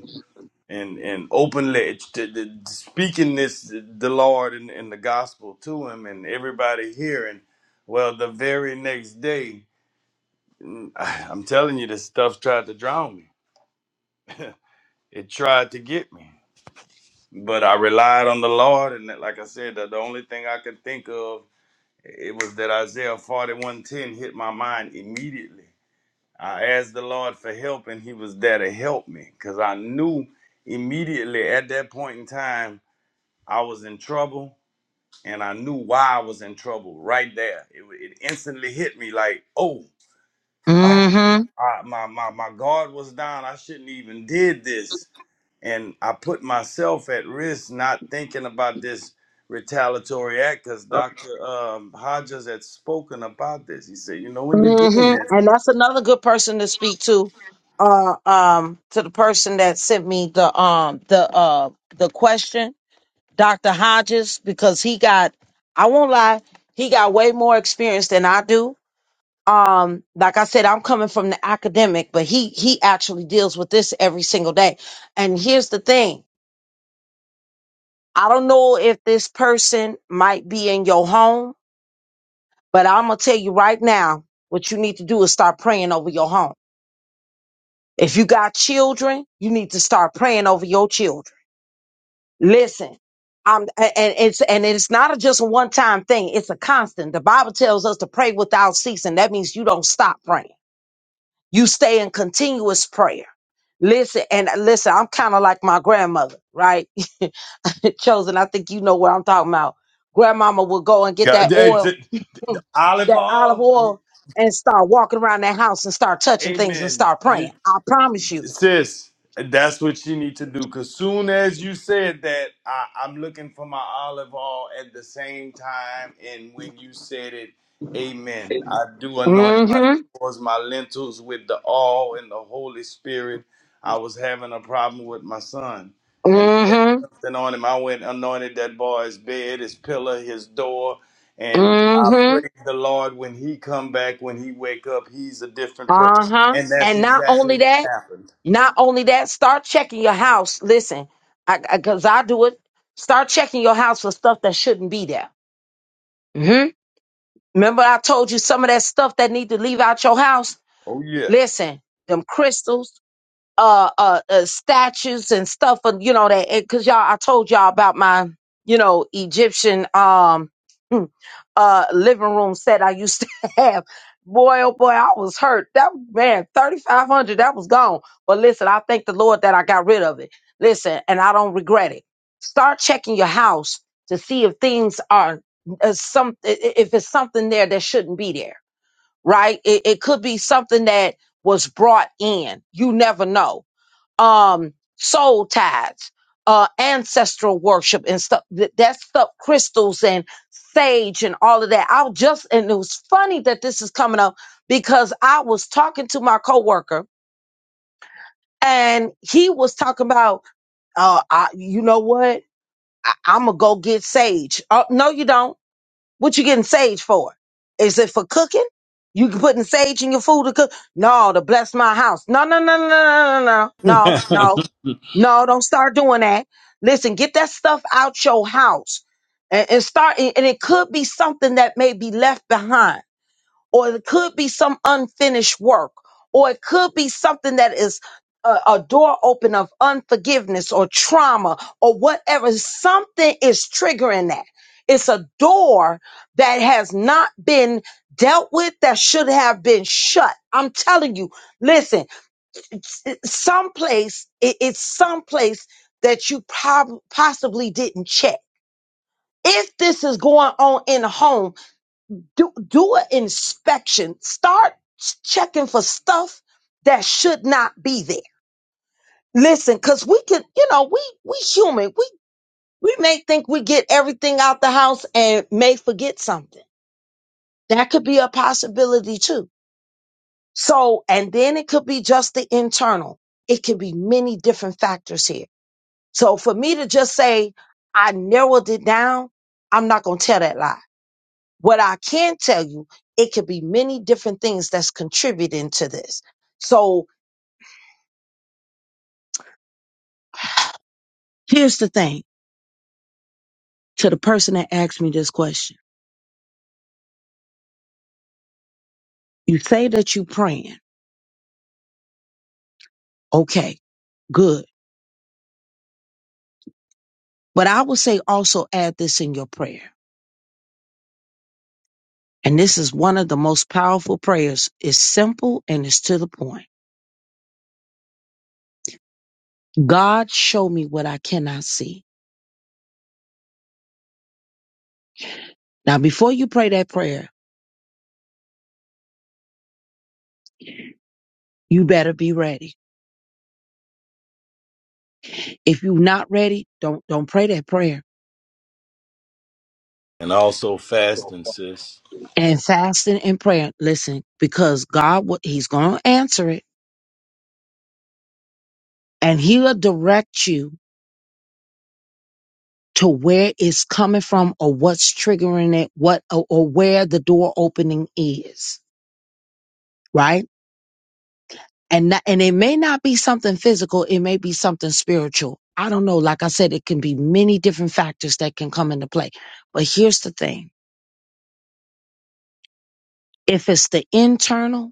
D: and and openly to, to, speaking this the Lord and, and the gospel to him and everybody hearing. Well, the very next day, mm, I- I'm telling you, this stuff tried to drown me. It tried to get me, but I relied on the Lord, and that- like I said, the, the only thing I could think of it was that Isaiah 41:10 hit my mind immediately. I asked the Lord for help, and He was there to help me because I knew immediately at that point in time I was in trouble and I knew why I was in trouble right there. It, it instantly hit me like, oh, ah,
B: mhm,
D: I, my my my guard was down. I shouldn't even did this, and I put myself at risk not thinking about this retaliatory act because Dr. Um, Hodges had spoken about this. He said, you know, when you're doing
B: mhm,
D: this,
B: and that's another good person to speak to. Uh, um, to the person that sent me the um the uh the question, Doctor Hodges, because he got, I won't lie, he got way more experience than I do um like i said i'm coming from the academic but he he actually deals with this every single day and here's the thing i don't know if this person might be in your home but i'm gonna tell you right now what you need to do is start praying over your home if you got children you need to start praying over your children listen um, a- and it's and it's not a just a one time thing. It's a constant. The Bible tells us to pray without ceasing. That means you don't stop praying. You stay in continuous prayer. Listen, and listen, I'm kind of like my grandmother, right? Chosen, I think you know what I'm talking about. Grandmama would go and get
D: God,
B: that
D: they-
B: oil,
D: they- olive
B: that olive
D: oil,
B: oil, and start walking around that house and start touching things and
D: amen.
B: start praying. I promise you.
D: sis, that's what you need to do. Cause soon as you said that, I, I'm looking for my olive oil at the same time. And when you said it, Amen. I do anoint my
B: Mm-hmm.
D: doors, my lentils with the oil and the Holy Spirit. I was having a problem with my son, and he had
B: Mm-hmm.
D: something on him. I went and anointed that boy's bed, his pillow, his door. And I
B: Mm-hmm.
D: praise the Lord when he come back, when he wake up, he's a different person.
B: Uh-huh.
D: And that's
B: And not
D: exactly
B: only
D: what
B: that,
D: happened.
B: not only that, start checking your house. Listen, I, I, cause I do it. Start checking your house for stuff that shouldn't be there. Mm-hmm. Remember, I told you some of that stuff that need to leave out your house.
D: Oh yeah.
B: Listen, them crystals, uh, uh, uh statues and stuff, and you know that because y'all, I told y'all about my, you know, Egyptian. Um, uh living room set I used to have. Boy, oh boy, I was hurt. That man, thirty five hundred, that was gone. But listen, I thank the Lord that I got rid of it. Listen, and I don't regret it. Start checking your house to see if things are uh, some i- i- if it's something there that shouldn't be there. Right? It, it could be something that was brought in. You never know um soul ties uh ancestral worship and stuff th- that stuff crystals and sage and all of that i'll just and it was funny that this is coming up because i was talking to my coworker and he was talking about uh I, you know what I, i'm gonna go get sage uh, no you don't what you getting sage for? Is it for cooking? You putting sage in your food to cook? No, to bless my house. No, no, no, no, no, no, no, no, no, no. no. No, Don't start doing that. Listen, get that stuff out your house and, and start. And and it could be something that may be left behind or it could be some unfinished work, or it could be something that is a, a door open of unforgiveness or trauma or whatever. Something is triggering that. It's a door that has not been dealt with that should have been shut. I'm telling you, listen, it's, it's someplace, it, it's someplace that you prob- possibly didn't check. If this is going on in the home, do do an inspection. Start checking for stuff that should not be there. Listen, because we can, you know, we we human. We we may think we get everything out the house and may forget something. That could be a possibility too. So, and then it could be just the internal. It could be many different factors here. So for me to just say I narrowed it down, I'm not gonna tell that lie. What I can tell you, it could be many different things that's contributing to this. So here's the thing to the person that asked me this question. You say that you praying. Okay, good. But I would say also add this in your prayer. And this is one of the most powerful prayers. It's simple and it's to the point. God, show me what I cannot see. Now, before you pray that prayer, you better be ready. If you're not ready, don't don't pray that prayer
D: and also fasting, sis.
B: and fasting and prayer. Listen, because God, will- He's going to answer it and He'll direct you to where it's coming from or what's triggering it, what or, or where the door opening is, right? And not, and it may not be something physical, it may be something spiritual. I don't know. Like I said, it can be many different factors that can come into play. But here's the thing. If it's the internal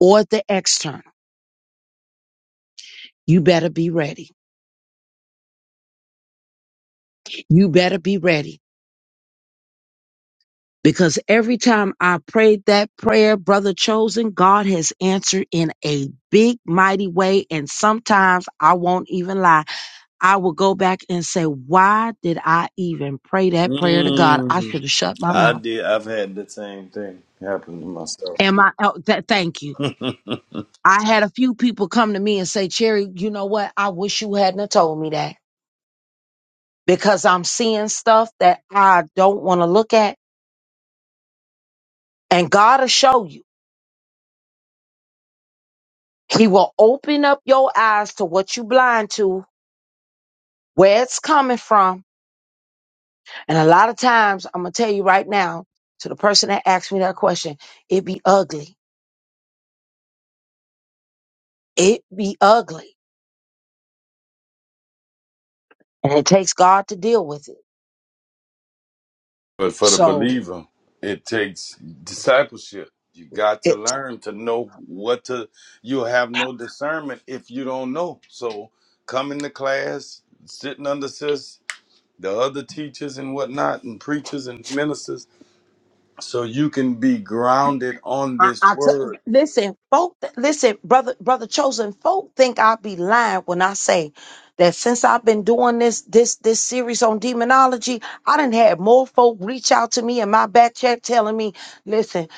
B: or the external, you better be ready. You better be ready Because every time I prayed that prayer, brother chosen, God has answered in a big, mighty way. And sometimes I won't even lie. I will go back and say, why did I even pray that prayer to God? I
D: Mm,
B: should have shut my
D: I
B: mouth.
D: did. I've had the same thing happen to myself.
B: Am I? Oh, th- thank you. I had a few people come to me and say, Cherry, you know what? I wish you hadn't have told me that because I'm seeing stuff that I don't want to look at. And God will show you. He will open up your eyes to what you blind to where it's coming from. And a lot of times, I'm gonna tell you right now, to the person that asked me that question, it be ugly. It be ugly. And it takes God to deal with it.
D: But for the
B: So
D: believer, it takes discipleship. You got
B: it
D: to learn to know what to. You'll have no discernment if you don't know. So coming to class, sitting under sis, the other teachers and whatnot, and preachers and ministers, so you can be grounded on
B: I, I
D: this
B: t-
D: word.
B: listen, folk. Listen, brother, brother, chosen folk think I'll be lying when I say that since I've been doing this this this series on demonology, I didn't have more folk reach out to me in my back chat telling me, "Listen,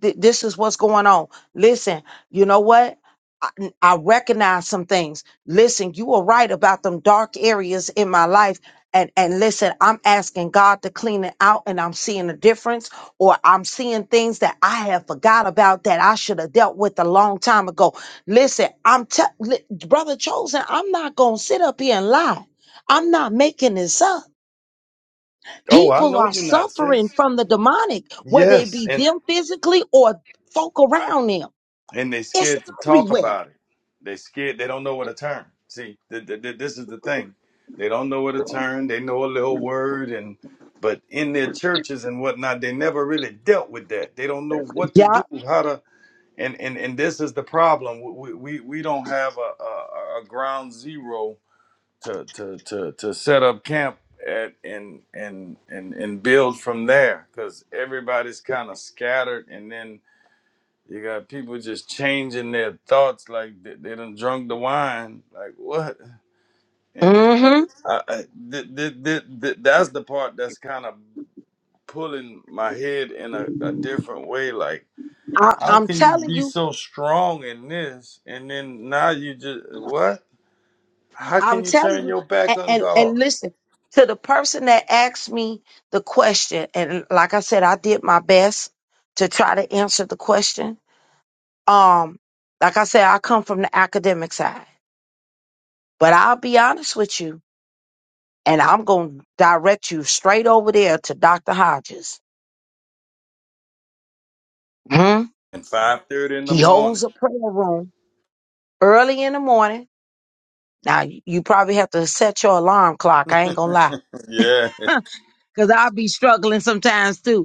B: th- this is what's going on. Listen, you know what." I I recognize some things. Listen, you were right about them dark areas in my life. And, and listen, I'm asking God to clean it out and I'm seeing a difference or I'm seeing things that I have forgot about that I should have dealt with a long time ago. Listen, I'm te- li- brother chosen. I'm not gonna sit up here and lie. I'm not making this up.
D: Oh, I
B: People
D: know
B: are
D: you're not
B: suffering
D: sis.
B: from the demonic, whether it
D: Yes,
B: be
D: and
B: them physically or folk around them.
D: and they
B: It's
D: scared to talk
B: everywhere.
D: about it. They scared. They don't know where to turn. See, th- th- th- this is the thing. They don't know where to turn. They know a little word, and but in their churches and whatnot, they never really dealt with that. They don't know what to
B: Yeah.
D: do, how to, and and and this is the problem. We we, we don't have a, a a ground zero to to to to set up camp at and and and and build from there because everybody's kind of scattered, and then You got people just changing their thoughts like they, they done drunk the wine. Like what? And it's,
B: hmm
D: I, I, th- th- th- th- that's the part that's kind of pulling my head in a, a different way. Like
B: I,
D: how
B: I'm
D: can you
B: telling
D: be
B: you.
D: so strong in this and then now you just what? How
B: I'm
D: can you
B: telling
D: turn
B: you,
D: your back
B: and,
D: on
B: and and
D: God?
B: listen to the person that asked me the question, and like I said, I did my best to try to answer the question. Um, like I said, I come from the academic side, but I'll be honest with you, and I'm gonna direct you straight over there to Dr. Hodges. Hmm?
D: And five thirty in the
B: He
D: morning.
B: holds a prayer room early in the morning. Now you you probably have to set your alarm clock. I ain't gonna lie,
D: yeah,
B: cause I'll be struggling sometimes too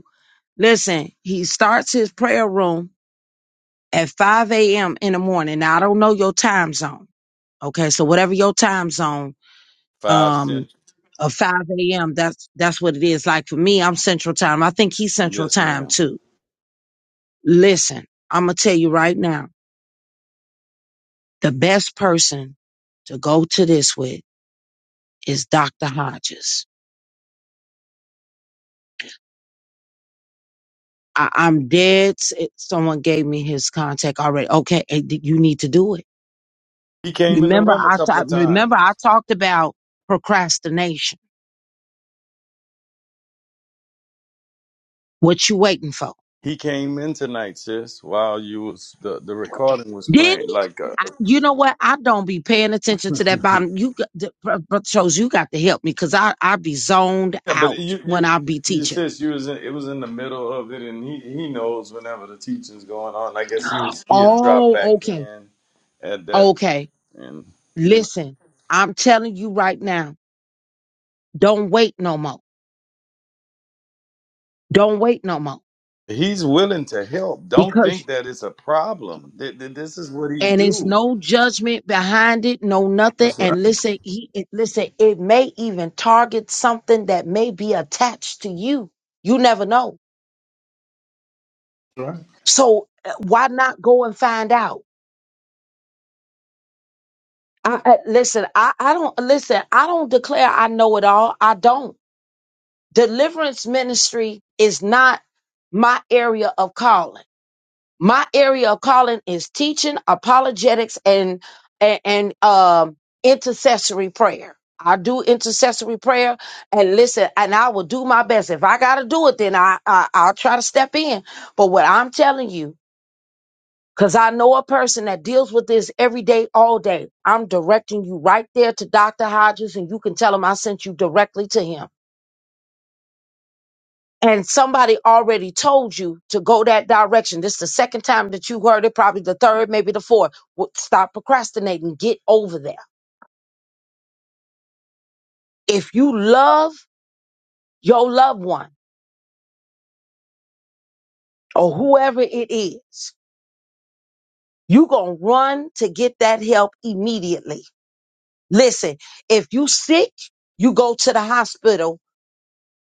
B: Listen, he starts his prayer room at 5 a.m. in the morning. Now I don't know your time zone. Okay, so whatever your time zone,
D: five
B: um,
D: cent.
B: of 5 a.m. That's that's what it is. Like for me, I'm Central Time. I think he's Central
D: Yes,
B: Time
D: ma'am.
B: too. Listen, I'm gonna tell you right now, the best person to go to this with is Dr. Hodges. I, I'm dead. s- Someone gave me his contact already. Okay, eh, you need to do it
D: He came in the
B: Remember,
D: room a
B: I
D: couple
B: talked.
D: of times.
B: Remember, I talked about procrastination. What you waiting for?
D: He came in tonight, sis, while you was the, the recording was
B: Did
D: playing.
B: he?
D: Like, uh,
B: I, you know what? I don't be paying attention to that bottom. You, got- the- Bro- brother shows you got to help me because I I be zoned
D: yeah, but
B: out
D: you
B: when
D: you
B: I be
D: you
B: teaching.
D: sis, you was in, it was in the middle of it, and he he knows whenever the teaching's going on. I guess he was he had dropped back
B: Oh, okay,
D: in at that,
B: okay.
D: and you know
B: Listen, I'm telling you right now. Don't wait no more. Don't wait no more
D: he's willing to help. Don't
B: because.
D: think that it's a problem. Th- th- This is what he
B: and it's
D: do.
B: no judgment behind it, no nothing.
D: That's
B: And
D: right.
B: listen, he, it, listen, it may even target something that may be attached to you. You never know. So uh, why not go and find out? I, I- listen, I, I don't listen. I don't declare I know it all. I don't. Deliverance ministry is not my area of calling my area of calling is teaching apologetics and and, and um intercessory prayer i do intercessory prayer and listen and i will do my best if i gotta do it then i, I i'll try to step in but what i'm telling you because i know a person that deals with this every day all day i'm directing you right there to dr hodges and you can tell him i sent you directly to him and somebody already told you to go that direction. This is the second time that you heard it, probably the third, maybe the fourth. Well, Stop procrastinating. Get over there. If you love your loved one or whoever it is, you going to run to get that help immediately. Listen, if you sick, you go to the hospital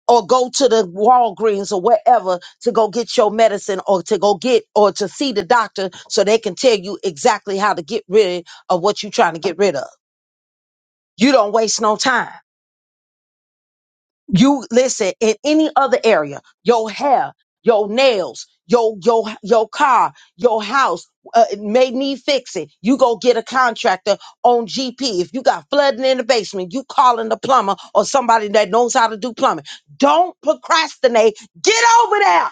B: or go to the Walgreens or wherever to go get your medicine or to go get or to see the doctor so they can tell you exactly how to get rid of what you're trying to get rid of. You don't waste no time. You listen in any other area, your hair, your nails, your your your car, your house uh, it may need fixing. You go get a contractor on GP. If you got flooding in the basement, you calling the plumber or somebody that knows how to do plumbing. Don't procrastinate. Get over there.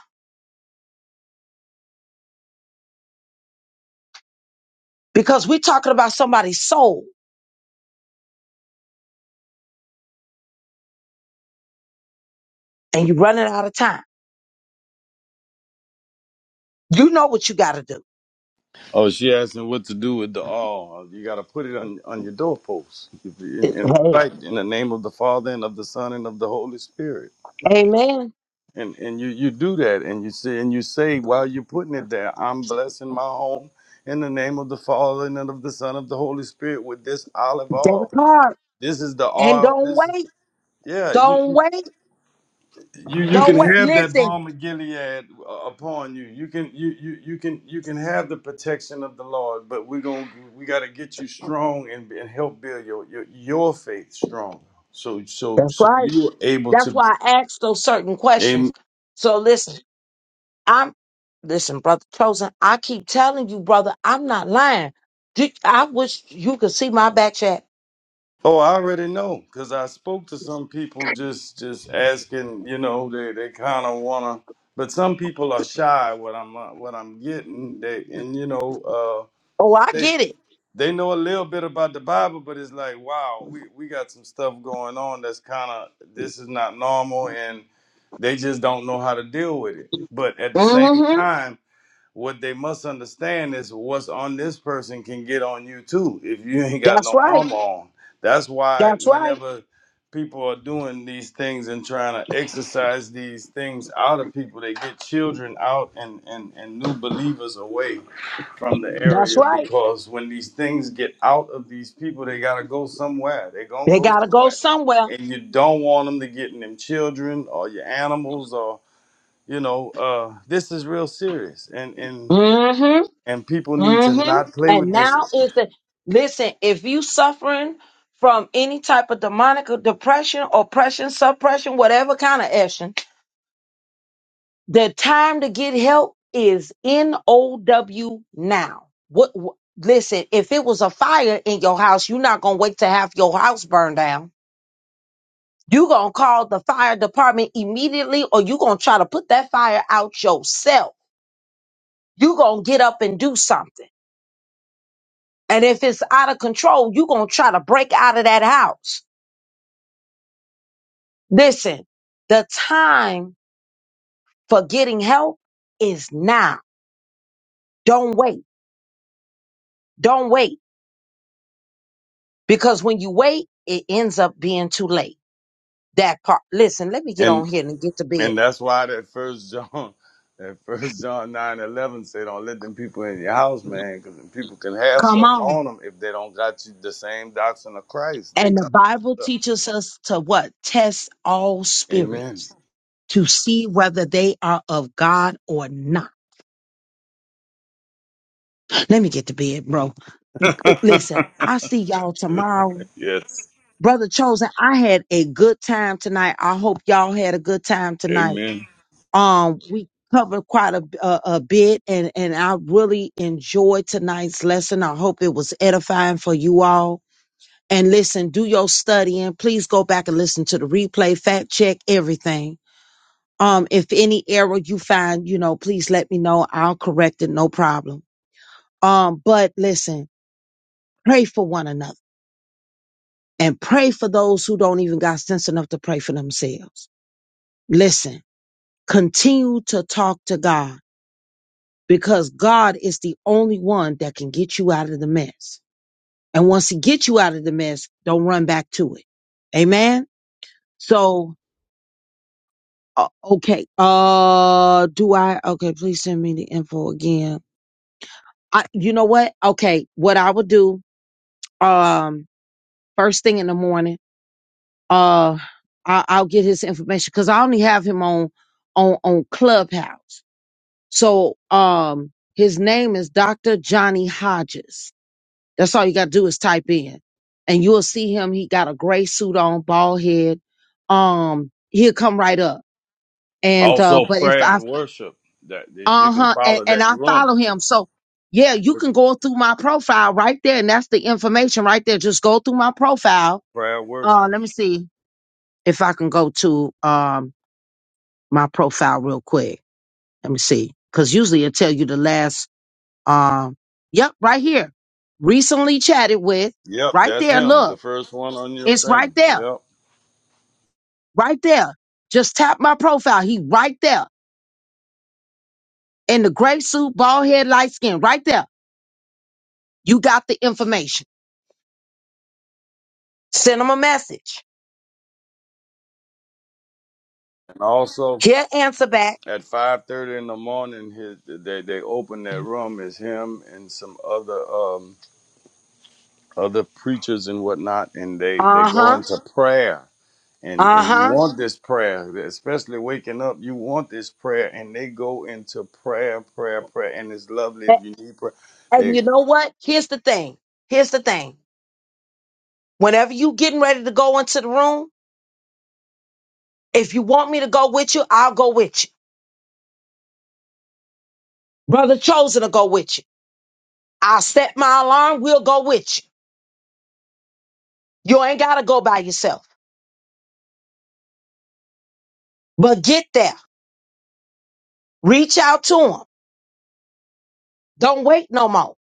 B: because we're talking about somebody's soul and you're running out of time. You know what you got to do.
D: Oh, she asking what to do with the all. You got to put it on on your doorpost and, and
B: Hey,
D: recite in the name of the Father and of the Son and of the Holy Spirit.
B: amen.
D: And and you you do that and you say and you say while you're putting it there, I'm blessing my home in the name of the Father and of the Son of the Holy Spirit with this olive
B: That-
D: oil. This is the
B: And
D: oil. This is yeah.
B: don't,
D: You you you
B: don't.
D: can have that balm of Gilead uh, upon you. You can you you you can you can have the protection of the Lord, but we're going we got to get you strong and, and help build your, your your faith strong. So so
B: That's
D: so
B: right.
D: you are able
B: That's
D: to
B: why I ask those certain questions.
D: and
B: So listen, I'm, listen, brother Chosen, I keep telling you, brother, I'm not lying. Do- I wish you could see my back chat.
D: oh I already know because I spoke to some people just just asking you know they they kind of wanna but some people are shy what I'm uh, what I'm getting they and you know uh
B: Oh, I get it.
D: they know a little bit about the Bible, but it's like, wow, we, we got some stuff going on that's kind of this is not normal, and they just don't know how to deal with it. But at the same
B: hmm
D: time, what they must understand is what's on this person can get on you too if you ain't got no
B: That's right.
D: armor on. That's why
B: That's right.
D: whenever people are doing these things and trying to exercise these things out of people, they get children out and, and, and new believers away from the
B: That's,
D: area because when these things get out of these people, they gotta go somewhere. they gonna
B: they
D: go
B: got to go
D: somewhere,
B: somewhere.
D: and you don't want them to get in them children or your animals or you know. Uh, this is real serious, and and and people need to
B: hmm
D: not play
B: And
D: with
B: now
D: this
B: is the listen. If you suffering from any type of demonic or depression, oppression, suppression, whatever kind of action, the time to get help is N O W now. What? wh- Listen, if it was a fire in your house, you're not gonna wait to have your house burned down. You're gonna call the fire department immediately, or you're gonna try to put that fire out yourself. You're gonna get up and do something. And if it's out of control, you're going to try to break out of that house. Listen, the time for getting help is now. Don't wait. Don't wait. Because when you wait, it ends up being too late. That part. Listen, let me get on
D: and
B: here and get to bed.
D: and that's why that first john that first john nine eleven 11 say don't let them people in your house man because them people can have
B: Come
D: something
B: on.
D: on them if they don't got you the same doctrine of christ they
B: And the
D: come in with
B: Bible
D: stuff
B: teaches us to what? Test all
D: amen
B: spirits to see whether they are of God or not. Let me get to bed, bro. Listen, i see y'all tomorrow.
D: yes
B: Brother Chosen, I had a good time tonight. I hope y'all had a good time tonight.
D: amen
B: Um, we covered quite a, a, a bit and, and I really enjoyed tonight's lesson. I hope it was edifying for you all. And listen, do your studying. Please go back and listen to the replay, fact check everything. Um, if any error you find, you know, please let me know. I'll correct it. No problem. Um, but listen, pray for one another and pray for those who don't even got sense enough to pray for themselves Listen, continue to talk to God because God is the only one that can get you out of the mess. And once He gets you out of the mess, don't run back to it. Amen. So, uh, okay. Uh, do I? Okay, please send me the info again. I, you know what? Okay, what I would do, um, first thing in the morning, uh, I, I'll get his information because I only have him on, on, on Clubhouse. So um his name is Dr. Johnny Hodges. That's all you gotta do is type in. And you'll see him. He got a gray suit on, bald head. Um, he'll come right up. And uh,
D: also
B: but if
D: prayer
B: I
D: and worship that if you can
B: uh-huh, and,
D: follow
B: and
D: that
B: I
D: room
B: follow him. So yeah, you
D: with
B: can go through my profile right there, and that's the information right there. Just go through my profile.
D: prayer and
B: Uh
D: worship
B: let me see if I can go to um my profile real quick. Let me see. Cause usually it tell you the last um Yep, right here recently chatted with.
D: yep
B: Right
D: that's
B: there,
D: him the
B: look,
D: first one on your
B: it's right
D: thing
B: there,
D: yep
B: right there. Just tap my profile. He right there in the gray suit, bald head, light skin, right there. You got the information. Send him a message.
D: and also
B: He'll answer back.
D: at five thirty in the morning, his, they they opened that room. It's him and some other um other preachers and whatnot, and they they
B: Uh
D: go
B: huh.
D: into prayer. And
B: Uh
D: and you
B: huh.
D: want this prayer, especially waking up. You want this prayer, and they go into prayer, prayer, prayer. And it's lovely if
B: And,
D: you need prayer.
B: and
D: They
B: you know what? Here's the thing. Here's the thing. Whenever you getting ready to go into the room, if you want me to go with you, I'll go with you. Brother Chosen to go with you. I'll set my alarm. We'll go with you. You ain't gotta go by yourself. But get there. Reach out to him. Don't wait no more.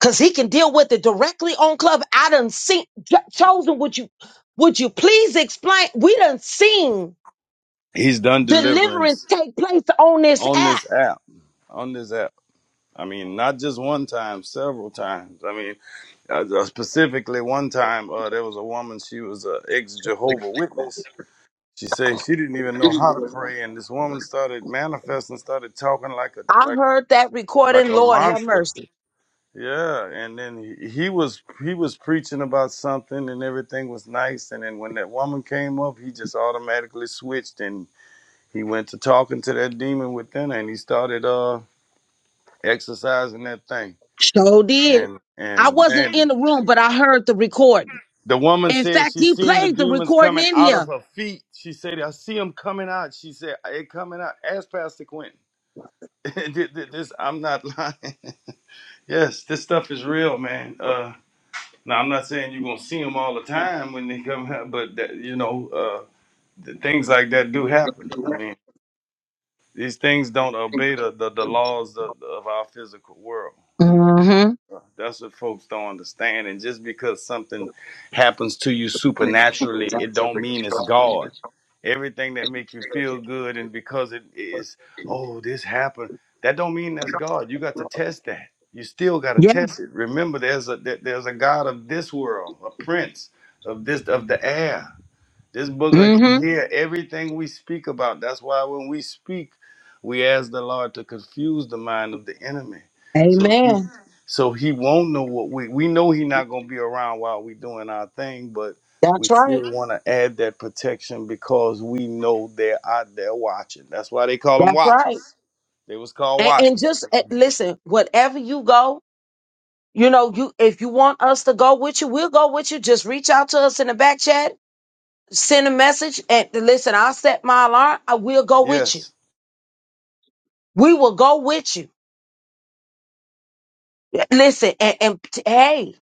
B: Cause he can deal with it directly on club. I done seen J- chosen. Would you would you please explain? We done seen
D: he's done
B: deliverance
D: deliverance
B: take place on this
D: on
B: app.
D: this app, on this app. I mean, not just one time, several times. I mean. Uh, uh, specifically, one time uh, there was a woman. She was a ex Jehovah Witness. She said she didn't even know how to pray, and this woman started manifesting, started talking like a
B: I
D: like
B: heard that
D: like
B: recording. Lord have mercy.
D: yeah. And then he, he was he was preaching about something, and everything was nice. And then when that woman came up, he just automatically switched, and he went to talking to that demon within, her, and he started uh exercising that thing.
B: So did.
D: And
B: I
D: and man.
B: wasn't in the room, but I heard the recording.
D: The woman
B: In
D: said
B: fact,
D: she
B: he
D: seen the
B: played the
D: demons
B: recording
D: coming
B: in
D: out of
B: here.
D: her feet. She said, I see them coming out. She said, it coming out. Ask Pastor Quentin. Th- th- this, I'm not lying. yes, this stuff is real, man. Uh, now, I'm not saying you're going to see them all the time when they come out, but, that, you know, uh, th- things like that do happen. I mean, these things don't obey the, the, the laws of, of our physical world.
B: Mm-hmm.
D: That's what folks don't understand. And just because something happens to you supernaturally, it don't mean it's God. Everything that makes you feel good and because it is, oh, this happened, that don't mean that's God. You got to test that. You still got to
B: Yeah.
D: test it. Remember, there's a there- there's a God of this world, a prince of this of the air. This booger can
B: Mm-hmm.
D: hear everything we speak about. That's why when we speak, we ask the Lord to confuse the mind of the enemy. So
B: Amen.
D: so he won't know what we we know he not gonna be around while we doing our thing, but we
B: That's right.
D: still want to add that protection because we know they're out there watching. That's why they call them
B: That's right.
D: watchers. They was called
B: And, and
D: watchers.
B: just eh, listen, whatever you go, You know, you if you want us to go with you, we'll go with you. Just reach out to us in the back chat, send a message, and listen. I'll set my alarm. I will go with you.
D: Yes.
B: We will go with you. Listen, and, and t- hey,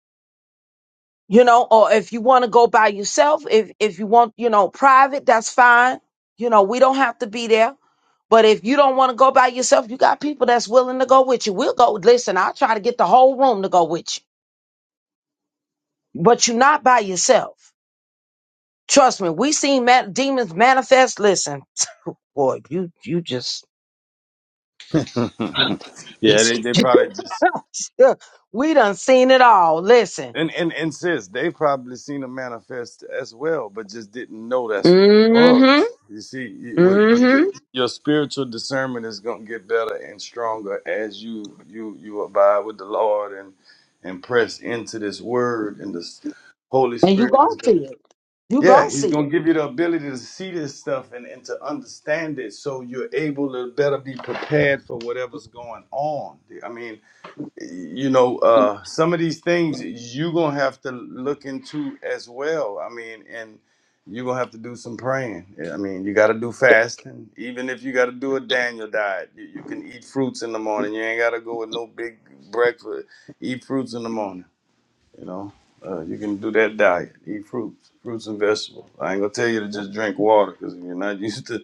B: you know, or if you want to go by yourself, if if you want, you know, private, that's fine. You know, we don't have to be there. But if you don't want to go by yourself, you got people that's willing to go with you. We'll go. Listen, I'll try to get the whole room to go with you. But you're not by yourself. Trust me, we seen ma- demons manifest. Listen, boy, you you just
D: yeah,
B: Jesus.
D: they, they probably just
B: we done seen it all. Listen,
D: And and and sis, they probably seen a manifest as well, but just didn't know that's
B: hmm
D: what it was. You see, you- with your,
B: and
D: your spiritual discernment is gonna get better and stronger as you you you abide with the Lord and and press into this Word and this Holy
B: you
D: Spirit is
B: gonna
D: gonna.
B: see it. You
D: Yeah,
B: gonna
D: he's
B: see
D: gonna
B: it.
D: give you the ability to see this stuff and, and to understand it, so you're able to better be prepared for whatever's going on. I mean, you know uh some of these things you're gonna have to look into as well i mean and you're gonna have to do some praying i mean you gotta do fasting even if you gotta do a daniel diet you, you can eat fruits in the morning you ain't gotta go with no big breakfast eat fruits in the morning you know uh, you can do that diet eat fruits fruits and vegetables i ain't gonna tell you to just drink water because if you're not used to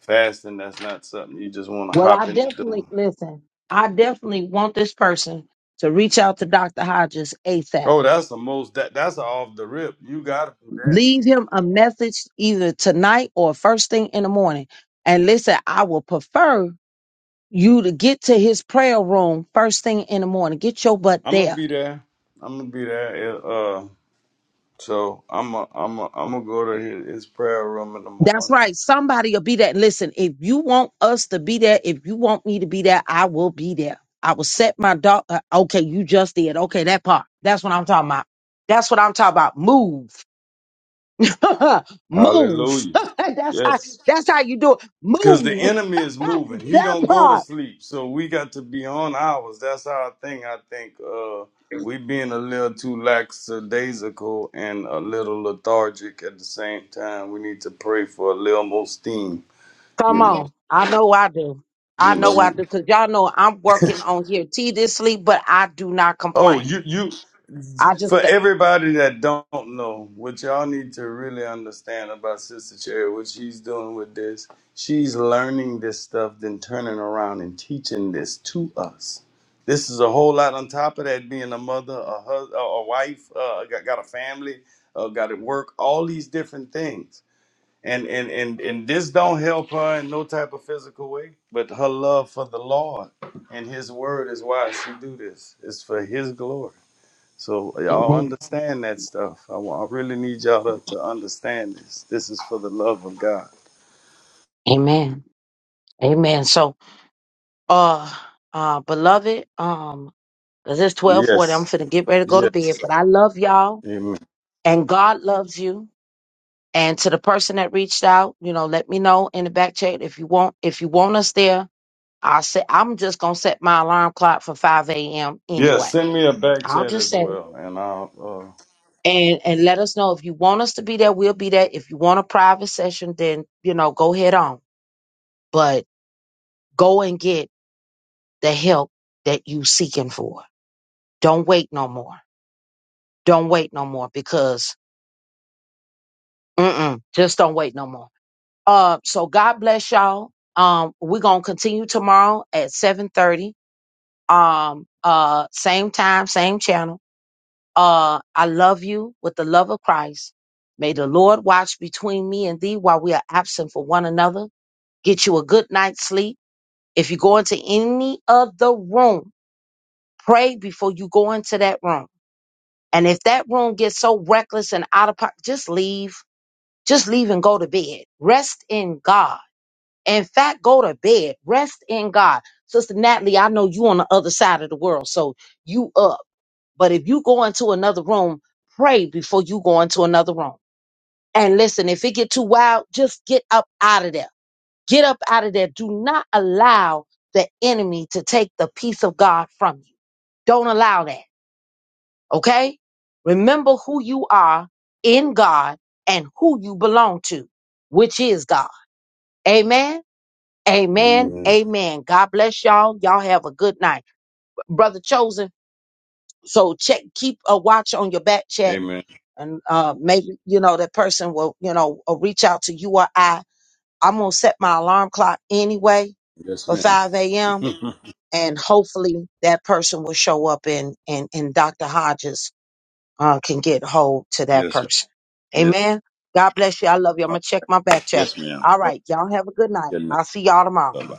D: fasting that's not something you just want to
B: Well, I
D: hop into
B: definitely
D: doing
B: listen. I definitely want this person to reach out to Dr. Hodges ASAP.
D: Oh, that's the most that that's a off the rip. You gotta do that.
B: Leave him a message either tonight or first thing in the morning. And listen, I would prefer you to get to his prayer room first thing in the morning. Get your butt
D: I'm gonna
B: there
D: be there. I'm gonna be there. Yeah, Uh, so I'm a, I'm a, I'm gonna go to his, his prayer room in the
B: That's
D: morning.
B: right. Somebody will be there. Listen, if you want us to be there, if you want me to be there, I will be there. I will set my dog. Uh, okay, you just did. Okay, that part. That's what I'm talking about. That's what I'm talking about. Move, move.
D: Hallelujah.
B: that's how.
D: Yes,
B: That's how you do it.
D: because the
B: Move
D: enemy is moving. He
B: that
D: don't go to
B: part.
D: sleep. So we got to be on ours. That's our thing. I think uh, we being a little too lackadaisical and a little lethargic at the same time. We need to pray for a little more steam. You
B: Come
D: know,
B: on. I know I do. I
D: you
B: know I
D: know.
B: do. Cause y'all know I'm working on here tediously, but I do not
D: Oh,
B: complain.
D: you you
B: I just.
D: for
B: Th-
D: everybody that don't know, what y'all need to really understand about Sister Cherry, what she's doing with this, she's learning this stuff, then turning around and teaching this to us. This is a whole lot on top of that being a mother, a husband, a a wife, uh, got, got a family, uh, got to work, all these different things and and and and this don't help her in no type of physical way but her love for the lord and his word is why she do this it's for his glory so y'all
B: Amen.
D: understand that stuff i, wa- I really need y'all to, to understand this this is for the love of god
B: Amen. Amen. So uh uh beloved um because it's 1240 i'm
D: yes
B: finna get ready to go to
D: yes
B: bed but i love y'all
D: amen
B: and god loves you and to the person that reached out you know let me know in the back chat if you want if you want us there i'll say i'm just gonna set my alarm clock for 5 a.m
D: yes
B: anyway
D: send me a back
B: i'll
D: chat
B: just
D: as
B: set it
D: well and i'll
B: and and let us know if you want us to be there we'll be there if you want a private session then you know go head on but go and get the help that you seeking for don't wait no more Don't wait no more because mm-mm, just don't wait no more. Uh, so God bless y'all. Um, we're gonna continue tomorrow at seven thirty. Um, uh, same time, same channel. Uh, I love you with the love of Christ. May the Lord watch between me and thee while we are absent for one another. Get you a good night's sleep. If you go into any other room, pray before you go into that room. And if that room gets so reckless and out of pocket, just leave Just leave and go to bed. Rest in God. In fact, go to bed. Rest in God. Sister Natalie, I know you on the other side of the world, so you up. But if you go into another room, pray before you go into another room. And listen, if it get too wild, just get up out of there. Get up out of there. Do not allow the enemy to take the peace of God from you. Don't allow that. Okay? Remember who you are in God and who you belong to, which is God. Amen.
D: uh,
B: Amen.
D: amen
B: Amen. God bless y'all. Y'all have a good night. Brother Chosen. So check, keep a watch on your back check.
D: amen
B: And uh, maybe, you know, that person will, you know, uh, reach out to you or I. I'm going to set my alarm clock anyway
D: yes
B: for
D: ma'am
B: 5 a.m. And hopefully that person will show up and, and, and Dr. Hodges uh, can get hold to that
D: yes
B: person.
D: yes
B: Amen. God bless you. I love you. I'm going to check my back check.
D: yes ma'am
B: All
D: All right,
B: right. Y'all have a good night.
D: good night
B: I'll see y'all tomorrow.
D: bye-bye